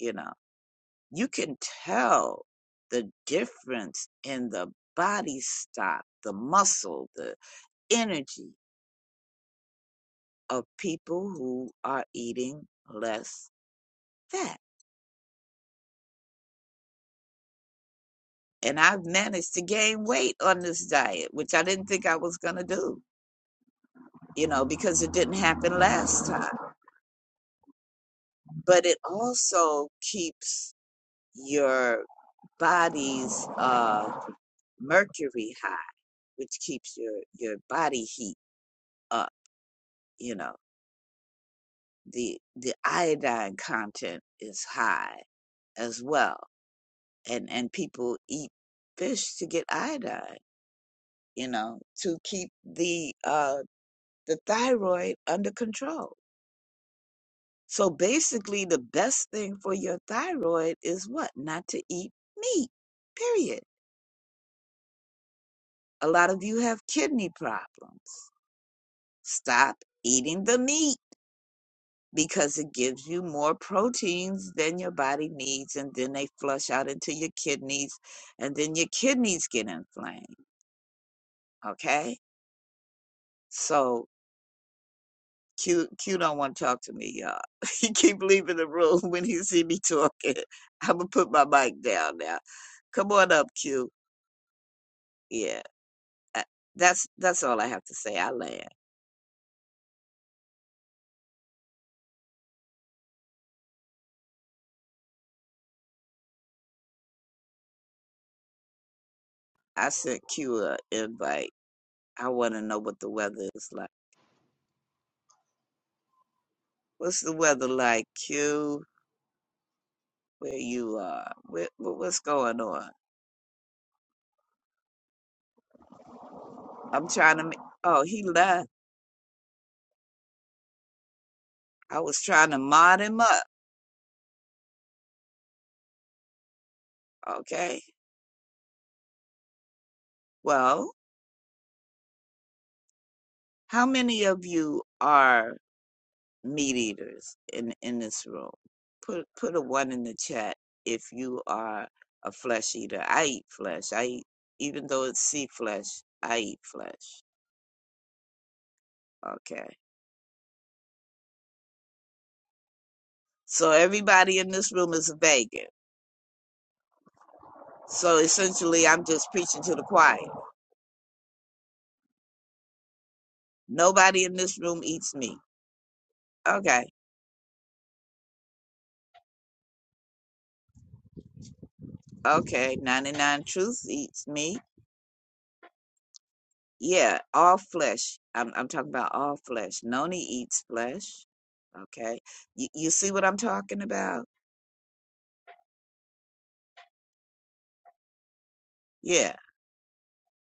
S15: you know. you can tell the difference in the body stock, the muscle, the energy of people who are eating less fat. And I've managed to gain weight on this diet, which I didn't think I was going to do, you know, because it didn't happen last time. But it also keeps your body's uh, mercury high, which keeps your, your body heat up, you know. the the iodine content is high as well and and people eat fish to get iodine you know to keep the uh the thyroid under control so basically the best thing for your thyroid is what not to eat meat period a lot of you have kidney problems stop eating the meat because it gives you more proteins than your body needs and then they flush out into your kidneys and then your kidneys get inflamed okay so q q don't want to talk to me y'all he keep leaving the room when he see me talking i'm gonna put my mic down now come on up q yeah I- that's that's all i have to say i land i sent q a invite i want to know what the weather is like what's the weather like q where you are. What, what what's going on? I'm trying to. ma- Oh, he left. I was trying to mod him up. Okay. Well, how many of you are meat eaters in in this room? Put put a one in the chat if you are a flesh eater. I eat flesh. I eat even though it's sea flesh. I eat flesh. Okay. So everybody in this room is a vegan. So essentially, I'm just preaching to the choir. Nobody in this room eats meat. Okay Okay, 99 Truths eats meat. Yeah, all flesh. I'm I'm talking about all flesh. Noni eats flesh. Okay. You, you see what I'm talking about? Yeah,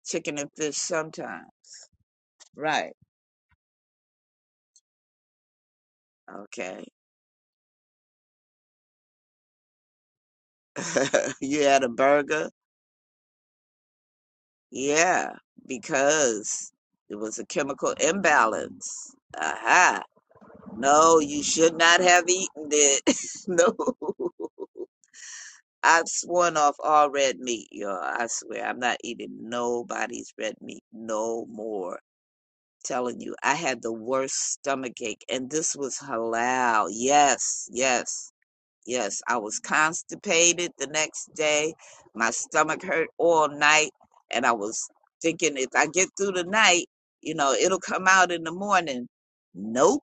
S15: chicken and fish sometimes. Right. Okay. you had a burger? Yeah, because it was a chemical imbalance. Aha. No, you should not have eaten it. no. I've sworn off all red meat, y'all. I swear, I'm not eating nobody's red meat no more. Telling you, I had the worst stomach ache, and this was halal. Yes, yes, yes. I was constipated the next day. My stomach hurt all night, and I was thinking if I get through the night, you know, it'll come out in the morning. Nope,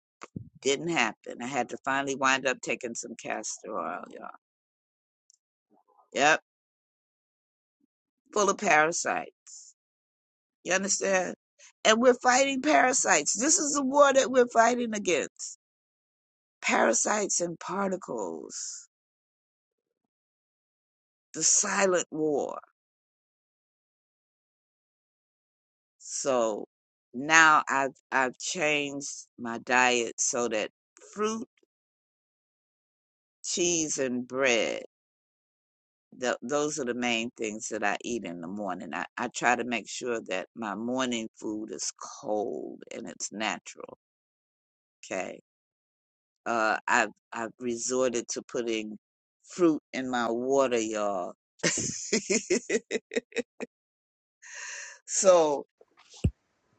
S15: didn't happen. I had to finally wind up taking some castor oil, y'all. Yep, full of parasites. You understand? And we're fighting parasites. This is the war that we're fighting against parasites and particles, the silent war. So now I've, I've changed my diet so that fruit, cheese, and bread, th- those are the main things that I eat in the morning. I, I try to make sure that my morning food is cold and it's natural. Okay uh, I've I've resorted to putting fruit in my water, y'all. so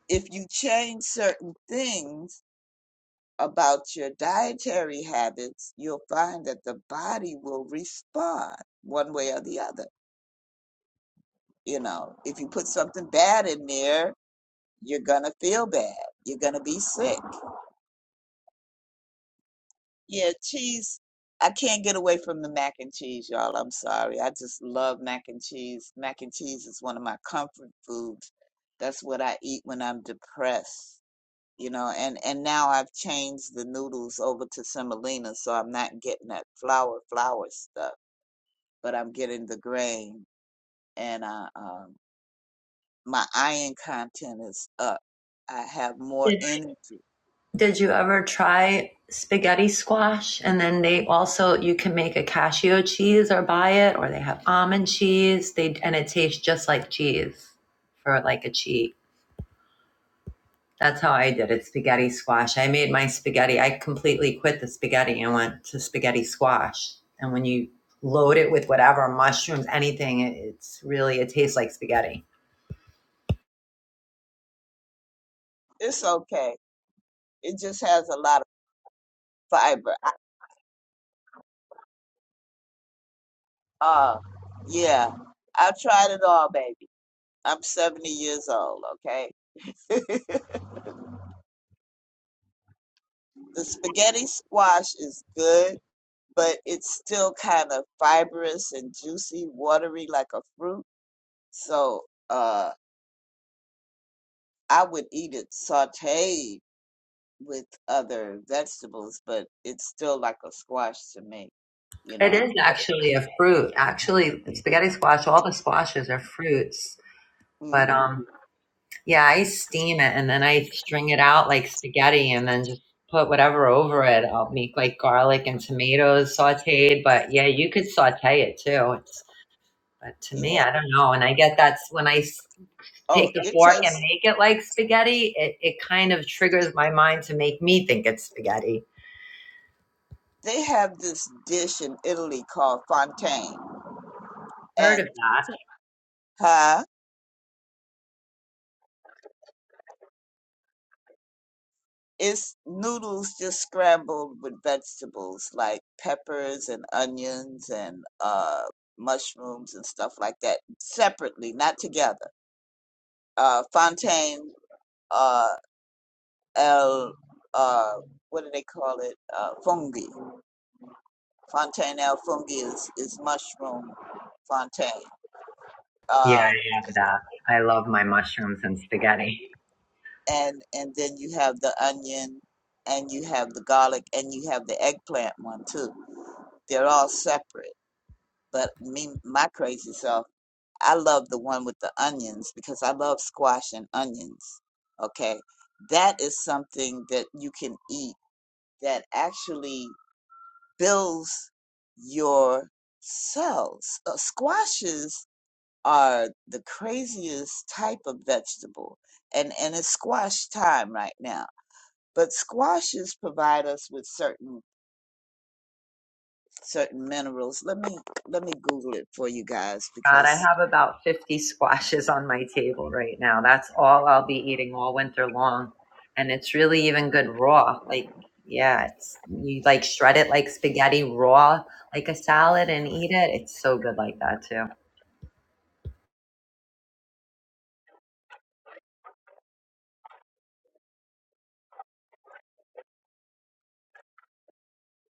S15: if you change certain things about your dietary habits, you'll find that the body will respond one way or the other. You know, if you put something bad in there, you're gonna feel bad. You're gonna be sick. Yeah, cheese. I can't get away from the mac and cheese, y'all. I'm sorry. I just love mac and cheese. Mac and cheese is one of my comfort foods. That's what I eat when I'm depressed, you know. And and now I've changed the noodles over to semolina, so I'm not getting that flour flour stuff, but I'm getting the grain. And uh, um, my iron content is up. I have more energy.
S3: And then they also you can make a cashew cheese or buy it, or they have almond cheese. They and it tastes just like cheese for like a cheat. That's how I did it spaghetti squash. I made my spaghetti. I completely quit the spaghetti and went to spaghetti squash. And when you load it with whatever mushrooms, anything, it's really, it tastes like spaghetti.
S15: It's okay. It just has a lot of fiber. Uh, yeah, I've tried it all, baby. I'm 70 years old, okay? the spaghetti squash is good, but it's still kind of fibrous and juicy, watery like a fruit. So uh, I would eat it sauteed with other vegetables, but it's still like a squash to me, you
S3: It
S15: know.
S3: is actually a fruit. Actually, spaghetti squash, all the squashes are fruits. But
S15: hmm
S3: um, yeah, I steam it and then I string it out like spaghetti and then just put whatever over it. I'll make like garlic and tomatoes sauteed. But yeah, you could saute it too. It's But to me,
S15: Yeah.
S3: I don't know. And I get that's when I
S15: Oh,
S3: take the
S15: it
S3: fork and
S15: tastes.
S3: make it like spaghetti, it, it kind of triggers my mind to make me think it's spaghetti.
S15: They have this dish in Italy called fontaine,
S3: Heard of that?
S15: and Huh? It's noodles just scrambled with vegetables like peppers and onions and uh, mushrooms and stuff like that separately, not together. Uh, Fontaine, uh, El, uh, what do they call it? Uh, fungi. Fontaine El fungi is, is mushroom fontaine.
S3: Yeah,
S15: Uh,
S3: I have that. I love my mushrooms and spaghetti.
S15: and, and then you have the onion and you have the garlic and you have the eggplant one too. They're all separate But me, my crazy self, I love the one with the onions because I love squash and onions. Okay. That is something that you can eat that actually builds your cells. Uh, squashes are the craziest type of vegetable. And, and it's squash time right now. But squashes provide us with certain certain minerals. Let me let me Google it for you guys
S3: God, I
S15: because
S3: have about 50 squashes on my table right now. That's all I'll be eating all winter long. And it's really even good raw. Like, yeah, it's you like shred it like spaghetti raw, like a salad and eat it. It's so good like that too.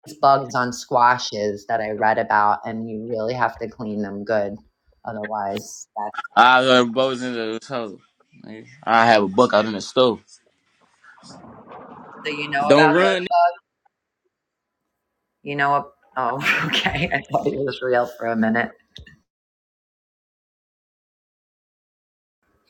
S3: these bugs on squashes that I read about, and you really have to clean them good. Otherwise, that's,
S19: I was uh, bows in the house. I have a buck out in the stove.
S3: so you know about
S19: Don't
S3: the,
S19: run.
S3: you know, oh, okay. I thought it was real for a minute.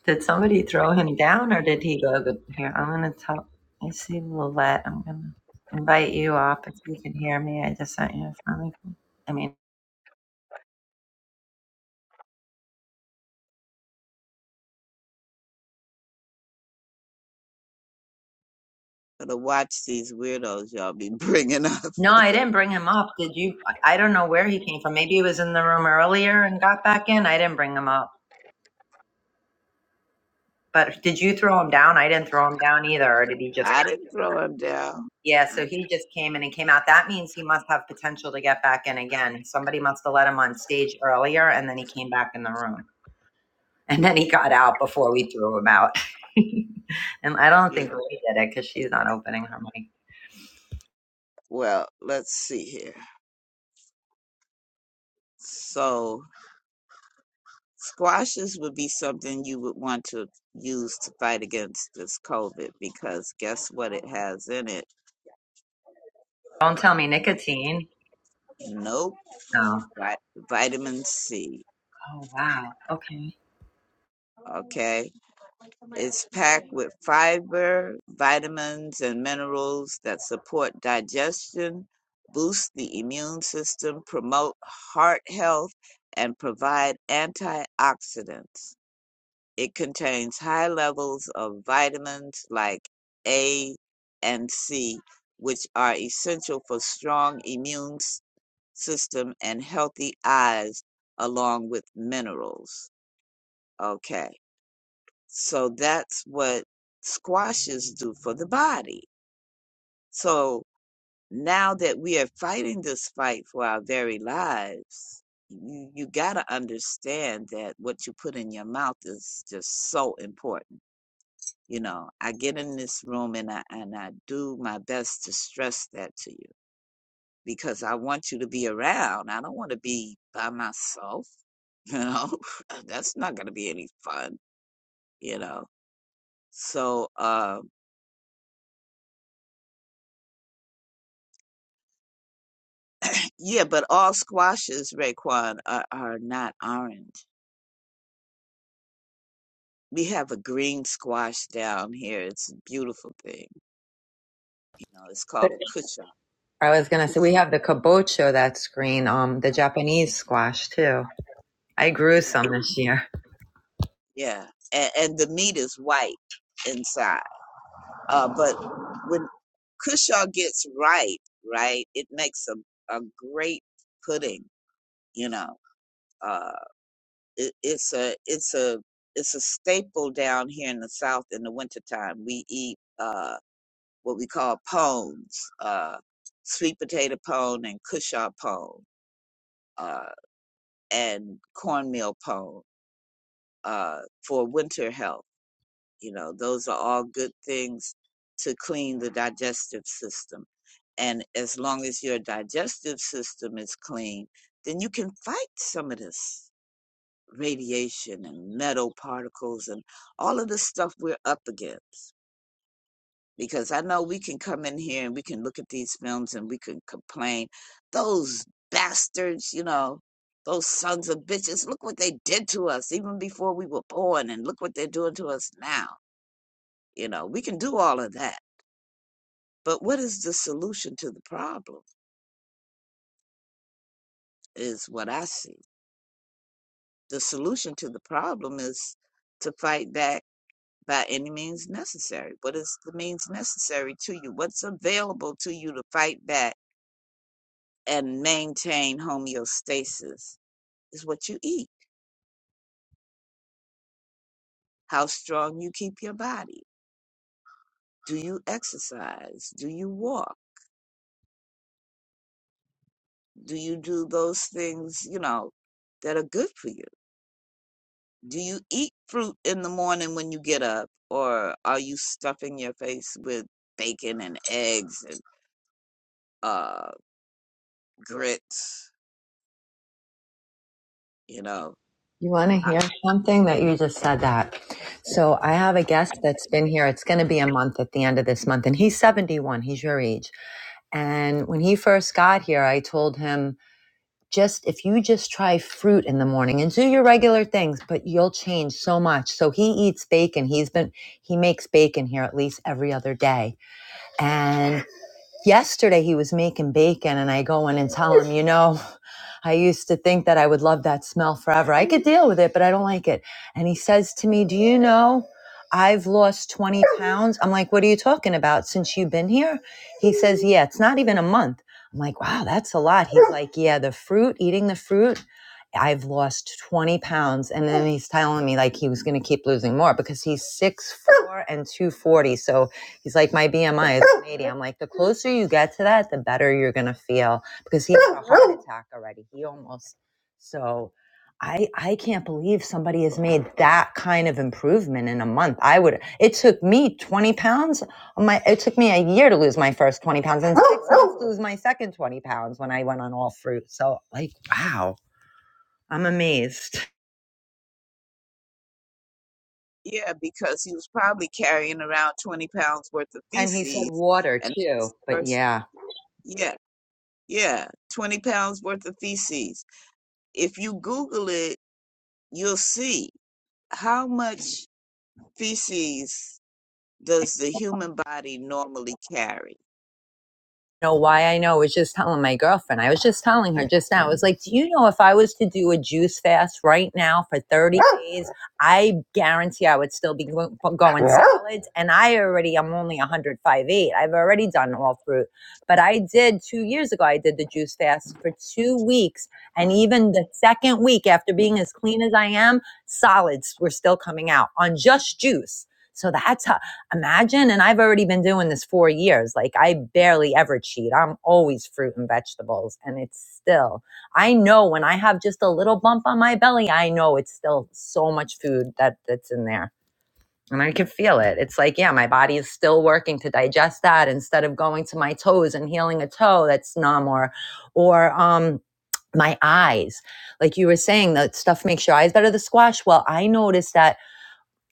S3: Did somebody throw him down or did he go Here, I'm going to tell. I see Lillette. I'm going to invite you up if you can hear me. I just sent you a funny. request. I mean,
S15: Gotta watch these weirdos y'all be bringing up.
S3: no, I didn't bring him up. Did you? I don't know where he came from. Maybe he was in the room earlier and got back in. I didn't bring him up. But did you throw him down? I didn't throw him down either. Or did he just?
S15: I didn't throw him down.
S3: Yeah,
S15: I,
S3: so he just came in and came out. That means he must have potential to get back in again. Somebody must have let him on stage earlier and then he came back in the room. And then he got out before we threw him out. and I don't think
S15: yeah.
S3: Ray did it because she's not opening her mic.
S15: Well, let's see here. So, squashes would be something you would want to use to fight against this COVID because guess what it has in it?
S3: Don't tell me nicotine.
S15: Nope.
S3: Oh.
S15: Vi- vitamin C.
S3: Oh, wow. Okay.
S15: Okay. It's packed with fiber, vitamins, and minerals that support digestion, boost the immune system, promote heart health, and provide antioxidants. It contains high levels of vitamins like A and C, which are essential for strong immune system and healthy eyes, along with minerals. Okay. So that's what squashes do for the body. So now that we are fighting this fight for our very lives, you, you got to understand that what you put in your mouth is just so important. You know, I get in this room and I and I do my best to stress that to you because I want you to be around. I don't want to be by myself. You know, that's not going to be any fun. You know, so. uh. Yeah, but all squashes, Raekwon, are, are not orange. We have a green squash down here. It's a beautiful thing. You know, it's called a kucha.
S3: I was gonna say we have the kabocho that green, um, the Japanese squash too. I grew
S15: Yeah,
S3: some this year.
S15: yeah. And, and the meat is white inside. Uh, but when kusha gets ripe, right, it makes a, a great pudding. You know, uh, it, it's a it's a it's a staple down here in the South in the wintertime. We eat. Uh, what we call pones, uh, sweet potato pone and cushaw pone, uh, and cornmeal pone, uh, for winter health. You know, those are all good things to clean the digestive system. And as long as your digestive system is clean, then you can fight some of this radiation and metal particles and all of the stuff we're up against. because I know we can come in here and we can look at these films and we can complain. Those bastards, you know, those sons of bitches, look what they did to us even before we were born, and look what they're doing to us now. You know, we can do all of that. But what is the solution to the problem, is what I see. The solution to the problem is to fight back by any means necessary. What is the means necessary to you? What's available to you to fight back? and maintain homeostasis is what you eat, how strong you keep your body. Do you exercise? Do you walk? Do you do those things, you know, that are good for you? Do you eat fruit in the morning when you get up, or are you stuffing your face with bacon and eggs and uh, grits? You know,
S3: You want to
S15: I,
S3: hear something that you just said that? So I have a guest that's been here. It's going to be a month at the end of this month, and he's 71. He's your age. And when he first got here, I told him just if you just try fruit in the morning and do your regular things, but you'll change so much. So he eats bacon. He's been he makes bacon here at least every other day. And yesterday he was making bacon and I go in and tell him, you know, I used to think that I would love that smell forever. I could deal with it, but I don't like it. And he says to me, Do you know I've lost 20 pounds? I'm like, What are you talking about since you've been here? He says, Yeah, it's not even a month. I'm like, Wow, that's a lot. He's like, Yeah, the fruit, eating the fruit. I've lost 20 pounds. And then he's telling me like he was going to keep losing more because he's six foot four and 240. So he's like, my BMI is one 80. I'm like, the closer you get to that, the better you're going to feel because he had a heart attack already. He almost so I I can't believe somebody has made that kind of improvement in a month. I would it took me 20 pounds. on My it took me a year to lose my first 20 pounds and six months to lose my second 20 pounds when I went on all fruit. So like wow, I'm amazed.
S15: yeah, because he was probably carrying around 20 pounds worth of
S3: And he said
S15: feces,
S3: water
S15: and that's
S3: too.
S15: the
S3: But
S15: first.
S3: yeah.
S15: Yeah, Yeah, 20 pounds worth of feces. If you Google it, you'll see how much feces does the human body normally carry.
S3: know why I know. I was just telling my girlfriend. I was just telling her just now. I was like, do you know if I was to do a juice fast right now for 30 days, I guarantee I would still be go- going salads. And I already, I'm only one hundred five eight. I've already done all fruit. But I did two years ago, I did the juice fast for two weeks. And even the second week after being as clean as I am, solids were still coming out on just juice. So that's how Imagine. And I've already been doing this four years. Like I barely ever cheat. I'm always fruit and vegetables. And it's still, I know when I have just a little bump on my belly, I know it's still so much food that that's in there. And I can feel it. It's like, yeah, my body is still working to digest that instead of going to my toes and healing a toe that's numb or, or, um, my eyes. Like you were saying, that stuff makes your eyes better, the squash. Well, I noticed that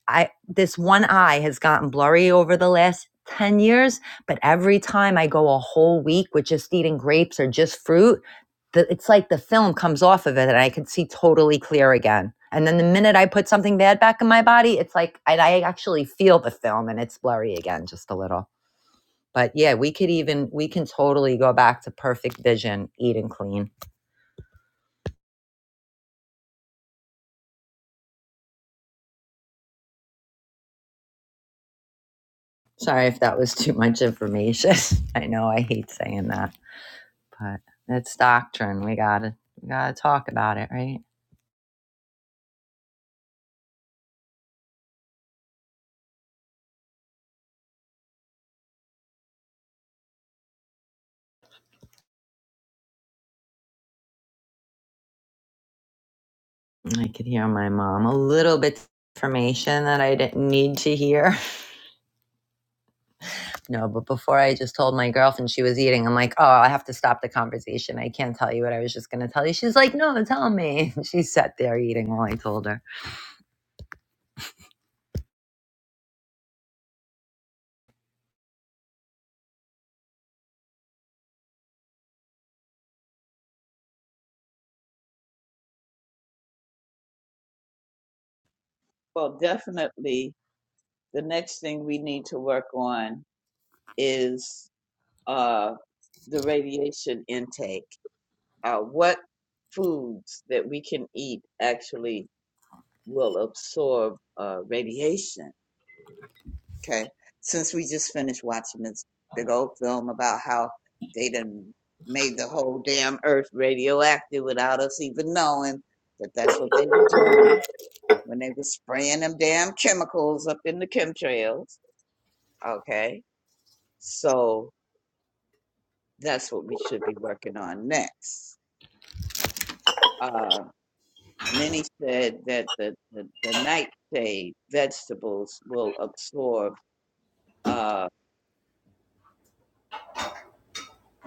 S3: I this one eye has gotten blurry over the last 10 years, but every time I go a whole week with just eating grapes or just fruit, the, it's like the film comes off of it and I can see totally clear again. And then the minute I put something bad back in my body, it's like I, I actually feel the film and it's blurry again just a little. But yeah, we could even we can totally go back to perfect vision, eating clean. Sorry if that was too much information. I know I hate saying that, but it's doctrine. We gotta we gotta talk about it, right? I could hear my mom a little bit information that I didn't need to hear. No, but before I just told my girlfriend she was eating, I'm like, oh, I have to stop the conversation. I can't tell you what I was just gonna tell you. She's like, no, tell me. She sat there eating while I told her.
S15: Well, definitely the next thing we need to work on is uh, the radiation intake. Uh, what foods that we can eat actually will absorb uh, radiation? Okay. Since we just finished watching this big old film about how they done made the whole damn earth radioactive without us even knowing that that's what they were doing when they were spraying them damn chemicals up in the chemtrails. Okay. So that's what we should be working on next. Uh, many said that the, the, the nightshade vegetables will absorb uh,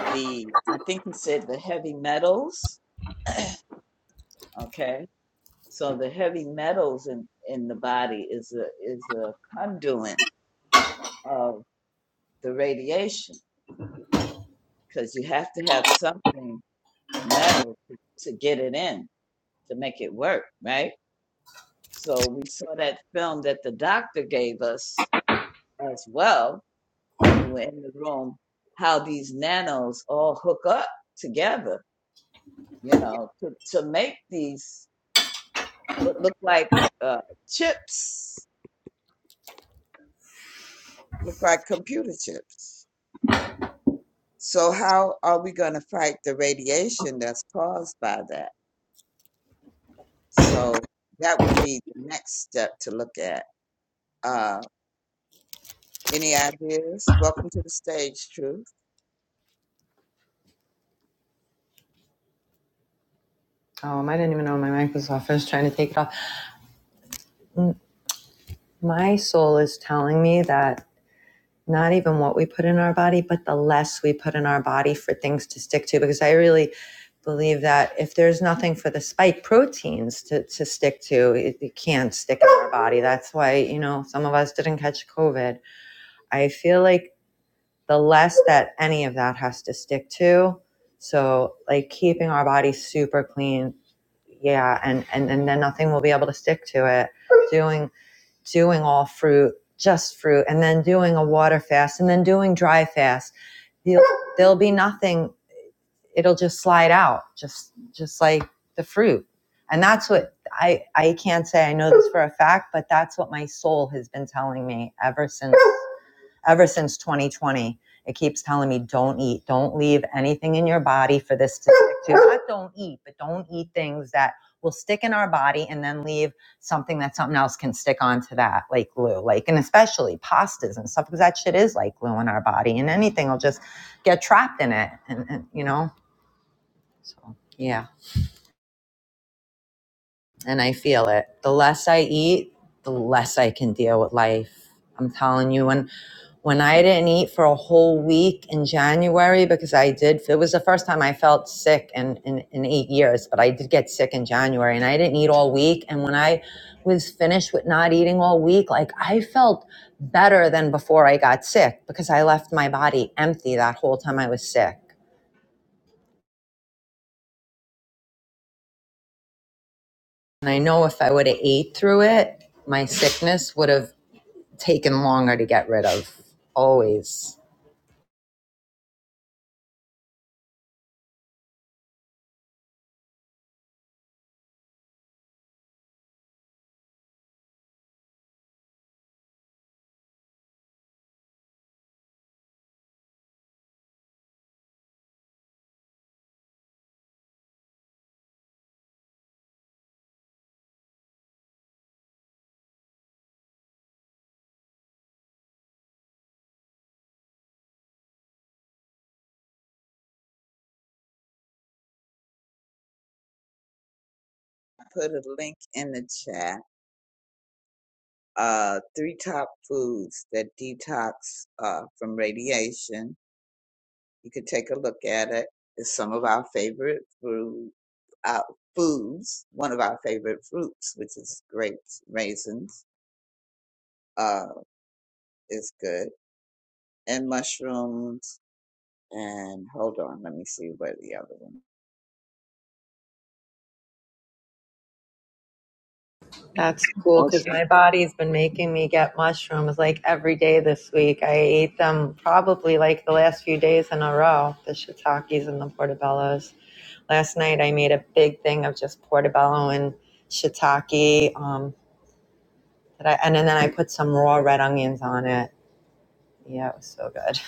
S15: the, I think he said the heavy metals Okay, so the heavy metals in in the body is a is a conduit of the radiation because you have to have something metal to, to get it in to make it work, right? So we saw that film that the doctor gave us as well. If you were in the room, how these nanos all hook up together, you know, to to make these what look like uh, chips, look like computer chips So how are we going to fight the radiation that's caused by that? So that would be the next step to look at. Uh, any ideas? Welcome to the stage, Truth.
S3: Um, I didn't even know my mic was off. I was trying to take it off. My soul is telling me that not even what we put in our body, but the less we put in our body for things to stick to. Because I really believe that if there's nothing for the spike proteins to, to stick to, it, it can't stick in our body. That's why, you know, some of us didn't catch COVID. I feel like the less that any of that has to stick to, so like keeping our body super clean, yeah, and, and, and then nothing will be able to stick to it. Doing doing all fruit, just fruit, and then doing a water fast, and then doing dry fast, you'll, there'll be nothing. It'll just slide out, just just like the fruit. And that's what I I can't say I know this for a fact, but that's what my soul has been telling me ever since ever since 2020. It keeps telling me, don't eat, don't leave anything in your body for this to stick to. Not don't eat, but don't eat things that will stick in our body and then leave something that something else can stick onto that, like glue, like, and especially pastas and stuff, because that shit is like glue in our body and anything will just get trapped in it. And, and you know, so yeah. and I feel it. The less I eat, the less I can deal with life. I'm telling you, when when I didn't eat for a whole week in January because I did it was the first time I felt sick in, in, in eight years, but I did get sick in January and I didn't eat all week. And when I was finished with not eating all week, like I felt better than before I got sick because I left my body empty that whole time I was sick. And I know if I would have ate through it, my sickness would have taken longer to get rid of. Always.
S15: I put a link in the chat. Uh, three top foods that detox uh, from radiation. You could take a look at it. It's some of our favorite food, uh, foods. One of our favorite fruits, which is grapes, raisins, uh, is good and mushrooms and hold on, let me see where the other one.
S3: That's cool because my body's been making me get mushrooms like every day this week. I ate them probably like the last few days in a row, the shiitakes and the portobellos. Last night I made a big thing of just portobello and shiitake. Um, that I, and then I put some raw red onions on it. Yeah, it was so good.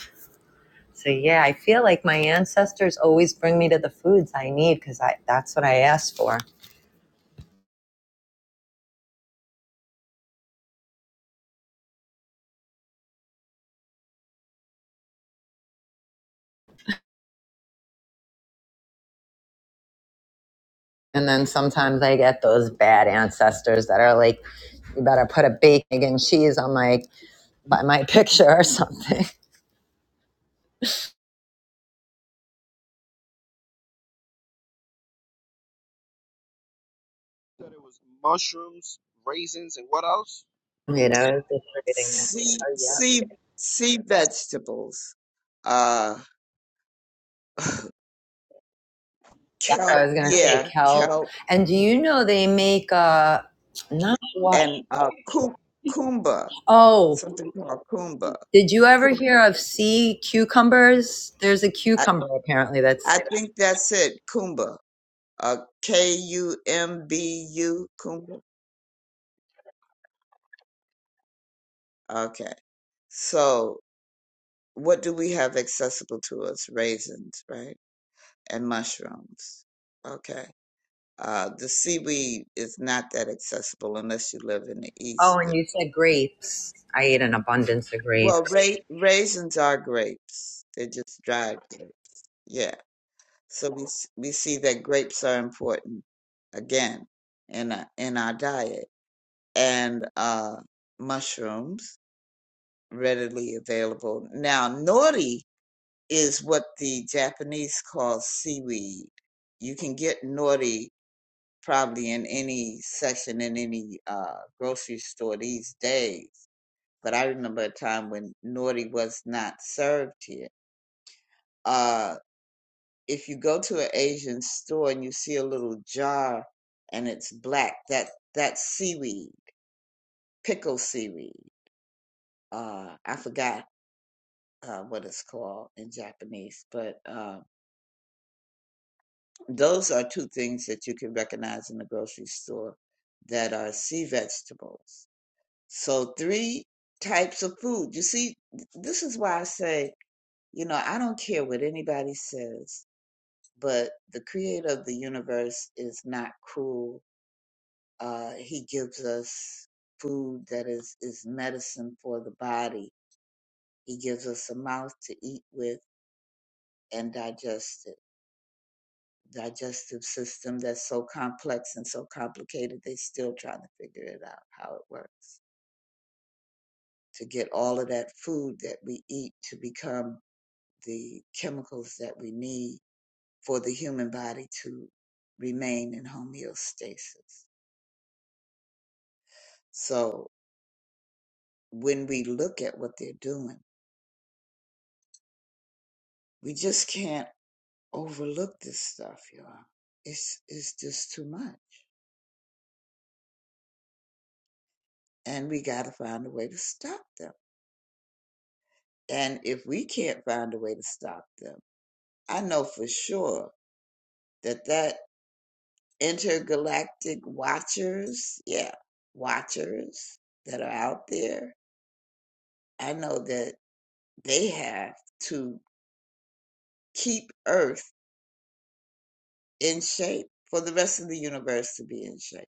S3: So yeah, I feel like my ancestors always bring me to the foods I need because I that's what I asked for. And then sometimes I get those bad ancestors that are like, you better put a bacon and cheese on my by my picture or something. You know, it's just reading it.
S15: Sea
S3: Oh yeah.
S15: sea sea vegetables. Uh kelp,
S3: I was gonna say
S15: yeah,
S3: kelp.
S15: kelp
S3: And do you know they make uh not what
S15: and uh ku- kumba,
S3: oh
S15: something called kumba.
S3: did you ever
S15: Kumba.
S3: hear of sea cucumbers? There's a
S15: I,
S3: cucumber apparently that's
S15: I think that's it, kumba. Uh K U M B U kumba. Okay. So what do we have accessible to us? Raisins, right? And mushrooms. Okay. Uh, the seaweed is not that accessible unless you live in the east.
S3: oh
S15: Yeah.
S3: and you said grapes. I ate an abundance of grapes.
S15: Well, ra- raisins are grapes. They're just dried grapes. Yeah. So we s- we see that grapes are important again in our, in our diet and uh, mushrooms readily available. Now, nori is what the Japanese call seaweed. You can get nori probably in any section in any uh, grocery store these days. But I remember a time when nori was not served here. Uh, if you go to an Asian store and you see a little jar and it's black, that that's seaweed, pickle seaweed. Uh, I forgot uh, what it's called in Japanese, but uh, those are two things that you can recognize in the grocery store that are sea vegetables So three types of food. You see, th- this is why I say, you know, I don't care what anybody says, but the creator of the universe is not cruel. Uh, he gives us food that is, is medicine for the body. He gives us a mouth to eat with and digest it. Digestive system that's so complex and so complicated, they still trying to figure it out how it works to get all of that food that we eat to become the chemicals that we need for the human body to remain in homeostasis. So when we look at what they're doing, we just can't overlook this stuff, y'all. It's it's just too much. And we gotta find a way to stop them. And if we can't find a way to stop them, I know for sure that that intergalactic watchers, yeah, watchers that are out there, I know that they have to keep Earth in shape for the rest of the universe to be in shape.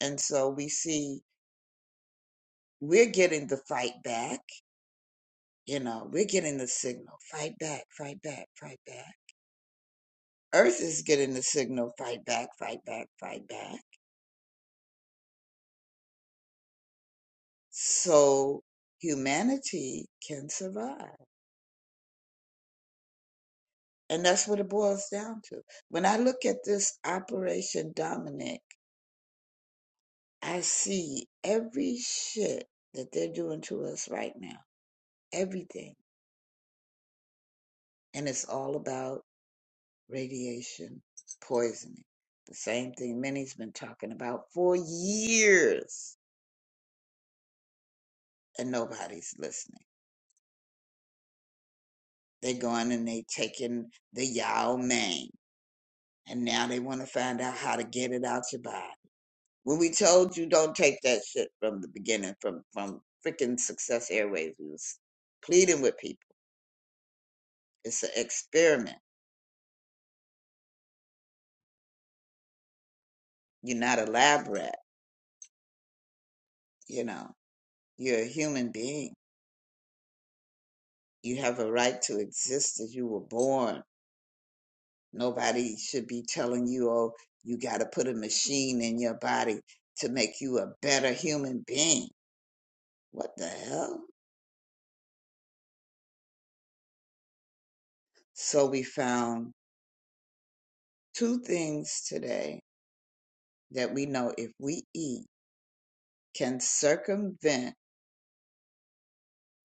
S15: And so we see we're getting the fight back, you know, we're getting the signal fight back, fight back, fight back. Earth is getting the signal fight back, fight back, fight back. So humanity can survive. And that's what it boils down to. When I look at this Operation Dominic, I see every shit that they're doing to us right now everything. And it's all about radiation poisoning. The same thing many's been talking about for years and nobody's listening. They're going and they taking the Yao Ming and now they want to find out how to get it out your body. When we told you don't take that shit from the beginning, from from freaking Success Airways, we was pleading with people. It's an experiment. You're not a lab rat, you know. You're a human being You have a right to exist as you were born. Nobody should be telling you, oh, you got to put a machine in your body to make you a better human being. What the hell? So we found two things today that we know if we eat can circumvent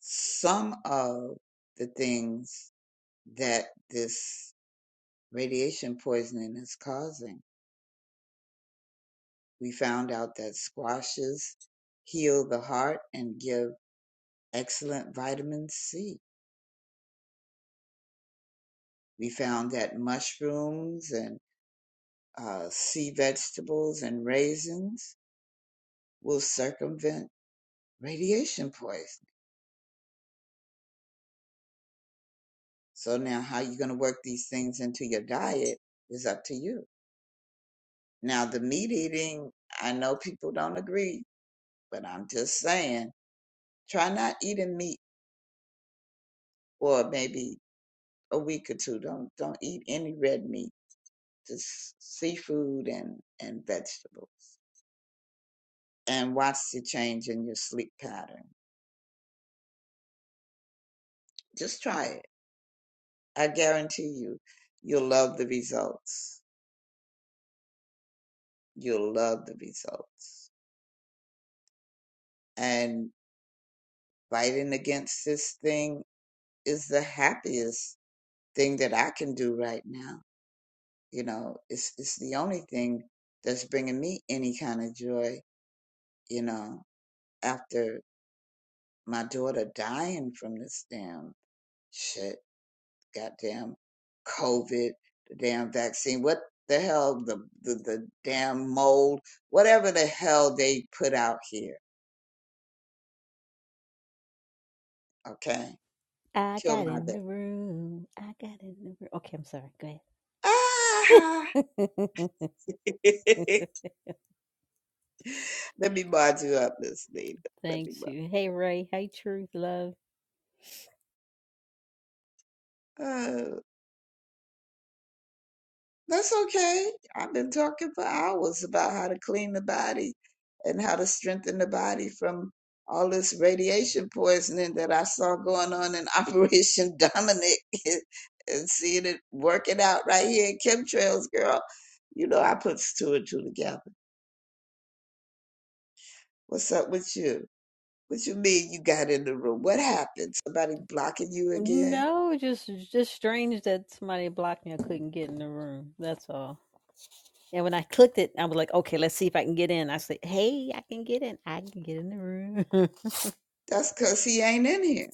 S15: some of the things that this radiation poisoning is causing. We found out that squashes heal the heart and give excellent vitamin C. We found that mushrooms and uh, sea vegetables and raisins will circumvent radiation poisoning. So now how you're going to work these things into your diet is up to you. Now the meat eating, I know people don't agree, but I'm just saying, try not eating meat for maybe a week or two. Don't don't eat any red meat, just seafood and and vegetables and watch the change in your sleep pattern. Just try it. I guarantee you, you'll love the results. You'll love the results. And fighting against this thing is the happiest thing that I can do right now. You know, it's it's the only thing that's bringing me any kind of joy. You know, after my daughter dying from this damn shit goddamn COVID, the damn vaccine, what the hell, the, the, the damn mold, whatever the hell they put out here. Okay.
S7: i
S15: Kill
S7: got
S15: my
S7: in
S15: baby.
S7: the room i got in the room okay i'm sorry go
S15: Ah!
S7: ahead
S15: Let me mod you up, Miss Nita. Let me
S7: Thanks. you. Hey Ray. Hey Truth Love.
S15: mod. That's okay. I've been talking for hours about how to clean the body and how to strengthen the body from all this radiation poisoning that I saw going on in Operation Dominic and seeing it working out right here in chemtrails, girl. You know, I put two and two together. What's up with you? What you mean you got in the room? What happened? Somebody blocking you again?
S7: No, just just strange that somebody blocked me. I couldn't get in the room. That's all. And when I clicked it, I was like, okay, let's see if I can get in. I said, hey, I can get in. I can get in the room.
S15: That's because he ain't in here.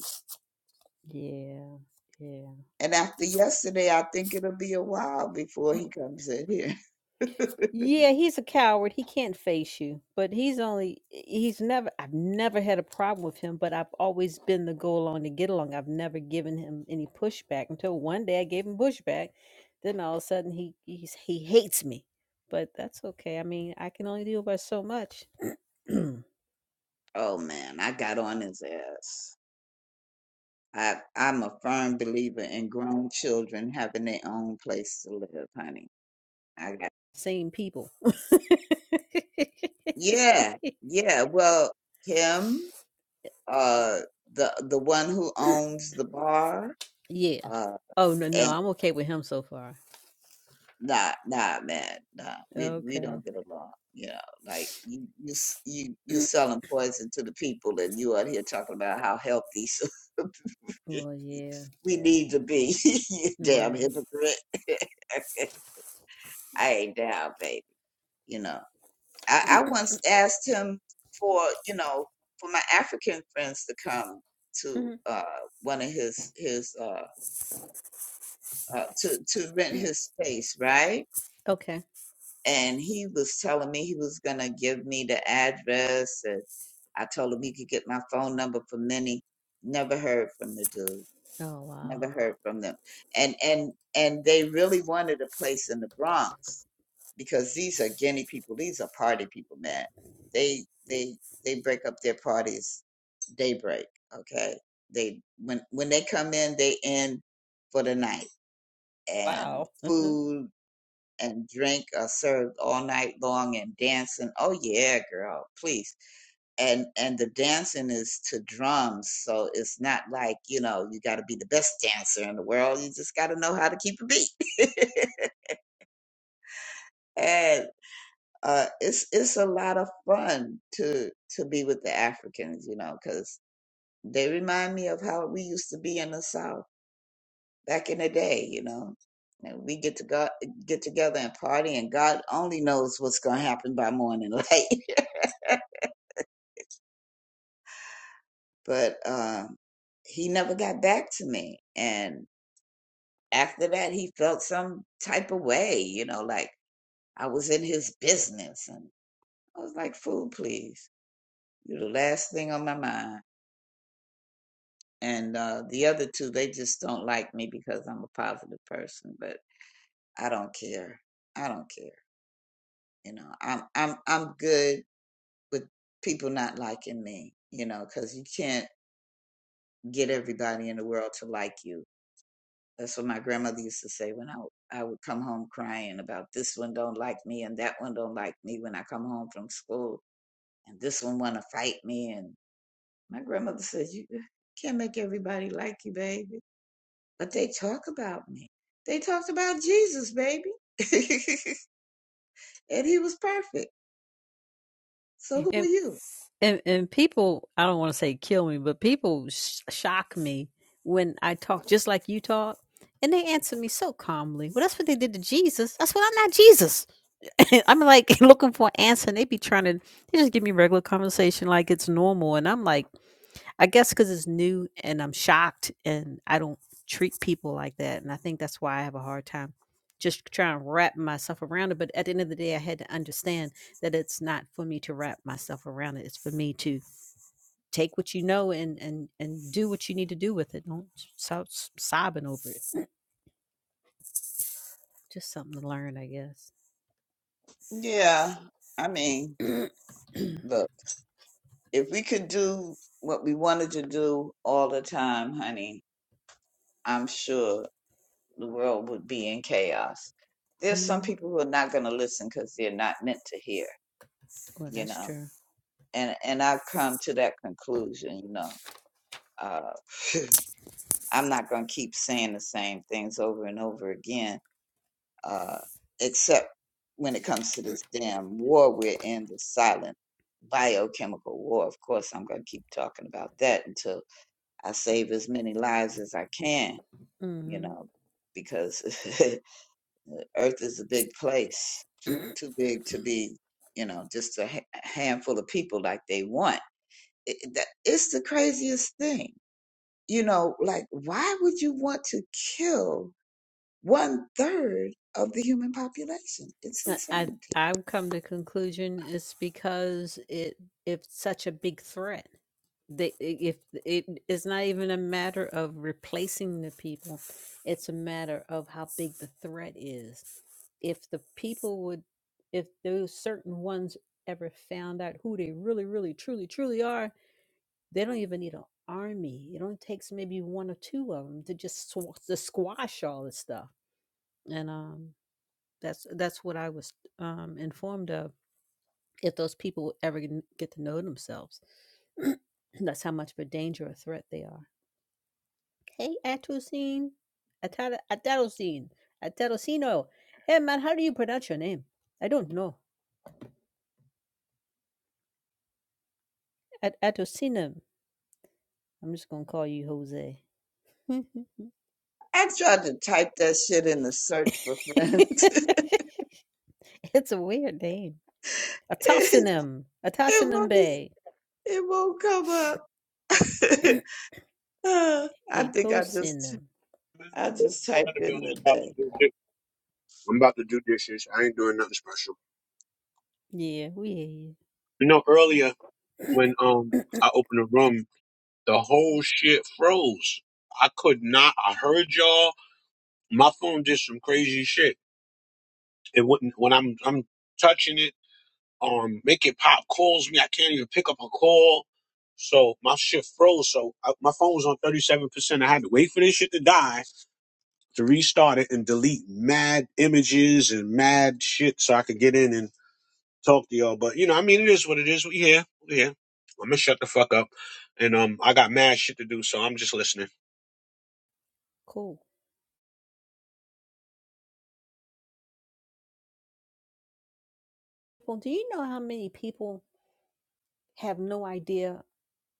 S7: yeah, yeah.
S15: And after yesterday, I think it'll be a while before he comes in here.
S7: Yeah, he's a coward. He can't face you. But he's only eh, he's never I've never had a problem with him, but I've always been the go along to get along. I've never given him any pushback until one day I gave him pushback. Then all of a sudden he he's, he hates me. But that's okay. I mean, I can only deal with so much.
S15: Oh man, I got on his ass. I I'm a firm believer in grown children having their own place to live, honey. I got
S7: Same people.
S15: yeah, yeah. Well, him, uh, the the one who owns the bar,
S7: yeah.
S15: uh,
S7: Oh no, no,
S15: and
S7: I'm okay with him so far.
S15: Nah, nah, man, nah. We we
S7: Okay.
S15: don't get along. You know, like you you s- you you selling poison to the people, and you out here talking about how healthy
S7: Well, yeah.
S15: we need to be. you damn
S7: Right.
S15: hypocrite. I ain't down, baby. You know, I I once asked him for you know for my African friends to come to
S7: hmm
S15: uh one of his his uh, uh to to rent his space, right?
S7: Okay.
S15: and he was telling me he was gonna give me the address and I told him he could get my phone number from Minnie. Never heard from the dude.
S7: Oh
S15: Never
S7: wow.
S15: heard from them. And and and they really wanted a place in the Bronx because these are guinea people, these are party people, man. They they they break up their parties daybreak, okay? They when when they come in, they end for the night and
S7: Wow.
S15: food and drink are served all night long and dancing. Oh yeah, girl, please. And and the dancing is to drums, so it's not like, you know, you gotta be the best dancer in the world. You just gotta know how to keep a beat. and uh it's it's a lot of fun to to be with the Africans, you know, because they remind me of how we used to be in the South back in the day, you know. And we get to go, get together and party, and God only knows what's going to happen by morning light. but um, he never got back to me. And after that, he felt some type of way, you know, like I was in his business. And I was like, fool, please. You're the last thing on my mind. And uh, the other two, they just don't like me because I'm a positive person, but I don't care. I don't care. You know, I'm I'm I'm good with people not liking me. You know, because you can't get everybody in the world to like you That's what my grandmother used to say when I I would come home crying about this one don't like me and that one don't like me when I come home from school and this one want to fight me and my grandmother says you can't make everybody like you baby but they talk about me they talked about Jesus baby and he was perfect so who are
S7: and
S15: you
S7: and, and people i don't want to say kill me but people sh- shock me when i talk just like you talk and they answer me so calmly well that's what they did to jesus that's what i'm not jesus i'm like looking for an answer and they be trying to they just give me regular conversation like it's normal and i'm like I guess because it's new and I'm shocked and I don't treat people like that. And I think that's why I have a hard time just trying to wrap myself around it. But at the end of the day, I had to understand that it's not for me to wrap myself around it. It's for me to take what you know and and and do what you need to do with it. Don't stop s- sobbing over it. Just something to learn, I guess.
S15: yeah I mean look if we could do what we wanted to do all the time honey I'm sure the world would be in chaos. There's some
S7: hmm
S15: people who are not going to listen because they're not meant to hear,
S7: Well,
S15: you
S7: that's
S15: know.
S7: true.
S15: And and I've come to that conclusion, you know. Uh, I'm not going to keep saying the same things over and over again, uh, except when it comes to this damn war we're in, the silent biochemical war. Of course, I'm going to keep talking about that until I save as many lives as I can, you
S7: hmm
S15: know, because Earth is a big place, too big to be, you know, just a ha- handful of people like they want. It, it- that, it's the craziest thing. You know, like, why would you want to kill one third of the human population? It's
S7: I, I
S15: insanity.
S7: I've come to conclusion it's because it it's such a big threat they i- if it is not even a matter of replacing the people it's a matter of how big the threat is if the people would if those certain ones ever found out who they really really truly truly are they don't even need an army it only takes maybe one or two of them to just sw- to squash all this stuff and um that's that's what i was um informed of if those people would ever get get to know themselves that's how much of a danger or threat they are Hey, Atusin. Atara, Atarosin. Atarosino. Hey, man, how do you pronounce your name? I don't know. At Atosinum. I'm just going to call you Jose.
S15: I tried to type that shit in the search for friends.
S7: it's a weird name.
S15: it,
S7: Atosinum.
S15: it
S7: Atosinum
S15: won't be,
S7: Bay.
S15: it won't come up. Uh, I think I just
S7: Atosinum.
S15: I just typed in the bay.
S2: I'm about to do dishes. I ain't doing nothing special.
S7: Yeah, we
S2: You know, earlier
S7: hear
S2: when um
S7: you.
S2: I opened the room, the whole shit froze. I could not. I heard y'all. My phone did some crazy shit. It wouldn't when I'm I'm touching it. Um, make it pop calls me. I can't even pick up a call. So my shit froze. So I, my phone was on thirty seven percent. I had to wait for this shit to die to restart it and delete mad images and mad shit so I could get in and talk to y'all. But you know, I mean, it is what it is. We here, we here. I'm gonna shut the fuck up, and um, I got mad shit to do, so I'm just listening.
S7: cool. Well, do you know how many people have no idea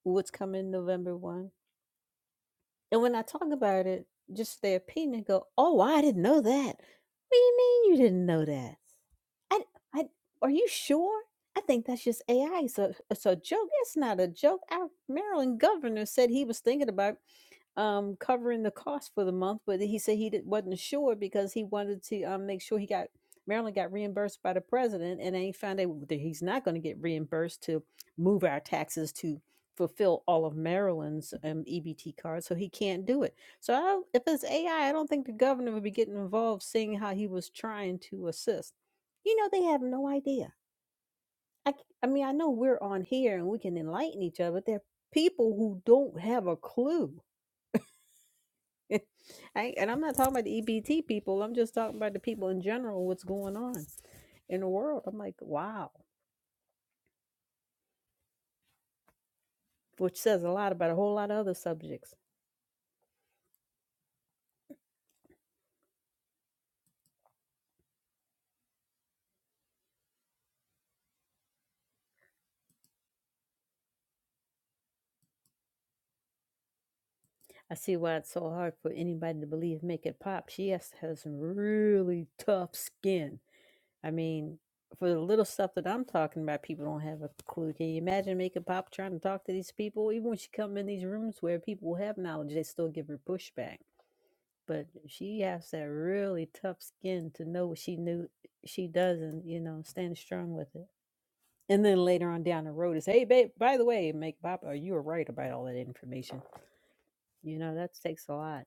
S7: what's coming November 1? And when I talk about it, just their opinion go, oh, I didn't know that. What do you mean you didn't know that? I, I, are you sure? I think that's just AI. So it's a it's a joke. It's not a joke. Our Maryland governor said he was thinking about um, covering the cost for the month, but he said he did, wasn't sure because he wanted to um, make sure he got Maryland got reimbursed by the president, and then he found out that he's not going to get reimbursed to move our taxes to fulfill all of Maryland's um, EBT cards, so he can't do it. So I don't, if it's AI, I I don't think the governor would be getting involved, seeing how he was trying to assist. You know, they have no idea. I, c- I mean, I know we're on here and we can enlighten each other. but There are people who don't have a clue I, and I'm not talking about the EBT people. I'm just talking about the people in general, what's going on in the world. I'm like, wow, which says a lot about a whole lot of other subjects. I see why it's so hard for anybody to believe Make It Pop. She has to have some really tough skin. I mean, for the little stuff that I'm talking about, people don't have a clue. Can you imagine Make It Pop trying to talk to these people? Even when she come in these rooms where people have knowledge, they still give her pushback but she has that really tough skin to know what she knew she doesn't, you know, stand strong with it. And then later on down the road is, hey babe, by the way, make Bob, are you were right about all that information? You know, that takes a lot.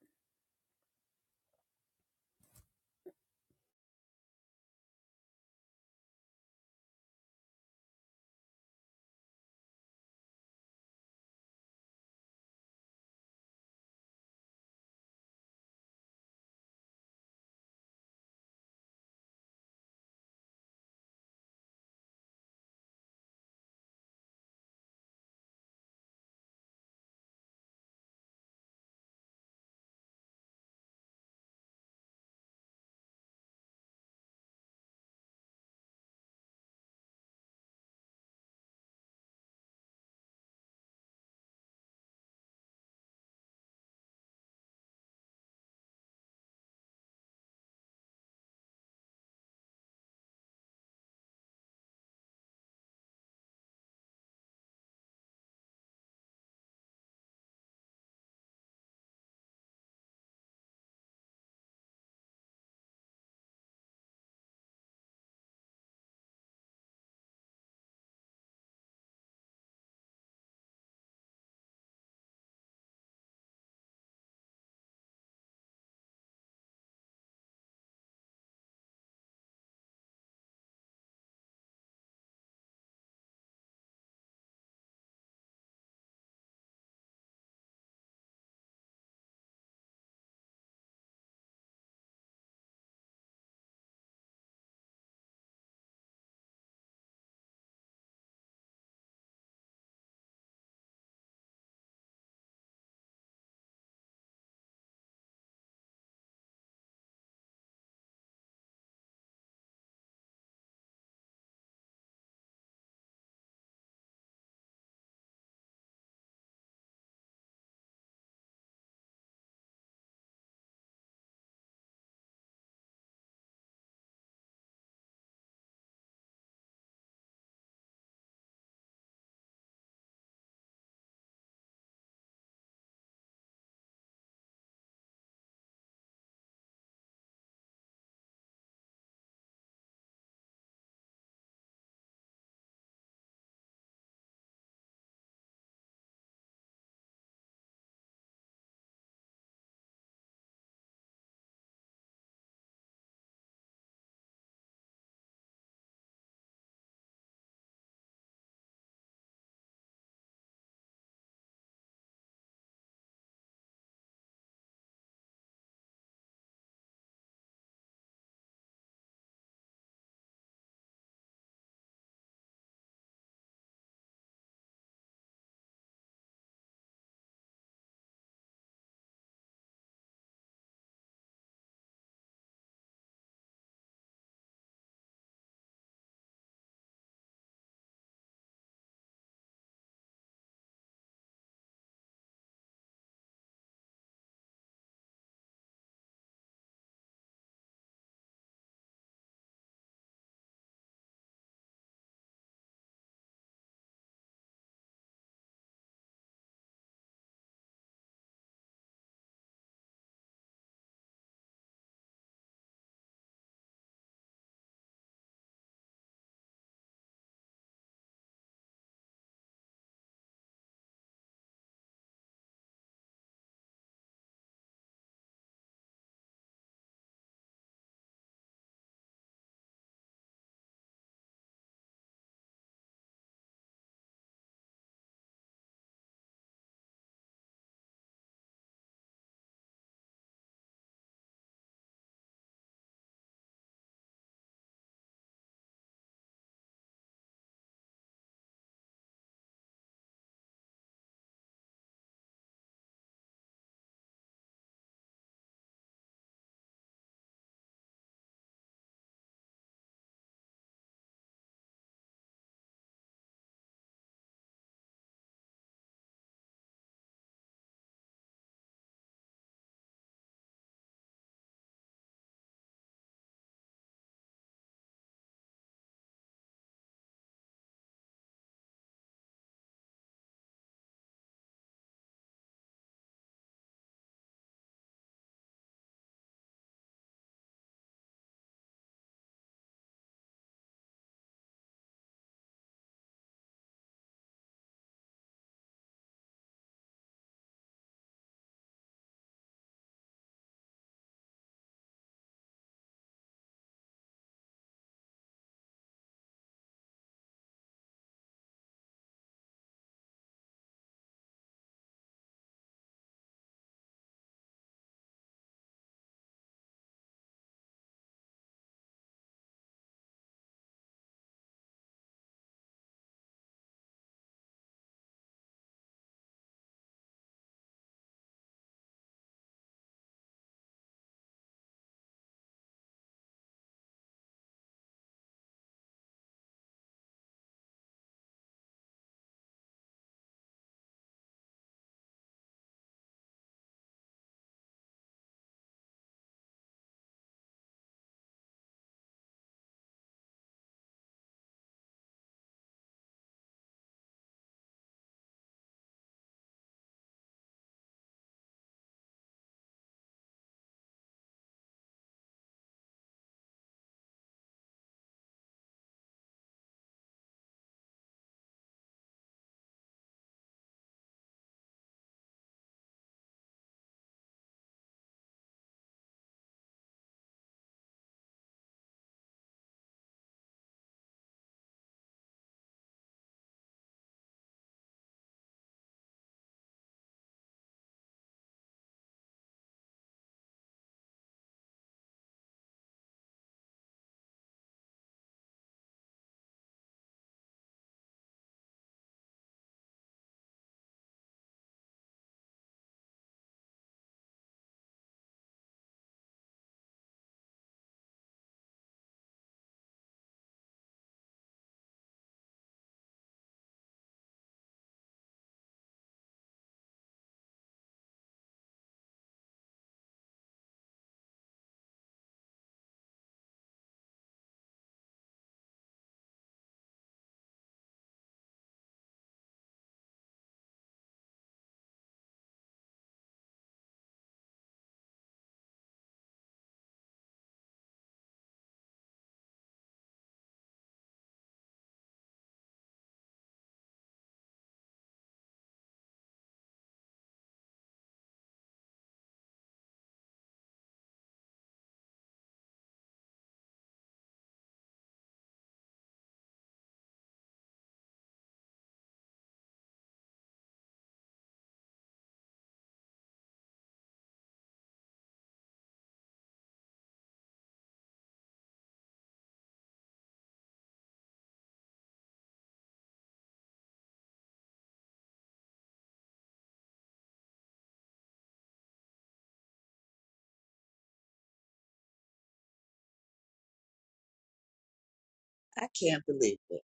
S15: I can't believe it.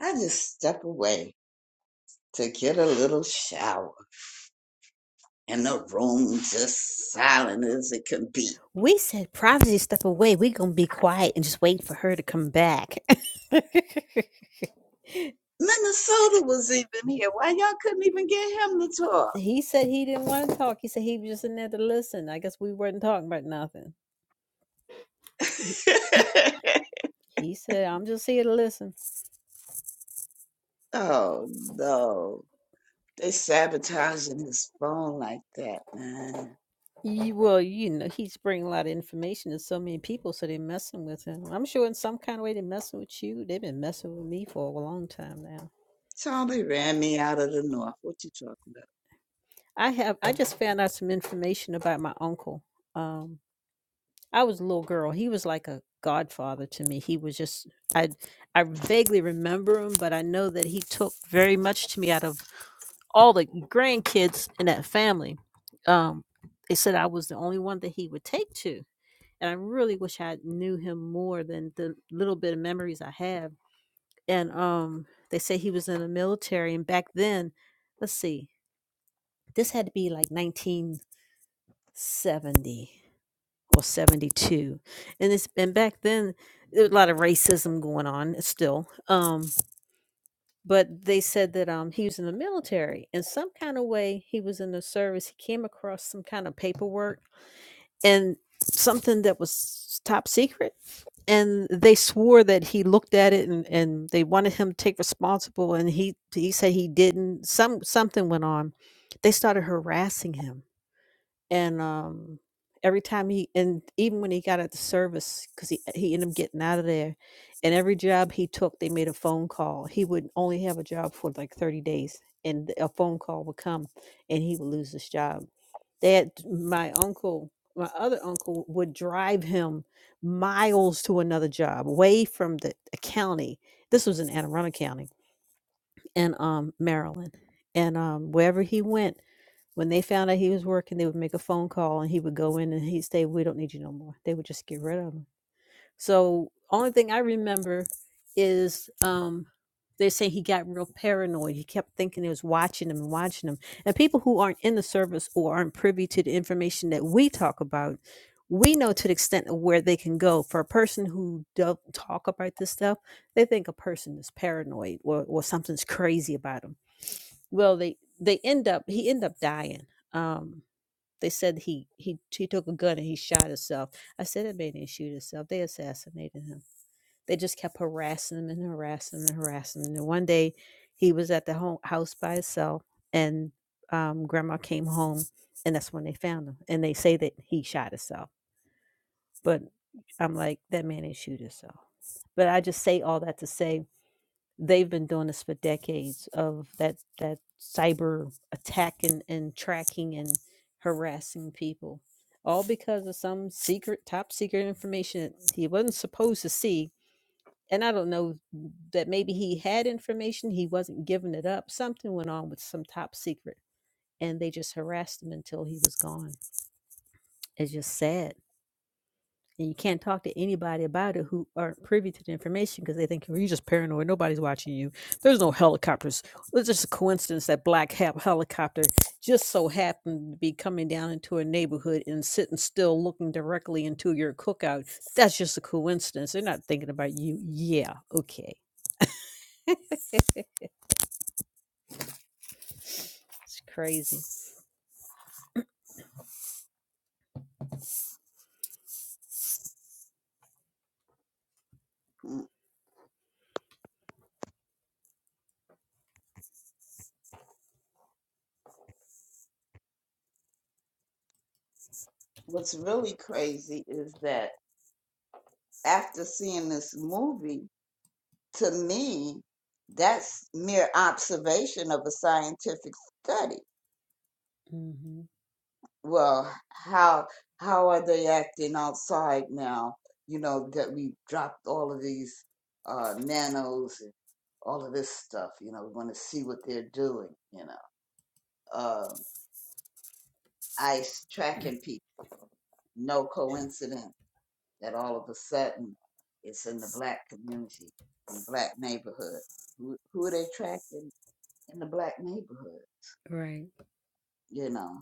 S15: I just step away to get a little shower, and the room just silent as it can be.
S7: We said privacy step away. we gonna be quiet and just wait for her to come back.
S15: Minnesota was even here. Why y'all couldn't even get him to
S7: he said he didn't want to talk. He said he was just in there to listen. I guess we weren't talking about nothing. He,
S15: talk?
S7: he said, I'm just here to listen.
S15: oh no, they sabotaging his phone like that, man.
S7: Ye- Well, you know, he's bringing a lot of information to so many people, so they're messing with him. I'm sure in some kind of way they're messing with you. They've been messing with me for a long time now.
S15: Charlie ran me out of the north. What you talking
S7: I have. I just found out some information about my uncle. Um, I was a little girl. He was like a godfather to me. He was just. I I vaguely remember him, but I know that he took very much to me out of all the grandkids in that family. Um, they said I was the only one that he would take to and I really wish I knew him more than the little bit of memories I have. And um, they say he was in the military, and back then, let's see, this had to be like 1970 or 72, and it's and back then there was a lot of racism going on still. Um, but they said that um he was in the military in some kind of way he was in the service. He came across some kind of paperwork and something that was top secret and they swore that he looked at it and, and they wanted him to take responsible and he he said he didn't some something went on they started harassing him and um every time he and even when he got out the service because he he ended up getting out of there and every job he took they made a phone call he would only have a job for like 30 days and a phone call would come and he would lose his job they had my uncle my other uncle would drive him miles to another job away from the, the county this was in anne arundel county in um maryland and um wherever he went when they found out he was working, they would make a phone call and he would go in and he'd say, We don't need you no more. They would just get rid of him. So only thing I remember is um they're saying he got real paranoid. He kept thinking it was watching him and watching him. And people who aren't in the service or aren't privy to the information that we talk about, we know to the extent of where they can go. For a person who don't talk about this stuff, they think a person is paranoid or, or something's crazy about them well they they end up he ended up dying um they said he he he took a gun and he shot himself i said it made him shoot himself they assassinated him they just kept harassing him and harassing him and harassing him and one day he was at the home house by himself and um grandma came home and that's when they found him and they say that he shot himself but i'm like that man didn't shoot himself but i just say all that to say they've been doing this for decades of that that cyber attack and, and tracking and harassing people all because of some secret top secret information that he wasn't supposed to see and i don't know that maybe he had information he wasn't giving it up something went on with some top secret and they just harassed him until he was gone it's just sad and you can't talk to anybody about it who aren't privy to the information because they think well, you're just paranoid. Nobody's watching you. There's no helicopters. Well, It's just a coincidence that black hap helicopter just so happened to be coming down into a neighborhood and sitting still, looking directly into your cookout. That's just a coincidence. They're not thinking about you. Yeah. Okay. It's crazy.
S15: about? Mm. What's really crazy is that after seeing this movie. to me, that's mere observation of a scientific study.
S7: hmm
S15: Well, how how are they acting outside now? You know that we dropped all of these uh, nanos and all of this stuff. You know, we want to see what they're doing. You know, um, ICE tracking people. No coincidence that all of a sudden it's in the black community, in the black neighborhood. Who, who are they tracking in the black neighborhood?
S7: Right.
S15: You know.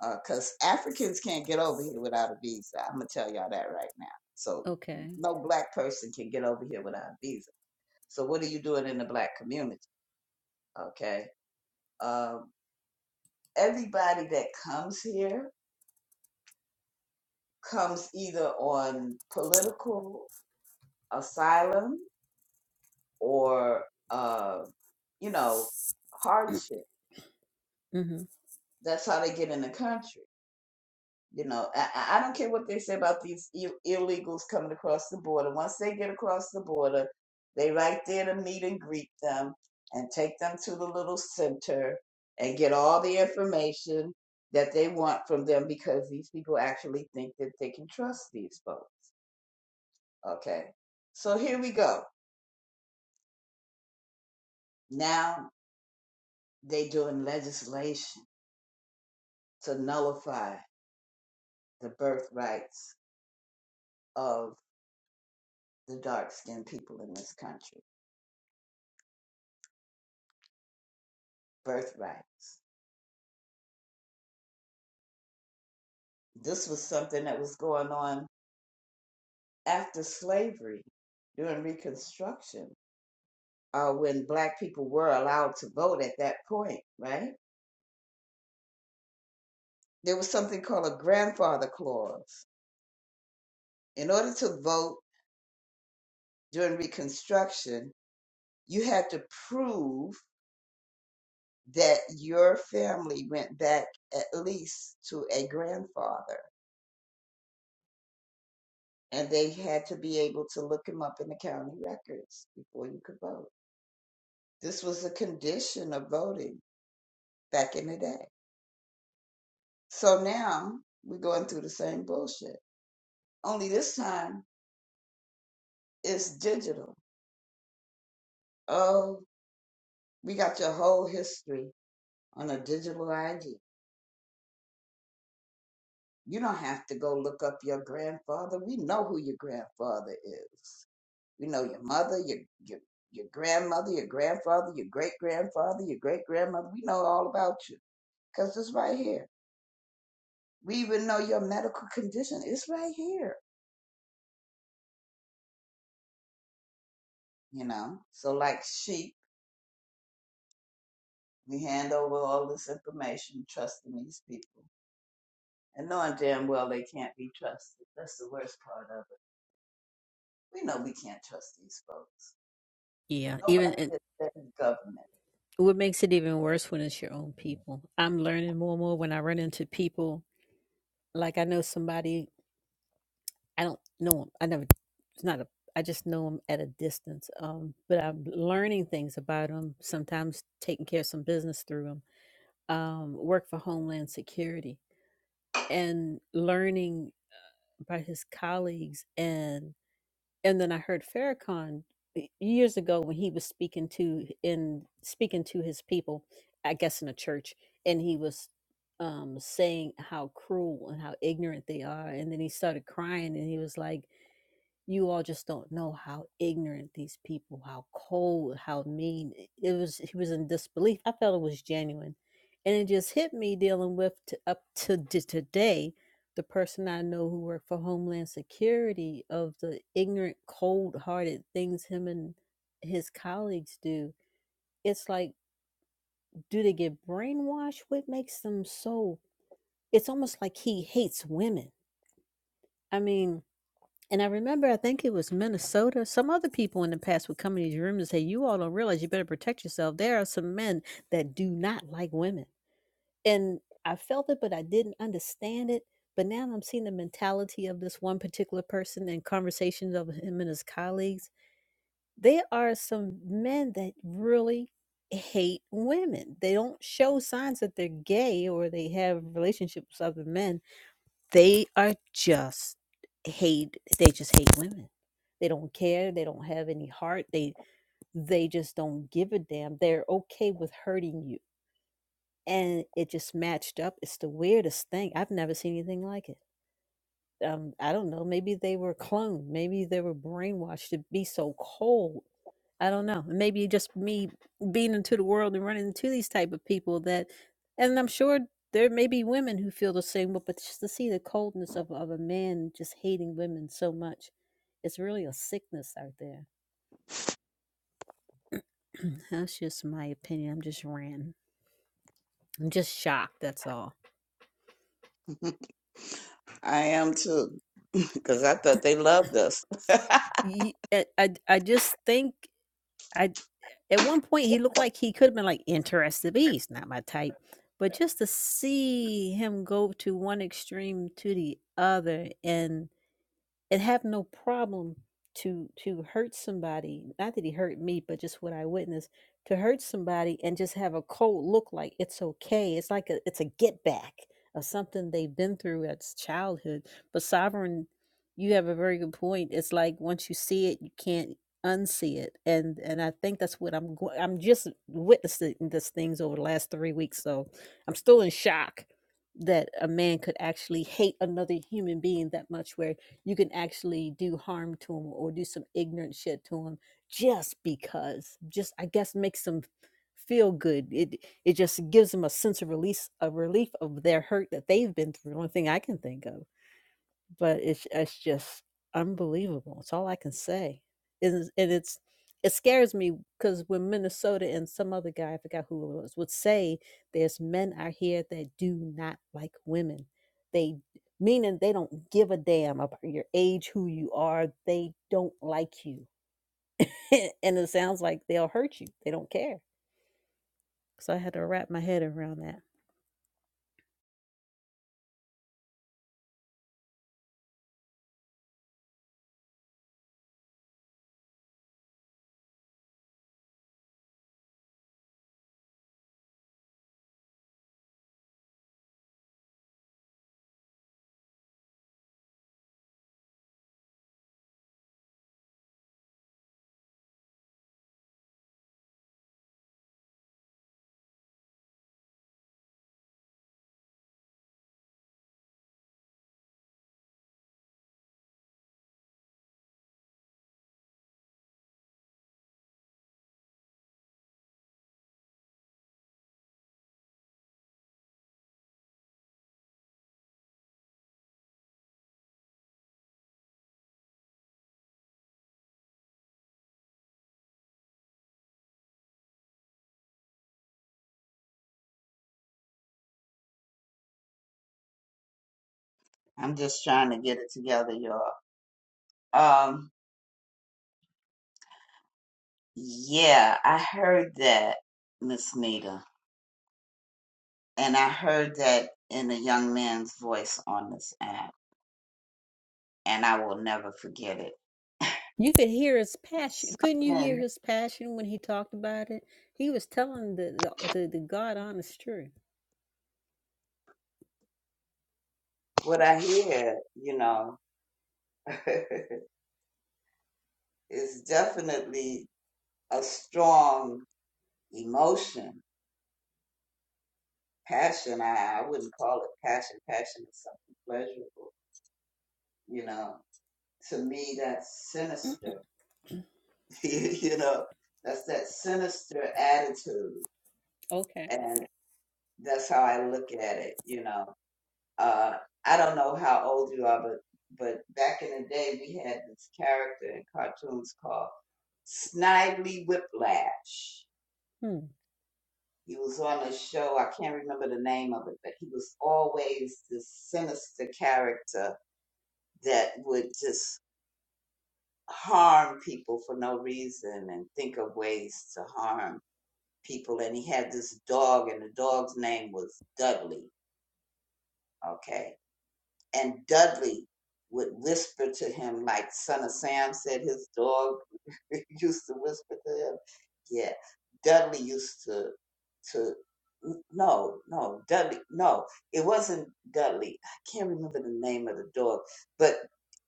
S15: because uh, Africans can't get over here without a visa. I'm gonna tell y'all that right now. So
S7: Okay.
S15: no black person can get over here without a visa. So what are you doing in the black community? Okay, um, everybody that comes here comes either on political asylum or uh, you know hardship.
S7: hmm
S15: That's how they get in the country You know, I, I don't care what they say about these Ill- illegals coming across the border. Once they get across the border, they right there to meet and greet them and take them to the little center and get all the information that they want from them because these people actually think that they can trust these folks. Okay. So here we go. Now they doing legislation to nullify the birth rights of the dark skinned people in this country. Birth rights. This was something that was going on after slavery during Reconstruction, uh, when Black people were allowed to vote at that point, right? There was something called a grandfather clause. In order to vote during Reconstruction, you had to prove that your family went back at least to a grandfather, and they had to be able to look him up in the county records before you could vote. This was a condition of voting back in the day. So now we're going through the same bullshit. Only this time it's digital. Oh, we got your whole history on a digital ID. You don't have to go look up your grandfather. We know who your grandfather is. We know your mother, your your your grandmother, your grandfather, your great grandfather, your great grandmother. We know all about you because it's right here. We even know your medical condition. It's right here. You know. So like she We hand over all this information, trusting these people, and knowing damn well they can't be trusted. That's the worst part of it. We know we can't trust these folks.
S7: Yeah. Even
S15: Nobody
S7: and
S15: can stand
S7: what makes it even worse when it's your own people. I'm learning more and more when I run into people Like I know somebody, I don't know him. I never, it's not a, I just know him at a distance. Um, but I'm learning things about him, sometimes taking care of some business through him. Um, work for Homeland Security and learning about his colleagues and and then I heard Farrakhan y- years ago when he was speaking to in speaking to his people, I guess in a church, and he was um, saying how cruel and how ignorant they are. And then he started crying and he was like, you all just don't know how ignorant these people, how cold, how mean. It was he was in disbelief. I felt it was genuine, and it just hit me dealing with t up to d- today the person I know who worked for Homeland Security of the ignorant, cold-hearted things him and his colleagues do. It's like, do they get brainwashed? What makes them so? It's almost like he hates women. I mean. And I remember, I think it was Minnesota. Some other people in the past would come in these rooms and say, "You all don't realize you better protect yourself. There are some men that do not like women." And I felt it, but I didn't understand it. But now I'm seeing the mentality of this one particular person and conversations of him and his colleagues. There are some men that really hate women. They don't show signs that they're gay or they have relationships with other men they are just hate they just hate women. They don't care, they don't have any heart. They they just don't give a damn. They're okay with hurting you. And it just matched up. It's the weirdest thing. I've never seen anything like it um, I don't know, maybe they were cloned, maybe they were brainwashed to be so cold. I don't know. Maybe just me being into the world and running into these type of people that, and I'm sure there may be women who feel the same, way, but just to see the coldness of, of a man just hating women so much, it's really a sickness out there. that's just my opinion. I'm just ran. I'm just shocked. That's all.
S15: government. I am too, because I thought they loved us.
S7: Ye- I, I, I just think. I. At one point, he looked like he could have been like interested, but he's not my type. But just to see him go to one extreme to the other, and and have no problem to to hurt somebody not that he hurt me but just what i witnessed to hurt somebody and just have a cold look like it's okay it's like a, it's a get back of something they've been through as childhood but sovereign you have a very good point it's like once you see it you can't unsee it and and i think that's what i'm go- i'm just witnessing these things over the last three weeks so i'm still in shock that a man could actually hate another human being that much where you can actually do harm to them or do some ignorant shit to them just because just i guess makes them feel good it it just gives them a sense of release a relief of their hurt that they've been through one thing i can think of but it's it's just unbelievable. It's all I can say. It is, and it's it scares me because when Minnesota and some other guy, I forgot who it was, would say there's men out here that do not like women. They meaning they don't give a damn about your age, who you are. They don't like you, and it sounds like they'll hurt you. They don't care. So I had to wrap my head around that.
S15: I'm just trying to get it together, y'all. Um, yeah, I heard that, Miss Nita, and I heard that in a young man's voice on this app, and I will never forget it.
S7: You could hear his passion. Couldn't you
S15: Something.
S7: hear his passion when he talked about it? He was telling the the, the, the God honest truth.
S15: what I hear, you know, is definitely a strong emotion, passion. I, I wouldn't call it passion. Passion is something pleasurable, you know. To me, that's sinister, you know, that's that sinister attitude.
S7: Okay.
S15: And that's how I look at it, you know. uh, I don't know how old you are, but but back in the day, we had this character in cartoons called Snidely Whiplash.
S7: Hmm.
S15: He was on a show. I can't remember the name of it, but he was always this sinister character that would just harm people for no reason and think of ways to harm people. And he had this dog, and the dog's name was Dudley. Okay and Dudley would whisper to him, like Son of Sam said his dog used to whisper to him. Yeah, Dudley used to to no no Dudley no it wasn't Dudley. I can't remember the name of the dog, but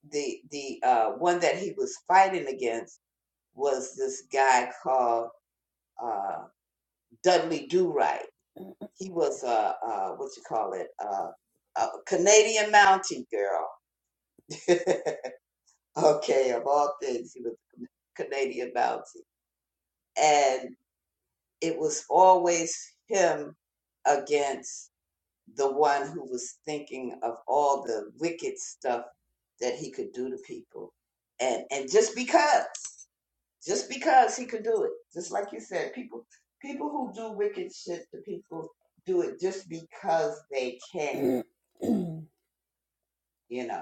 S15: the the uh, one that he was fighting against was this guy called uh, Dudley Do Right. He was uh, uh, what you call it uh, a Canadian Mountie girl. Okay, of all things, he was a Canadian bounty. And it was always him against the one who was thinking of all the wicked stuff that he could do to people. And and just because, just because he could do it. Just like you said, people people who do wicked shit to people do it just because they can, you know.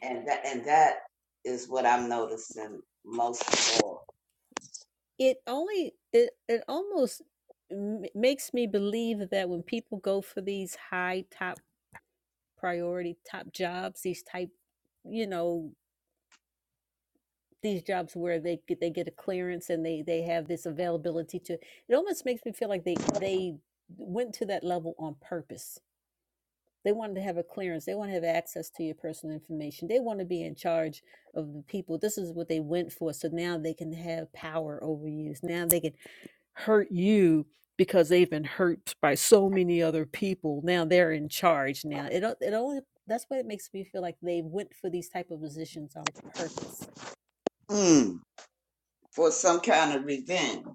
S15: And that and that is what I'm noticing most of
S7: it only it it almost m- makes me believe that when people go for these high top. priority top jobs these type you know these jobs where they get they get a clearance and they they have this availability to it almost makes me feel like they they went to that level on purpose they wanted to have a clearance they want to have access to your personal information they want to be in charge of the people this is what they went for so now they can have power over you now they can hurt you because they've been hurt by so many other people. Now they're in charge. Now it it only that's why it makes me feel like they went for these type of positions on purpose
S15: all. for some kind of revenge.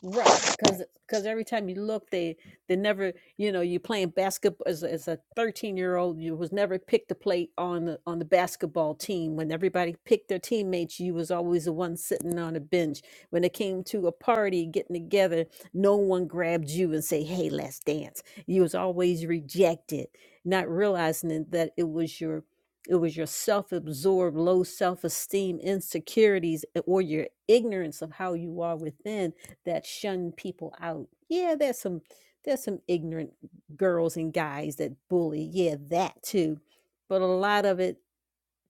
S7: Right, because because every time you look, they they never you know you playing basketball as a- as a thirteen year old you was never picked to play on the on the basketball team when everybody picked their teammates you was always the one sitting on a bench when it came to a party getting together no one grabbed you and say hey let's dance you was always rejected not realizing it- that it was your it was your self-absorbed low self-esteem insecurities eh, or your ignorance of how you are within that shun people out. Yeah, there's some there's some ignorant girls and guys that bully. Yeah, that too. But a lot of it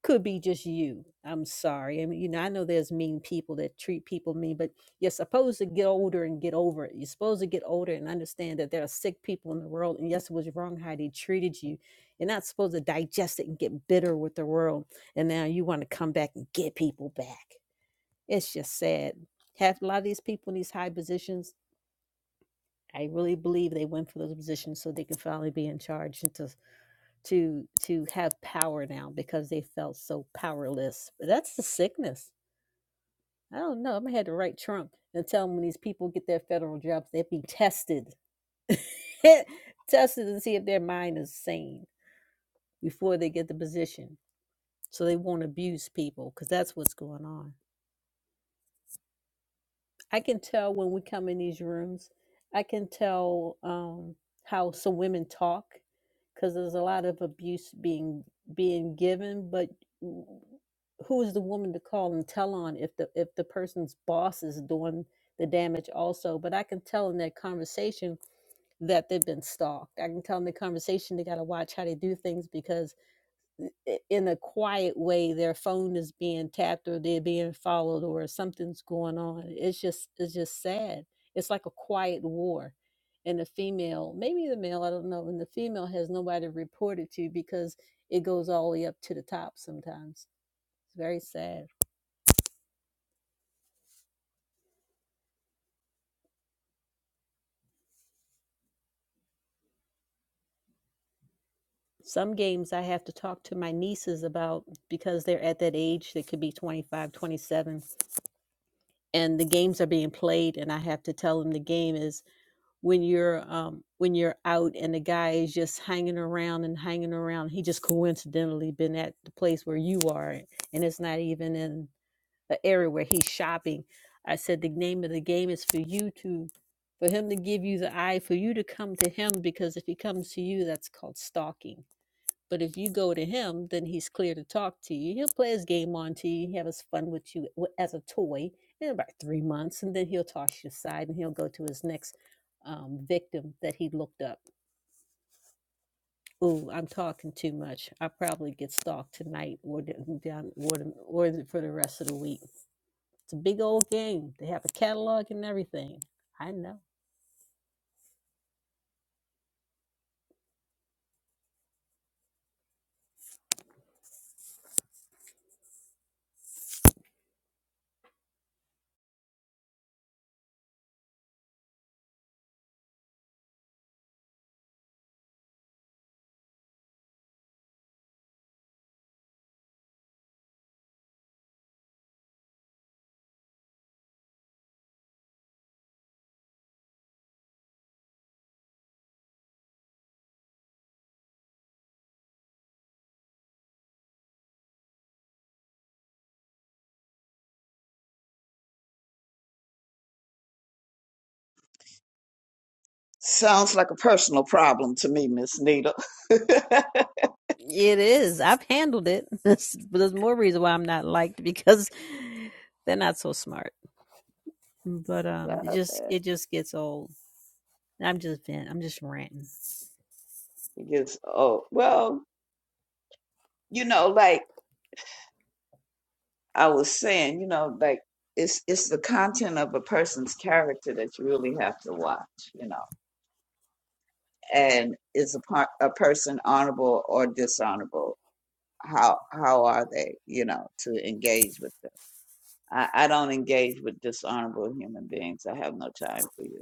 S7: could be just you. I'm sorry. I mean, you know, I know there's mean people that treat people mean, but you're supposed to get older and get over it. You're supposed to get older and understand that there are sick people in the world. And yes, it was wrong how they treated you. You're not supposed to digest it and get bitter with the world. And now you want to come back and get people back. It's just sad. Half a lot of these people in these high positions I really believe they went for those positions so they could finally be in charge and to to to have power now because they felt so powerless. But that's the sickness. I don't know. I'm gonna have to write Trump and tell him when these people get their federal jobs, they'll be tested, tested and see if their mind is sane before they get the position, so they won't abuse people because that's what's going on. I can tell when we come in these rooms. I can tell um, how some women talk because there's a lot of abuse being being given. But who is the woman to call and tell on if the if the person's boss is doing the damage also? But I can tell in that conversation that they've been stalked. I can tell in the conversation they got to watch how they do things because in a quiet way their phone is being tapped or they're being followed or something's going on it's just it's just sad it's like a quiet war and the female maybe the male i don't know and the female has nobody to report it to because it goes all the way up to the top sometimes it's very sad some games i have to talk to my nieces about because they're at that age that could be 25, 27, and the games are being played and i have to tell them the game is when you're um when you're out and the guy is just hanging around and hanging around he just coincidentally been at the place where you are and it's not even in the area where he's shopping i said the name of the game is for you to for him to give you the eye for you to come to him because if he comes to you that's called stalking but if you go to him, then he's clear to talk to you. He'll play his game on to you, have his fun with you w- as a toy in about three months, and then he'll toss you aside and he'll go to his next um, victim that he looked up. Ooh, I'm talking too much. I'll probably get stalked tonight or d- down or, the- or the- for the rest of the week. It's a big old game. They have a catalog and everything. I know.
S15: Sounds like a personal problem to me, Miss Nita. Not
S7: It is. I've handled it. but there's more reason why I'm not liked because they're not so smart. But um, it just
S15: bad.
S7: it just gets old. I'm just vent. I'm just ranting.
S15: It gets oh well, you know, like I was saying, you know, like it's it's the content of a person's character that you really have to watch, you know. And is a part a person honorable or dishonorable? How how are they, you know, to engage with them? I, I don't engage with dishonorable human beings. I have no time for you.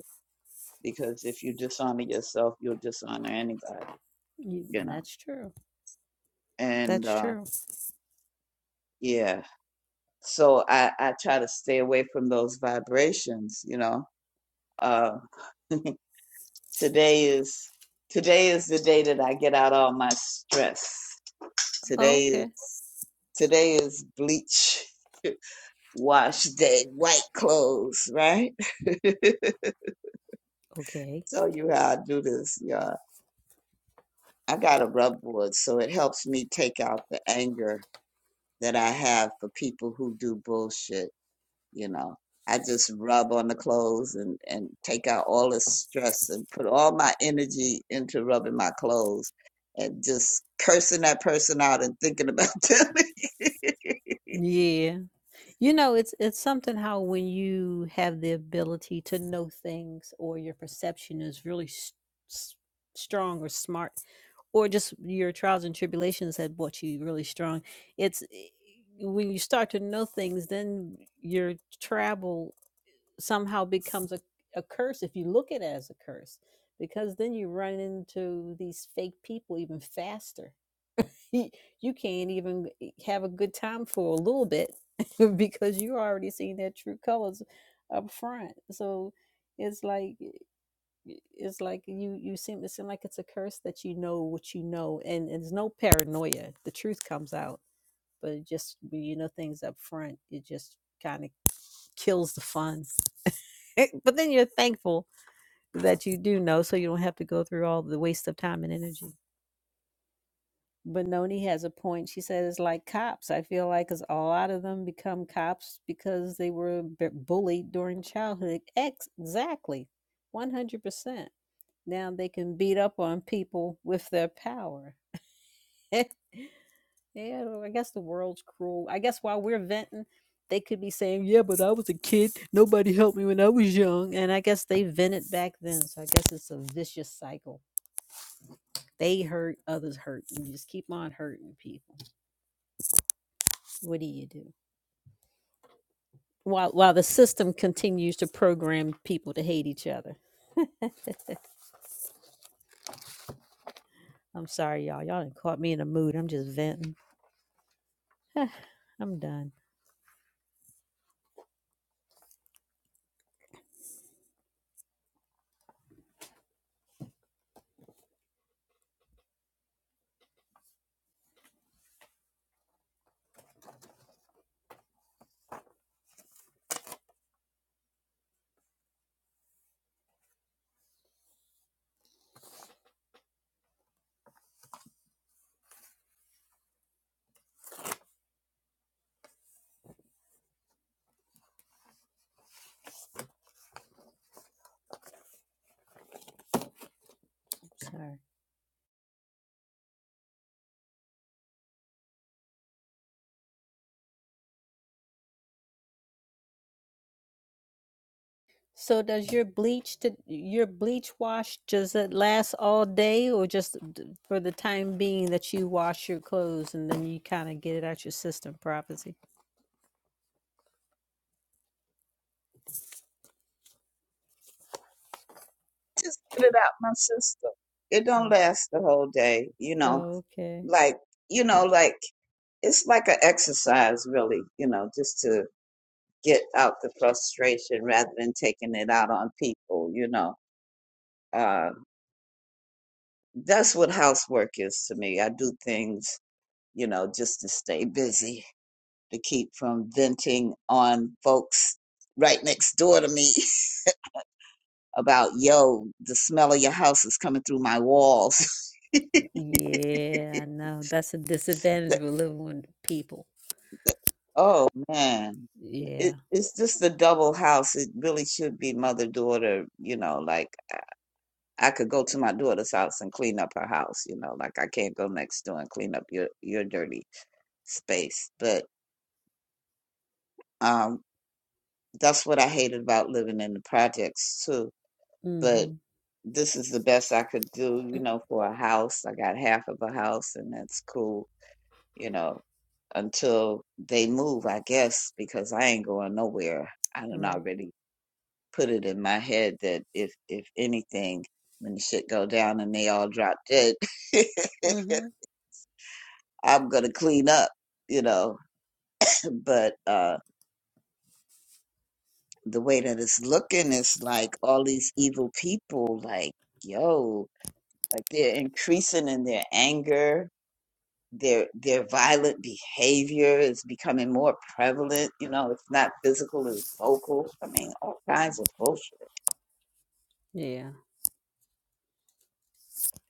S15: because if you dishonor yourself, you'll dishonor anybody,
S7: You,
S15: you know.
S7: that's true.
S15: And
S7: That's
S15: uh,
S7: true.
S15: yeah, so I, I try to stay away from those vibrations, you know. Uh, today is today is the day that I get out all my stress.
S7: Oh,
S15: Today is
S7: okay.
S15: today is bleach, wash day, white clothes, right?
S7: Okay.
S15: Tell you how I do this, y'all. I got a rub board, so it helps me take out the anger that I have for people who do bullshit. You know, I just rub on the clothes and, and take out all the stress and put all my energy into rubbing my clothes and just cursing that person out and thinking about them.
S7: Yeah. You know, it's it's something how when you have the ability to know things or your perception is really s s- strong or smart or just your trials and tribulations had brought you really strong. It's i- when you start to know things, then your travel somehow becomes a, a curse if you look at it as a curse because then you run into these fake people even faster you can't even e, have a good time for a little bit because you're already seeing their true colors up front so it's like e, e, it's like you you seem it seem like it's a curse that you know what you know and, and there's no paranoia the truth comes out but it just you know things up front it just kind of kills the fun. but then you're thankful that you do know so you don't have to go through all the waste of time and energy. Benoni has a point. She says it's like cops. I feel like like 'cause a lot of them become cops because they were bu- bullied during childhood. Ex- exactly. 100%. Now they can beat up on people with their power. Yeah, well, I guess the world's cruel. I guess while we're venting, they could be saying, "Yeah, but I was a kid. Nobody helped me when I was young." And I guess they vented back then, so I guess it's a vicious cycle. They hurt, others hurt. You just keep on hurting people. What do you do? While while the system continues to program people to hate each other. I'm sorry, y'all. Y'all done caught me in a mood. I'm just venting. I'm done. I'm sorry. So does your bleach to your bleach wash does it last all day or just d- for the time being that you wash your clothes and then you kind of get it out your system properly?
S15: just get it out my system. It don't
S7: Oh,
S15: last the whole day, you know.
S7: okay.
S15: Like you know, like it's like an exercise, really. You know, just to get out the frustration rather than taking it out on people. You know, Uh, That's what housework is to me. I do things, you know, just to stay busy, to keep from venting on folks right next door to me about, yo, the smell of your house is coming through my walls.
S7: Yeah, I know. That's a disadvantage
S15: That-
S7: with living with people.
S15: that- oh, man.
S7: Yeah.
S15: It, it's just a double house. It really should be mother daughter, you know, like I I could go to my daughter's house and clean up her house, you know, like I can't go next door and clean up your, your dirty space. But um. that's what I hated about living in the projects too. But
S7: Mhm.
S15: this is the best I could do, you know, for a house. I got half of a house and that's cool, you know, until they move, I guess, because I ain't going nowhere. I done
S7: Right.
S15: already put it in my head that if if anything, when the shit go down and they all drop dead,
S7: Mhm.
S15: I'm gonna clean up, you know. But uh the way that it's looking it's like all these evil people like yo like they're increasing in their anger their their violent behavior is becoming more prevalent you know it's not physical it's vocal i mean all kinds of bullshit
S7: Yeah.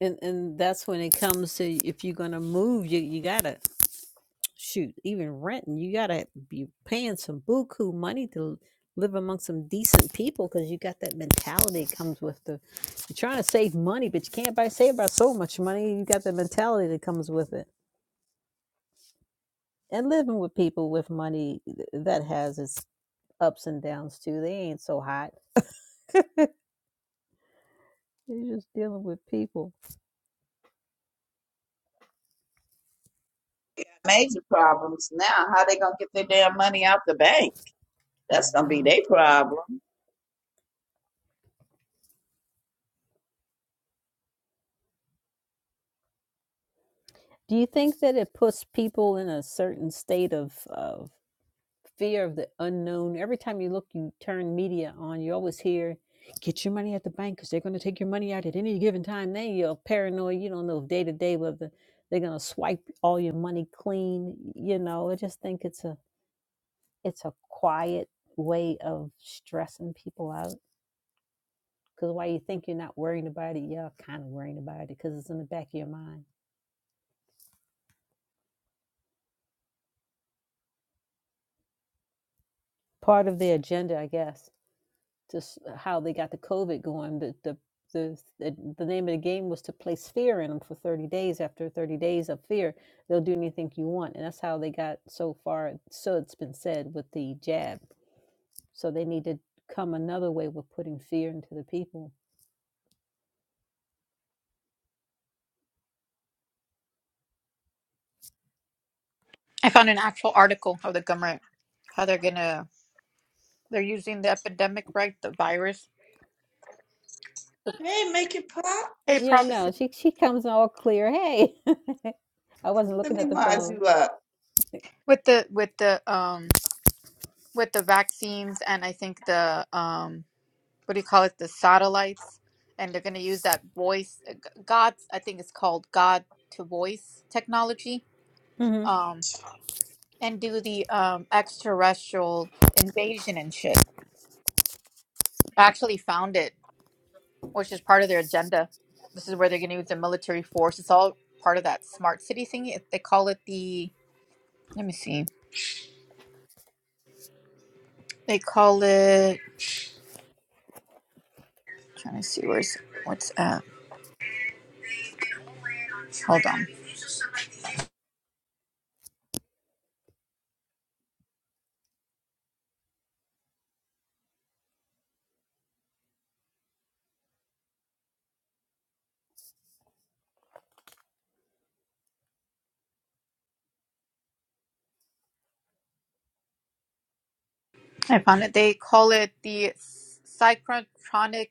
S7: And and that's when it comes to if you're going to move you you got to shoot, even renting, you gotta be paying some buku money to live among some decent people because you got that mentality that comes with the you're trying to save money, but you can't buy save by so much money. You got the mentality that comes with it. And living with people with money th- that has its ups and downs too. They ain't so hot. You're just dealing with people.
S15: major problems now how they gonna get their damn money out the bank
S7: I
S15: that's gonna be
S7: know.
S15: their problem
S7: Do you think that it puts people in a certain state of of fear of the unknown. Every time you look, you turn media on, you always hear, get your money at the bank because they're going to take your money out at any given time. Then you're paranoid. You don't know day to day whether they're going to swipe all your money clean. You know, I just think it's a it's a quiet way of stressing people out. Because while you think you're not worrying about it, you're kind of worrying about it because it's in the back of your mind. Part of the agenda, I guess. just how they got the COVID going. The, the the the name of the game was to place fear in them for 30 days. After 30 days of fear, they'll do anything you want, and that's how they got so far. So it's been said with the jab. So they need to come another way with putting fear into the people.
S11: I found an actual article of the government how they're gonna They're using the epidemic, right? The virus.
S15: hey make it pop
S11: Hey,
S7: Yeah, no,
S11: prophecy
S7: she she comes all clear. Hey, I wasn't
S15: let
S7: looking
S15: me
S7: at the
S15: mod
S7: phone.
S15: you up
S11: with the with the um with the vaccines and I think the um what do you call it? The satellites, and they're going to use that voice. uh, g- God's I think it's called God to voice technology.
S7: hmm
S11: Um, and do the um extraterrestrial invasion and shit. I actually found it, which is part of their agenda. This is where they're going to use the military force. It's all part of that smart city thing. They call it the. Let me see. They call it. Trying to see where's what's uh. Hold on, I found it. They call it the psychotronic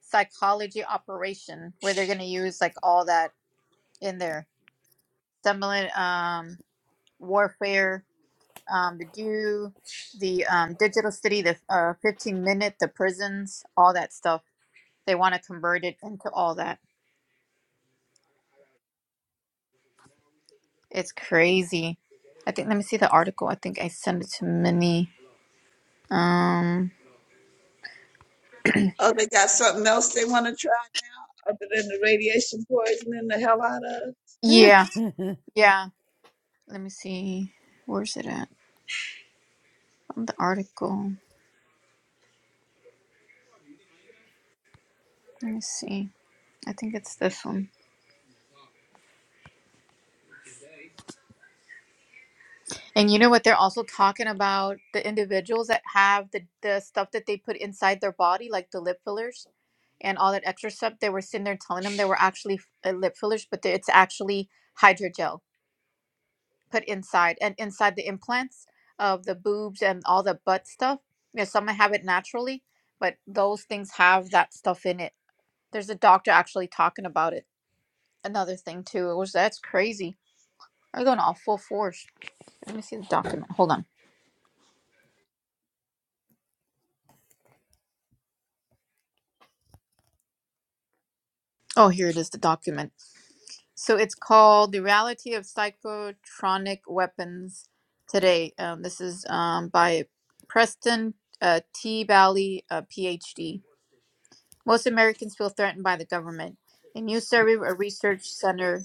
S11: psychology operation, where they're going to use like all that in there, similar um warfare, um the do the um digital city, the uh fifteen minute, the prisons, all that stuff. They want to convert it into all that. It's crazy. I think. Let me see the article. I think I sent it to Minnie. Um.
S15: oh they got something else they want to try other than the radiation poisoning the hell out of
S11: Yeah. Yeah. Let me see. Where's it at? On the article. Let me see. I think it's this one. And you know what? They're also talking about the individuals that have the, the stuff that they put inside their body, like the lip fillers and all that extra stuff. They were sitting there telling them they were actually uh, lip fillers, but they- it's actually hydrogel put inside and inside the implants of the boobs and all the butt stuff. You know, some have it naturally, but those things have that stuff in it. There's a doctor actually talking about it. another thing too. It was that's crazy. I'm going off full force. Let me see the document. Hold on. Oh, here it is, the document. So it's called "The Reality of Psychotronic Weapons Today." Um, this is um, by Preston uh, T. Bally, uh, PhD. Most Americans feel threatened by the government. A new survey of a research center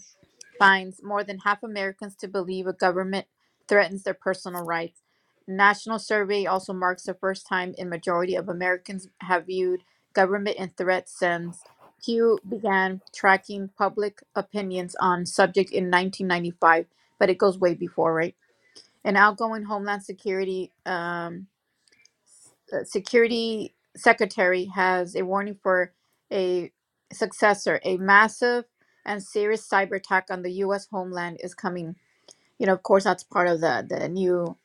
S11: finds more than half Americans to believe a government threatens their personal rights. National survey also marks the first time a majority of Americans have viewed government in threat since Pew began tracking public opinions on subject in 1995, but it goes way before, right? An outgoing Homeland Security um, uh, security secretary has a warning for a successor. A massive and serious cyber attack on the U.S. homeland is coming. You know, of course, that's part of the the new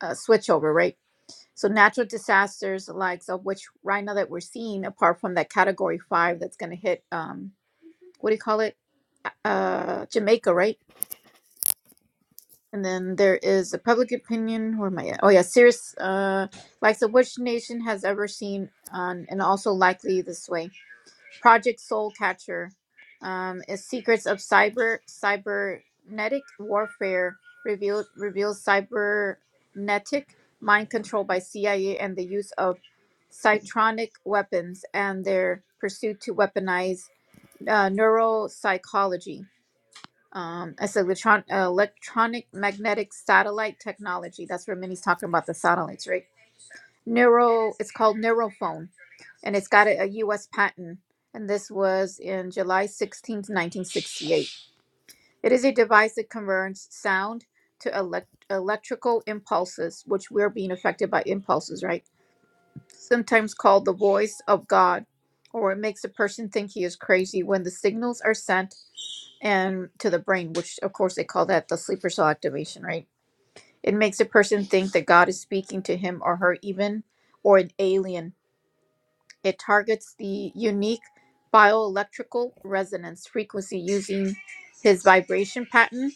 S11: uh, switchover, right? So natural disasters, likes of which right now that we're seeing, apart from that Category Five that's going to hit, um, what do you call it, uh, Jamaica, right? And then there is a public opinion. Where am I at? Oh, yeah. Serious, uh, likes of which nation has ever seen, um, and also likely this way. Project Soul Catcher um, is secrets of cyber cybernetic warfare revealed reveals cybernetic mind control by CIA and the use of cytronic weapons and their pursuit to weaponize uh, neuropsychology um, it's electron electronic magnetic satellite technology. That's where Minnie's talking about the satellites, right? Neuro, it's called Neurophone, and it's got a, U.S. patent. And this was in July sixteenth, 1968. It is a device that converts sound to elect- electrical impulses, which we're being affected by impulses, right? Sometimes called the voice of God, or it makes a person think he is crazy when the signals are sent and to the brain, which of course they call that the sleeper cell activation, right? It makes a person think that God is speaking to him or her, even or an alien. It targets the unique bioelectrical resonance frequency using his vibration pattern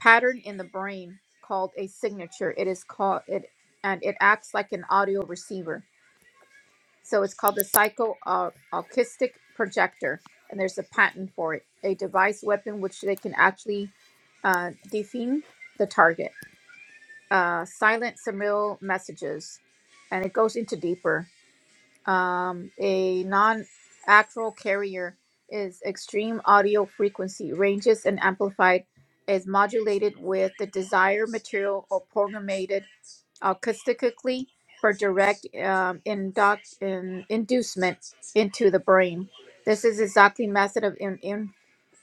S11: pattern in the brain called a signature. It is called it, and it acts like an audio receiver. So it's called the Psycho au- Acoustic Projector, and there's a patent for it. A device weapon which they can actually uh, define the target. Uh, silent subliminal messages, and it goes into deeper. Um, a non-actual carrier is extreme audio frequency ranges and amplified is modulated with the desired material or programmed acoustically for direct um, induct, in, inducement into the brain. This is exactly method of in,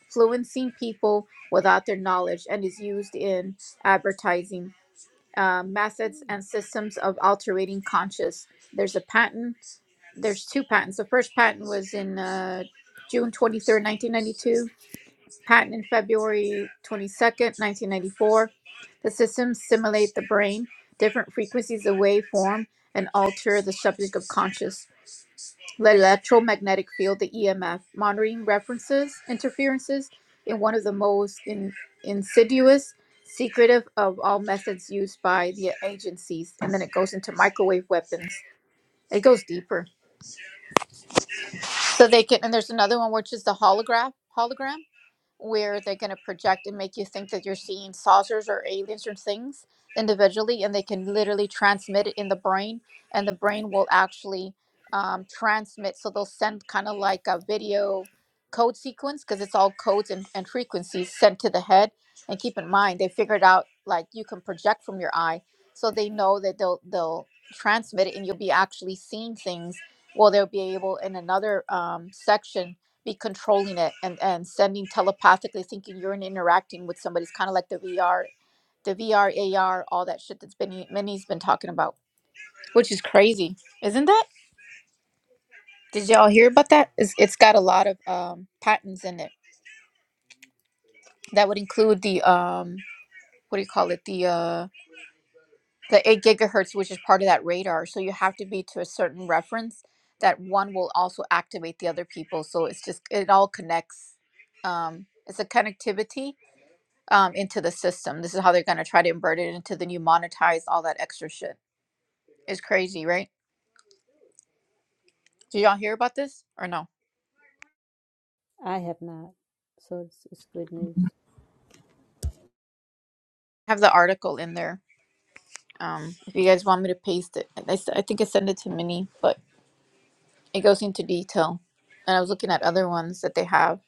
S11: influencing people without their knowledge and is used in advertising uh, methods and systems of altering conscious. There's a patent. There's two patents. The first patent was in uh, June 23rd, 1992 Patent in February 22nd, 1994. The systems simulate the brain, different frequencies of waveform, and alter the subject of conscious. The electromagnetic field, the EMF, monitoring references, interferences in one of the most in, insidious, secretive of all methods used by the agencies. And then it goes into microwave weapons. It goes deeper. So they can, and there's another one which is the holograph, hologram. where they're going to project and make you think that you're seeing saucers or aliens or things individually, and they can literally transmit it in the brain, and the brain will actually um, transmit. So they'll send kind of like a video code sequence because it's all codes and, and frequencies sent to the head. And keep in mind, they figured out like you can project from your eye, so they know that they'll they'll transmit it, and you'll be actually seeing things. Well, they'll be able in another um, section be controlling it and, and sending telepathically thinking you're interacting with somebody. It's kind of like the VR, the VRAR, all that shit that's been Minnie's been talking about, which is crazy, isn't that? Did y'all hear about that? It's, it's got a lot of um, patents in it that would include the um, what do you call it? The uh, the eight gigahertz, which is part of that radar. So you have to be to a certain reference that one will also activate the other people. So it's just it all connects. Um, it's a connectivity um, into the system. This is how they're going to try to invert it into the new monetize all that extra shit. It's crazy, right? Did y'all hear about this or no?
S7: I have not, so it's it's good news.
S11: I have the article in there. Um, if you guys want me to paste it, I, s- I think I sent it to Minnie, but it goes into detail. And I was looking at other ones that they have.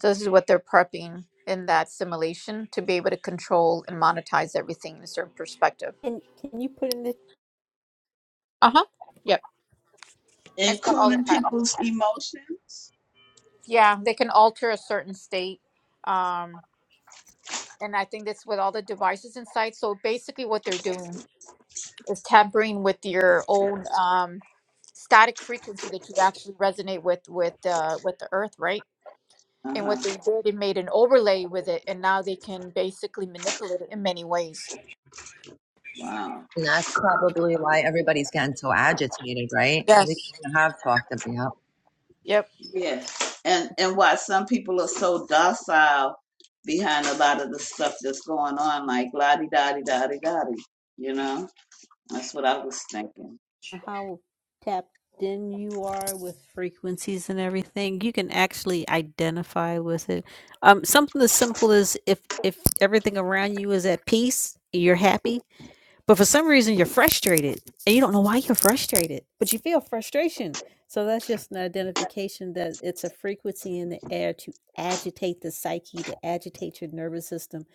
S11: So this is what they're prepping in that simulation to be able to control and monetize everything in a certain perspective.
S7: And can you put in the
S11: Uh huh. Yep. It's got all the
S15: including
S11: patterns.
S15: people's emotions
S11: Yeah, they can alter a certain state. Um, and I think that's with all the devices inside. So basically, what they're doing is tampering with your own um, static frequency that you actually resonate with with uh, with the Earth, right? And
S15: uh-huh
S11: what they did, it made an overlay with it, and now they can basically manipulate it in many ways.
S15: wow
S3: And that's probably why everybody's getting so agitated, right? We
S11: Yes.
S3: kind of have talked about.
S15: Yes, and and why some people are so docile behind a lot of the stuff that's going on, like la di da di da di da di. You know, that's what I was thinking.
S7: how tapped in you are with frequencies and everything you can actually identify with it um something as simple as if if everything around you is at peace you're happy but for some reason you're frustrated and you don't know why you're frustrated but you feel frustration so that's just an identification that it's a frequency in the air to agitate the psyche to agitate your nervous system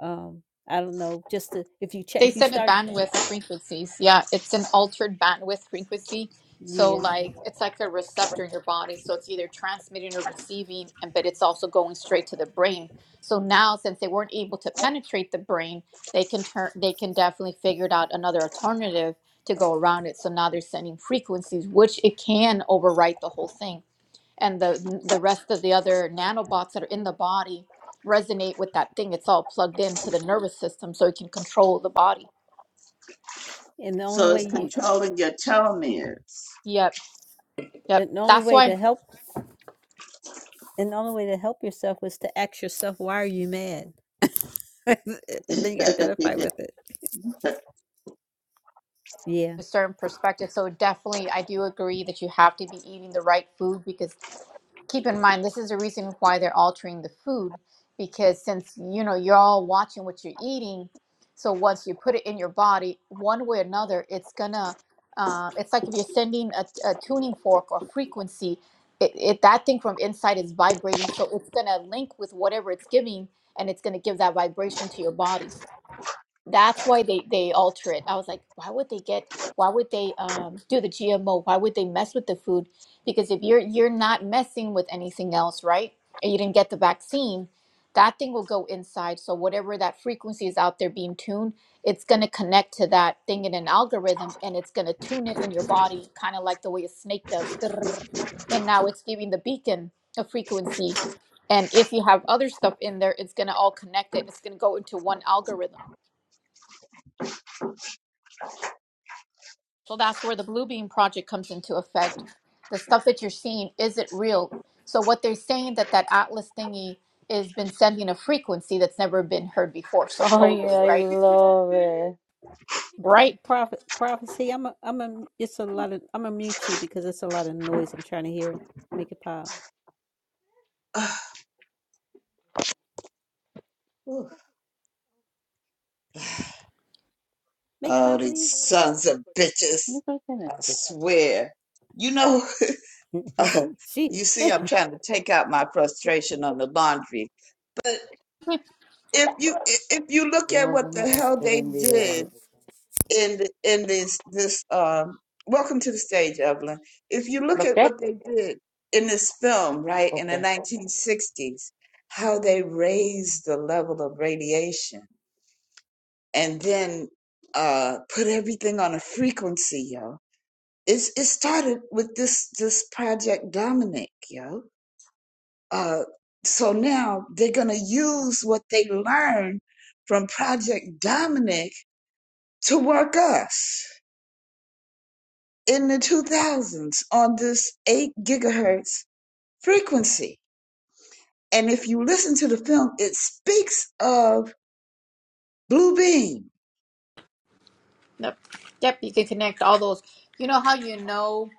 S7: um i don't know just to, if you check
S11: They
S7: if you
S11: send a
S7: start
S11: bandwidth of frequencies. Yeah, it's an altered bandwidth frequency. So
S7: yeah
S11: like it's like a receptor in your body. So it's either transmitting or receiving, and but it's also going straight to the brain. So now since they weren't able to penetrate the brain, they can turn they can definitely figure it out another alternative to go around it. So now they're sending frequencies, which it can overwrite the whole thing. And the the rest of the other nanobots that are in the body resonate with that thing. It's all plugged into the nervous system so it can control the body.
S7: and the only
S15: So
S7: way
S15: it's
S7: you
S15: controlling your telomeres.
S11: Yep, yep.
S7: And the only
S11: That's
S7: way to
S11: why
S7: help and the only way to help yourself was to ask yourself, why are you mad? then you identify with it. Yeah.
S11: a certain perspective. So definitely, I do agree that you have to be eating the right food because keep in mind this is the reason why they're altering the food because since you know you're all watching what you're eating, so once you put it in your body, one way or another, it's gonna. Uh, it's like if you're sending a, a tuning fork or frequency, it, it that thing from inside is vibrating, so it's gonna link with whatever it's giving, and it's gonna give that vibration to your body. That's why they they alter it. I was like, why would they get? Why would they um, do the GMO? Why would they mess with the food? Because if you're you're not messing with anything else, right? And you didn't get the vaccine, that thing will go inside. So whatever that frequency is out there being tuned, it's gonna connect to that thing in an algorithm, and it's gonna tune it in your body, kind of like the way a snake does. Grrr. And now it's giving the beacon a frequency, and if you have other stuff in there, it's gonna all connect it. and It's gonna go into one algorithm. So that's where the Blue Beam Project comes into effect. The stuff that you're seeing, is it real? So what they're saying that that Atlas thingy has been sending a frequency that's never been heard before,
S20: Oh,
S11: supposedly,
S20: yeah, I
S11: right?
S20: love it.
S7: Pro-
S11: Right.
S7: prophet prophecy. I'm a, I'm a, it's a lot of I'm gonna mute you because it's a lot of noise I'm trying to hear. Make it pop.
S15: Whew.
S7: Make it
S15: oh,
S7: pop
S15: these
S7: leave.
S15: sons of bitches!
S20: Yo creo que en
S15: I
S20: el coche
S15: swear. You know,
S7: she she
S15: you see,
S7: man,
S15: I'm trying to take out my frustration on the laundry, but if you if you
S20: tengo
S15: look
S20: el
S15: at what
S20: agua,
S15: the
S20: voy a
S15: hell
S20: hacer
S15: they
S20: un
S15: did.
S20: biberón.
S15: in the, in this this um welcome to the stage evelyn if you look
S20: ¿Lo
S15: at
S20: qué?
S15: what they did in this film right in the
S20: Okay.
S15: 1960s how they raised the level of radiation and then uh put everything on a frequency yo it's it started with this this project dominic yo uh so now they're gonna use what they learned from project dominic to work us in the 2000s on this 8 gigahertz frequency. And if you listen to the film, it speaks of Blue Beam.
S11: Yep. Yep. You can connect all those. You know how you know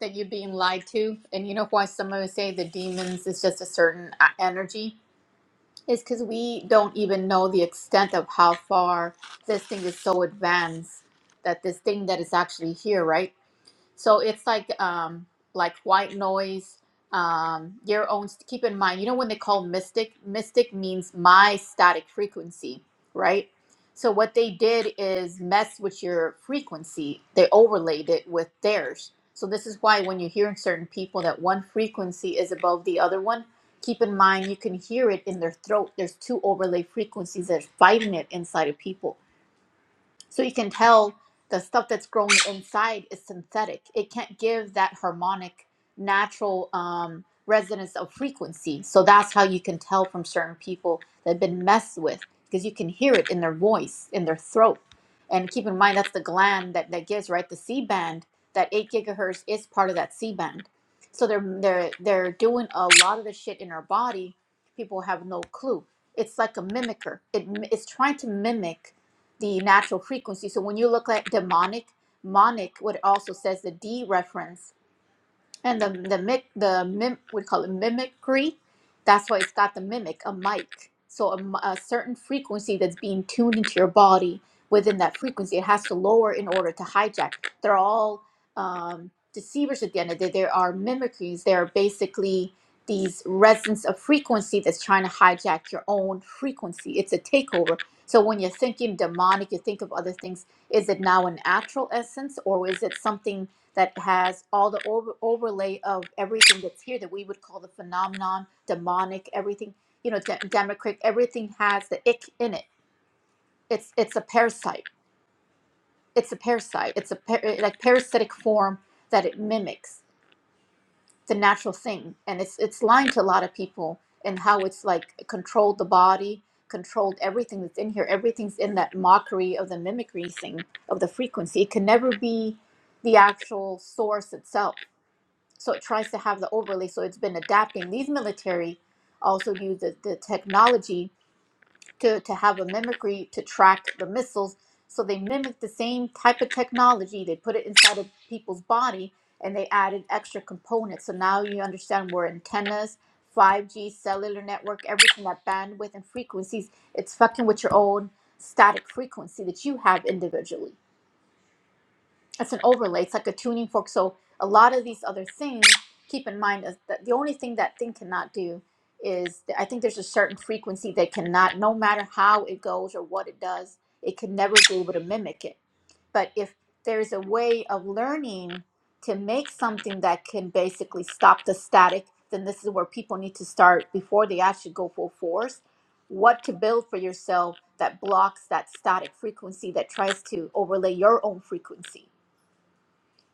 S11: that you're being lied to, and you know why some of us say the demons is just a certain uh, energy is because we don't even know the extent of how far this thing is so advanced that this thing that is actually here, right? So it's like um, like white noise. Um, your own. Keep in mind, you know when they call mystic. Mystic means my static frequency, right? So what they did is mess with your frequency. They overlaid it with theirs. So this is why when you hear in certain people that one frequency is above the other one, keep in mind you can hear it in their throat. There's two overlay frequencies that's fighting it inside of people so you can tell the stuff that's growing inside is synthetic. It can't give that harmonic, natural um, resonance of frequency. So that's how you can tell from certain people that have been messed with because you can hear it in their voice, in their throat. And keep in mind, that's the gland that, that gives, right? The C band, that 8 gigahertz is part of that C band. So they're, they're, they're doing a lot of the shit in our body. People have no clue. It's like a mimicker. It, it's trying to mimic the natural frequency. So when you look at demonic, monic, what it also says the D reference and the the mic the mim we call it mimicry. That's why it's got the mimic, a mic. So a, m- a certain frequency that's being tuned into your body within that frequency, it has to lower in order to hijack. They're all um, deceivers at the end of the day. There are mimicries. They are basically these resonance of frequency that's trying to hijack your own frequency. It's a takeover. So when you're thinking demonic, you think of other things. Is it now a natural essence or is it something? that has all the over- overlay of everything that's here that we would call the phenomenon, demonic, everything, you know, de- democratic, everything has the ick in it. It's it's a parasite. It's a parasite. It's a par- like parasitic form that it mimics the natural thing, and it's it's lying to a lot of people and how it's like controlled the body, controlled everything that's in here. Everything's in that mockery of the mimicry thing of the frequency. It can never be the actual source itself so it tries to have the overlay so it's been adapting these military also use the, the technology to, to have a mimicry to track the missiles so they mimic the same type of technology they put it inside of people's body and they added extra components so now you understand where antennas 5g cellular network everything that bandwidth and frequencies it's fucking with your own static frequency that you have individually that's an overlay. It's like a tuning fork. So a lot of these other things, keep in mind is that the only thing that thing cannot do is I think there's a certain frequency that cannot, no matter how it goes or what it does, it can never be able to mimic it. But if there is a way of learning to make something that can basically stop the static, then this is where people need to start before they actually go full force. What to build for yourself that blocks that static frequency that tries to overlay your own frequency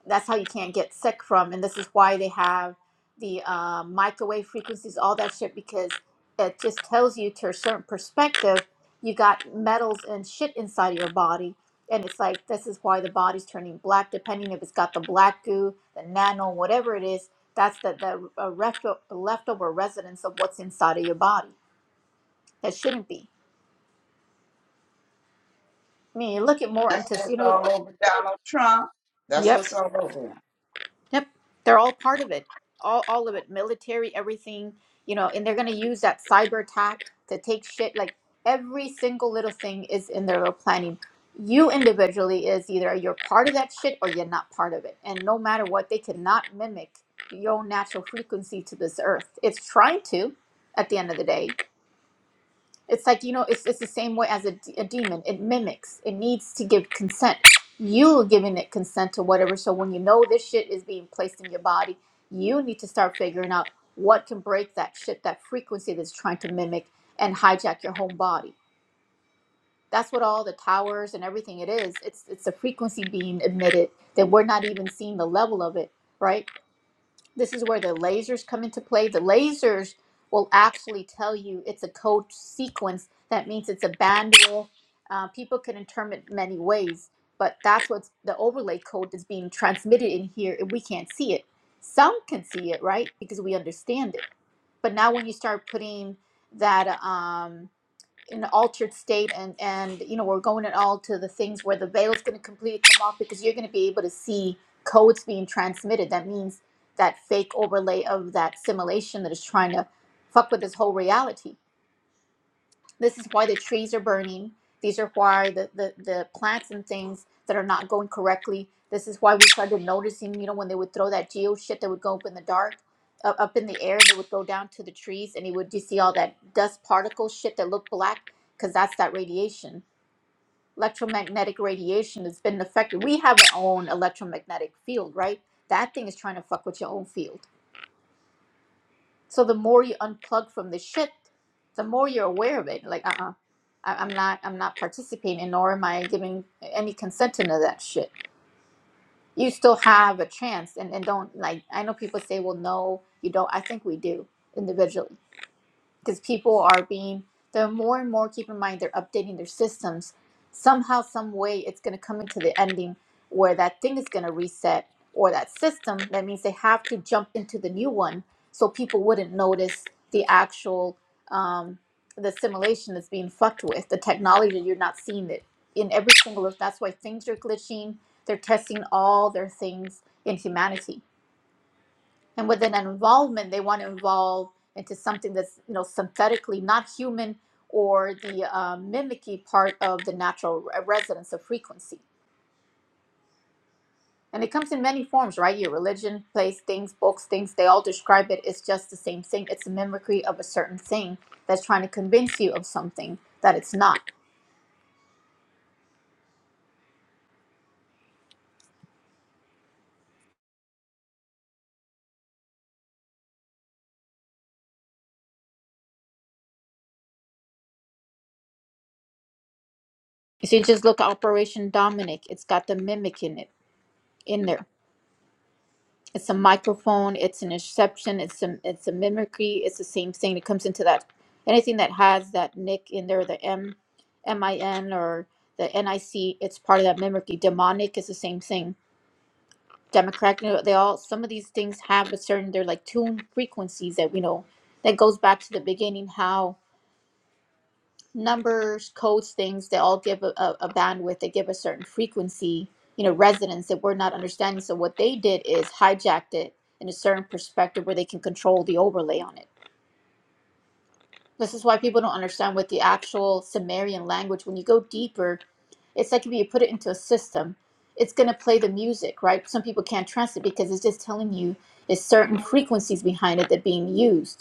S11: that's how you can't get sick from and this is why they have the uh, microwave frequencies all that shit because it just tells you to a certain perspective you got metals and shit inside of your body and it's like this is why the body's turning black depending if it's got the black goo the nano whatever it is that's the, the uh, refto- leftover residence of what's inside of your body that shouldn't be i mean you look at more
S15: That's
S11: into you
S15: what's
S11: know
S15: all over Donald Trump. That's
S11: yep
S15: what's all over him.
S11: Yep, they're all part of it. All all of it, military, everything, you know, and they're gonna use that cyber attack to take shit. Like every single little thing is in their little planning. You individually is either you're part of that shit or you're not part of it. And no matter what, they cannot mimic your own natural frequency to this earth. It's trying to at the end of the day. It's like, you know, it's, it's the same way as a, d- a demon. It mimics, it needs to give consent. You giving it consent to whatever. So when you know this shit is being placed in your body, you need to start figuring out what can break that shit, that frequency that's trying to mimic and hijack your whole body. That's what all the towers and everything it is. It's it's a frequency being emitted that we're not even seeing the level of it, right? this is where the lasers come into play. The lasers will actually tell you it's a code sequence. That means it's a bandwidth. Uh, people can interpret many ways, but that's what the overlay code is being transmitted in here, and we can't see it. Some can see it, right? Because we understand it. But now when you start putting that, um, in an altered state and and you know we're going it all to the things where the veil is going to completely come off because you're going to be able to see codes being transmitted that means that fake overlay of that simulation that is trying to fuck with this whole reality this is why the trees are burning. These are why the, the, the plants and things that are not going correctly. This is why we started noticing, you know, when they would throw that geo shit that would go up in the dark, uh, up in the air, and it would go down to the trees, and you would just see all that dust particle shit that looked black, because that's that radiation. Electromagnetic radiation has been affected. We have our own electromagnetic field, right? That thing is trying to fuck with your own field so the more you unplug from the shit, the more you're aware of it. Like, uh, uh I, I'm not, I'm not participating, nor am I giving any consent to none of that shit. You still have a chance, and and don't like. I know people say, well, no, you don't. I think we do individually because people are being they're more and more keep in mind they're updating their systems somehow some way it's going to come into the ending where that thing is going to reset or that system that means they have to jump into the new one so people wouldn't notice the actual um, the simulation that's being fucked with the technology you're not seeing it in every single that's why things are glitching they're testing all their things in humanity and with an involvement they want to involve into something that's you know synthetically not human or the uh, mimicky part of the natural re- resonance of frequency and it comes in many forms right your religion place things books things they all describe it it's just the same thing it's a mimicry of a certain thing that's trying to convince you of something that it's not so you just look at operation dominic it's got the mimic in it in there It's a microphone. It's an interception. It's a it's a mimicry. It's the same thing. It comes into that anything that has that nick in there, the M, M I N or the N I C. It's part of that mimicry. Demonic is the same thing. Democratic. you know, They all some of these things have a certain. They're like tuned frequencies that we know that goes back to the beginning. How numbers, codes, things, they all give a, a, a bandwidth, they give a certain frequency, you know, resonance that we're not understanding. So what they did is hijacked it in a certain perspective where they can control the overlay on it. This is why people don't understand what the actual Sumerian language, when you go deeper, it's like if you put it into a system, it's going to play the music, right? Some people can't trust it because it's just telling you there's certain frequencies behind it that are being used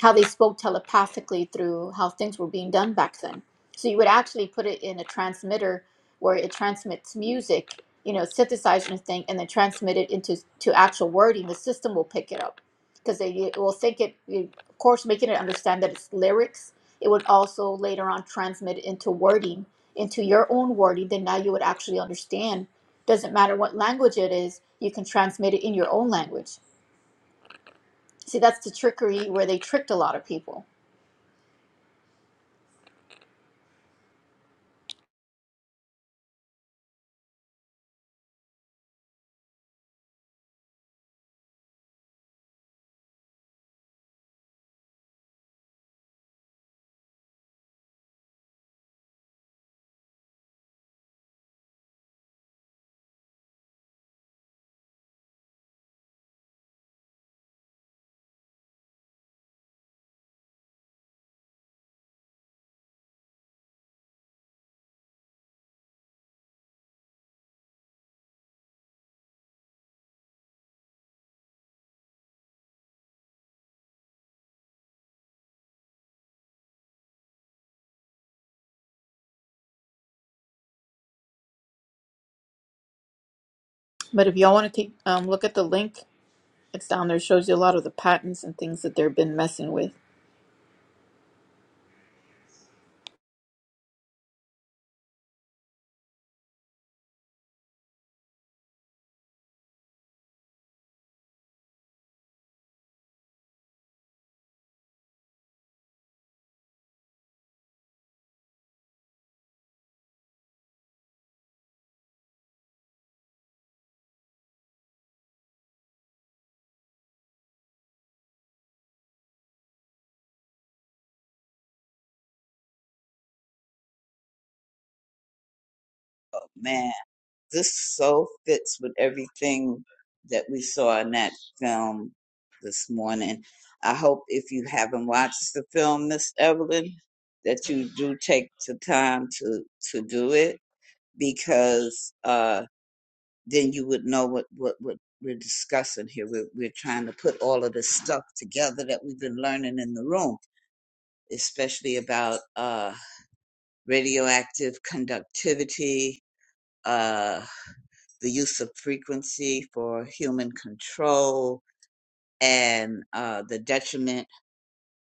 S11: how they spoke telepathically through how things were being done back then. So you would actually put it in a transmitter where it transmits music, you know, synthesizer and thing, and then transmit it into to actual wording. The system will pick it up because they it will think it, it- of course, making it understand that it's lyrics. It would also later on transmit it into wording, into your own wording. Then now you would actually understand. Doesn't matter what language it is, you can transmit it in your own language. See, that's the trickery where they tricked a lot of people But if y'all want to take um, look at the link, it's down there. It shows you a lot of the patents and things that they've been messing with.
S15: Man, this so fits with everything that we saw in that film this morning. I hope if you haven't watched the film, Miss Evelyn, that you do take the time to to do it because uh, then you would know what what what we're discussing here. We're we're trying to put all of this stuff together that we've been learning in the room, especially about uh, radioactive conductivity, uh, the use of frequency for human control, and uh, the detriment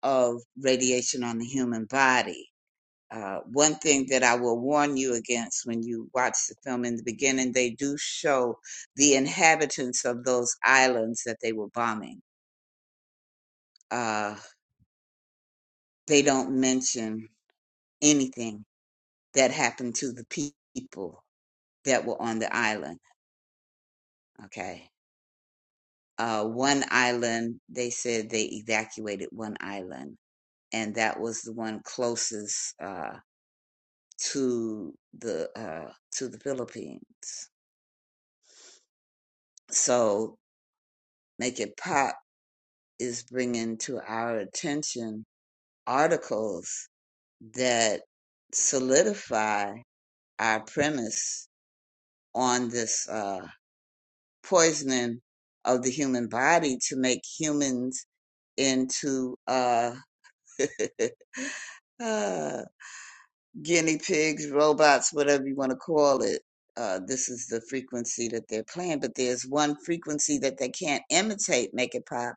S15: of radiation on the human body Uh, one thing that I will warn you against when you watch the film in the beginning, they do show the inhabitants of those islands that they were bombing. Uh, they don't mention anything that happened to the people that were on the island. Okay. Uh, one island, they said they evacuated one island, and that was the one closest uh, to the uh, to the Philippines. So make it pop is bringing to our attention articles that solidify our premise on this uh, poisoning of the human body to make humans into uh, uh, guinea pigs, robots, whatever you want to call it. Uh, this is the frequency that they're playing, but there's one frequency that they can't imitate, make it pop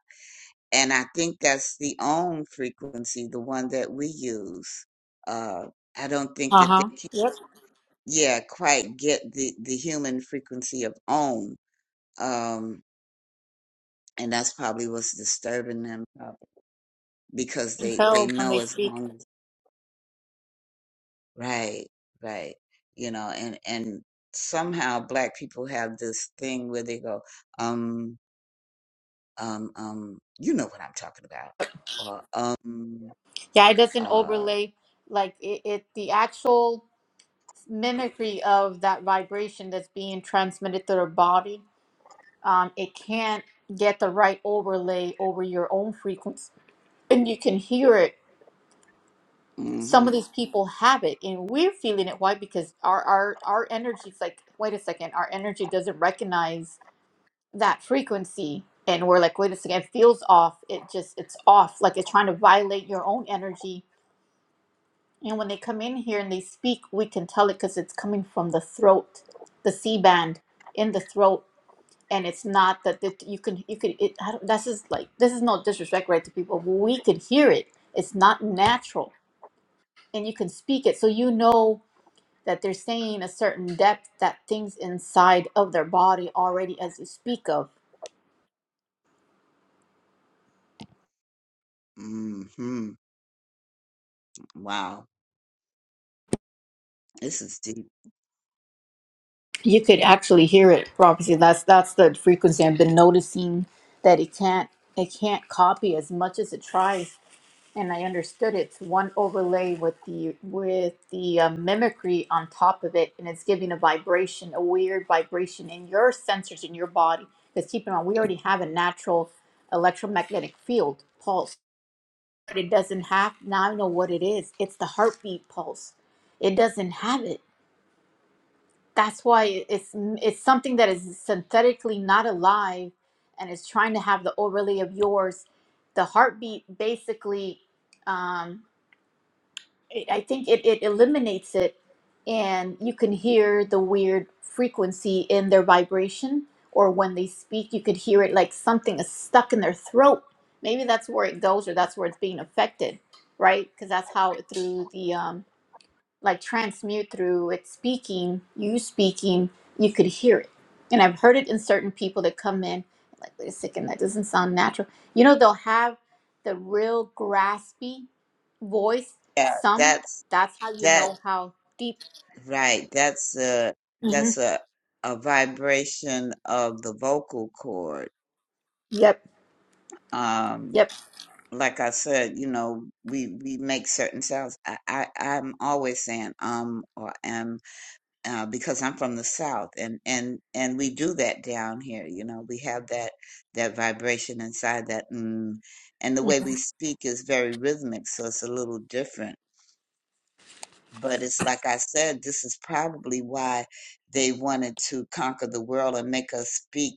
S15: and I think that's the own frequency, the one that we use. Uh, I don't think
S11: Uh
S15: that
S11: huh.
S15: they can,
S11: Yep.
S15: yeah, quite get the the human frequency of own, um, and that's probably what's disturbing them uh, because
S11: You can
S15: they they
S11: tell when
S15: know
S11: they
S15: as
S11: speak.
S15: long as right, right, you know, and and somehow black people have this thing where they go, um, um, um, you know what I'm talking about, or um,
S11: Yeah, it doesn't
S15: uh,
S11: overlay like it, it. The actual mimicry of that vibration that's being transmitted to their body, um, it can't get the right overlay over your own frequency, and you can hear it. Some
S15: mm-hmm,
S11: of these people have it, and we're feeling it. Why? Because our our our energy's like, wait a second, our energy doesn't recognize that frequency and we're like wait a second it feels off it just it's off like it's trying to violate your own energy and when they come in here and they speak we can tell it because it's coming from the throat the c-band in the throat and it's not that that you can you can it I don't, this is like this is no disrespect right to people but we can hear it it's not natural and you can speak it so you know that they're saying a certain depth that things inside of their body already as you speak of
S15: mm-hmm. Wow. This is deep.
S11: you could actually hear it prophecy that's that's the frequency i've been noticing that it can't it can't copy as much as it tries and i understood it's one overlay with the with the uh, mimicry on top of it and it's giving a vibration a weird vibration in your sensors in your body because keep in mind we already have a natural electromagnetic field pulse but it doesn't have now i know what it is it's the heartbeat pulse it doesn't have it that's why it's it's something that is synthetically not alive and is trying to have the overlay of yours the heartbeat basically um it, i think it, it eliminates it and you can hear the weird frequency in their vibration or when they speak you could hear it like something is stuck in their throat maybe that's where it goes or that's where it's being affected right because that's how through the um like transmute through it speaking, you speaking, you could hear it. And I've heard it in certain people that come in, like, wait a second, that doesn't sound natural. You know, they'll have the real graspy voice.
S15: Yeah,
S11: Some,
S15: that's
S11: that's how you
S15: that
S11: know how deep.
S15: right. That's a
S11: hmm
S15: that's a a vibration of the vocal cord.
S11: Yep,
S15: Um,
S11: yep.
S15: like I said, you know, we we make certain sounds. I, I I'm always saying um or am uh, because I'm from the South, and and and we do that down here. You know, we have that that vibration inside that mm, and the way we speak is very rhythmic, so it's a little different But it's like I said, this is probably why they wanted to conquer the world and make us speak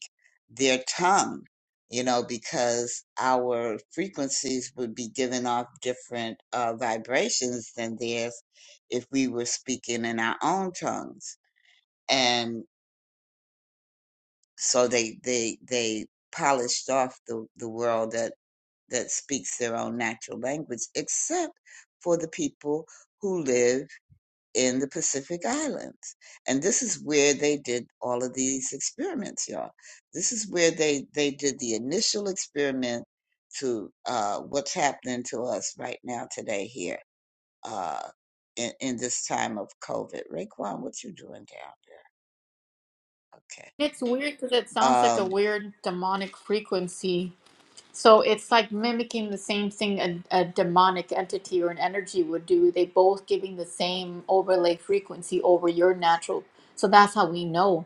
S15: their tongue, you know, because our frequencies would be giving off different uh, vibrations than theirs if we were speaking in our own tongues. And so they they they polished off the, the world that that speaks their own natural language, except for the people who live in the Pacific Islands. And this is where they did all of these experiments, y'all. This is where they, they did the initial experiment to uh, what's happening to us right now today here uh, in, in this time of COVID. Raekwon, what you doing down there? Okay.
S11: It's weird because it sounds like a
S15: Um,
S11: weird demonic frequency So it's like mimicking the same thing a, a demonic entity or an energy would do. They both giving the same overlay frequency over your natural. So that's how we know.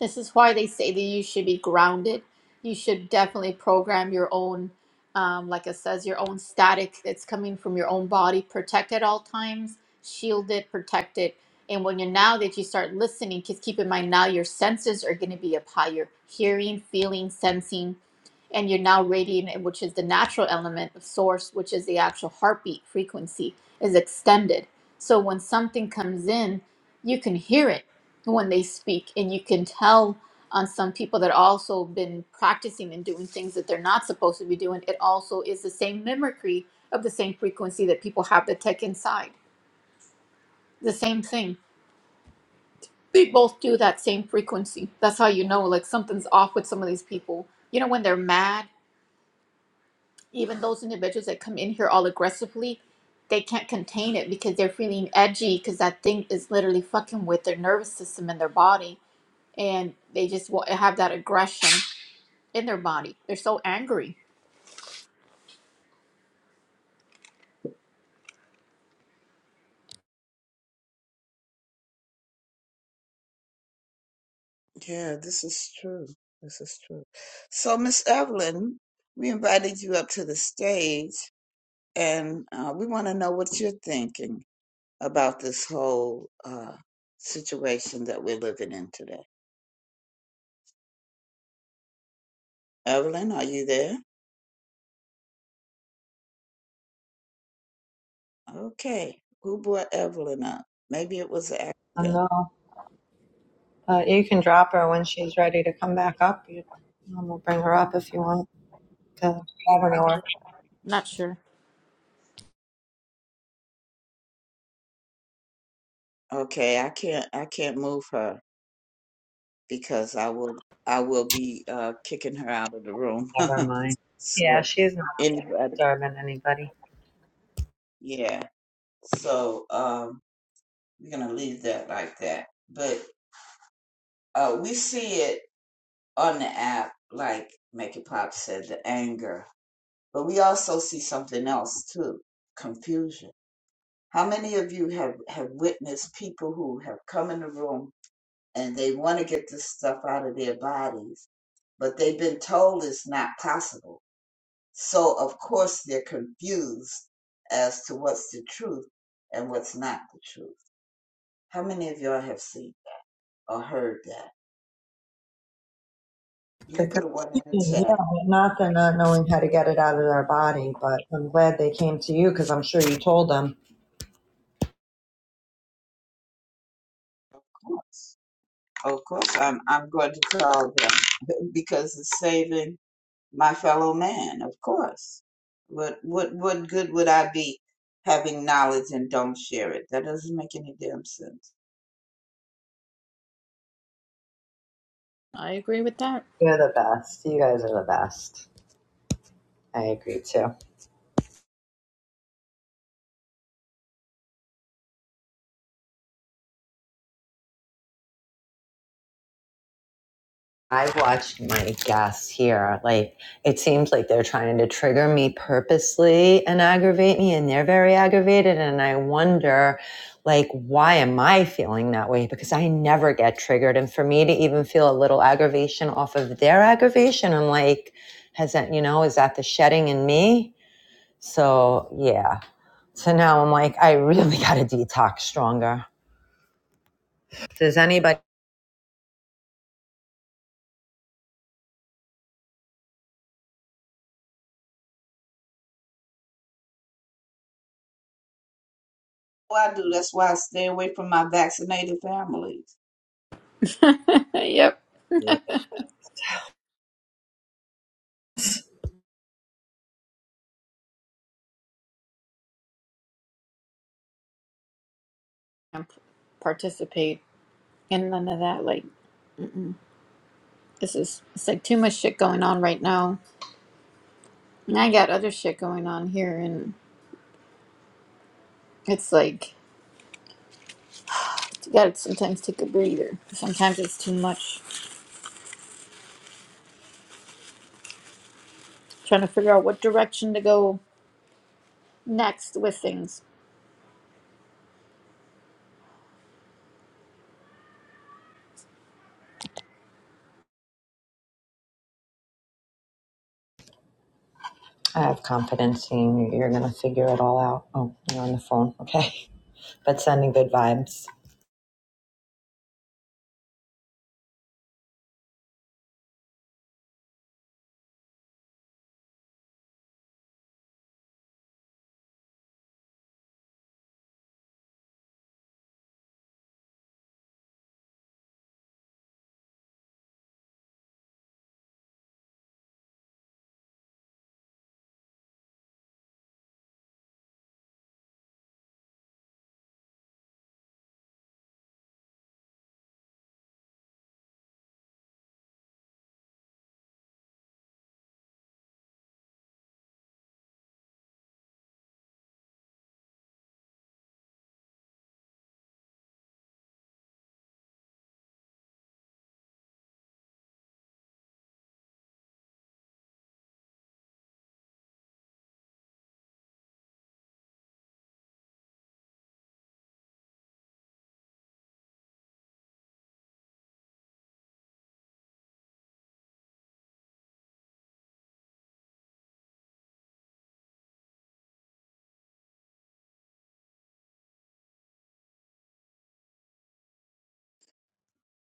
S11: This is why they say that you should be grounded. You should definitely program your own, um, like it says, your own static that's coming from your own body. Protect at all times, shield it, protect it. And when you're now that you start listening, just keep in mind now your senses are going to be up higher hearing, feeling, sensing and you're now radiant, which is the natural element of source, which is the actual heartbeat frequency, is extended. So when something comes in, you can hear it when they speak, and you can tell on some people that also been practicing and doing things that they're not supposed to be doing. It also is the same mimicry of the same frequency that people have that take inside. The same thing. They both do that same frequency. That's how you know, like something's off with some of these people. You know, when they're mad even those individuals that come in here all aggressively, they can't contain it because they're feeling edgy because that thing is literally fucking with their nervous system and their body. And they just wa- have that aggression in their body. They're so angry.
S15: yeah, this is true. This is true. So, Miss Evelyn, we invited you up to the stage, and uh, we want to know what you're thinking about this whole uh, situation that we're living in today. Evelyn, are you there? Okay. Who brought Evelyn up? Maybe it was an
S3: I
S15: accident.
S3: know. Uh, you can drop her when she's ready to come back up. You, um, we'll bring her up if you want to have her nowhere.
S11: Not sure.
S15: Okay, I can't I can't move her because I will I will be uh kicking her out of the room.
S3: Fine. Yeah,
S15: So
S3: she's not
S15: anybody
S3: disturbing anybody.
S15: yeah. So um we're gonna leave that like that. But uh we see it on the app, like Make It Pop said, the anger. But we also see something else too confusion. How many of you have, have witnessed people who have come in the room and they want to get this stuff out of their bodies, but they've been told it's not possible? So, of course, they're confused as to what's the truth and what's not the truth. How many of y'all have seen or heard that? You
S3: The
S15: can put a one in the
S3: confusion, yeah,
S15: chat.
S3: but not they're not knowing how to get it out of their body. But I'm glad they came to you because I'm sure you told them.
S15: of course. Of course, I'm I'm going to call them because it's saving my fellow man. Of course, what what what good would I be having knowledge and don't share it? That doesn't make any damn sense.
S11: I agree with that.
S3: You're the best. You guys are the best. I agree too. I've watched my guests here. Like, it seems like they're trying to trigger me purposely and aggravate me, and they're very aggravated. And I wonder, like, why am I feeling that way? Because I never get triggered. And for me to even feel a little aggravation off of their aggravation, I'm like, has that, you know, is that the shedding in me? So, yeah. So now I'm like, I really got to detox stronger. Does anybody?
S15: Well, I do. That's why I stay away from my vaccinated families.
S11: yep. And p- participate in none of that. Like, this is, it's like too much shit going on right now. And I got other shit going on here. And it's like, you gotta sometimes take a breather. Sometimes it's too much. Trying to figure out what direction to go next with things.
S3: I have confidence in you. You're going to figure it all out. Oh, you're on the phone. Okay. But sending good vibes.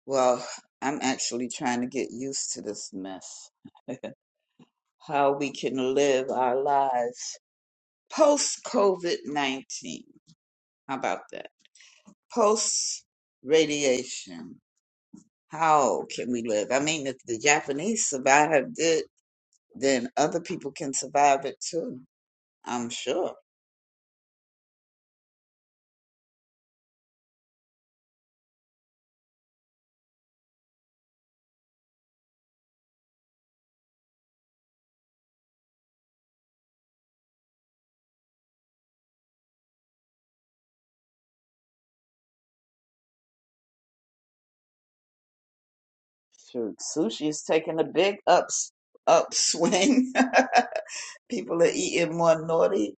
S15: Well, I'm actually trying to get used to this mess. How we can live our lives post COVID nineteen. How about that? Post radiation How can we live? I mean, if the Japanese survived it, then other people can survive it too. I'm sure. Shoot, sushi is taking a big ups upswing. people are eating more naughty,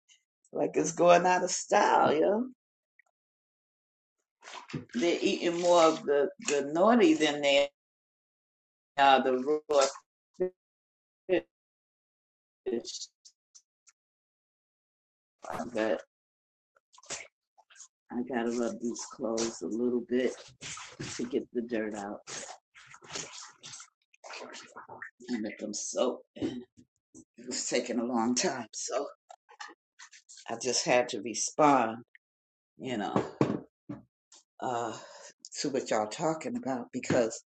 S15: like it's going out of style. You know, they're eating more of the the naughty than they are the raw fish. But I gotta rub these clothes a little bit to get the dirt out and let them soak. It was taking a long time, so. I just had to respond, you know, uh, to what y'all talking about because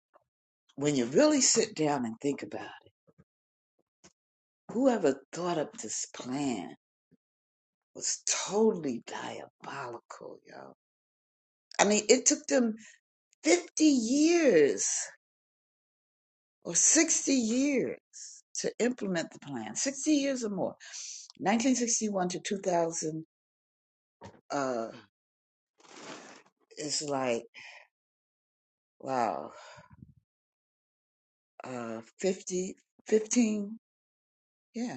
S15: when you really sit down and think about it, whoever thought up this plan was totally diabolical, y'all. I mean, it took them 50 years or 60 years to implement the plan, 60 years or more. 1961 to 2000 uh, is like, wow, uh, 50, fifteen, yeah.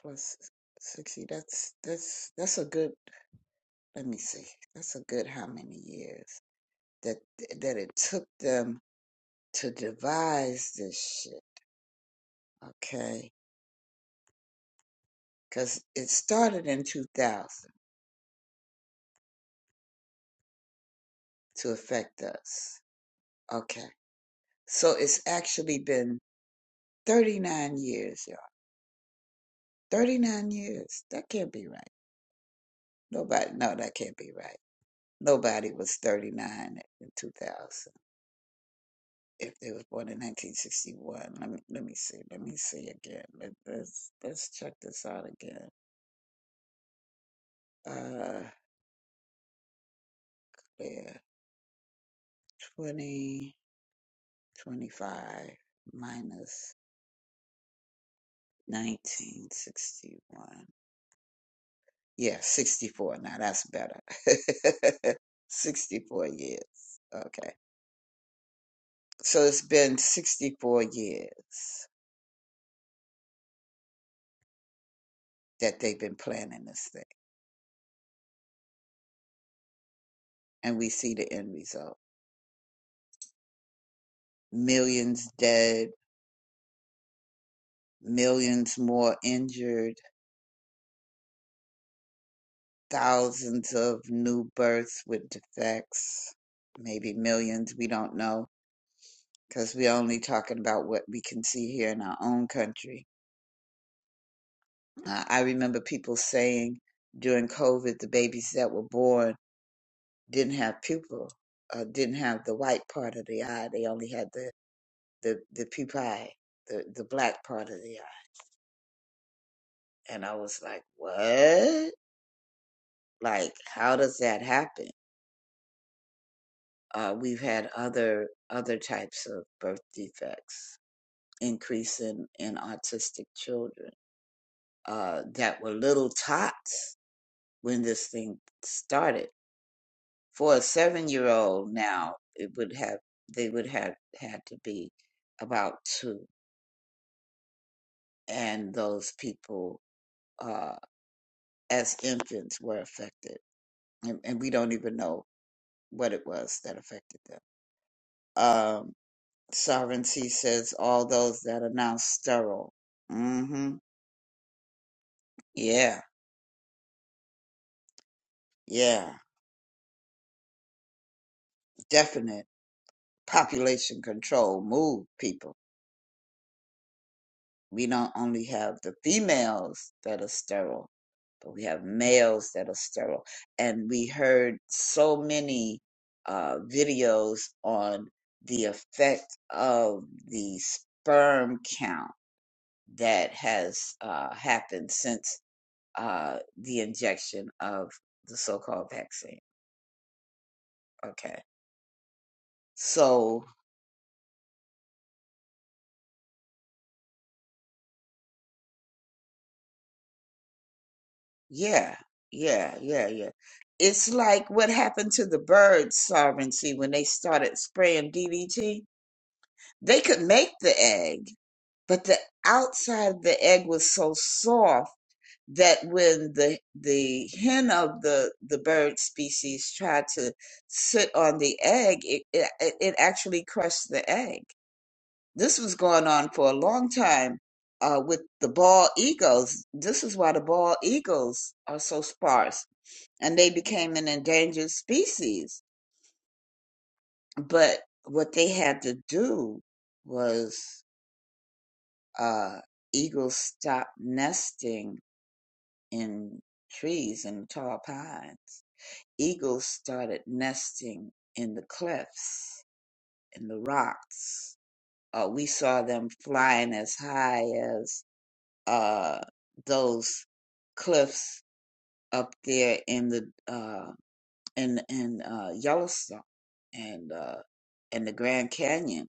S15: plus 60 that's that's that's a good let me see that's a good how many years that that it took them to devise this shit okay because it started in 2000 to affect us okay so it's actually been 39 years y'all 39 years that can't be right nobody no that can't be right nobody was 39 in 2000 if they was born in 1961. Let me let me see. Let me see again. Let, let's let's check this out again. Uh, yeah, twenty twenty five minus 1961. Yeah, 64. Now that's better. 64 years. Okay. So it's been 64 years that they've been planning this thing, and we see the end result. Millions dead, millions more injured thousands of new births with defects, maybe millions, we don't know, because we're only talking about what we can see here in our own country. Uh, I remember people saying during COVID, the babies that were born didn't have pupil, uh, didn't have the white part of the eye. They only had the, the, the pupae, the, the black part of the eye. And I was like, what? Like, how does that happen? Uh, we've had other other types of birth defects increase in, in autistic children uh, that were little tots when this thing started. For a seven year old now, it would have they would have had to be about two, and those people uh, as infants were affected, and, and we don't even know what it was that affected them. Um, Sovereignty says all those that are now sterile. hmm Yeah, yeah, definite. population control move people. We don't only have the females that are sterile, but we have males that are sterile. And we heard so many uh, videos on the effect of the sperm count that has uh, happened since uh, the injection of the so called vaccine. Okay. So Yeah, yeah, yeah, yeah. It's like what happened to the bird sovereignty when they started spraying DDT. They could make the egg, but the outside of the egg was so soft that when the the hen of the the bird species tried to sit on the egg, it it, it actually crushed the egg. This was going on for a long time uh, with the bald eagles. This is why the bald eagles are so sparse and they became an endangered species. But what they had to do was uh, eagles stopped nesting in trees and tall pines. Eagles started nesting in the cliffs, in the rocks. Uh, we saw them flying as high as uh, those cliffs up there in the uh, and and uh, Yellowstone and uh, and the Grand Canyon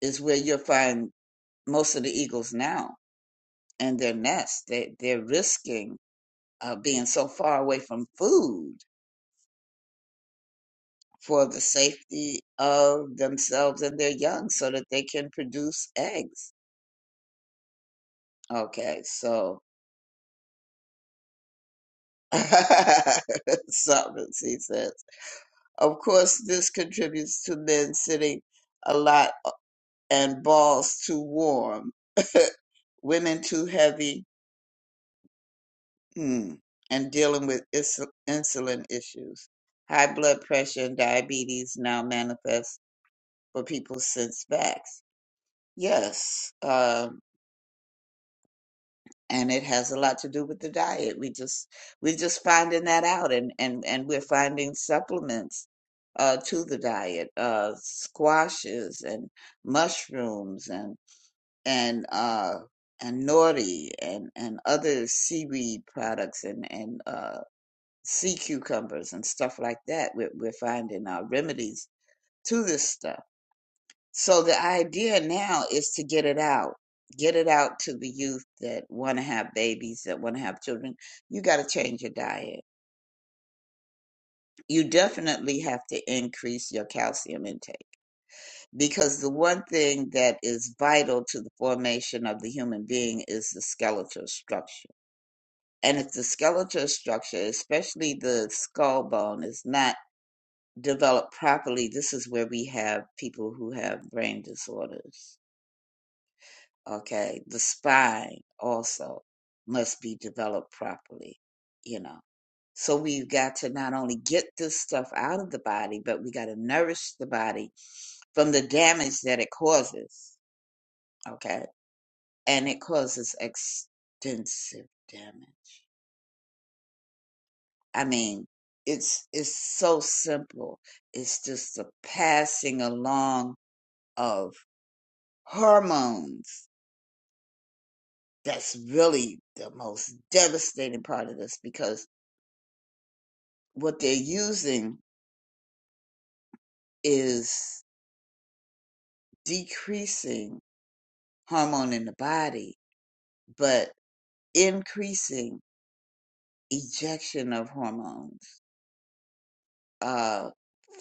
S15: is where you'll find most of the eagles now and their nests. They they're risking uh, being so far away from food for the safety of themselves and their young, so that they can produce eggs. Okay, so. Solvency he says. Of course, this contributes to men sitting a lot and balls too warm. women too heavy hmm, and dealing with is- insulin issues. High blood pressure and diabetes now manifest for people since vax. Yes, um, and it has a lot to do with the diet. We just we're just finding that out, and and and we're finding supplements uh, to the diet, uh, squashes and mushrooms and and uh, and nori and and other seaweed products and and uh, sea cucumbers and stuff like that. We're, we're finding our remedies to this stuff. So the idea now is to get it out, get it out to the youth that want to have babies, that want to have children. You got to change your diet. You definitely have to increase your calcium intake because the one thing that is vital to the formation of the human being is the skeletal structure. And if the skeletal structure, especially the skull bone, is not developed properly, this is where we have people who have brain disorders. Okay. The spine also must be developed properly, you know. So we've got to not only get this stuff out of the body, but we got to nourish the body from the damage that it causes. Okay. And it causes extensive damage. I mean, it's it's so simple. It's just the passing along of. hormones that's really the most devastating part of this because what they're using is decreasing hormone in the body but increasing ejection of hormones uh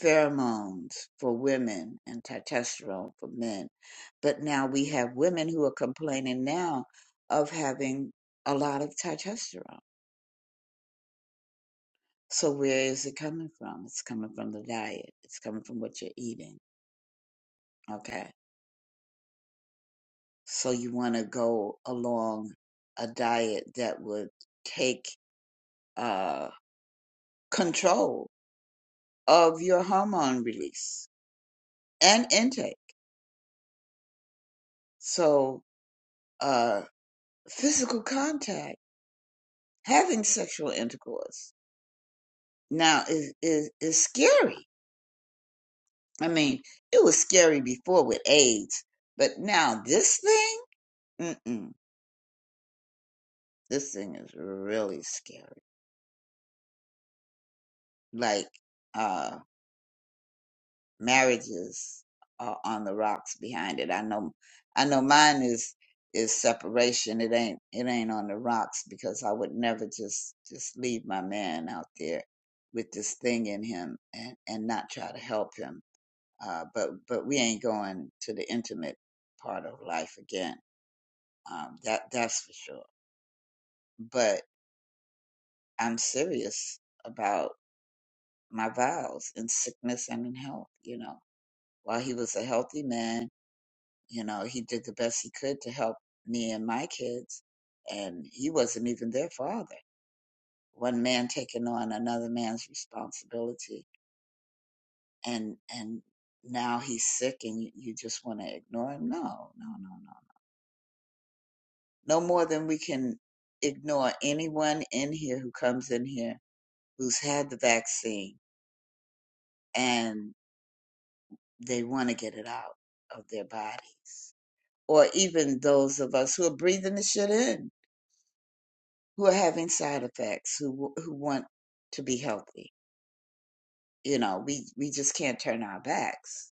S15: pheromones for women and testosterone for men but now we have women who are complaining now of having a lot of testosterone So where is it coming from? It's coming from the diet. It's coming from what you're eating. Okay. So you want to go along a diet that would take uh, control of your hormone release and intake. So uh, physical contact, having sexual intercourse now is, is, is scary. I mean, it was scary before with AIDS, but now this thing, mm-mm This thing is really scary. Like uh marriages are on the rocks behind it. I know I know mine is is separation. It ain't it ain't on the rocks because I would never just just leave my man out there with this thing in him and and not try to help him. Uh but but we ain't going to the intimate part of life again. Um that that's for sure. But I'm serious about my vows in sickness and in health, you know. While he was a healthy man, you know, he did the best he could to help me and my kids, and he wasn't even their father. One man taking on another man's responsibility, and and now he's sick, and you, you just want to ignore him? No, no, no, no. No more than we can ignore anyone in here who comes in here who's had the vaccine and they want to get it out of their bodies or even those of us who are breathing the shit in, who are having side effects, who who want to be healthy. You know, we we just can't turn our backs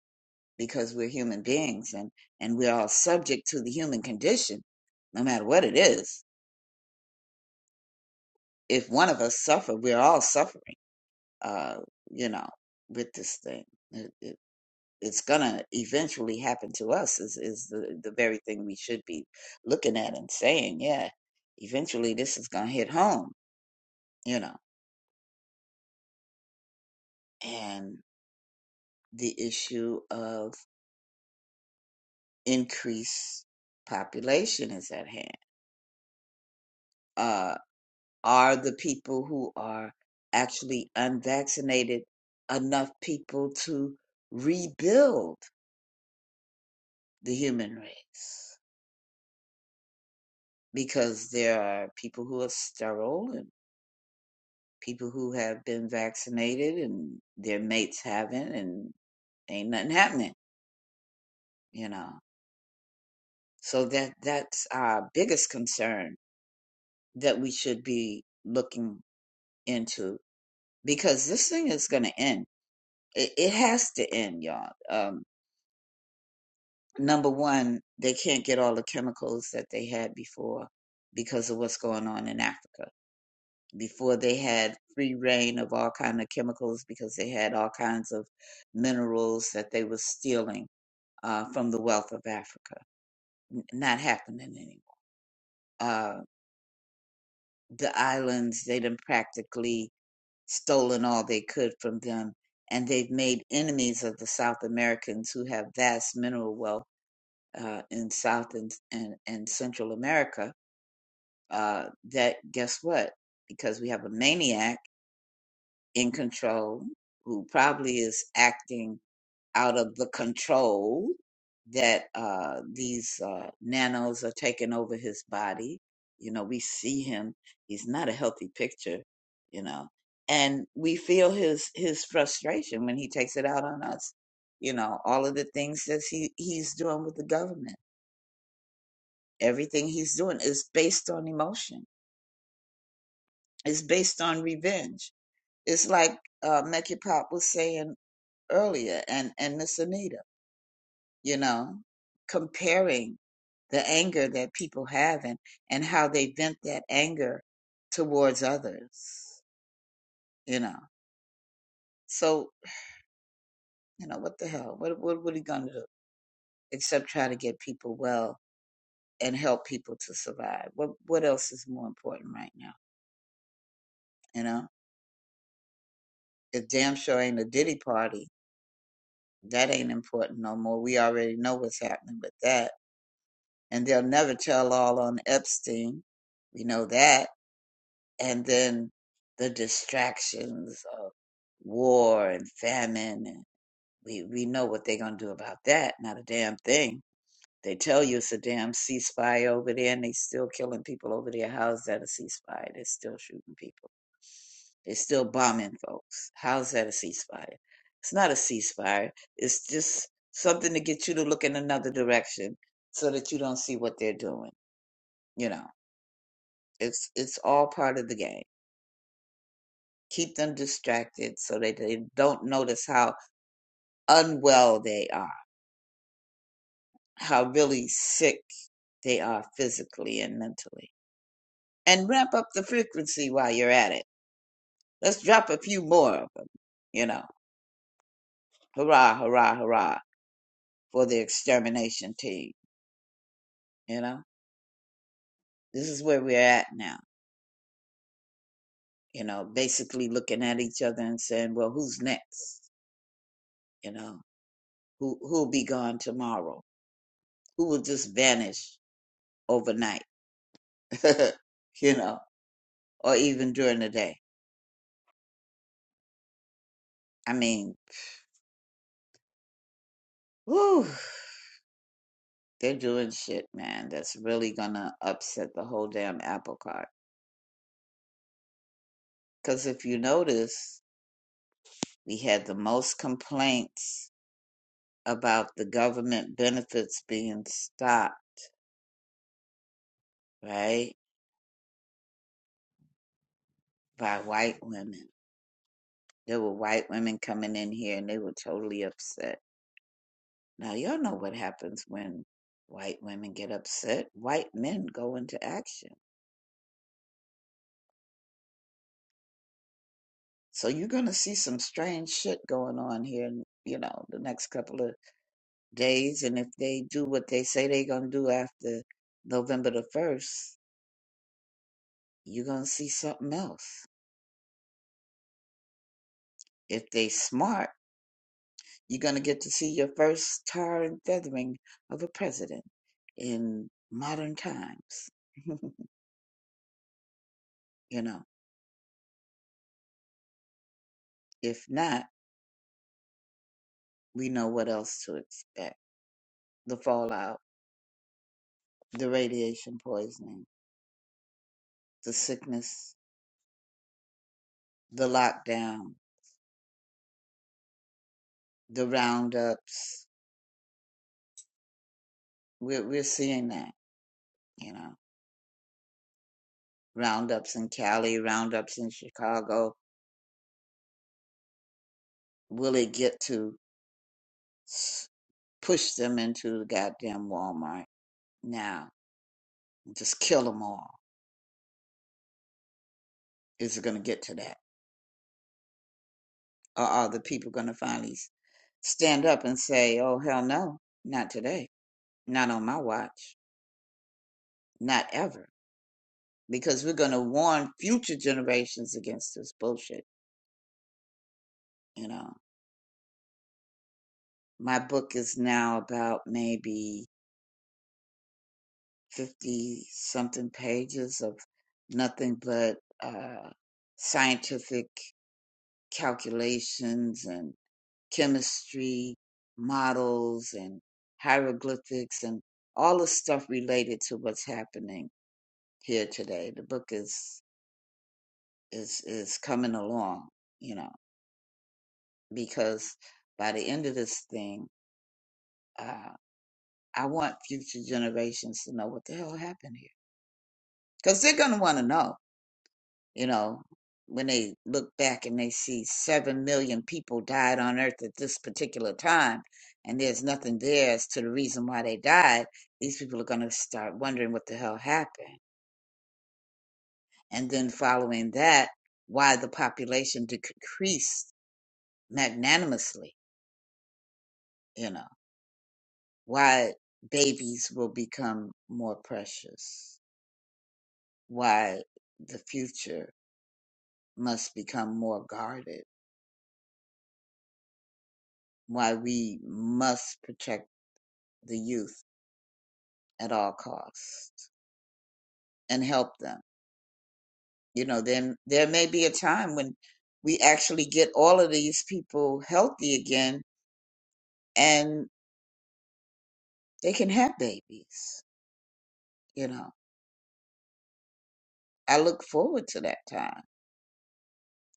S15: because we're human beings and and we're all subject to the human condition, no matter what it is. If one of us suffer, we're all suffering. Uh, you know, with this thing, it, it, it's gonna eventually happen to us. Is is the the very thing we should be looking at and saying, yeah, eventually this is gonna hit home you know, and the issue of increased population is at hand. Uh, are the people who are actually unvaccinated enough people to rebuild the human race? Because there are people who are sterile and people who have been vaccinated and their mates haven't, and ain't nothing happening, you know. So that that's our biggest concern that we should be looking into because this thing is going to end. It, it has to end, y'all. Um, number one, they can't get all the chemicals that they had before because of what's going on in Africa. Before they had free reign of all kind of chemicals because they had all kinds of minerals that they were stealing uh, from the wealth of Africa. N- Not happening anymore. Uh, the islands, they done practically stolen all they could from them, and they've made enemies of the South Americans who have vast mineral wealth uh, in South and, and, and Central America. Uh, that guess what? Because we have a maniac in control who probably is acting out of the control that uh, these uh, nanos are taking over his body. You know, we see him; he's not a healthy picture. You know, and we feel his his frustration when he takes it out on us. You know, all of the things that he he's doing with the government, everything he's doing is based on emotion. It's based on revenge. It's like uh, Mekhi Pop was saying earlier, and and Miss Anita. you know, comparing the anger that people have and, and how they vent that anger towards others, you know. So, you know, what the hell? What what what are you gonna do? Except try to get people well and help people to survive. What what else is more important right now? You know? It damn sure ain't a Diddy party. That ain't important no more. We already know what's happening with that. And they'll never tell all on Epstein. We know that and then the distractions of war and famine and we, we know what they're going to do about that not a damn thing they tell you it's a damn ceasefire over there and they still killing people over there how's that a ceasefire they're still shooting people they're still bombing folks how's that a ceasefire it's not a ceasefire it's just something to get you to look in another direction so that you don't see what they're doing you know it's it's all part of the game keep them distracted so that they don't notice how unwell they are, how really sick they are physically and mentally. And ramp up the frequency while you're at it. Let's drop a few more of them, you know. Hurrah, hurrah, hurrah for the extermination team, you know. This is where we're at now, you know, basically looking at each other and saying, well, who's next? You know, who, who'll be gone tomorrow? Who will just vanish overnight? you know or even during the day. I mean, whew, they're doing shit, man, that's really gonna upset the whole damn apple cart. Because if you notice, we had the most complaints about the government benefits being stopped, right, by white women. There were white women coming in here and they were totally upset. Now, y'all know what happens when white women get upset. White men go into action So you're going to see some strange shit going on here, you know, the next couple of days. And if they do what they say they're going to do after November the 1st, you're going to see something else. If they smart, you're going to get to see your first tar and feathering of a president in modern times. you know, if not, we know what else to expect. The fallout, the radiation poisoning, the sickness, the lockdown the roundups. We're we're seeing that, you know, roundups in Cali, roundups in Chicago. Will it get to s- push them into the goddamn Walmart now? Just kill them all. Is it going to get to that, or are the people going to finally s- stand up and say, "Oh hell no, not today, not on my watch, not ever," because we're going to warn future generations against this bullshit, you know? My book is now about maybe 50 something pages of nothing but uh, scientific calculations and chemistry models and hieroglyphics and all the stuff related to what's happening here today. The book is is is coming along, you know, because by the end of this thing, uh, I want future generations to know what the hell happened here, because they're gonna want to know you know, when they look back and they see 7 million people died on earth at this particular time, and there's nothing there as to the reason why they died, these people are going to start wondering what the hell happened. And then following that, why the population decreased magnanimously, you know, why babies will become more precious, why the future must become more guarded, why we must protect the youth at all costs and help them. You know, then there may be a time when we actually get all of these people healthy again and they can have babies. You know, I look forward to that time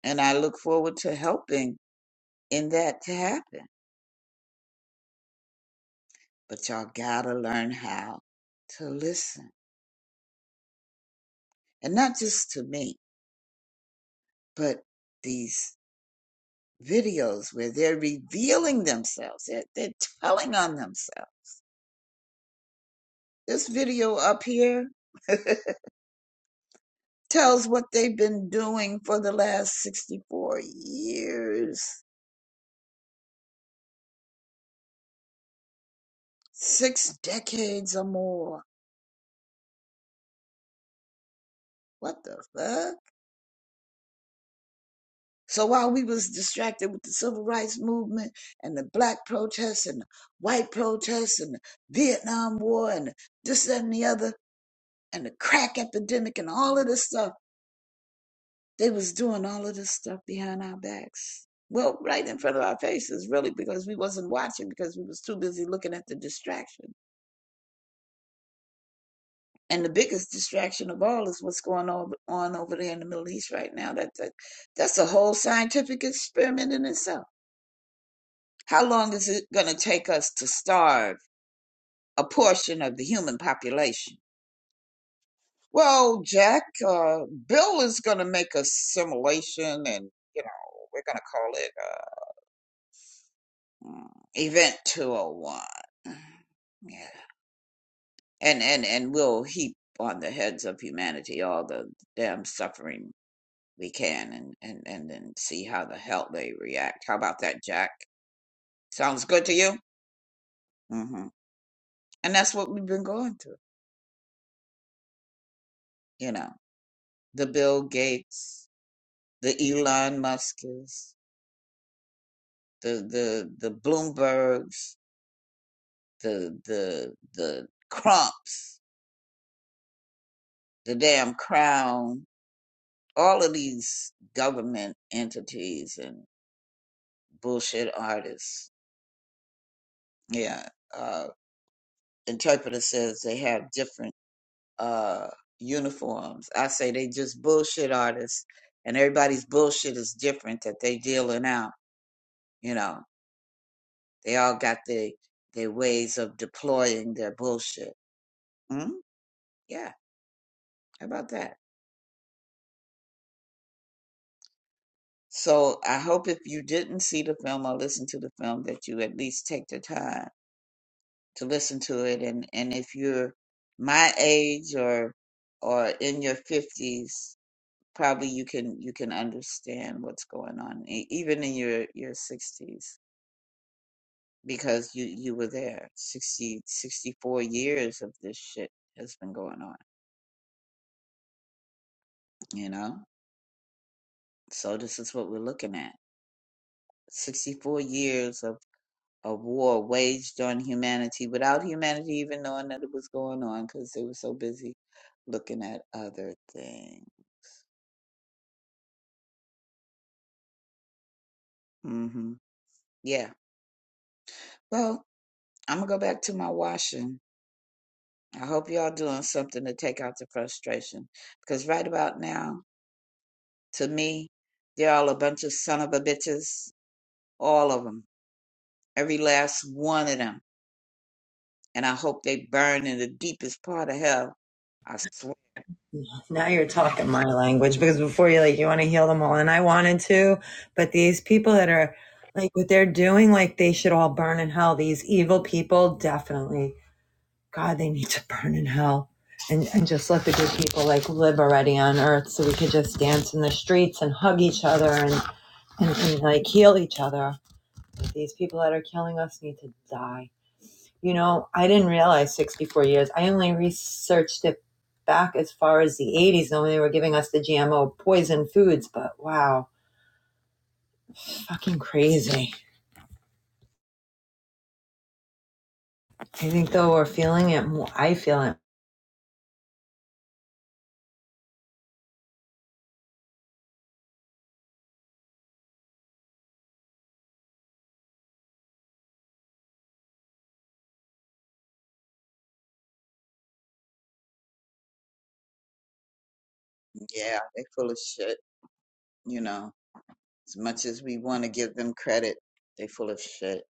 S15: and I look forward to helping in that to happen. But y'all gotta learn how to listen and not just to me, but these videos where they're revealing themselves, they're, they're telling on themselves This video up here tells what they've been doing for the last 64 years. Six decades or more. What the fuck? So while we was distracted with the civil rights movement and the black protests and the white protests and the Vietnam War and this, that, and the other and the crack epidemic and all of this stuff, They was doing all of this stuff behind our backs. Well, right in front of our faces, really, because we wasn't watching because we was too busy looking at the distraction. And the biggest distraction of all is what's going on over there in the Middle East right now. That, that that's a whole scientific experiment in itself. How long is it going to take us to starve a portion of the human population? Well, Jack, uh, Bill is going to make a simulation, and you know we're going to call it. uh, Mm, Event 201. Yeah. And and and we'll heap on the heads of humanity all the damn suffering we can and and and then see how the hell they react. How about that, Jack? Sounds good to you? hmm And that's what we've been going through, you know. The Bill Gates, the Elon Muskers, the the the Bloombergs, the the the Crumps, the damn Crown, all of these government entities and bullshit artists. Yeah. Uh, interpreter says they have different uh, uniforms. I say they just bullshit artists, and everybody's bullshit is different that they dealing out. You know, they all got their their ways of deploying their bullshit. Mm? Yeah. How about that? So I hope if you didn't see the film or listen to the film that you at least take the time to listen to it and and if you're my age or or in your 50s probably you can you can understand what's going on e- even in your your 60s because you you were there 60 64 years of this shit has been going on you know so this is what we're looking at 64 years of a war waged on humanity without humanity even knowing that it was going on because they were so busy looking at other things hmm Yeah. Well, I'm gonna go back to my washing. I hope y'all doing something to take out the frustration because right about now, to me, they're all a bunch of son of a bitches, all of them, every last one of them. And I hope they burn in the deepest part of hell. I swear.
S3: Now you're talking my language because before you're like, you want to heal them all. And I wanted to, but these people that are like what they're doing, like they should all burn in hell. These evil people, definitely. God, they need to burn in hell. And, and just let the good people like live already on earth so we could just dance in the streets and hug each other and, and, and like heal each other. these people that are killing us need to die. You know, I didn't realize 64 years. I only researched it back as far as the 80s when they were giving us the GMO poison foods, but wow, fucking crazy. I think though we're feeling it more. I feel it
S15: Yeah, they full of shit. You know, as much as we want to give them credit, they full of shit.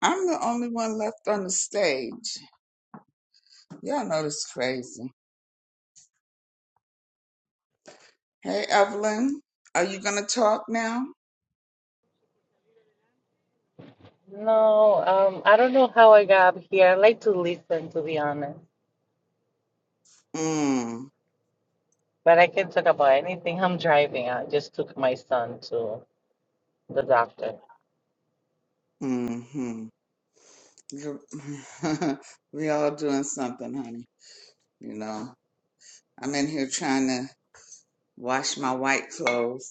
S15: I'm the only one left on the stage. Y'all know this crazy. Hey, Evelyn, are you gonna talk now?
S20: No, um, I don't know how I got up here. I like to listen, to be honest,
S15: Mm,
S20: but I can talk about anything. I'm driving. I just took my son to the doctor.
S15: mm-hmm. You- we all doing something, honey. You know, I'm in here trying to wash my white clothes.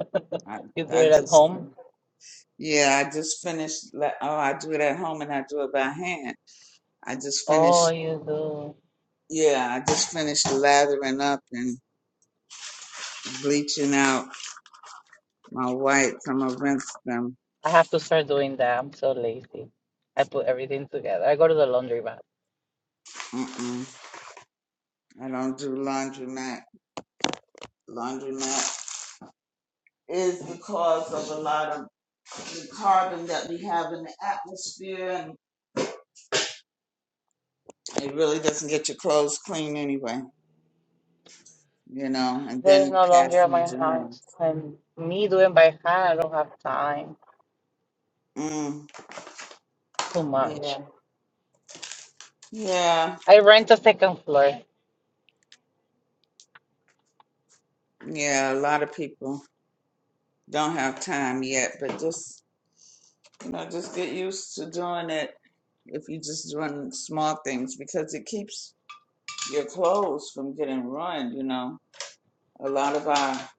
S15: I,
S20: You do
S15: I
S20: it at
S15: just,
S20: home?
S15: yeah, I just finished. la- Oh, I do it at home and I do it by hand. I just
S20: Oh,
S15: finished.
S20: you do.
S15: Yeah, I just finished lathering up and bleaching out my whites. I'm gonna rinse them.
S20: I have to start doing that. I'm so lazy. I put everything together. I go to the laundry
S15: Mm-mm. I don't do laundromat. Laundromat. is because of a lot of the carbon that we have in the atmosphere, and it really doesn't get your clothes clean anyway, you know, and
S20: There's
S15: then
S20: no laundry at
S15: passing
S20: my
S15: germs.
S20: house, and me doing by hand, I don't have time.
S15: Mm,
S20: Too
S15: yeah,
S20: much.
S15: yeah,
S20: I rent a second floor.
S15: yeah. A lot of people don't have time yet, but just you know, just get used to doing it if you're just doing small things because it keeps your clothes from getting ruined, you know A lot of our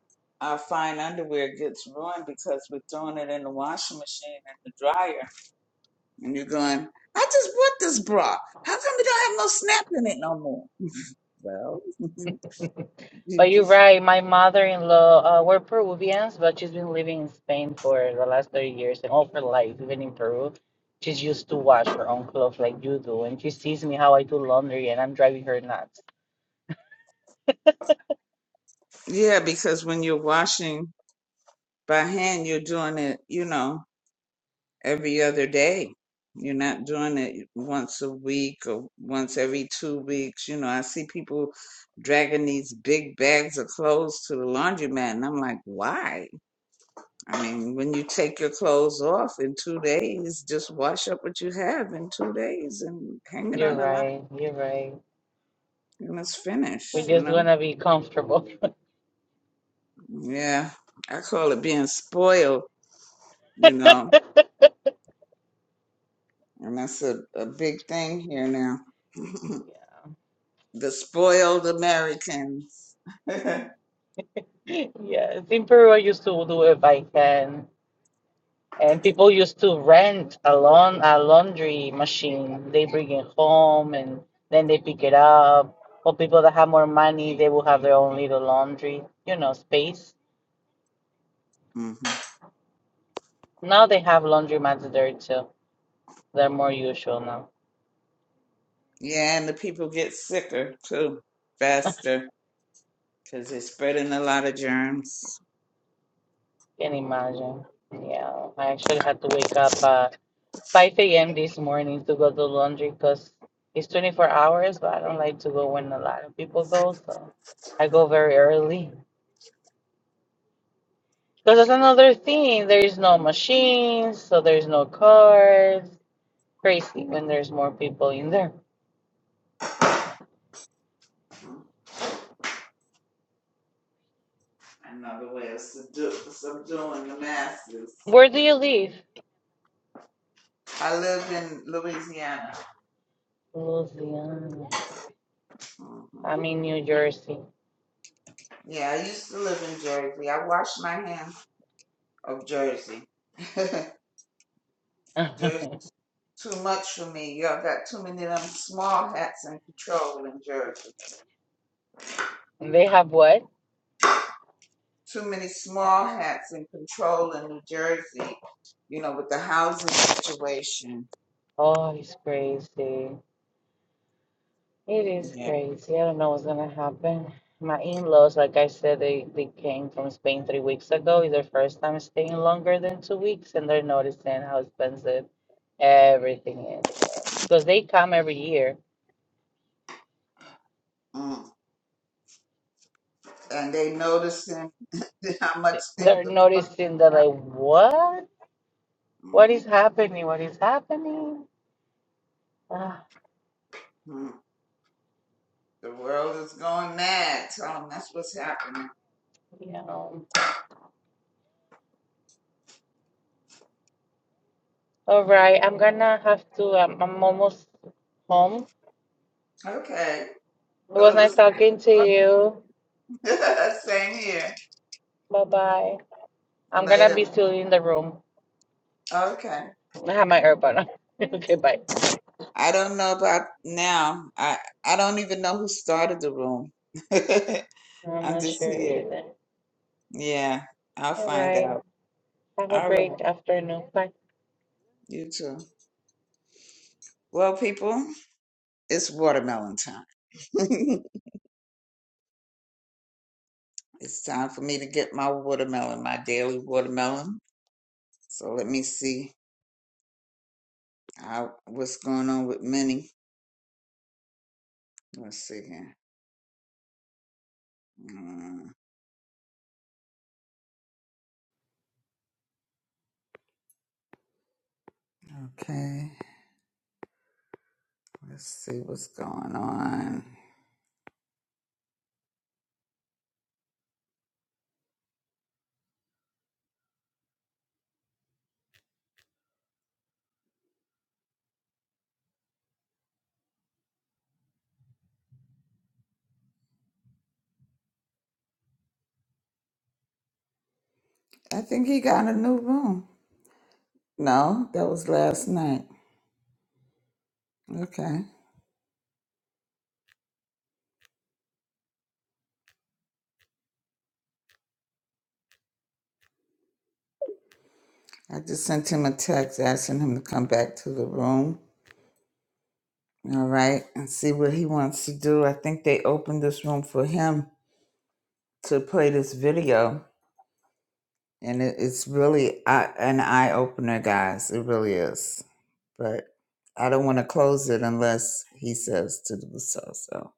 S15: our fine underwear gets ruined because we're throwing it in the washing machine and the dryer. And you're going, I just bought this bra. How come it don't have no snap in it no more? Well, you
S20: But you're
S15: just
S20: right. My mother-in-law, uh, we're Peruvians, but she's been living in Spain for the last 30 years and all her life, even in Peru. She's used to wash her own clothes like you do, and she sees me how I do laundry, and I'm driving her nuts.
S15: yeah, because when you're washing by hand, you're doing it, you know, every other day. You're not doing it once a week or once every two weeks. You know, I see people dragging these big bags of clothes to the laundromat, and I'm like, why? I mean, when you take your clothes off in two days, just wash up what you have in two days and hang it
S20: You're
S15: on a
S20: right.
S15: line
S20: You're right.
S15: and it's
S20: We
S15: finished, you
S20: just
S15: know?
S20: wanna be comfortable.
S15: Yeah, I call it being spoiled, you know, and that's a, a big thing here now. the spoiled Americans. hmm
S20: Yes, in Peru, I used to do it by hand. And people used to rent a lawn a laundry machine. They bring it home and then they pick it up. Or people that have more money, they will have their own little laundry, you know, space. Now they have laundromats there too. They're more usual now.
S15: Yeah, and the people get sicker too, faster, because they're spreading a lot of germs.
S20: Can imagine. Yeah, I actually had to wake up at 5 a.m. this morning to go to laundry because it's 24 hours, but I don't like to go when a lot of people go, so I go very early. Because that's another thing. There's no machines, so there's no cars. Crazy when there's more people in there.
S15: Another way of subdu- subduing the masses.
S20: Where do you live?
S15: I lived in Louisiana.
S20: Louisiana.
S15: hmm
S20: I'm in New Jersey.
S15: Yeah, I used to live in Jersey. I washed my hands of Jersey. Jersey too much for me. Y'all got too many of them small hats in control in Jersey.
S20: And they have what?
S15: Too many small hats in control in New Jersey. You know, with the housing situation.
S20: Oh, it's crazy. It is
S15: Yeah.
S20: crazy. I don't know what's gonna happen. My in-laws, like I said, they, they came from Spain three weeks ago. It's their first time staying longer than two weeks, and they're noticing how expensive everything is. Because they come every year
S15: Mm. And they noticing how much things
S20: They're
S15: are costing
S20: noticing that,
S15: now.
S20: like, what? What is
S15: Mm-hmm.
S20: happening? What is happening? Uh,
S15: The world is going mad. Tell 'em that's what's happening.
S20: you know. All right, I'm gonna have to. Um, I'm almost home.
S15: Okay.
S20: It
S15: Well,
S20: was
S15: it
S20: nice
S15: was nice
S20: talking to
S15: talking to
S20: you.
S15: you. Same here.
S20: Bye bye. I'm gonna be
S15: Later.
S20: still in the room.
S15: Okay.
S20: I have my earbud on. okay, bye.
S15: I don't know about now. I I don't even know who started the room.
S20: I'm
S15: I'm
S20: not
S15: just
S20: sure
S15: here.
S20: either.
S15: Yeah, I'll
S20: All
S15: find
S20: right.
S15: out.
S20: Have a
S15: All right.
S20: great afternoon. Bye.
S15: You too. Well, people, it's watermelon time. it's time for me to get my watermelon, my daily watermelon. So let me see how, what's going on with Minnie. Let's see here. Mm, Okay. Let's see what's going on. I think he got a new room. No, that was last night. Okay. I just sent him a text asking him to come back to the room. All right. And see what he wants to do. I think they opened this room for him to play this video. And it, it's really uh an eye opener, guys. It really is. but I don't want to close it unless he says to do so. So,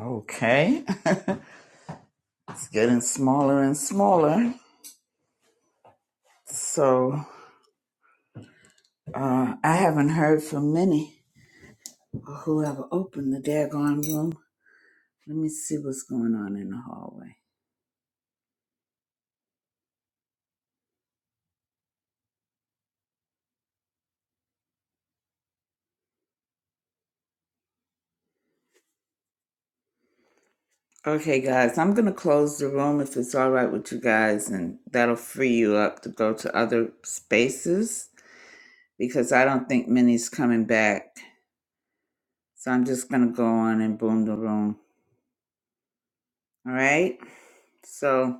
S15: okay, it's getting smaller and smaller. So, uh, I haven't heard from many or whoever opened the daggone room. Let me see what's going on in the hallway. Okay, guys, I'm going to close the room if it's all right with you guys, and that'll free you up to go to other spaces because I don't think Minnie's coming back. So I'm just going to go on and boom the room. All right? So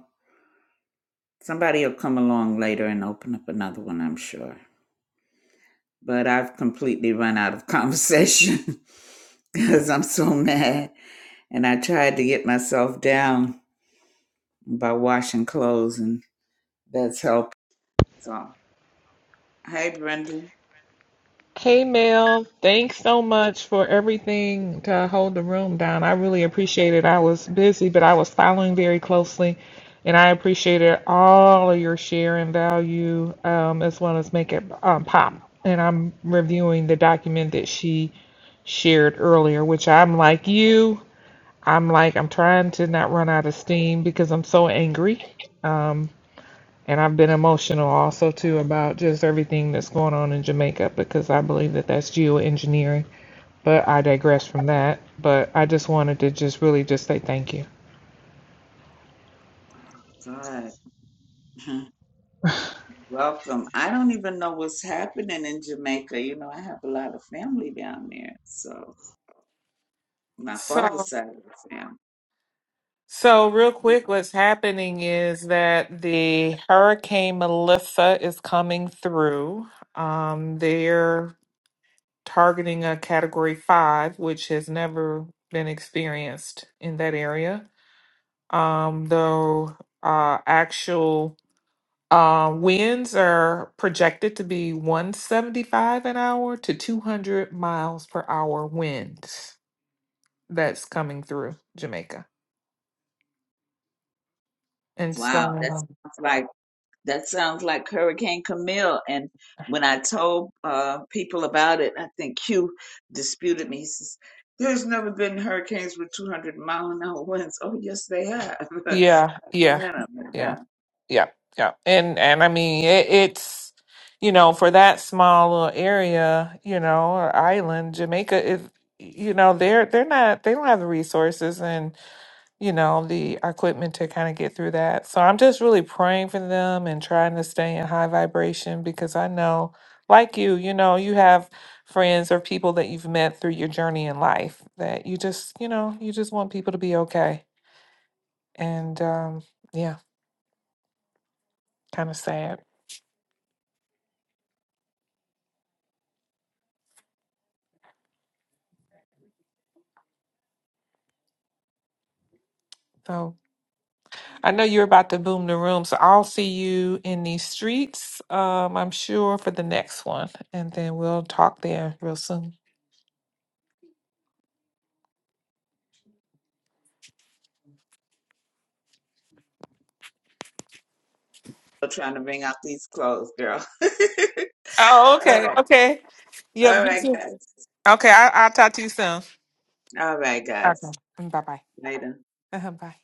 S15: somebody will come along later and open up another one, I'm sure. But I've completely run out of conversation because I'm so mad. And I tried to get myself down by washing clothes, and that's helped. So, hey, Brenda.
S21: Hey Mel, thanks so much for everything to hold the room down. I really appreciate it. I was busy, but I was following very closely, and I appreciated all of your share and value, um, as well as make it um, pop. And I'm reviewing the document that she shared earlier, which I'm like you. I'm like I'm trying to not run out of steam because I'm so angry. And I've been emotional also too about just everything that's going on in Jamaica because I believe that that's geoengineering. But I digress from that. But I just wanted to just really just say thank you.
S15: God. Mhm. Welcome. I don't even know what's happening in Jamaica. You know, I have a lot of family down there. So my father's
S21: So,
S15: side of the family.
S21: so real quick,
S15: Yeah.
S21: what's happening is that the Hurricane Melissa is coming through. Um, they're targeting a Category Five, which has never been experienced in that area. Um, though uh, actual Uh, winds are projected to be 175 an hour to 200 miles per hour winds that's coming through Jamaica. And
S15: Wow, that
S21: so,
S15: sounds like that sounds like Hurricane Camille. And when I told uh, people about it, I think Q disputed me. He says, "There's never been hurricanes with 200 mile an hour winds." Oh, yes, they have.
S21: yeah,
S15: Been in
S21: yeah,
S15: 'em,
S21: yeah,
S15: Yeah,
S21: yeah, yeah. And and I mean, it, it's you know, for that small little area, you know, or island, Jamaica is, you know, they're they're not they don't have the resources, and. you know, the equipment to kind of get through that. So I'm just really praying for them and trying to stay in high vibration because I know, like you, you know, you have friends or people that you've met through your journey in life that you just, you know, you just want people to be okay. And um, yeah, kind of sad. So I know you're about to boom the room. So I'll see you in these streets, um, I'm sure, for the next one. And then we'll talk there real soon.
S15: Still trying to wring out these clothes, girl.
S21: Oh,
S15: All
S21: okay.
S15: right,
S21: Okay.
S15: all right,
S21: Yep.
S15: guys.
S21: Okay, I, I'll talk to you soon.
S15: All right,
S21: Okay.
S15: guys.
S21: Bye bye.
S15: later
S21: Uh-huh, bye.